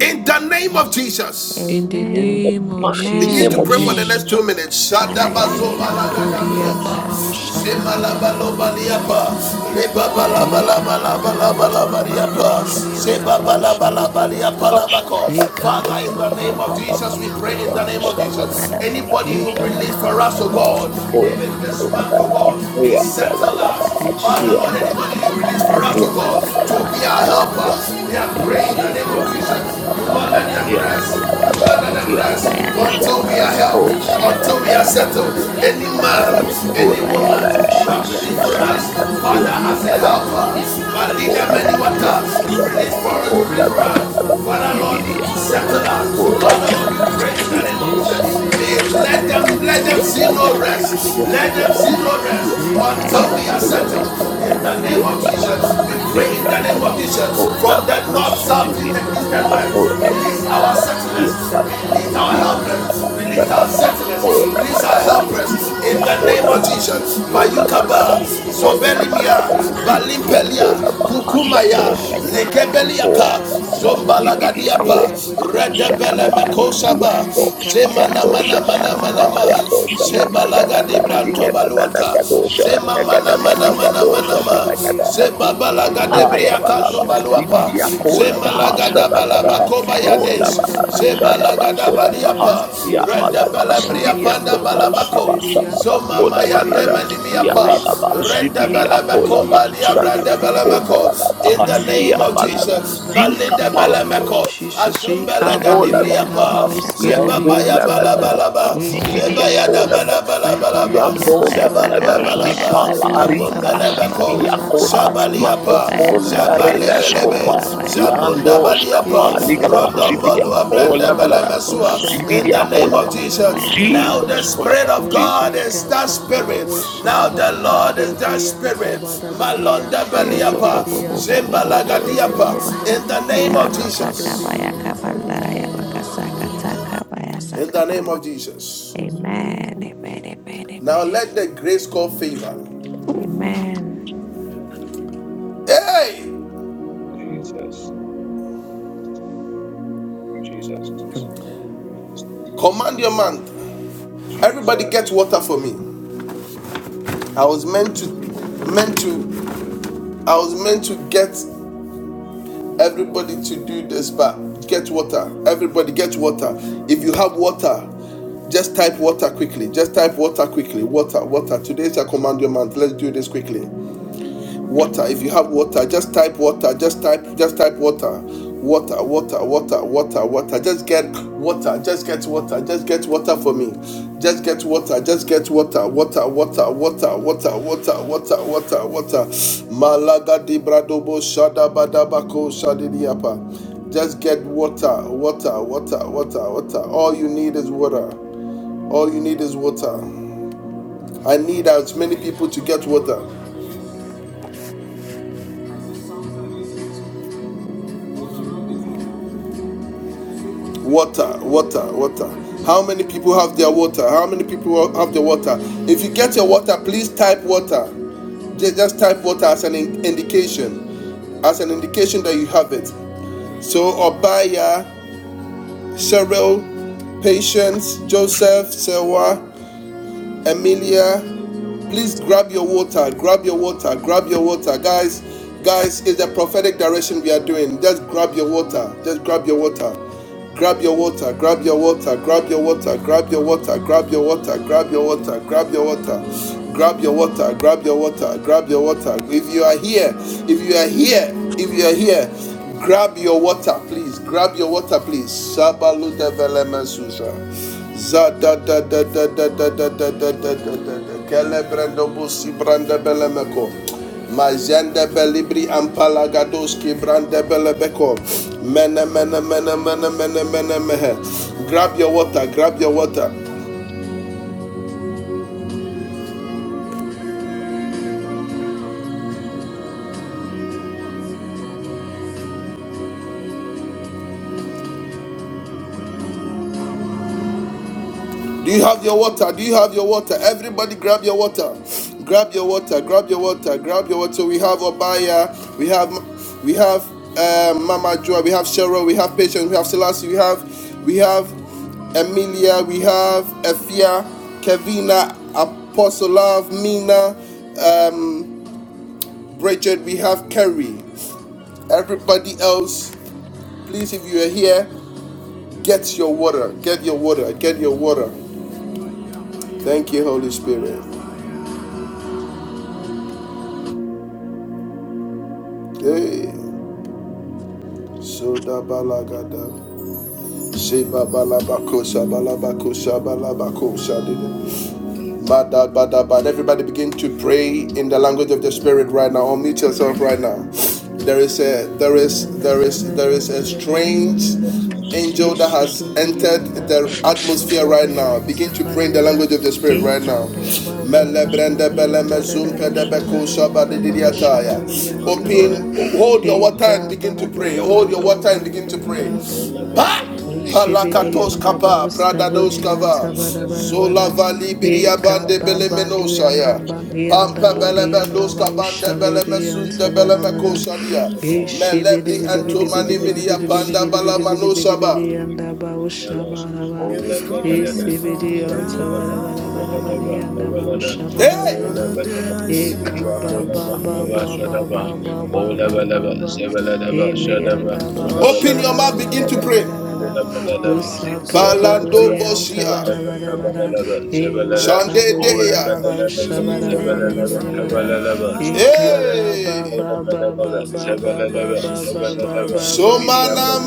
[SPEAKER 1] In the name of Jesus.
[SPEAKER 11] In the
[SPEAKER 2] in the
[SPEAKER 12] Amen.
[SPEAKER 11] name of
[SPEAKER 2] mighty
[SPEAKER 1] Begin
[SPEAKER 12] Amen.
[SPEAKER 1] to
[SPEAKER 2] name of
[SPEAKER 1] pray for the
[SPEAKER 11] Jesus.
[SPEAKER 1] next
[SPEAKER 12] Amen.
[SPEAKER 2] Jesus.
[SPEAKER 1] two minutes.
[SPEAKER 12] Father, in the
[SPEAKER 11] Eh,
[SPEAKER 12] name of Jesus,
[SPEAKER 11] kabodi
[SPEAKER 12] whoever
[SPEAKER 11] yanda
[SPEAKER 1] Shadabazobalagadabriyapa,
[SPEAKER 11] ba
[SPEAKER 12] has
[SPEAKER 11] usha da
[SPEAKER 12] the
[SPEAKER 11] la la
[SPEAKER 12] Father,
[SPEAKER 11] la la la
[SPEAKER 1] Zemalabalobaliapa,
[SPEAKER 11] la la la.
[SPEAKER 12] until I am
[SPEAKER 11] Eka
[SPEAKER 12] settled,
[SPEAKER 11] bam
[SPEAKER 12] O
[SPEAKER 11] bam
[SPEAKER 12] Lord,
[SPEAKER 11] bam bam
[SPEAKER 12] Father, in
[SPEAKER 11] bam
[SPEAKER 12] the
[SPEAKER 11] bam
[SPEAKER 1] Lebabalabalabalabalabaliyapa,
[SPEAKER 12] name
[SPEAKER 11] bam
[SPEAKER 12] of
[SPEAKER 11] ni
[SPEAKER 12] Jesus,
[SPEAKER 11] anda
[SPEAKER 12] I
[SPEAKER 11] ba ushimbi
[SPEAKER 12] am
[SPEAKER 11] di
[SPEAKER 12] settled,
[SPEAKER 11] anda.
[SPEAKER 12] O Lord,
[SPEAKER 1] Zebabalabalabaliyapalabako.
[SPEAKER 12] Father, we with
[SPEAKER 11] Eka
[SPEAKER 1] Father,
[SPEAKER 12] that.
[SPEAKER 11] ba
[SPEAKER 1] in the
[SPEAKER 11] ba ba
[SPEAKER 1] name of
[SPEAKER 11] ba ba
[SPEAKER 1] Jesus,
[SPEAKER 11] ni
[SPEAKER 1] we pray
[SPEAKER 11] anda
[SPEAKER 1] in
[SPEAKER 11] ba
[SPEAKER 1] the name of
[SPEAKER 11] ushana
[SPEAKER 12] But
[SPEAKER 11] la.
[SPEAKER 1] Jesus.
[SPEAKER 12] that I'm not
[SPEAKER 1] Anybody you
[SPEAKER 12] grateful
[SPEAKER 11] Eka
[SPEAKER 12] when I
[SPEAKER 1] release
[SPEAKER 11] bam
[SPEAKER 1] for
[SPEAKER 12] call,
[SPEAKER 1] us,
[SPEAKER 11] bam
[SPEAKER 1] oh
[SPEAKER 11] bam
[SPEAKER 1] God,
[SPEAKER 11] bam.
[SPEAKER 12] Father,
[SPEAKER 11] ba
[SPEAKER 12] in
[SPEAKER 11] ba
[SPEAKER 1] even
[SPEAKER 11] ba
[SPEAKER 12] the name
[SPEAKER 11] ba
[SPEAKER 1] this
[SPEAKER 12] of
[SPEAKER 1] man,
[SPEAKER 11] bam
[SPEAKER 1] oh
[SPEAKER 11] bam
[SPEAKER 12] Jesus,
[SPEAKER 1] God,
[SPEAKER 11] ni
[SPEAKER 12] Father,
[SPEAKER 1] he
[SPEAKER 11] andi
[SPEAKER 2] Yeah,
[SPEAKER 11] bidi bidi.
[SPEAKER 1] settled us.
[SPEAKER 12] Father, in the
[SPEAKER 1] Father,
[SPEAKER 2] yeah,
[SPEAKER 12] name
[SPEAKER 1] Lord,
[SPEAKER 12] of
[SPEAKER 2] but,
[SPEAKER 11] Ishika
[SPEAKER 1] anybody
[SPEAKER 11] ba
[SPEAKER 12] Jesus,
[SPEAKER 1] you
[SPEAKER 11] ba
[SPEAKER 1] release
[SPEAKER 11] ba
[SPEAKER 1] for
[SPEAKER 2] uh,
[SPEAKER 11] ma
[SPEAKER 1] us,
[SPEAKER 2] yeah,
[SPEAKER 12] Pandaraya
[SPEAKER 1] oh
[SPEAKER 11] na
[SPEAKER 2] but,
[SPEAKER 1] God,
[SPEAKER 11] da da
[SPEAKER 1] to
[SPEAKER 11] da
[SPEAKER 1] be
[SPEAKER 12] Masakabaya
[SPEAKER 11] da
[SPEAKER 1] our
[SPEAKER 2] uh,
[SPEAKER 11] da da
[SPEAKER 2] yeah,
[SPEAKER 1] helper,
[SPEAKER 11] da.
[SPEAKER 12] Sakaba,
[SPEAKER 1] we are praying in the
[SPEAKER 12] Yoromosuko
[SPEAKER 1] name
[SPEAKER 2] yeah,
[SPEAKER 1] of
[SPEAKER 11] Ishika
[SPEAKER 12] Baba
[SPEAKER 11] ba
[SPEAKER 1] Jesus.
[SPEAKER 11] ba ba
[SPEAKER 1] You will
[SPEAKER 12] Baba
[SPEAKER 11] ba
[SPEAKER 1] not
[SPEAKER 11] ba
[SPEAKER 1] let
[SPEAKER 12] Baba
[SPEAKER 1] them
[SPEAKER 11] ba
[SPEAKER 12] Baba
[SPEAKER 2] yeah,
[SPEAKER 11] ba
[SPEAKER 2] but, uh, yeah, but,
[SPEAKER 1] rest
[SPEAKER 11] ba ba
[SPEAKER 12] Baba
[SPEAKER 11] ba ba
[SPEAKER 1] rather
[SPEAKER 2] uh,
[SPEAKER 1] than
[SPEAKER 2] yeah,
[SPEAKER 11] ba ba
[SPEAKER 1] rest
[SPEAKER 2] but,
[SPEAKER 11] ba
[SPEAKER 12] Baya
[SPEAKER 11] ba ba
[SPEAKER 12] saka
[SPEAKER 1] until
[SPEAKER 11] ba.
[SPEAKER 12] ba
[SPEAKER 1] we
[SPEAKER 12] ba
[SPEAKER 1] are
[SPEAKER 2] uh,
[SPEAKER 12] ba
[SPEAKER 1] helped,
[SPEAKER 12] ba
[SPEAKER 2] oh, yeah,
[SPEAKER 12] baya
[SPEAKER 11] Isha da
[SPEAKER 1] until
[SPEAKER 11] da
[SPEAKER 12] saka
[SPEAKER 2] but,
[SPEAKER 1] we are
[SPEAKER 11] da
[SPEAKER 12] ba
[SPEAKER 11] da
[SPEAKER 12] ba
[SPEAKER 11] da
[SPEAKER 12] ba
[SPEAKER 11] da
[SPEAKER 1] settled.
[SPEAKER 2] uh,
[SPEAKER 12] ba.
[SPEAKER 11] da
[SPEAKER 1] Any
[SPEAKER 11] da da da.
[SPEAKER 1] man,
[SPEAKER 12] Baba Musa
[SPEAKER 11] In
[SPEAKER 12] ko
[SPEAKER 1] any
[SPEAKER 11] the
[SPEAKER 12] baya
[SPEAKER 1] woman,
[SPEAKER 11] name
[SPEAKER 12] kaza
[SPEAKER 11] of
[SPEAKER 12] ba
[SPEAKER 1] you are
[SPEAKER 12] ba.
[SPEAKER 1] ready
[SPEAKER 12] Father,
[SPEAKER 11] Jesus,
[SPEAKER 1] for
[SPEAKER 12] let
[SPEAKER 1] us.
[SPEAKER 12] them not
[SPEAKER 11] Ekaba,
[SPEAKER 12] sleep
[SPEAKER 1] Father,
[SPEAKER 12] until
[SPEAKER 1] as a
[SPEAKER 12] they set
[SPEAKER 11] Ekaba,
[SPEAKER 1] helper,
[SPEAKER 12] from
[SPEAKER 11] the
[SPEAKER 12] me.
[SPEAKER 1] Father, lead
[SPEAKER 11] Andabas,
[SPEAKER 1] them
[SPEAKER 12] Father,
[SPEAKER 1] many
[SPEAKER 12] let
[SPEAKER 11] Kabudi,
[SPEAKER 12] them
[SPEAKER 1] water.
[SPEAKER 12] not
[SPEAKER 1] You
[SPEAKER 12] sleep
[SPEAKER 1] release
[SPEAKER 11] Antabada,
[SPEAKER 12] until
[SPEAKER 1] for
[SPEAKER 12] they
[SPEAKER 1] us, you
[SPEAKER 12] set
[SPEAKER 1] release for
[SPEAKER 12] from me.
[SPEAKER 1] us.
[SPEAKER 12] Lord.
[SPEAKER 11] Ekaba,
[SPEAKER 1] Father,
[SPEAKER 11] ba,
[SPEAKER 12] Father,
[SPEAKER 11] ba,
[SPEAKER 12] in
[SPEAKER 1] Lord,
[SPEAKER 12] the
[SPEAKER 11] ba, ba,
[SPEAKER 1] you
[SPEAKER 11] ba,
[SPEAKER 12] name of
[SPEAKER 11] ba,
[SPEAKER 1] settle us.
[SPEAKER 12] Jesus.
[SPEAKER 11] ba, ba,
[SPEAKER 1] Father, Lord,
[SPEAKER 11] ba,
[SPEAKER 1] we
[SPEAKER 12] Father, in
[SPEAKER 11] ba,
[SPEAKER 1] pray in
[SPEAKER 12] the
[SPEAKER 1] the name
[SPEAKER 12] name
[SPEAKER 1] of
[SPEAKER 12] of
[SPEAKER 1] Jesus.
[SPEAKER 11] Eshe,
[SPEAKER 12] Jesus,
[SPEAKER 11] vede,
[SPEAKER 1] May,
[SPEAKER 11] vede,
[SPEAKER 12] Lord.
[SPEAKER 11] vede,
[SPEAKER 1] let them,
[SPEAKER 11] vede, vede,
[SPEAKER 1] let
[SPEAKER 11] vede,
[SPEAKER 12] Father,
[SPEAKER 1] them
[SPEAKER 12] in
[SPEAKER 11] vede,
[SPEAKER 1] see
[SPEAKER 12] the
[SPEAKER 1] no
[SPEAKER 12] name
[SPEAKER 11] vede, vede,
[SPEAKER 12] of
[SPEAKER 11] vede,
[SPEAKER 1] rest.
[SPEAKER 11] vede,
[SPEAKER 12] Jesus,
[SPEAKER 11] vede,
[SPEAKER 1] Let them
[SPEAKER 12] Lord.
[SPEAKER 11] vede,
[SPEAKER 1] see
[SPEAKER 12] Father,
[SPEAKER 11] vede,
[SPEAKER 1] no
[SPEAKER 12] in the
[SPEAKER 1] rest
[SPEAKER 12] name.
[SPEAKER 2] Yeah,
[SPEAKER 12] Let
[SPEAKER 1] until
[SPEAKER 12] them
[SPEAKER 1] we
[SPEAKER 11] Ekaba,
[SPEAKER 1] are
[SPEAKER 12] see
[SPEAKER 11] ba,
[SPEAKER 12] no
[SPEAKER 1] settled.
[SPEAKER 11] ba,
[SPEAKER 12] rest, O
[SPEAKER 11] ba,
[SPEAKER 12] Lord,
[SPEAKER 1] In
[SPEAKER 11] ba,
[SPEAKER 1] the
[SPEAKER 11] ba,
[SPEAKER 12] until they
[SPEAKER 1] name of
[SPEAKER 11] ba,
[SPEAKER 12] have
[SPEAKER 11] ba,
[SPEAKER 12] helped
[SPEAKER 1] Jesus,
[SPEAKER 11] ba,
[SPEAKER 12] me,
[SPEAKER 1] We
[SPEAKER 11] ba,
[SPEAKER 12] Lord.
[SPEAKER 1] pray
[SPEAKER 11] ba,
[SPEAKER 1] pray in
[SPEAKER 12] Father,
[SPEAKER 11] ba,
[SPEAKER 1] the
[SPEAKER 12] in
[SPEAKER 1] name
[SPEAKER 12] the
[SPEAKER 11] ba,
[SPEAKER 1] of
[SPEAKER 12] name.
[SPEAKER 11] the
[SPEAKER 1] Jesus.
[SPEAKER 11] Anda,
[SPEAKER 1] From the north,
[SPEAKER 12] Father,
[SPEAKER 11] Osha,
[SPEAKER 12] in
[SPEAKER 1] south,
[SPEAKER 11] la,
[SPEAKER 12] the
[SPEAKER 1] east,
[SPEAKER 11] la,
[SPEAKER 1] and
[SPEAKER 11] la,
[SPEAKER 12] name
[SPEAKER 1] east
[SPEAKER 12] of
[SPEAKER 11] la,
[SPEAKER 1] and
[SPEAKER 11] la,
[SPEAKER 1] west,
[SPEAKER 11] la,
[SPEAKER 12] Jesus,
[SPEAKER 11] la, la, la, la,
[SPEAKER 12] so
[SPEAKER 1] release
[SPEAKER 11] la,
[SPEAKER 12] God,
[SPEAKER 1] our
[SPEAKER 11] la,
[SPEAKER 12] so in
[SPEAKER 1] settlers,
[SPEAKER 12] the
[SPEAKER 11] Osaka,
[SPEAKER 12] precious
[SPEAKER 1] release our
[SPEAKER 12] blood.
[SPEAKER 11] Budi,
[SPEAKER 1] helpers,
[SPEAKER 11] Antabada,
[SPEAKER 1] release
[SPEAKER 11] bada,
[SPEAKER 1] our
[SPEAKER 11] bada.
[SPEAKER 1] settlers, release
[SPEAKER 11] Eka
[SPEAKER 1] our
[SPEAKER 11] badi
[SPEAKER 1] helpers
[SPEAKER 11] anda
[SPEAKER 1] in the
[SPEAKER 11] bausha
[SPEAKER 1] name of
[SPEAKER 11] buria.
[SPEAKER 1] Jesus.
[SPEAKER 11] Imini
[SPEAKER 1] Bayukaba,
[SPEAKER 11] anti bidi bidi bidi.
[SPEAKER 1] Zobelimia,
[SPEAKER 12] In
[SPEAKER 11] Eka
[SPEAKER 12] the
[SPEAKER 11] bada
[SPEAKER 12] name of
[SPEAKER 1] Balimpelia,
[SPEAKER 11] dadi
[SPEAKER 12] Jesus.
[SPEAKER 11] anda ba.
[SPEAKER 1] Kukumaya,
[SPEAKER 11] Usha bada badi
[SPEAKER 12] Andarayamakayacha,
[SPEAKER 11] anda
[SPEAKER 1] Lekebeliaka,
[SPEAKER 11] bauska buria.
[SPEAKER 12] Yoromosoko
[SPEAKER 2] Zibidi
[SPEAKER 12] Baba,
[SPEAKER 1] Zombalagadiapa,
[SPEAKER 2] akola
[SPEAKER 11] Eka bidi bidi bidi
[SPEAKER 2] bahasha
[SPEAKER 11] bidi
[SPEAKER 1] Redebele
[SPEAKER 11] bidi
[SPEAKER 12] Yaramakaba
[SPEAKER 11] bidi.
[SPEAKER 2] tabat.
[SPEAKER 12] Baba,
[SPEAKER 1] Mekosaba,
[SPEAKER 11] Ande
[SPEAKER 2] Doshaya
[SPEAKER 11] kata
[SPEAKER 1] Zemana
[SPEAKER 11] ba
[SPEAKER 1] Mana
[SPEAKER 2] Dosha,
[SPEAKER 12] Yaramasaka
[SPEAKER 1] Mana
[SPEAKER 11] usha
[SPEAKER 12] Baba,
[SPEAKER 1] Mana
[SPEAKER 11] bada
[SPEAKER 2] Saya
[SPEAKER 1] Ma,
[SPEAKER 11] bada.
[SPEAKER 2] dosha,
[SPEAKER 11] Eka bana
[SPEAKER 12] Yaramasaka
[SPEAKER 1] Zebalagadi
[SPEAKER 2] Nagada,
[SPEAKER 11] badi
[SPEAKER 12] Baba,
[SPEAKER 2] Ligada,
[SPEAKER 11] anda ba.
[SPEAKER 1] Brantobaluata,
[SPEAKER 2] Nagadosha,
[SPEAKER 11] Usha
[SPEAKER 1] Zema
[SPEAKER 11] bada
[SPEAKER 2] Nagada,
[SPEAKER 11] bada
[SPEAKER 1] mana mana
[SPEAKER 11] badi anda
[SPEAKER 1] mana
[SPEAKER 11] ba
[SPEAKER 12] Yaramasaka
[SPEAKER 1] mana
[SPEAKER 2] Nagadosha,
[SPEAKER 11] ushi
[SPEAKER 1] ma.
[SPEAKER 12] Baba,
[SPEAKER 11] bidia.
[SPEAKER 1] Zeba
[SPEAKER 11] Eke
[SPEAKER 1] balaga
[SPEAKER 11] bidi anda
[SPEAKER 2] Haya
[SPEAKER 1] debria
[SPEAKER 11] ba
[SPEAKER 2] balaba
[SPEAKER 1] kando
[SPEAKER 11] usha bada.
[SPEAKER 1] baluapa.
[SPEAKER 2] sibidi
[SPEAKER 12] Yoromosokarabayabaya
[SPEAKER 11] Eka
[SPEAKER 2] akola
[SPEAKER 11] ba
[SPEAKER 1] Zema
[SPEAKER 12] Bayasaka
[SPEAKER 11] ba
[SPEAKER 12] Baba,
[SPEAKER 1] laga
[SPEAKER 2] bahasa
[SPEAKER 11] ba
[SPEAKER 1] da
[SPEAKER 11] ba
[SPEAKER 2] balada
[SPEAKER 1] balaba
[SPEAKER 11] dia.
[SPEAKER 2] hasi
[SPEAKER 1] koba
[SPEAKER 2] kola
[SPEAKER 11] Isa
[SPEAKER 1] yades.
[SPEAKER 11] bada
[SPEAKER 12] Yaramasaka
[SPEAKER 11] bada
[SPEAKER 2] balada
[SPEAKER 12] Baba,
[SPEAKER 1] Zeba
[SPEAKER 11] anda
[SPEAKER 2] sada
[SPEAKER 11] ba
[SPEAKER 1] laga da
[SPEAKER 12] Yasaka
[SPEAKER 11] usha
[SPEAKER 2] bakoda
[SPEAKER 11] bada.
[SPEAKER 12] Baba,
[SPEAKER 1] baliapa.
[SPEAKER 2] bahasi ya
[SPEAKER 11] Eka
[SPEAKER 1] Renda
[SPEAKER 2] balaba
[SPEAKER 11] baba
[SPEAKER 1] balabria
[SPEAKER 2] sibidi
[SPEAKER 1] panda
[SPEAKER 11] badianda
[SPEAKER 2] akola
[SPEAKER 12] Yoromosoko
[SPEAKER 2] balaba
[SPEAKER 1] balabako.
[SPEAKER 11] baushibiria.
[SPEAKER 2] sada
[SPEAKER 1] Zoma
[SPEAKER 2] bakoda
[SPEAKER 11] Eke
[SPEAKER 1] maya
[SPEAKER 2] balada
[SPEAKER 1] demeni
[SPEAKER 11] birianta
[SPEAKER 2] ya
[SPEAKER 12] Yoromosoko
[SPEAKER 1] miapa.
[SPEAKER 2] balaba
[SPEAKER 12] Bayasaka,
[SPEAKER 11] baushala.
[SPEAKER 1] Renda
[SPEAKER 2] sibidi akola
[SPEAKER 1] balabako
[SPEAKER 11] Imakanini
[SPEAKER 1] balia
[SPEAKER 2] bahasa da
[SPEAKER 1] branda
[SPEAKER 11] antibidi
[SPEAKER 2] bakola
[SPEAKER 1] balamako.
[SPEAKER 2] balada
[SPEAKER 1] In the
[SPEAKER 2] hasi ya
[SPEAKER 1] name of
[SPEAKER 11] Andika ba
[SPEAKER 2] balada
[SPEAKER 1] Jesus.
[SPEAKER 11] ba
[SPEAKER 2] zika
[SPEAKER 1] Balinda
[SPEAKER 11] in the
[SPEAKER 2] pala
[SPEAKER 11] name
[SPEAKER 1] balamako.
[SPEAKER 11] of
[SPEAKER 2] kosa
[SPEAKER 11] Jesus. Ika
[SPEAKER 2] Jesus
[SPEAKER 1] Azumbalaga
[SPEAKER 11] ba
[SPEAKER 2] kola
[SPEAKER 11] di
[SPEAKER 12] Yaramasaka
[SPEAKER 11] anda
[SPEAKER 1] debriapa.
[SPEAKER 12] Baba,
[SPEAKER 11] ba
[SPEAKER 2] balada
[SPEAKER 12] Yasaka
[SPEAKER 11] uskabo
[SPEAKER 12] Baba,
[SPEAKER 11] di
[SPEAKER 2] yando la
[SPEAKER 11] anta bara.
[SPEAKER 2] balada
[SPEAKER 1] Ba.
[SPEAKER 11] Ike bi
[SPEAKER 2] zibidi
[SPEAKER 11] di
[SPEAKER 12] Yoromosoko
[SPEAKER 11] anda.
[SPEAKER 2] akola
[SPEAKER 1] Alaba.
[SPEAKER 11] Ye bi di
[SPEAKER 2] Yambo
[SPEAKER 11] anta
[SPEAKER 2] la da da
[SPEAKER 11] bara.
[SPEAKER 2] da
[SPEAKER 12] Yabayasaka baba
[SPEAKER 2] jipa
[SPEAKER 11] Ushubo
[SPEAKER 12] yasaka
[SPEAKER 2] la
[SPEAKER 11] di
[SPEAKER 12] baba
[SPEAKER 11] anta
[SPEAKER 2] rica
[SPEAKER 12] baba
[SPEAKER 11] bara.
[SPEAKER 12] baba
[SPEAKER 2] sipia
[SPEAKER 11] Ima
[SPEAKER 12] baba
[SPEAKER 2] cola
[SPEAKER 1] Shaba.
[SPEAKER 11] kamani ni anta
[SPEAKER 12] bayasa
[SPEAKER 11] bara.
[SPEAKER 2] maconda
[SPEAKER 1] Shaba.
[SPEAKER 12] bayasaka
[SPEAKER 11] Bada
[SPEAKER 12] baba
[SPEAKER 2] relescopa
[SPEAKER 11] Bada Bada
[SPEAKER 12] bayaka
[SPEAKER 11] bara
[SPEAKER 12] ba
[SPEAKER 1] Zabunda
[SPEAKER 11] bara.
[SPEAKER 2] yando scapa
[SPEAKER 11] Ika
[SPEAKER 2] liga da
[SPEAKER 12] oyosoko
[SPEAKER 11] ba ba
[SPEAKER 12] bobo
[SPEAKER 2] sibia
[SPEAKER 11] bam
[SPEAKER 1] Rodombo
[SPEAKER 12] bobo
[SPEAKER 11] bam bam
[SPEAKER 1] Abrenda
[SPEAKER 2] ola da
[SPEAKER 11] bam.
[SPEAKER 12] oyosoko
[SPEAKER 2] da
[SPEAKER 1] Balamesua
[SPEAKER 12] baba
[SPEAKER 11] Ushara
[SPEAKER 12] yaka
[SPEAKER 1] in
[SPEAKER 11] da
[SPEAKER 2] sibia
[SPEAKER 11] da da
[SPEAKER 12] baba
[SPEAKER 11] da
[SPEAKER 2] cola
[SPEAKER 11] da
[SPEAKER 2] ba
[SPEAKER 11] da da da da da
[SPEAKER 12] bayasaka
[SPEAKER 11] da
[SPEAKER 12] ba
[SPEAKER 11] da
[SPEAKER 2] Jesus
[SPEAKER 11] da.
[SPEAKER 2] cola
[SPEAKER 1] express
[SPEAKER 2] ba Jesus
[SPEAKER 1] that
[SPEAKER 11] Ushikata
[SPEAKER 1] spirit now.
[SPEAKER 11] ushaba kabo di
[SPEAKER 2] Mm,
[SPEAKER 12] oyosoko bobo
[SPEAKER 11] Ibidiyanda
[SPEAKER 12] bobo
[SPEAKER 2] Jesus
[SPEAKER 12] bobo oyosoko ba
[SPEAKER 11] balushibidiyanda
[SPEAKER 1] in the name of
[SPEAKER 12] yarabasaka
[SPEAKER 1] Jesus.
[SPEAKER 12] bayaka
[SPEAKER 11] imakadodidiyanta.
[SPEAKER 12] bandara
[SPEAKER 11] Amen.
[SPEAKER 12] yabakasaka
[SPEAKER 11] Amen.
[SPEAKER 12] taka
[SPEAKER 11] Amen.
[SPEAKER 1] In
[SPEAKER 12] bayasaka
[SPEAKER 1] the name
[SPEAKER 12] baba.
[SPEAKER 1] of Jesus.
[SPEAKER 12] Amen.
[SPEAKER 11] Amen.
[SPEAKER 12] Amen. Amen.
[SPEAKER 1] Now
[SPEAKER 12] Amen.
[SPEAKER 1] let the grace call favor.
[SPEAKER 12] Amen.
[SPEAKER 1] Hey!
[SPEAKER 2] Jesus Jesus
[SPEAKER 1] Command your man. Everybody
[SPEAKER 2] Jesus
[SPEAKER 1] get water for me. I was meant to meant to I was meant to get Everybody to do this, but get water. Everybody get water. If you have water, just type water quickly. Just type water quickly. Water, water. Today's a command your month. Let's do this quickly water if you have water just type water just type just type water water water water water water just get water just get water just get water for me just get water just get water water water water water water water water water malaga di bradobo shada badabako shadidiapa just get water water water water water all you need is water all you need is water i need as many people to get water Water, water, water. How many people have their water? How many people have their water? If you get your water, please type water. Just type water as an indication, as an indication that you have it. So Obaya, Cheryl, Patience, Joseph, Sewa, Emilia, please grab your water, grab your water, grab your water, guys. Guys, it's the prophetic direction we are doing. Just grab your water. Just grab your water. Grab your water, grab your water, grab your water, grab your water, grab your water, grab your water, grab your water, grab your water, grab your water, grab your water. If you are here, if you are here, if you are here, grab your water, please. Grab your water, please. Sabalu de Velemesuza. Za da da da da da da da da da da da da da. Kelebrando busi brande belemeko. Mazende belibri ampalagadoski brande belebeko. Mene mene mene mene mene mene mehe. Grab your water, grab your water. Do you have your water? Do you have your water? Everybody grab your water. Grab your water, grab your water, grab your water. So We have Obaya, we have we have uh, Mama Joa, we have Cheryl, we have Patience, we have Selassie, we have we have Emilia, we have Efia, Kevina, Apostle Love, Mina. Bridget, we have Kerry. Everybody else, please, if you are here, get your water. Get your water. Get your water. Thank you, Holy Spirit. Hey. Soda balagada. Sheba balabakosa balabakosa balabakosa. But everybody begin to pray in the language of the spirit right now. Unmute yourself right now. There is a there is there
[SPEAKER 11] Ekababa
[SPEAKER 1] is there is a strange angel that has entered the atmosphere right now. Begin
[SPEAKER 2] Jesus
[SPEAKER 1] to pray in the language of
[SPEAKER 2] Ola
[SPEAKER 1] the spirit right now.
[SPEAKER 2] balaba,
[SPEAKER 1] Open, hold your
[SPEAKER 2] zibi,
[SPEAKER 1] water and begin to pray. Hold your water and begin to pray.
[SPEAKER 2] ola
[SPEAKER 1] Pa!
[SPEAKER 2] balaba, zibi, ola
[SPEAKER 1] Palakatos
[SPEAKER 2] balaba,
[SPEAKER 1] kapa, pradados kava,
[SPEAKER 2] Ola bala bala bala bala
[SPEAKER 1] zola vali biria bande
[SPEAKER 11] di
[SPEAKER 1] belemenosa
[SPEAKER 11] anda
[SPEAKER 1] ya.
[SPEAKER 11] ba di anda
[SPEAKER 1] Pampa
[SPEAKER 11] ba di
[SPEAKER 1] beleme
[SPEAKER 11] anda ba
[SPEAKER 1] kabande beleme
[SPEAKER 2] bala
[SPEAKER 11] ushavuri
[SPEAKER 1] sunte
[SPEAKER 11] anda ba da
[SPEAKER 1] beleme
[SPEAKER 11] ba da
[SPEAKER 2] bala
[SPEAKER 11] bara bara bara bara. bara
[SPEAKER 1] Melebri antomani miria panda
[SPEAKER 2] bala
[SPEAKER 1] balamanosa ba.
[SPEAKER 11] bara ba.
[SPEAKER 1] It is covering me
[SPEAKER 11] Esi bidi
[SPEAKER 1] from
[SPEAKER 11] yanta bara. bara bara. bara
[SPEAKER 1] now.
[SPEAKER 11] yanda ba usha bara
[SPEAKER 1] Hey!
[SPEAKER 11] bara ba. Eka ba ba ba ba ba ba ba ba ba ba ba. Emi yanda ba
[SPEAKER 2] bala bala
[SPEAKER 1] Open
[SPEAKER 11] usha
[SPEAKER 1] your
[SPEAKER 11] la
[SPEAKER 6] Thank
[SPEAKER 11] la
[SPEAKER 1] mouth,
[SPEAKER 11] la
[SPEAKER 1] begin
[SPEAKER 11] la
[SPEAKER 2] bala
[SPEAKER 1] to
[SPEAKER 11] la la
[SPEAKER 1] pray.
[SPEAKER 11] la la la. Usa katu
[SPEAKER 1] Palando
[SPEAKER 11] bidi yanta
[SPEAKER 1] bosia,
[SPEAKER 11] bara. bara bara. Ima
[SPEAKER 1] Shande
[SPEAKER 11] kabudi yanda
[SPEAKER 1] Deya.
[SPEAKER 11] ba
[SPEAKER 1] It is
[SPEAKER 11] usha bara bara
[SPEAKER 1] moving
[SPEAKER 11] bara
[SPEAKER 1] me
[SPEAKER 11] bara
[SPEAKER 1] from
[SPEAKER 11] bara.
[SPEAKER 1] now
[SPEAKER 11] Eka ba ba
[SPEAKER 1] Hey.
[SPEAKER 11] ba ba ba ba
[SPEAKER 1] until
[SPEAKER 11] ba ba
[SPEAKER 1] the
[SPEAKER 11] ba
[SPEAKER 1] day I
[SPEAKER 11] ba
[SPEAKER 1] see
[SPEAKER 11] ba
[SPEAKER 1] my
[SPEAKER 11] ba ba ba
[SPEAKER 1] Somana
[SPEAKER 11] ba.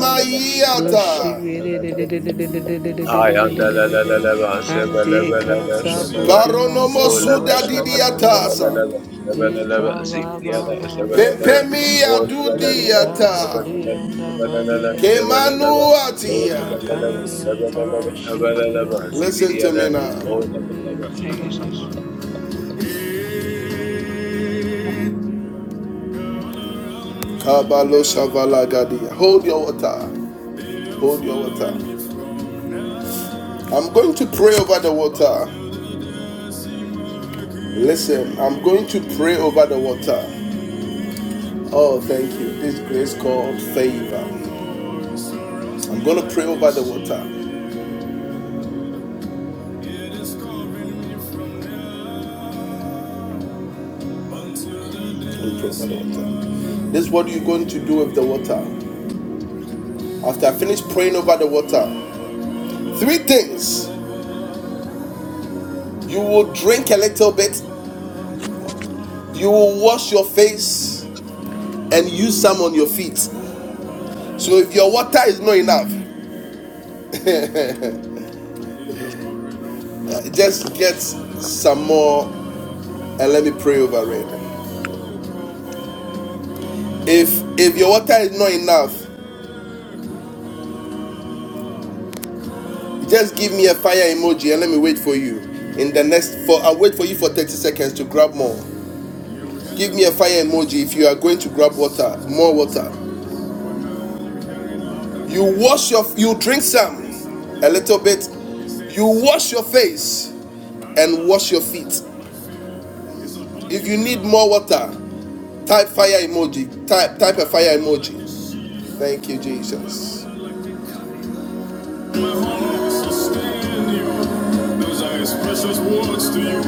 [SPEAKER 11] Lushi
[SPEAKER 1] Maiata.
[SPEAKER 11] re re re re re re re re re re re
[SPEAKER 2] Hi,
[SPEAKER 11] re
[SPEAKER 2] Allah,
[SPEAKER 11] re re
[SPEAKER 2] la,
[SPEAKER 11] re
[SPEAKER 2] la,
[SPEAKER 11] re.
[SPEAKER 2] la, la, ba, se, ba,
[SPEAKER 11] Ande
[SPEAKER 2] la, ba, la, ba,
[SPEAKER 11] kata
[SPEAKER 2] sha, la, ba.
[SPEAKER 11] bodi asa
[SPEAKER 1] Baronomo
[SPEAKER 2] Oh,
[SPEAKER 11] ba
[SPEAKER 2] la,
[SPEAKER 11] ba
[SPEAKER 2] ba,
[SPEAKER 1] Suda
[SPEAKER 2] la, ba,
[SPEAKER 11] shaba
[SPEAKER 2] la, ba,
[SPEAKER 11] la ba la la
[SPEAKER 1] Didiatasa.
[SPEAKER 2] se, ba, la, la, ba, se, ba, la, la, ba,
[SPEAKER 11] Eka
[SPEAKER 2] si,
[SPEAKER 11] ba
[SPEAKER 2] di,
[SPEAKER 11] ba
[SPEAKER 2] ya, la,
[SPEAKER 11] ba
[SPEAKER 2] se, ba,
[SPEAKER 11] ba
[SPEAKER 2] la, la,
[SPEAKER 11] ba
[SPEAKER 2] ba.
[SPEAKER 11] ba.
[SPEAKER 1] Pempemia
[SPEAKER 2] Oh, la, ba, la, la, la, ba,
[SPEAKER 11] Eka
[SPEAKER 2] se,
[SPEAKER 11] ba
[SPEAKER 2] ba, la,
[SPEAKER 1] Dudiata.
[SPEAKER 11] di
[SPEAKER 2] la,
[SPEAKER 11] anda
[SPEAKER 2] la, ba, la,
[SPEAKER 11] ba
[SPEAKER 2] la,
[SPEAKER 11] di
[SPEAKER 2] la,
[SPEAKER 11] ya.
[SPEAKER 2] se, ba, la, la, ba. Oh, la,
[SPEAKER 11] Ema
[SPEAKER 2] ba,
[SPEAKER 1] Kemanuatia.
[SPEAKER 2] la, la, ba,
[SPEAKER 11] kanini
[SPEAKER 2] la, ba,
[SPEAKER 11] anta
[SPEAKER 2] la,
[SPEAKER 11] ba
[SPEAKER 2] la,
[SPEAKER 11] o
[SPEAKER 2] ba, ha, ba, la, la,
[SPEAKER 11] shibiri
[SPEAKER 2] ba,
[SPEAKER 11] anda.
[SPEAKER 2] si,
[SPEAKER 1] Listen
[SPEAKER 2] di, ya,
[SPEAKER 1] to
[SPEAKER 2] la.
[SPEAKER 1] me now.
[SPEAKER 11] Eka
[SPEAKER 2] Oh, la, ba,
[SPEAKER 11] bodi
[SPEAKER 2] la, ba,
[SPEAKER 11] anta
[SPEAKER 10] In the
[SPEAKER 11] ba ba.
[SPEAKER 10] name
[SPEAKER 2] Jesus.
[SPEAKER 11] la
[SPEAKER 10] of Jesus.
[SPEAKER 11] la.
[SPEAKER 10] my Lord and Father, Thank
[SPEAKER 1] Kabalo Shavalagadia. Hold your water. Hold your water. I'm going to pray over the water. Listen, I'm going to pray over the water. Oh, thank you. This grace called favor. I'm going to pray over the water. I'm going pray over the water. This is what you're going to do with the water. After I finish praying over the water, three things. You will drink a little bit, you will wash your face,
[SPEAKER 6] you.
[SPEAKER 1] and use some on your feet.
[SPEAKER 6] Lord
[SPEAKER 1] So if
[SPEAKER 6] Jesus.
[SPEAKER 1] your water is not
[SPEAKER 10] you.
[SPEAKER 1] enough,
[SPEAKER 10] Mm.
[SPEAKER 1] just get some more and let me pray over it. If if your water is not enough, Just give me a fire emoji and let me wait for you. In the next for I'll wait for you for 30 seconds to grab more. Give me a fire emoji if you are going to grab water, more water. You wash your you drink some a little bit. You wash your face and wash your feet. If you need more water, type fire emoji. Type type a fire emoji. Thank you, Jesus. My heart wants to stand you. Those are his precious words to you.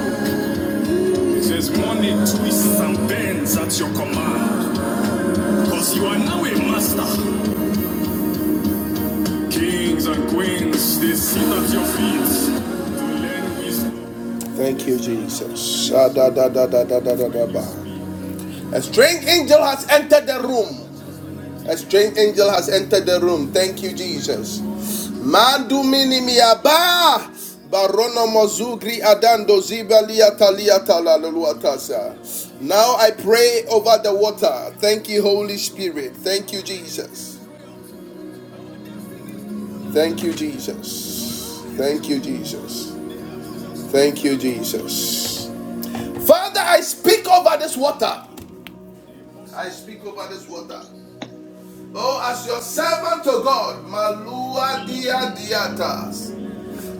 [SPEAKER 1] There's money, twists, and bends at your command. Cause you are now a master. Kings and queens, they sit at your feet. Thank you, Jesus. Sha-da-da-da-da-da-da-da-da. A strange angel has entered the room. A strange angel has entered the room. Thank you, Jesus. Madu minimiaba. Barono mozugri adando zibalia talia talaluatasa. Now I pray over the water. Thank you, Holy Spirit. Thank you, Jesus. Thank you, Jesus. Thank you,
[SPEAKER 10] Mm.
[SPEAKER 1] Jesus. Thank you, Jesus. Father, I speak over this water.
[SPEAKER 6] Lord,
[SPEAKER 1] I speak over this water. Oh, as your servant to God, Malua
[SPEAKER 6] Lord,
[SPEAKER 1] dia diatas.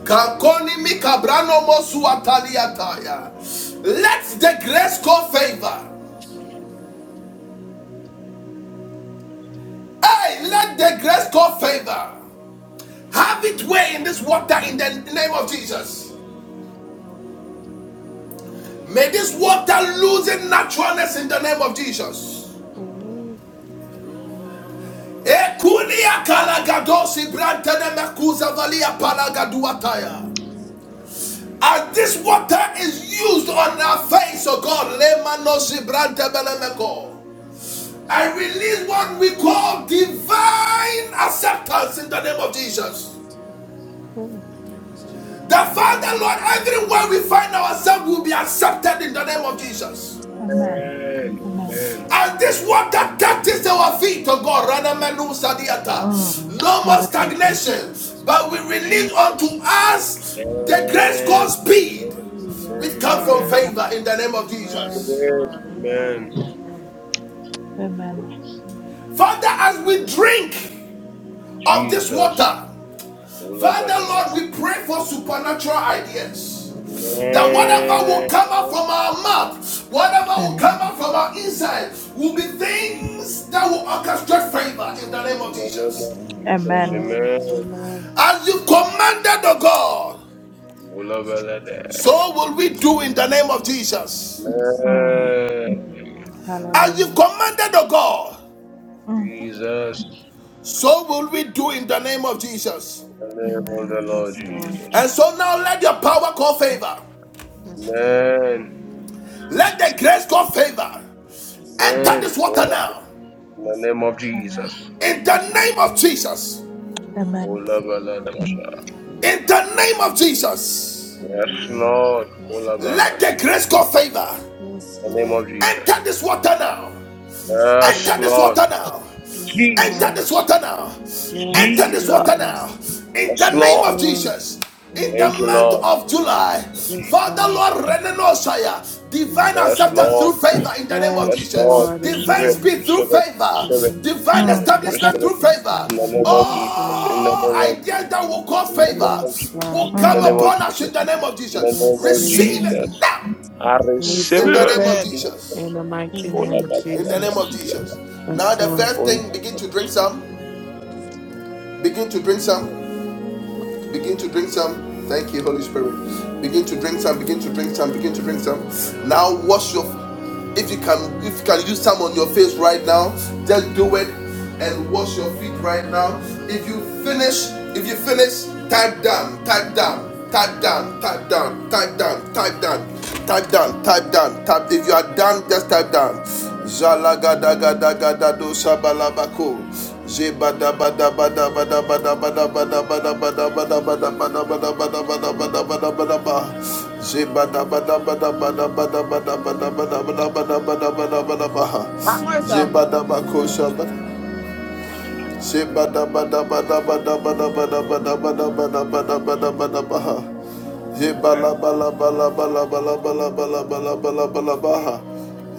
[SPEAKER 1] Kankoni mi kabrano mosu ataliataya. Let the grace call favor. Hey, let the grace call favor.
[SPEAKER 6] Lord,
[SPEAKER 1] Have it way in this water in the name of
[SPEAKER 6] Yes,
[SPEAKER 1] Jesus.
[SPEAKER 6] Jesus. Lord
[SPEAKER 1] May this water lose its naturalness in the name of Jesus.
[SPEAKER 6] God. Yes, Lord.
[SPEAKER 1] As this water is used on our face, oh God, lemanosi brantebelemeko. I release what we call divine acceptance in the name of Jesus.
[SPEAKER 6] Yes, Lord. Amen.
[SPEAKER 1] The Father, Lord, everywhere we find ourselves will be accepted in the name of Jesus.
[SPEAKER 6] Yes, Lord.
[SPEAKER 10] Amen.
[SPEAKER 2] Amen.
[SPEAKER 6] Amen.
[SPEAKER 10] Amen.
[SPEAKER 2] Amen.
[SPEAKER 1] And this water touches our feet, oh God. Rana menu sadiata.
[SPEAKER 10] Mm.
[SPEAKER 1] No more
[SPEAKER 10] Hallelujah.
[SPEAKER 1] stagnation, but we
[SPEAKER 6] Yes,
[SPEAKER 1] release
[SPEAKER 6] Lord.
[SPEAKER 2] Jesus.
[SPEAKER 1] unto us the grace called
[SPEAKER 2] Amen.
[SPEAKER 1] speed,
[SPEAKER 2] Amen.
[SPEAKER 1] which
[SPEAKER 6] Yes,
[SPEAKER 2] Amen.
[SPEAKER 1] come
[SPEAKER 6] God.
[SPEAKER 1] from
[SPEAKER 2] Amen.
[SPEAKER 10] Amen.
[SPEAKER 1] favor in the name of
[SPEAKER 6] Yes,
[SPEAKER 1] Jesus.
[SPEAKER 6] Lord. Amen.
[SPEAKER 2] Amen.
[SPEAKER 6] Amen.
[SPEAKER 10] Amen.
[SPEAKER 1] Father, as we drink of this
[SPEAKER 2] Jesus.
[SPEAKER 1] water, Father, Lord, we pray for supernatural ideas. That
[SPEAKER 6] Yes,
[SPEAKER 1] whatever
[SPEAKER 6] God.
[SPEAKER 1] will
[SPEAKER 2] Amen.
[SPEAKER 1] come out from our mouth, whatever will
[SPEAKER 10] Amen.
[SPEAKER 2] We
[SPEAKER 1] come out from our inside, will be
[SPEAKER 2] Receive
[SPEAKER 1] things that will orchestrate favor in the name of Jesus.
[SPEAKER 13] Amen.
[SPEAKER 2] in the name of Jesus.
[SPEAKER 10] Amen.
[SPEAKER 6] Amen.
[SPEAKER 2] Amen.
[SPEAKER 6] Amen.
[SPEAKER 1] As you
[SPEAKER 13] Amen.
[SPEAKER 1] commanded, O God,
[SPEAKER 2] Ulabalada.
[SPEAKER 1] so will we do in the name of Jesus.
[SPEAKER 6] Yes,
[SPEAKER 10] Mm.
[SPEAKER 6] Lord.
[SPEAKER 2] Amen.
[SPEAKER 6] Amen.
[SPEAKER 1] As you
[SPEAKER 10] Hallelujah.
[SPEAKER 1] commanded, O God,
[SPEAKER 10] Mm.
[SPEAKER 2] Jesus.
[SPEAKER 1] so will we do in the name of Jesus.
[SPEAKER 2] In the name of
[SPEAKER 10] Amen.
[SPEAKER 2] the
[SPEAKER 6] Amen.
[SPEAKER 2] Lord
[SPEAKER 6] Yes, Lord.
[SPEAKER 2] Jesus.
[SPEAKER 1] And so now let your power call
[SPEAKER 10] Thank
[SPEAKER 1] favor.
[SPEAKER 6] Yes, God.
[SPEAKER 2] Amen.
[SPEAKER 10] you,
[SPEAKER 1] Let
[SPEAKER 10] Jesus.
[SPEAKER 1] the grace call favor.
[SPEAKER 6] Yes,
[SPEAKER 1] Enter
[SPEAKER 6] Lord.
[SPEAKER 2] Amen.
[SPEAKER 1] this
[SPEAKER 10] Mm.
[SPEAKER 1] water
[SPEAKER 2] Kolab-
[SPEAKER 1] now.
[SPEAKER 2] In the
[SPEAKER 6] Yes,
[SPEAKER 2] name of
[SPEAKER 6] God.
[SPEAKER 10] Amen.
[SPEAKER 2] Jesus.
[SPEAKER 1] In the name of Jesus.
[SPEAKER 6] Amen.
[SPEAKER 10] Amen.
[SPEAKER 6] Yes, Lord.
[SPEAKER 2] Kolabalada.
[SPEAKER 13] Amen.
[SPEAKER 1] In the name of Jesus.
[SPEAKER 2] Yes,
[SPEAKER 13] Amen.
[SPEAKER 6] Amen.
[SPEAKER 2] Lord.
[SPEAKER 6] Yes, God.
[SPEAKER 1] Let the
[SPEAKER 2] Kolabahas.
[SPEAKER 1] grace call favor
[SPEAKER 2] In
[SPEAKER 6] Yes,
[SPEAKER 2] the name
[SPEAKER 6] Lord.
[SPEAKER 2] of Jesus.
[SPEAKER 1] enter this water now.
[SPEAKER 6] Yes,
[SPEAKER 2] Yes,
[SPEAKER 1] Enter
[SPEAKER 6] Lord.
[SPEAKER 1] this
[SPEAKER 2] Lord.
[SPEAKER 1] water now.
[SPEAKER 6] Yes,
[SPEAKER 1] Enter
[SPEAKER 6] God.
[SPEAKER 2] Jesus.
[SPEAKER 1] this water now. Enter
[SPEAKER 6] Yes,
[SPEAKER 1] this water
[SPEAKER 2] Jesus.
[SPEAKER 1] now.
[SPEAKER 6] Jesus.
[SPEAKER 1] In
[SPEAKER 2] Yes,
[SPEAKER 1] the
[SPEAKER 6] Yes,
[SPEAKER 1] name
[SPEAKER 2] Lord.
[SPEAKER 1] of
[SPEAKER 6] Lord.
[SPEAKER 1] Jesus. In the
[SPEAKER 2] Thank you,
[SPEAKER 1] month
[SPEAKER 6] Amen.
[SPEAKER 2] Lord.
[SPEAKER 1] of July.
[SPEAKER 6] Yes,
[SPEAKER 1] Father
[SPEAKER 6] God.
[SPEAKER 2] Jesus.
[SPEAKER 1] Lord Renenosaya. Divine
[SPEAKER 6] Yes,
[SPEAKER 2] Yes,
[SPEAKER 6] Jesus.
[SPEAKER 1] acceptance
[SPEAKER 2] Lord.
[SPEAKER 1] through favor in the name of
[SPEAKER 2] Yes,
[SPEAKER 6] Yes,
[SPEAKER 2] Lord.
[SPEAKER 1] Jesus.
[SPEAKER 6] Lord.
[SPEAKER 2] Receive
[SPEAKER 1] Divine
[SPEAKER 2] it.
[SPEAKER 6] Amen.
[SPEAKER 1] speed through
[SPEAKER 2] Receive it.
[SPEAKER 1] favor.
[SPEAKER 2] Receive it.
[SPEAKER 6] Divine
[SPEAKER 1] Divine
[SPEAKER 6] speed
[SPEAKER 2] Receive
[SPEAKER 10] Mm.
[SPEAKER 2] it.
[SPEAKER 6] and
[SPEAKER 10] Amen.
[SPEAKER 1] establishment
[SPEAKER 2] Receive it.
[SPEAKER 1] through
[SPEAKER 6] acceptance
[SPEAKER 1] favor.
[SPEAKER 2] In the
[SPEAKER 6] unto
[SPEAKER 2] name
[SPEAKER 6] God.
[SPEAKER 2] of
[SPEAKER 6] Yes,
[SPEAKER 2] Jesus.
[SPEAKER 6] Lord.
[SPEAKER 2] In the
[SPEAKER 1] Oh,
[SPEAKER 2] name of
[SPEAKER 1] ideas
[SPEAKER 2] Jesus.
[SPEAKER 1] that will cause
[SPEAKER 2] In the name
[SPEAKER 1] favor
[SPEAKER 2] of
[SPEAKER 6] Yes,
[SPEAKER 2] Jesus.
[SPEAKER 6] God.
[SPEAKER 1] will
[SPEAKER 2] In the
[SPEAKER 1] come
[SPEAKER 2] name
[SPEAKER 10] Mm.
[SPEAKER 2] of
[SPEAKER 1] upon us in
[SPEAKER 2] Jesus.
[SPEAKER 1] the name of
[SPEAKER 2] In the
[SPEAKER 1] Jesus.
[SPEAKER 2] name
[SPEAKER 6] Yes,
[SPEAKER 2] of
[SPEAKER 1] Receive
[SPEAKER 10] Amen.
[SPEAKER 1] it
[SPEAKER 6] Jesus.
[SPEAKER 2] Jesus.
[SPEAKER 1] now
[SPEAKER 2] I
[SPEAKER 6] And
[SPEAKER 2] receive
[SPEAKER 1] in the
[SPEAKER 6] receive
[SPEAKER 2] it.
[SPEAKER 1] name of
[SPEAKER 6] it
[SPEAKER 2] In the name of
[SPEAKER 1] Jesus
[SPEAKER 6] in the
[SPEAKER 2] Jesus.
[SPEAKER 6] mighty
[SPEAKER 2] Kola
[SPEAKER 6] name
[SPEAKER 5] Mm-hmm.
[SPEAKER 6] of
[SPEAKER 2] ba ba
[SPEAKER 1] in
[SPEAKER 2] ba
[SPEAKER 1] the
[SPEAKER 2] ba
[SPEAKER 1] name of
[SPEAKER 6] Jesus.
[SPEAKER 2] siya.
[SPEAKER 1] Jesus. Now,
[SPEAKER 6] Yes,
[SPEAKER 1] the
[SPEAKER 6] Lord.
[SPEAKER 1] first
[SPEAKER 2] Konda
[SPEAKER 1] thing,
[SPEAKER 2] ba
[SPEAKER 1] begin
[SPEAKER 2] ba
[SPEAKER 1] to
[SPEAKER 2] ba
[SPEAKER 1] drink
[SPEAKER 2] siya
[SPEAKER 1] some. Begin to drink some. Begin to drink some. Thank you, Holy Spirit. Begin to drink some. Begin to drink some. Begin to drink some. Now, wash your. If you can, if you can use some on your face right now, just do it and wash your feet right now. If you finish, if you finish, type down, type down, type down, type down, type down, type down. Type down, type down, type. If you are down, just type down. Zalaga da da da da da do sabalabako. Zibada ba ba ba ba ba ba ba ba ba ba ba ba ba ba ba ba ba ba. Zibada ba ba ba ba ba ba ba ba ba ba ba ba ba ba ba ba ba ba.
[SPEAKER 6] One more, sir.
[SPEAKER 1] Zibada bakosa. Zibada ba ba ba ba ba ba ba ba ba ba ba ba ba ba ba ba ba. Jebala bala bala bala bala bala bala bala bala bala baha.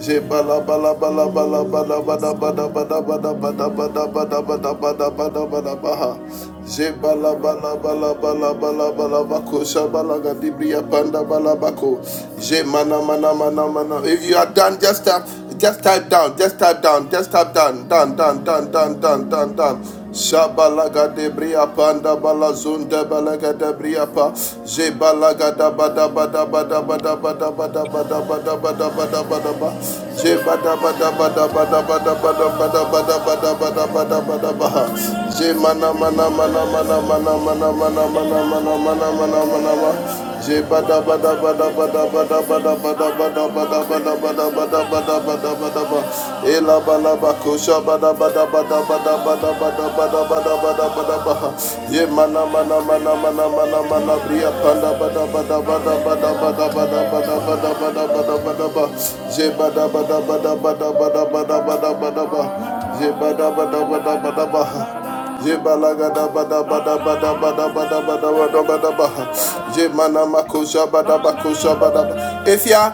[SPEAKER 1] Jebala bala bala bala
[SPEAKER 6] Hallelujah.
[SPEAKER 1] bala
[SPEAKER 6] Yes,
[SPEAKER 1] bala bala
[SPEAKER 6] God.
[SPEAKER 1] bala bala bala bala bala bala bala bala baha. Jebala bala bala bala bala bala bako shabala gadibriya panda bala bako. Jemana mana mana mana. If you are done, just tap, just type down, just type down, just type down, down down down down down down down. Shabalaga de panda balazunda balaga de briapa Jebalaga da bada bada bada bada bada bada bada bada bada bada bada ba Jebada bada bada bada bada bada bada bada bada bada bada bada ba Jemana mana mana mana mana mana mana mana mana mana mana mana mana Jebada Jebalagada bada bada bada bada bada bada bada bada baha.
[SPEAKER 2] Kola ba ba
[SPEAKER 1] Jemana makosha bada
[SPEAKER 2] ba
[SPEAKER 1] bakosha bada
[SPEAKER 2] siya.
[SPEAKER 1] If ya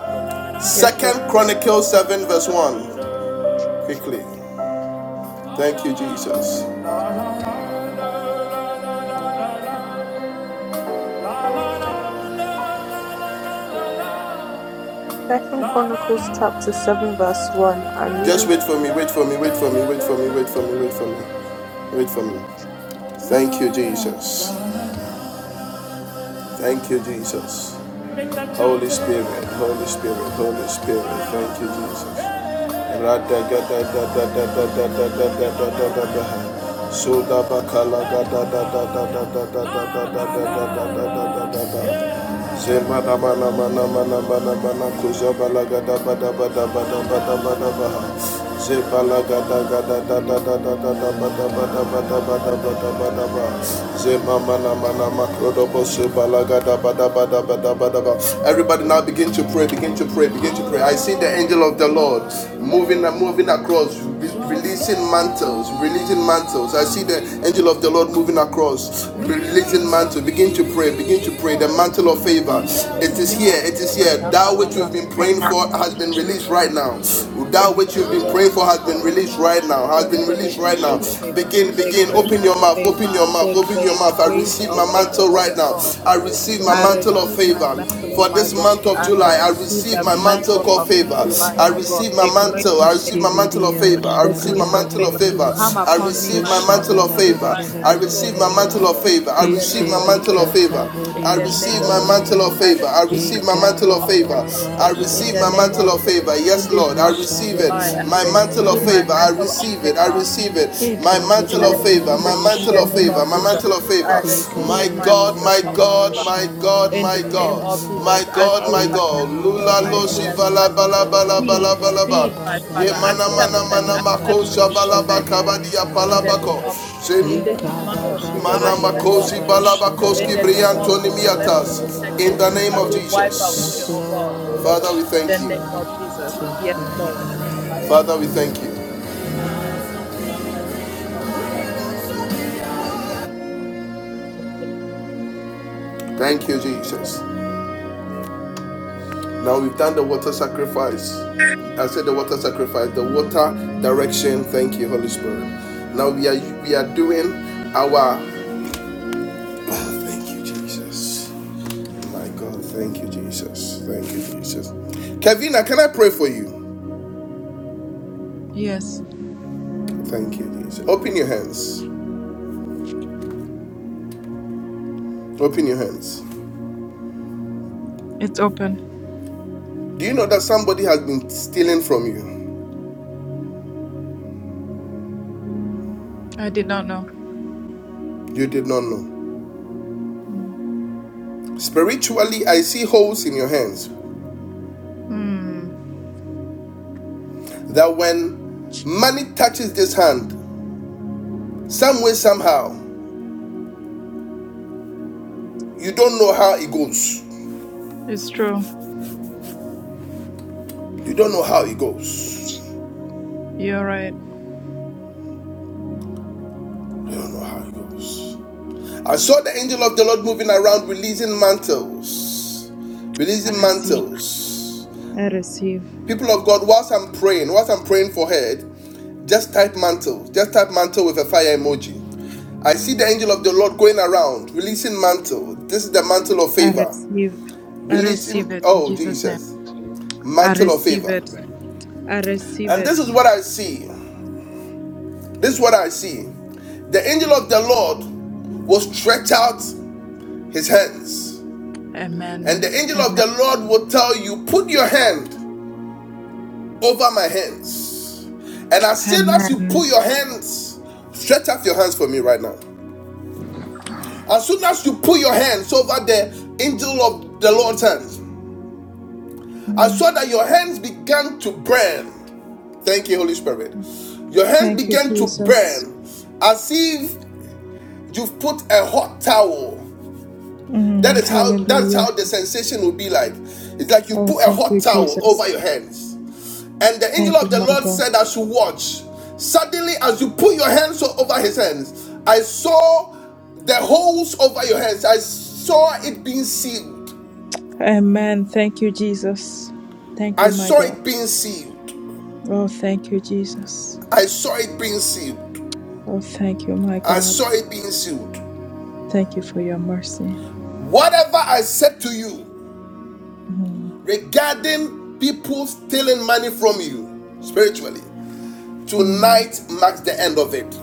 [SPEAKER 5] Yes,
[SPEAKER 2] Kola
[SPEAKER 5] sir.
[SPEAKER 1] Second Chronicles seven verse one quickly. Thank you, Jesus.
[SPEAKER 5] Second Chronicles chapter seven verse one. I'm
[SPEAKER 1] Just
[SPEAKER 5] reading.
[SPEAKER 1] wait for me, wait for me, wait for me, wait for me, wait for me, wait for me, wait for me. Thank you, Jesus. Thank you, Jesus. Holy Spirit, Holy Spirit, Holy Spirit. Thank you, Jesus. Soda bakala da da da da da da da da da da da da da da da da mana mana mana mana mana mana, gada gada gada gada bada bada bada bada bada bada Zebala gada gada da da da da da da bada. bada bada bada bada bada bada Zemana mana makrodobo sebala gada bada. bada bada bada bada Everybody now begin to pray, begin to pray, begin to pray. I see the angel of the Lord moving and moving across, releasing mantles, releasing mantles. I see the angel of the Lord moving
[SPEAKER 2] ba ba
[SPEAKER 1] across,
[SPEAKER 2] ba siya.
[SPEAKER 1] releasing mantles. Begin to pray pray, begin to
[SPEAKER 2] Jesus,
[SPEAKER 1] pray. The mantle of favor. It
[SPEAKER 2] whatever,
[SPEAKER 1] is here, it is here. That
[SPEAKER 2] all
[SPEAKER 1] which we've
[SPEAKER 2] over,
[SPEAKER 1] been praying
[SPEAKER 10] Amen.
[SPEAKER 2] you
[SPEAKER 1] for has
[SPEAKER 2] are
[SPEAKER 1] been
[SPEAKER 2] silver,
[SPEAKER 1] released right now.
[SPEAKER 2] silver,
[SPEAKER 1] That
[SPEAKER 10] In the
[SPEAKER 1] which you've been
[SPEAKER 2] silver,
[SPEAKER 10] name of
[SPEAKER 1] praying for has
[SPEAKER 10] Jesus,
[SPEAKER 1] been
[SPEAKER 2] all
[SPEAKER 10] my
[SPEAKER 1] released
[SPEAKER 2] over,
[SPEAKER 10] God,
[SPEAKER 1] right
[SPEAKER 10] I
[SPEAKER 1] now. Has
[SPEAKER 10] pray
[SPEAKER 2] Jesus.
[SPEAKER 1] been
[SPEAKER 10] for the
[SPEAKER 1] released
[SPEAKER 2] Now
[SPEAKER 1] right
[SPEAKER 10] grace
[SPEAKER 1] now.
[SPEAKER 10] of
[SPEAKER 2] silver, now
[SPEAKER 10] favor,
[SPEAKER 1] Begin,
[SPEAKER 2] silver,
[SPEAKER 10] the
[SPEAKER 1] begin.
[SPEAKER 2] now
[SPEAKER 10] grace
[SPEAKER 1] Open
[SPEAKER 10] of
[SPEAKER 1] your
[SPEAKER 2] silver,
[SPEAKER 1] mouth,
[SPEAKER 2] now
[SPEAKER 1] open
[SPEAKER 10] favor,
[SPEAKER 1] your
[SPEAKER 2] silver,
[SPEAKER 1] mouth,
[SPEAKER 10] the
[SPEAKER 1] open your
[SPEAKER 10] very
[SPEAKER 1] mouth. I
[SPEAKER 10] grace
[SPEAKER 1] receive
[SPEAKER 10] of
[SPEAKER 1] my
[SPEAKER 2] all over,
[SPEAKER 10] favor,
[SPEAKER 1] mantle right
[SPEAKER 2] lava,
[SPEAKER 1] now.
[SPEAKER 10] God.
[SPEAKER 1] I
[SPEAKER 2] all over,
[SPEAKER 1] receive my
[SPEAKER 10] I
[SPEAKER 2] lava,
[SPEAKER 1] mantle of
[SPEAKER 10] receive
[SPEAKER 2] you,
[SPEAKER 10] my
[SPEAKER 1] favor
[SPEAKER 10] mantle,
[SPEAKER 1] for
[SPEAKER 2] lava,
[SPEAKER 10] my
[SPEAKER 1] this month
[SPEAKER 10] God.
[SPEAKER 2] silver,
[SPEAKER 1] of
[SPEAKER 10] I
[SPEAKER 1] July. I
[SPEAKER 10] receive
[SPEAKER 1] receive
[SPEAKER 10] the
[SPEAKER 1] my mantle
[SPEAKER 10] mantle
[SPEAKER 2] silver,
[SPEAKER 1] called
[SPEAKER 10] of this
[SPEAKER 1] favor.
[SPEAKER 2] silver,
[SPEAKER 10] July,
[SPEAKER 1] I
[SPEAKER 10] my God.
[SPEAKER 1] receive my
[SPEAKER 10] The grace
[SPEAKER 1] mantle. I receive my
[SPEAKER 11] Sibidi
[SPEAKER 1] mantle of
[SPEAKER 11] and
[SPEAKER 1] favor.
[SPEAKER 11] the
[SPEAKER 1] I
[SPEAKER 10] the
[SPEAKER 11] ba da
[SPEAKER 1] receive my
[SPEAKER 11] da
[SPEAKER 10] grace
[SPEAKER 11] da
[SPEAKER 10] of
[SPEAKER 11] da
[SPEAKER 1] mantle of
[SPEAKER 11] da
[SPEAKER 10] favor
[SPEAKER 11] da
[SPEAKER 10] to
[SPEAKER 1] favor.
[SPEAKER 11] da
[SPEAKER 10] come
[SPEAKER 1] I
[SPEAKER 10] upon me,
[SPEAKER 1] receive
[SPEAKER 10] my
[SPEAKER 1] my
[SPEAKER 11] Usha
[SPEAKER 10] God,
[SPEAKER 1] mantle
[SPEAKER 11] ba
[SPEAKER 10] the
[SPEAKER 1] of
[SPEAKER 11] da da
[SPEAKER 1] favor.
[SPEAKER 11] da da da
[SPEAKER 1] I
[SPEAKER 11] da
[SPEAKER 2] silver,
[SPEAKER 11] da da
[SPEAKER 10] supernatural
[SPEAKER 1] receive
[SPEAKER 11] da
[SPEAKER 1] my
[SPEAKER 11] da
[SPEAKER 10] favor
[SPEAKER 1] mantle of favor favor. I
[SPEAKER 10] in the
[SPEAKER 1] receive
[SPEAKER 10] name
[SPEAKER 1] my
[SPEAKER 2] silver,
[SPEAKER 10] of
[SPEAKER 11] Isibi
[SPEAKER 1] mantle of
[SPEAKER 10] Jesus.
[SPEAKER 1] favor.
[SPEAKER 11] kata
[SPEAKER 10] In
[SPEAKER 1] I
[SPEAKER 11] budi
[SPEAKER 10] the
[SPEAKER 5] From,
[SPEAKER 10] name
[SPEAKER 11] anta
[SPEAKER 1] receive my
[SPEAKER 11] ba
[SPEAKER 10] of
[SPEAKER 11] da ba
[SPEAKER 10] Jesus,
[SPEAKER 1] mantle of
[SPEAKER 10] I
[SPEAKER 1] favor. I
[SPEAKER 10] receive my
[SPEAKER 1] receive my
[SPEAKER 11] Ika
[SPEAKER 1] mantle
[SPEAKER 10] mantle
[SPEAKER 1] of
[SPEAKER 10] of
[SPEAKER 11] ba
[SPEAKER 1] favor.
[SPEAKER 11] ba
[SPEAKER 10] favor
[SPEAKER 11] ba
[SPEAKER 1] I
[SPEAKER 10] in
[SPEAKER 11] ba
[SPEAKER 1] receive
[SPEAKER 10] the
[SPEAKER 1] my
[SPEAKER 11] ba
[SPEAKER 10] name
[SPEAKER 11] ba.
[SPEAKER 1] mantle
[SPEAKER 10] of
[SPEAKER 1] of
[SPEAKER 10] Jesus.
[SPEAKER 1] favor.
[SPEAKER 10] In
[SPEAKER 1] Yes,
[SPEAKER 10] this
[SPEAKER 1] Lord, I
[SPEAKER 10] month of
[SPEAKER 11] Usha
[SPEAKER 1] receive it.
[SPEAKER 11] budi
[SPEAKER 10] July, I
[SPEAKER 1] My
[SPEAKER 11] anta ba
[SPEAKER 1] mantle
[SPEAKER 11] da
[SPEAKER 1] of
[SPEAKER 10] receive
[SPEAKER 11] ba
[SPEAKER 10] my
[SPEAKER 1] favor. I
[SPEAKER 10] mantle of
[SPEAKER 1] receive it. I
[SPEAKER 10] favor
[SPEAKER 1] receive it. My
[SPEAKER 11] Ika
[SPEAKER 10] I
[SPEAKER 1] mantle
[SPEAKER 11] budi
[SPEAKER 1] of
[SPEAKER 11] anda
[SPEAKER 1] favor.
[SPEAKER 10] receive
[SPEAKER 11] ba
[SPEAKER 1] My
[SPEAKER 10] it in
[SPEAKER 11] usha
[SPEAKER 1] mantle
[SPEAKER 10] the
[SPEAKER 1] of
[SPEAKER 11] ba
[SPEAKER 10] name
[SPEAKER 11] da
[SPEAKER 10] of
[SPEAKER 1] favor. My
[SPEAKER 10] Jesus.
[SPEAKER 1] mantle of
[SPEAKER 10] I
[SPEAKER 1] favor. My
[SPEAKER 10] receive my
[SPEAKER 1] God,
[SPEAKER 11] Yekabadiyan
[SPEAKER 10] measure
[SPEAKER 1] my
[SPEAKER 10] of
[SPEAKER 11] sabao
[SPEAKER 1] God,
[SPEAKER 10] favor
[SPEAKER 1] my God,
[SPEAKER 10] in
[SPEAKER 1] my
[SPEAKER 10] the
[SPEAKER 11] shabarabadiyan
[SPEAKER 10] name
[SPEAKER 1] God.
[SPEAKER 10] of
[SPEAKER 11] dabada.
[SPEAKER 1] My
[SPEAKER 10] Jesus. I
[SPEAKER 1] God,
[SPEAKER 2] silver,
[SPEAKER 1] my God.
[SPEAKER 10] supernatural
[SPEAKER 1] Lula lo
[SPEAKER 10] ideas,
[SPEAKER 1] shiva
[SPEAKER 10] my
[SPEAKER 1] la
[SPEAKER 10] God.
[SPEAKER 1] ba la ba la ba
[SPEAKER 10] Speed, speed, my
[SPEAKER 1] Ye
[SPEAKER 10] Father.
[SPEAKER 1] mana mana
[SPEAKER 10] Acceptance,
[SPEAKER 1] mana
[SPEAKER 11] Yekabababababababababababadadadadiyan
[SPEAKER 1] mako
[SPEAKER 10] acceptance
[SPEAKER 11] dabao
[SPEAKER 10] before
[SPEAKER 1] shabala
[SPEAKER 10] men
[SPEAKER 11] shibidiyan
[SPEAKER 1] bakabadi
[SPEAKER 10] in the name
[SPEAKER 1] apalabako.
[SPEAKER 11] sabarabada.
[SPEAKER 10] of Jesus. In this month of July, my
[SPEAKER 11] Yekabababadiyan
[SPEAKER 1] Manamakosi
[SPEAKER 10] God,
[SPEAKER 11] dabao
[SPEAKER 10] in
[SPEAKER 1] Balabakoski
[SPEAKER 10] the name of
[SPEAKER 1] Briantoni
[SPEAKER 10] Jesus, let
[SPEAKER 1] Miatas.
[SPEAKER 10] this
[SPEAKER 1] In the
[SPEAKER 10] stagnation
[SPEAKER 1] name
[SPEAKER 10] shall
[SPEAKER 1] of
[SPEAKER 10] be
[SPEAKER 11] shabarabarabarabarabarabarabarabarabarabara.
[SPEAKER 10] wiped
[SPEAKER 1] Jesus.
[SPEAKER 10] away,
[SPEAKER 11] Yes,
[SPEAKER 10] oh God.
[SPEAKER 11] Lord.
[SPEAKER 1] Father, we thank
[SPEAKER 10] In the
[SPEAKER 1] you.
[SPEAKER 10] name
[SPEAKER 11] See your
[SPEAKER 10] of Jesus. Yes,
[SPEAKER 11] favor.
[SPEAKER 10] Lord. I
[SPEAKER 11] Amen.
[SPEAKER 10] am-
[SPEAKER 1] Father, we
[SPEAKER 11] Amen.
[SPEAKER 1] thank you.
[SPEAKER 11] Amen.
[SPEAKER 1] Thank you, Jesus. Now we've done the water sacrifice. I said the water sacrifice, the water direction. Thank you, Holy Spirit. Now we are we are doing our Ah, thank you, Jesus. My God, thank you, Jesus. Thank you, Jesus. Kevina, can I pray for you?
[SPEAKER 10] Yes,
[SPEAKER 1] Thank you, Jesus. Open your hands. Open your hands.
[SPEAKER 10] it's open.
[SPEAKER 1] Do you know that somebody has been stealing from you?
[SPEAKER 10] I did not know.
[SPEAKER 1] You did not know.
[SPEAKER 10] Mm.
[SPEAKER 1] Spiritually, I see holes in your hands
[SPEAKER 10] Mm.
[SPEAKER 1] that when money touches this hand, some way, somehow, you don't know how it goes.
[SPEAKER 10] It's true.
[SPEAKER 1] You don't know how it goes.
[SPEAKER 10] You're right.
[SPEAKER 1] You don't know how it goes. I saw the angel of the Lord moving around, releasing mantles.
[SPEAKER 10] I
[SPEAKER 1] Releasing
[SPEAKER 10] receive.
[SPEAKER 1] mantles.
[SPEAKER 10] I receive.
[SPEAKER 1] People of God, whilst I'm praying, whilst I'm praying for her, Just type mantle. Just type mantle with a fire emoji. I see the angel of the Lord going around, releasing mantle. This is the mantle of
[SPEAKER 10] I
[SPEAKER 1] favor.
[SPEAKER 10] receive. I receive
[SPEAKER 1] Releasing,
[SPEAKER 10] it in
[SPEAKER 1] oh
[SPEAKER 10] Jesus' name.
[SPEAKER 1] Jesus,
[SPEAKER 10] I
[SPEAKER 1] mantle of
[SPEAKER 10] receive
[SPEAKER 1] favor.
[SPEAKER 10] it. I receive
[SPEAKER 1] And this is
[SPEAKER 10] it.
[SPEAKER 1] what I see. This is what I see. The angel of the Lord will stretch out his hands. And
[SPEAKER 10] Amen.
[SPEAKER 1] the angel of
[SPEAKER 10] Amen.
[SPEAKER 1] the Lord will tell you, put your hand over my hands. And as soon as you put
[SPEAKER 10] Amen.
[SPEAKER 1] your hands, stretch out your hands for me right now. As soon as you put your hands over the angel of the Lord's hands, I
[SPEAKER 10] Mm.
[SPEAKER 1] saw that your hands began to burn. Thank you, Holy Spirit. Your hands
[SPEAKER 10] Thank you,
[SPEAKER 1] began to
[SPEAKER 10] Jesus.
[SPEAKER 1] burn as if you've put a hot towel. That
[SPEAKER 10] Mm.
[SPEAKER 1] is how that's
[SPEAKER 10] Hallelujah.
[SPEAKER 1] how the sensation will be like. It's like you
[SPEAKER 10] Oh,
[SPEAKER 1] put a
[SPEAKER 10] thank
[SPEAKER 1] hot
[SPEAKER 10] you,
[SPEAKER 1] towel
[SPEAKER 10] Jesus.
[SPEAKER 1] over your hands. And the angel
[SPEAKER 10] Thank you,
[SPEAKER 1] of the
[SPEAKER 10] my
[SPEAKER 1] Lord
[SPEAKER 10] God.
[SPEAKER 1] said, I should watch. Suddenly, as you put your hands over his hands, I saw the holes over your hands. I saw it being sealed.
[SPEAKER 10] Amen. Thank you, Jesus. Thank
[SPEAKER 1] I
[SPEAKER 10] you, my
[SPEAKER 1] saw
[SPEAKER 10] God.
[SPEAKER 1] it being sealed.
[SPEAKER 10] Oh, thank you, Jesus.
[SPEAKER 1] I saw it being sealed.
[SPEAKER 10] Oh, thank you, my
[SPEAKER 1] I
[SPEAKER 10] God.
[SPEAKER 1] saw it being sealed.
[SPEAKER 10] Thank you for your mercy.
[SPEAKER 1] Whatever I said to you
[SPEAKER 10] Mhm.
[SPEAKER 1] regarding people stealing money from you spiritually,
[SPEAKER 10] Mm.
[SPEAKER 1] tonight marks the end of it.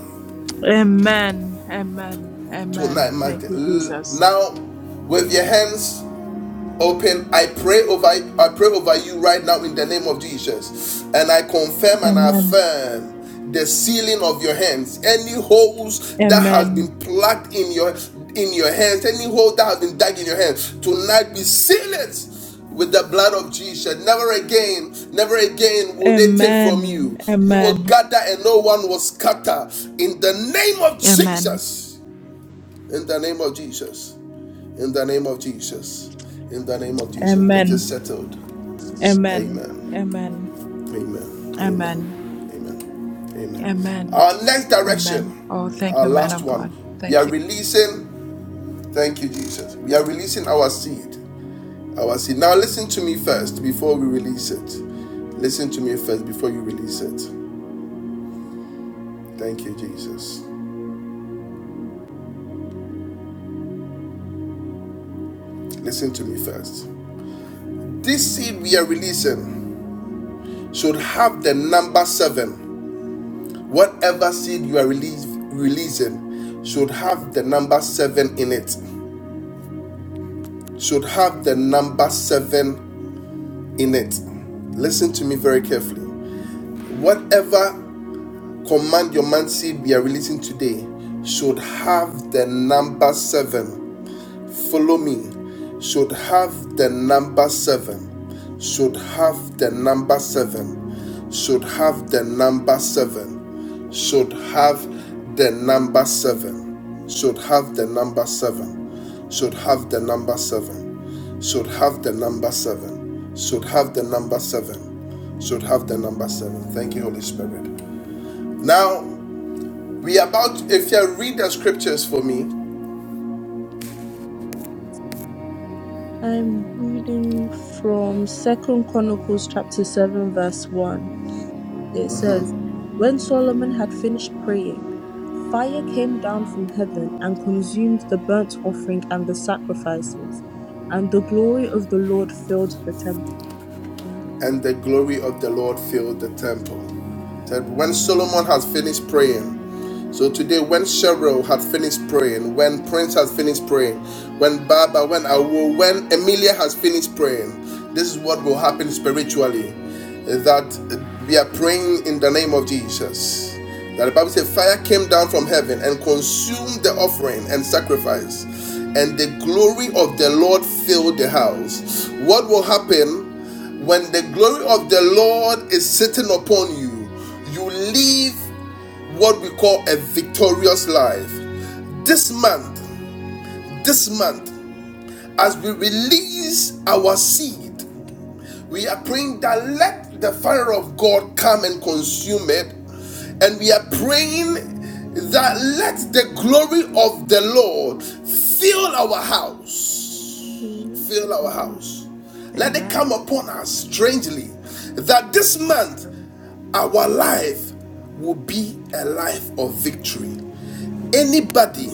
[SPEAKER 10] Amen. Amen. Amen.
[SPEAKER 1] Tonight marks
[SPEAKER 10] Thank
[SPEAKER 1] the,
[SPEAKER 10] you, Jesus.
[SPEAKER 1] now with your hands. open i pray over i pray over you right now in the name of jesus and i confirm and
[SPEAKER 10] Amen.
[SPEAKER 1] affirm the sealing of your hands any holes that has
[SPEAKER 10] Amen.
[SPEAKER 1] been plugged in your in your hands any hole that has been dug in your hands tonight be sealed with the blood of jesus never again never again will they take from
[SPEAKER 10] Amen.
[SPEAKER 1] you you will
[SPEAKER 10] Amen.
[SPEAKER 1] gather and no one will scatter in the name of
[SPEAKER 10] Amen.
[SPEAKER 1] jesus in the name of jesus in the name of Jesus. In the name of Jesus. It
[SPEAKER 10] Amen.
[SPEAKER 1] is settled.
[SPEAKER 10] Amen.
[SPEAKER 1] Amen.
[SPEAKER 10] Amen.
[SPEAKER 1] Amen.
[SPEAKER 10] Amen.
[SPEAKER 1] Amen. Amen. Amen.
[SPEAKER 10] Amen.
[SPEAKER 1] Our next
[SPEAKER 10] Amen. Oh,
[SPEAKER 1] direction,
[SPEAKER 10] thank
[SPEAKER 1] our
[SPEAKER 10] you, man
[SPEAKER 1] last
[SPEAKER 10] of God.
[SPEAKER 1] one, we
[SPEAKER 10] Thank
[SPEAKER 1] are
[SPEAKER 10] you.
[SPEAKER 1] releasing. Thank you, Jesus. We are releasing our seed. Our seed. Now, listen to me first before we release it. Listen to me first before you release it. Thank you, Jesus. Listen to me first. This seed we are releasing should have the number seven Whatever seed you are release, releasing should have the number seven in it. Should have the number seven in it. Listen to me very carefully. Whatever command your man seed we are releasing today should have the number seven. Follow me. Should have the number seven. Should have the number seven. should have the number seven. Should have the number seven. Should have the number seven. Should have the number seven. Should have the number seven. Should have the number seven. Should have the number seven. Thank you, Holy Spirit. Now we are about. If you read the scriptures for me,
[SPEAKER 5] I'm reading from Second Chronicles chapter seven verse one. It says, "When Solomon had finished praying, fire came down from heaven and consumed the burnt offering and the sacrifices, and the glory of the Lord filled the temple."
[SPEAKER 1] and the glory of the Lord filled the temple. That when Solomon had finished praying, so today when Cheryl had finished praying, when Prince has finished praying, when Baba, when Awo, when Emilia has finished praying, this is what will happen spiritually. That we are praying in the name of Jesus. That the Bible says fire came down from heaven and consumed the offering and sacrifice, and the glory of the Lord filled the house. What will happen? When the glory of the Lord is sitting upon you, you live what we call a victorious life. This month, this month, as we release our seed, we are praying that let the fire of God come and consume it. And we are praying that let the glory of the Lord fill our house fill our house. Let it
[SPEAKER 6] Amen.
[SPEAKER 1] come upon us strangely. That this
[SPEAKER 6] Yes,
[SPEAKER 1] month
[SPEAKER 6] God.
[SPEAKER 1] our life will be a life of victory. Anybody,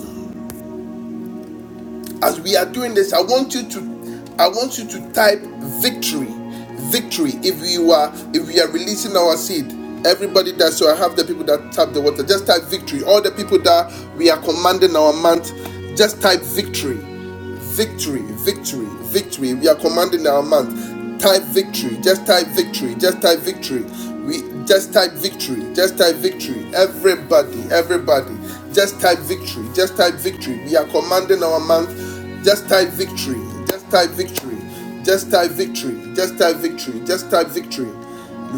[SPEAKER 1] as we are doing this, I want you to, I want you to type victory, victory. If you are, if we are releasing our seed, everybody that so I have the people that tap the water, just type victory. All the people that we are commanding our month, just type victory victory, victory, victory. We are commanding our month. Type victory, just type victory, just type victory. We just type victory, just type victory. Everybody, everybody, just type victory, just type victory. We are commanding our month. Just type victory, just type victory, just type victory, just type victory, just type victory.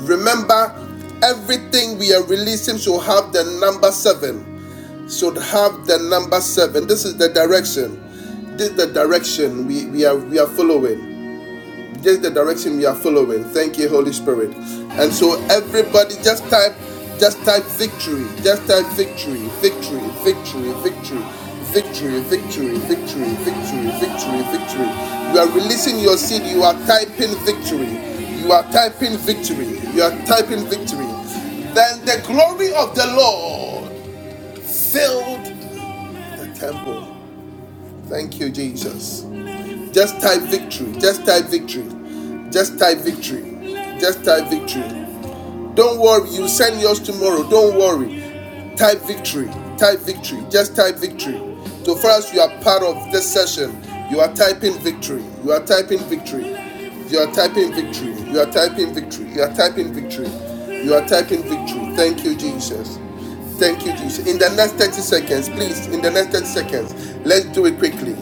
[SPEAKER 1] Remember, everything we are releasing shall have the number seven should have the number seven. This is the direction. This is the direction we, we are we are following. This is the direction we are following. Thank you, Holy Spirit. And so everybody just type just type victory. Just type victory. Victory. Victory. Victory. Victory, victory, victory, victory, victory, victory. You are releasing your seed. You are typing victory. You are typing victory. You are typing victory. Then the glory of the Lord filled the temple. Thank you, Jesus. Just type victory. Just type victory. Just type victory. Just type victory. Don't worry, you send yours tomorrow. Don't worry. Type victory. Type victory. Just type victory. So far as you are part of this session, you are typing victory. You are typing victory. You are typing victory. You are typing victory. You are typing victory. You are typing victory. Thank you, Jesus. Thank you, Jesus. In the next 30 seconds, please, in the next 30 seconds, let's do it quickly.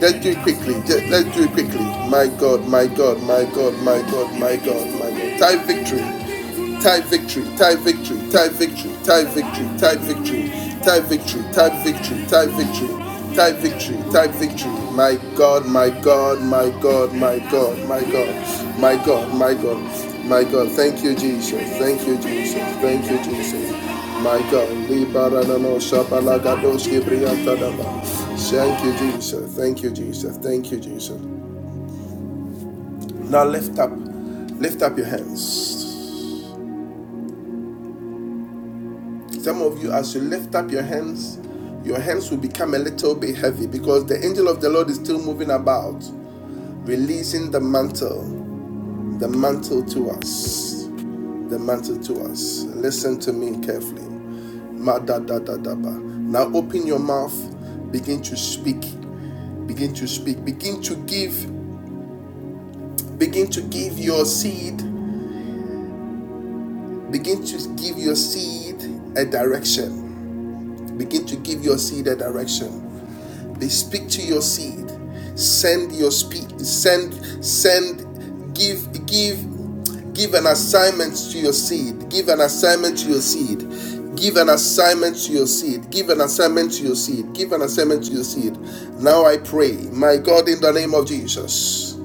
[SPEAKER 1] Let's do it quickly. Let's do it quickly. My God, my God, my God, my God, my God, my God. Type victory. Type victory. Type victory. Type victory. Type victory. Type victory. Type victory. Type victory. Type victory. Type victory. Type victory. My God, my God, my God, my God, my God, my God, my God, my God. Thank you, Jesus. Thank you, Jesus. Thank you, Jesus. My God, Libaranano Shabalagadoski Briantadaba. Thank you, Jesus. Thank you, Jesus. Thank you, Jesus. Now lift up, lift up your hands. Some of you, as you lift up your hands, your hands will become a little bit heavy because the angel of the Lord is still moving about, releasing the mantle, the mantle to us, the mantle to us. Listen to me carefully. Ma da da da da Now open your mouth, begin to speak Begin to speak. Begin to give. Begin to give your seed. Begin to give your seed a direction. Begin to give your seed a direction. They speak to your seed. Send your speak. Send. Send. Give. Give give an assignment to your seed give an assignment to your seed give an assignment to your seed give an assignment to your seed give an assignment to your seed now i pray my god in the name of jesus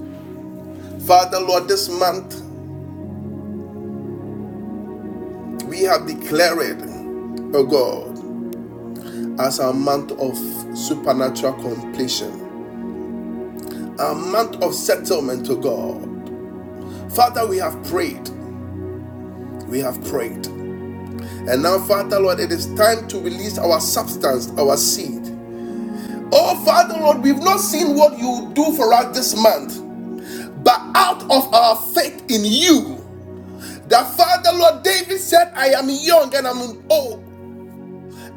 [SPEAKER 1] father lord this month We have declared, oh God, as a month of supernatural completion, a month of settlement, oh God. Father, we have prayed, we have prayed. And now, Father, Lord, it is time to release our substance, our seed. Oh, Father, Lord, we've not seen what you do for us this month, but out of our faith in you, the Father, Lord David said, I am young and I'm old,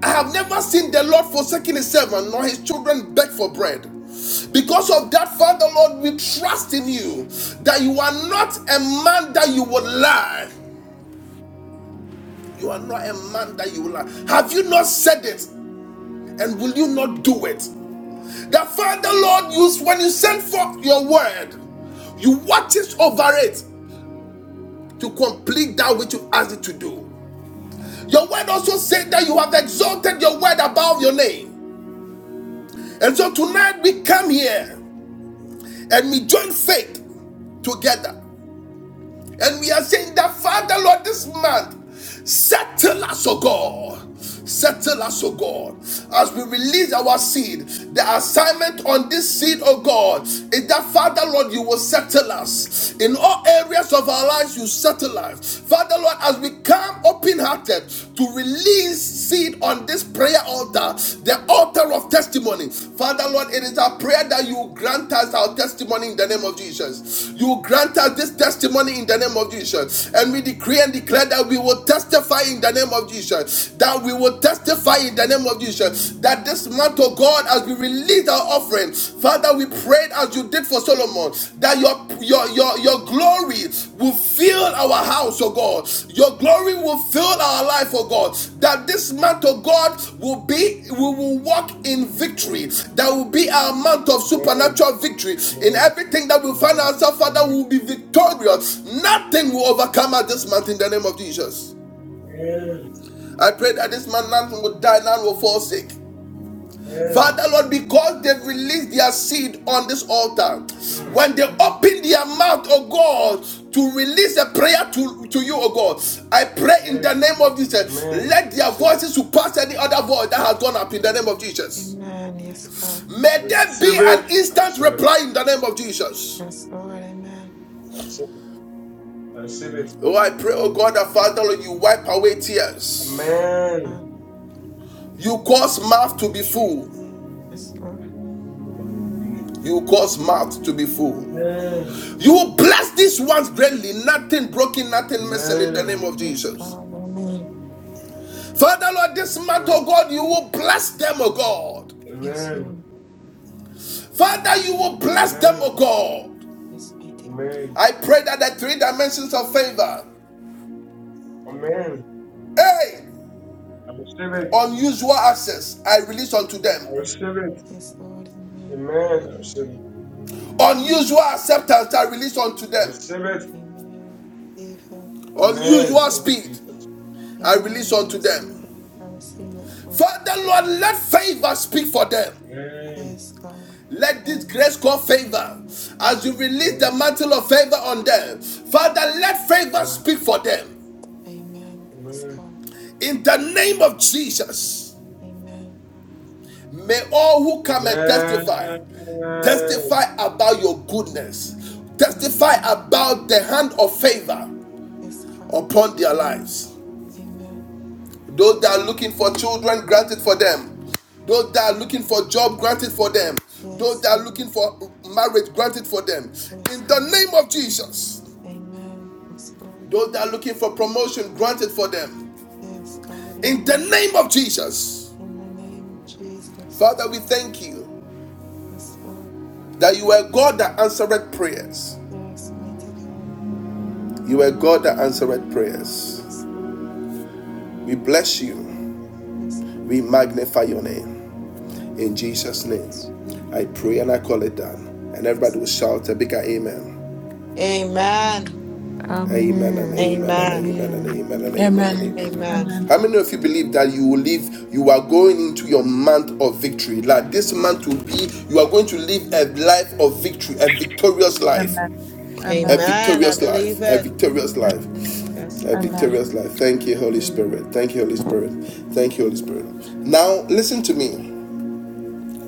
[SPEAKER 1] I have never seen the Lord forsaking his servant nor his children beg for bread. Because of that, Father Lord, we trust in you that you are not a man that you will lie. You are not a man that you will lie. Have you not said it? And will you not do it? That Father Lord, you, when you send forth your word, you watches over it to complete that which you asked it to do. Your word also said that you have exalted your word above your name. And so tonight we come here and we join faith together. And we are saying that, Father, Lord, this month, settle us, O God. Settle us, O God, as we release our seed. The assignment on this seed, O God, is that, Father, Lord, you will settle us. In all areas of our lives, you settle us. Father, Lord, as we come open hearted to release seed on this prayer altar, the altar of testimony. Father, Lord, it is our prayer that you grant us our testimony in the name of Jesus. You grant us this testimony in the name of Jesus. And we decree and declare that we will testify in the name of Jesus. That we will testify in the name of Jesus. That this month, oh God, as we release our offering, Father, we prayed as you did for so Solomon, that your, your your your glory will fill our house, oh God. Your glory will fill our life, oh God. That this month, oh God, will be we will walk in victory. That will be our month of supernatural victory. In everything that we find ourselves, Father, we will be victorious. Nothing will overcome us this month in the name of Jesus. I pray that this month none will die, none will fall sick. Father Lord, because they've released their seed on this altar,
[SPEAKER 6] Yes,
[SPEAKER 1] when they
[SPEAKER 6] Lord.
[SPEAKER 1] open their mouth, oh God, to release a prayer to, to you, oh God, I pray in the name of Jesus, let their voices surpass any other voice that has gone up in the name of Jesus.
[SPEAKER 6] Amen. Yes, God.
[SPEAKER 1] May there be an instant reply in the name of Jesus.
[SPEAKER 6] Yes, Lord. Amen.
[SPEAKER 1] Oh, I pray, oh God, that Father Lord, you wipe away tears.
[SPEAKER 6] God.
[SPEAKER 1] You cause mouth to be full.
[SPEAKER 6] Yes, Lord.
[SPEAKER 1] You cause mouth to be full. You
[SPEAKER 6] God.
[SPEAKER 1] will bless these ones greatly, nothing broken, nothing missing in the name of
[SPEAKER 6] Yes,
[SPEAKER 1] Jesus.
[SPEAKER 6] God. Amen.
[SPEAKER 1] Father, Lord, this month, oh God, you will bless them, oh God.
[SPEAKER 6] Yes, Lord.
[SPEAKER 1] Father, you will bless them, oh God.
[SPEAKER 6] Yes, mighty
[SPEAKER 1] I pray that the three dimensions of favor, hey, unusual access, I release unto
[SPEAKER 6] God.
[SPEAKER 1] them.
[SPEAKER 6] Yes, Lord. Amen.
[SPEAKER 1] Unusual acceptance, I release unto them.
[SPEAKER 6] Amen. I receive it. Yes,
[SPEAKER 1] Unusual
[SPEAKER 6] Lord.
[SPEAKER 1] speed, I release
[SPEAKER 6] Amen. I
[SPEAKER 1] unto
[SPEAKER 6] receive
[SPEAKER 1] them.
[SPEAKER 6] it. I receive it, Lord.
[SPEAKER 1] Father, Lord, let favor speak for them.
[SPEAKER 6] Yes, God.
[SPEAKER 1] Let this
[SPEAKER 6] Amen.
[SPEAKER 1] grace call favor as you release the mantle of favor on them. Father, let favor speak for them.
[SPEAKER 6] Amen. Yes, God.
[SPEAKER 1] In the name of Jesus,
[SPEAKER 6] Amen.
[SPEAKER 1] may all who come and testify testify about your goodness,
[SPEAKER 6] Yes,
[SPEAKER 1] testify
[SPEAKER 6] Lord.
[SPEAKER 1] about the hand of favor
[SPEAKER 6] Yes, God.
[SPEAKER 1] upon their
[SPEAKER 6] Amen.
[SPEAKER 1] lives.
[SPEAKER 6] Amen.
[SPEAKER 1] Those that are looking for children, grant it for them. Those that are
[SPEAKER 6] Amen.
[SPEAKER 1] looking for job, grant it for them. Those
[SPEAKER 6] Yes,
[SPEAKER 1] that are
[SPEAKER 6] Lord.
[SPEAKER 1] looking for marriage, grant it for them.
[SPEAKER 6] Yes,
[SPEAKER 1] In the
[SPEAKER 6] God.
[SPEAKER 1] name of Jesus.
[SPEAKER 6] Amen. Yes, Lord.
[SPEAKER 1] Those that are looking for promotion, grant it for them.
[SPEAKER 6] Yes, God.
[SPEAKER 1] In the
[SPEAKER 6] Amen.
[SPEAKER 1] name of Jesus.
[SPEAKER 6] In the name of Jesus.
[SPEAKER 1] Father, we thank you
[SPEAKER 6] Yes, Lord.
[SPEAKER 1] that you are God that answereth prayers.
[SPEAKER 6] Yes, mighty God.
[SPEAKER 1] You are God that answereth prayers.
[SPEAKER 6] Yes, Lord.
[SPEAKER 1] We bless you.
[SPEAKER 6] Yes, God.
[SPEAKER 1] We magnify your name. In Jesus'
[SPEAKER 6] Yes,
[SPEAKER 1] name,
[SPEAKER 6] Amen.
[SPEAKER 1] I pray and I
[SPEAKER 6] Amen.
[SPEAKER 1] call it done. And
[SPEAKER 6] Yes.
[SPEAKER 1] everybody will shout a bigger amen.
[SPEAKER 6] Amen.
[SPEAKER 1] Amen and
[SPEAKER 11] Amen.
[SPEAKER 1] amen and
[SPEAKER 6] Amen.
[SPEAKER 1] amen and
[SPEAKER 11] Amen.
[SPEAKER 1] amen and amen and
[SPEAKER 10] Amen.
[SPEAKER 6] Amen.
[SPEAKER 1] amen.
[SPEAKER 10] Amen.
[SPEAKER 1] How many of you believe that you will live, you are going into your month of victory? Like this month will be, you are going to live a life of victory, a victorious life.
[SPEAKER 10] Amen.
[SPEAKER 1] A
[SPEAKER 10] Amen.
[SPEAKER 6] Amen. I
[SPEAKER 1] victorious
[SPEAKER 6] believe
[SPEAKER 1] life, a
[SPEAKER 6] it.
[SPEAKER 1] victorious life,
[SPEAKER 6] Yes,
[SPEAKER 1] a
[SPEAKER 6] Lord.
[SPEAKER 10] Amen.
[SPEAKER 1] victorious life. Thank you, Holy
[SPEAKER 6] Amen.
[SPEAKER 1] Spirit. Thank you, Holy Spirit. Thank you, Holy Spirit. Now, listen to me.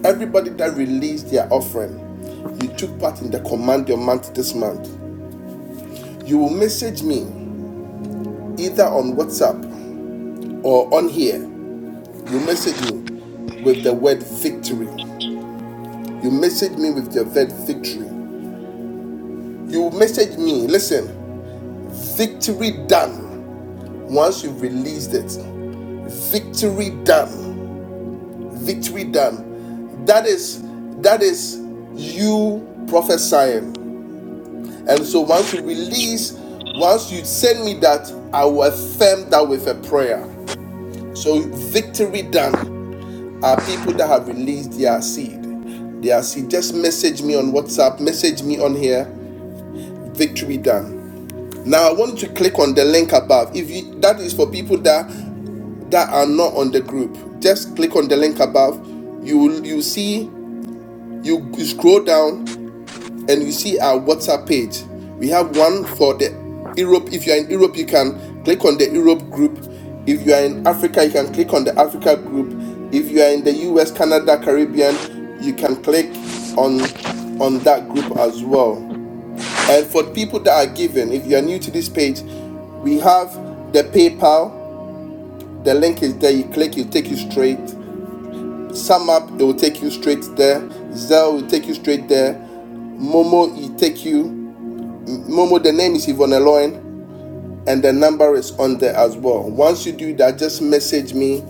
[SPEAKER 1] Everybody that released their offering, you took part in the command your month this month. You will message me either on WhatsApp or on here, you message me with the word victory. You message me with the word victory. You message me, listen, victory done once you've released it. Victory done. Victory done. That is that is you prophesying. And so once you release, once you send me that, I will affirm that with a prayer. So victory done. are people that have released their seed. Their seed. Just message me on WhatsApp, message me on here. Victory done. Now I want you to click on the link above. If you that is for people that that are not on the group, just click on the link above. You will you see you you scroll down and you see our WhatsApp page. We have one for the Europe. If you are in Europe, you can click on the Europe group. If you are in Africa, you can click on the Africa group. If you are in the US, Canada, Caribbean, you can click on on that group as well. And for people that are given, if you are new to this page, we have the PayPal. The link is there. You click, it'll take you straight. SumUp, it will take you straight there. Zelle will take you straight there. Momo, it will take you Momo, the name is Yvonne Loin, and the number is on there as well. Once you do that, just message me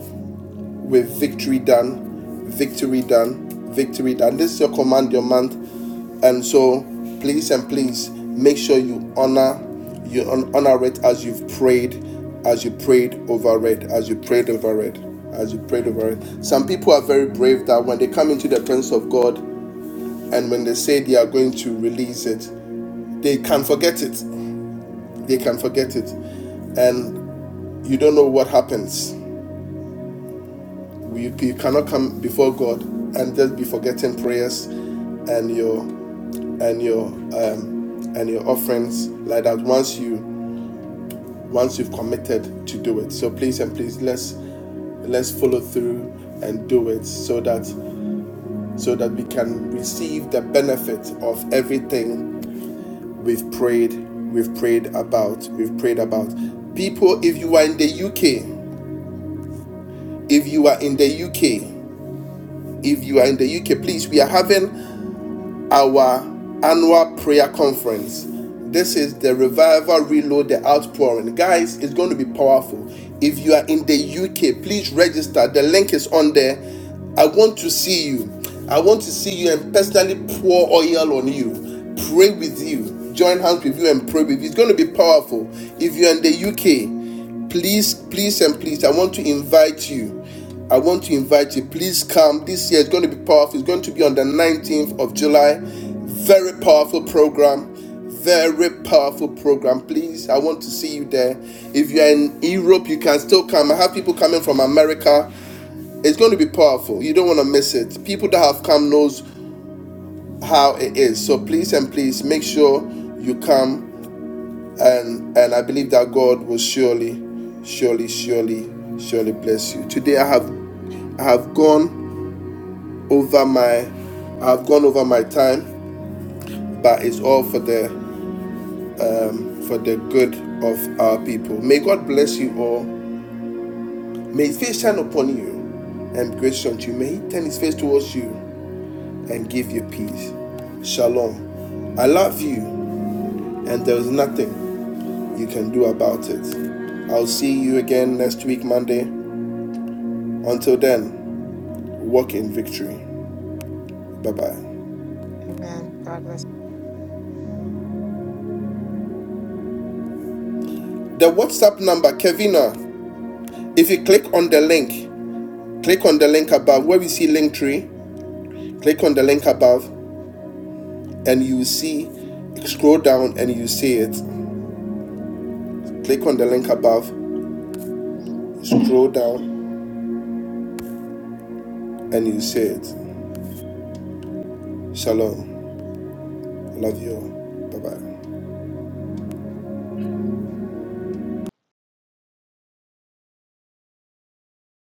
[SPEAKER 1] with victory done, victory done, victory done. This is your command your month, and so please and please make sure you honor you honor it as you've prayed, as you prayed over it, as you prayed over it, as you prayed over it. Some people are very brave that when they come into the presence of God and when they say they are going to release it, they can forget it. They can forget it. and you don't know what happens. You, you cannot come before God and just be forgetting prayers and your and your um, and your offerings like that. Once you once you've committed to do it, so please and please let's let's follow through and do it so that so that we can receive the benefit of everything we've prayed we've prayed about we've prayed about people if you are in the UK if you are in the UK If you are in the UK, please, we are having our annual prayer conference. This is the Revival Reload the Outpouring. Guys, it's going to be powerful. If you are in the UK, please register. The link is on there. I want to see you. I want to see you and personally pour oil on you. Pray with you. Join hands with you and pray with you. It's going to be powerful. If you're in the UK, please, please, and please, I want to invite you. I want to invite you. Please come. This year is going to be powerful. It's going to be on the 19th of July. Very powerful program. Very powerful program. Please, I want to see you there. If you are in Europe, you can still come. I have people coming from America. It's going to be powerful. You don't want to miss it. People that have come knows how it is. So please and please make sure you come and and I believe that God will surely, surely, surely, surely bless you. Today I have I have gone over my I have gone over my time, but it's all for the for the good of our people. May God bless you all. May His face shine upon you and be gracious unto you. May He turn His face towards you and give you peace. Shalom. I love you, and there is nothing you can do about it. I'll see you again next week, Monday. Until then. Walk in victory. Bye bye.
[SPEAKER 6] Amen. God bless.
[SPEAKER 1] The WhatsApp number, Kevina. If you click on the link, click on the link above where we see link tree. Click on the link above, and you see. Scroll down, and you see it. Click on the link above. Scroll down, and you see it. Shalom. Love you all. Bye bye.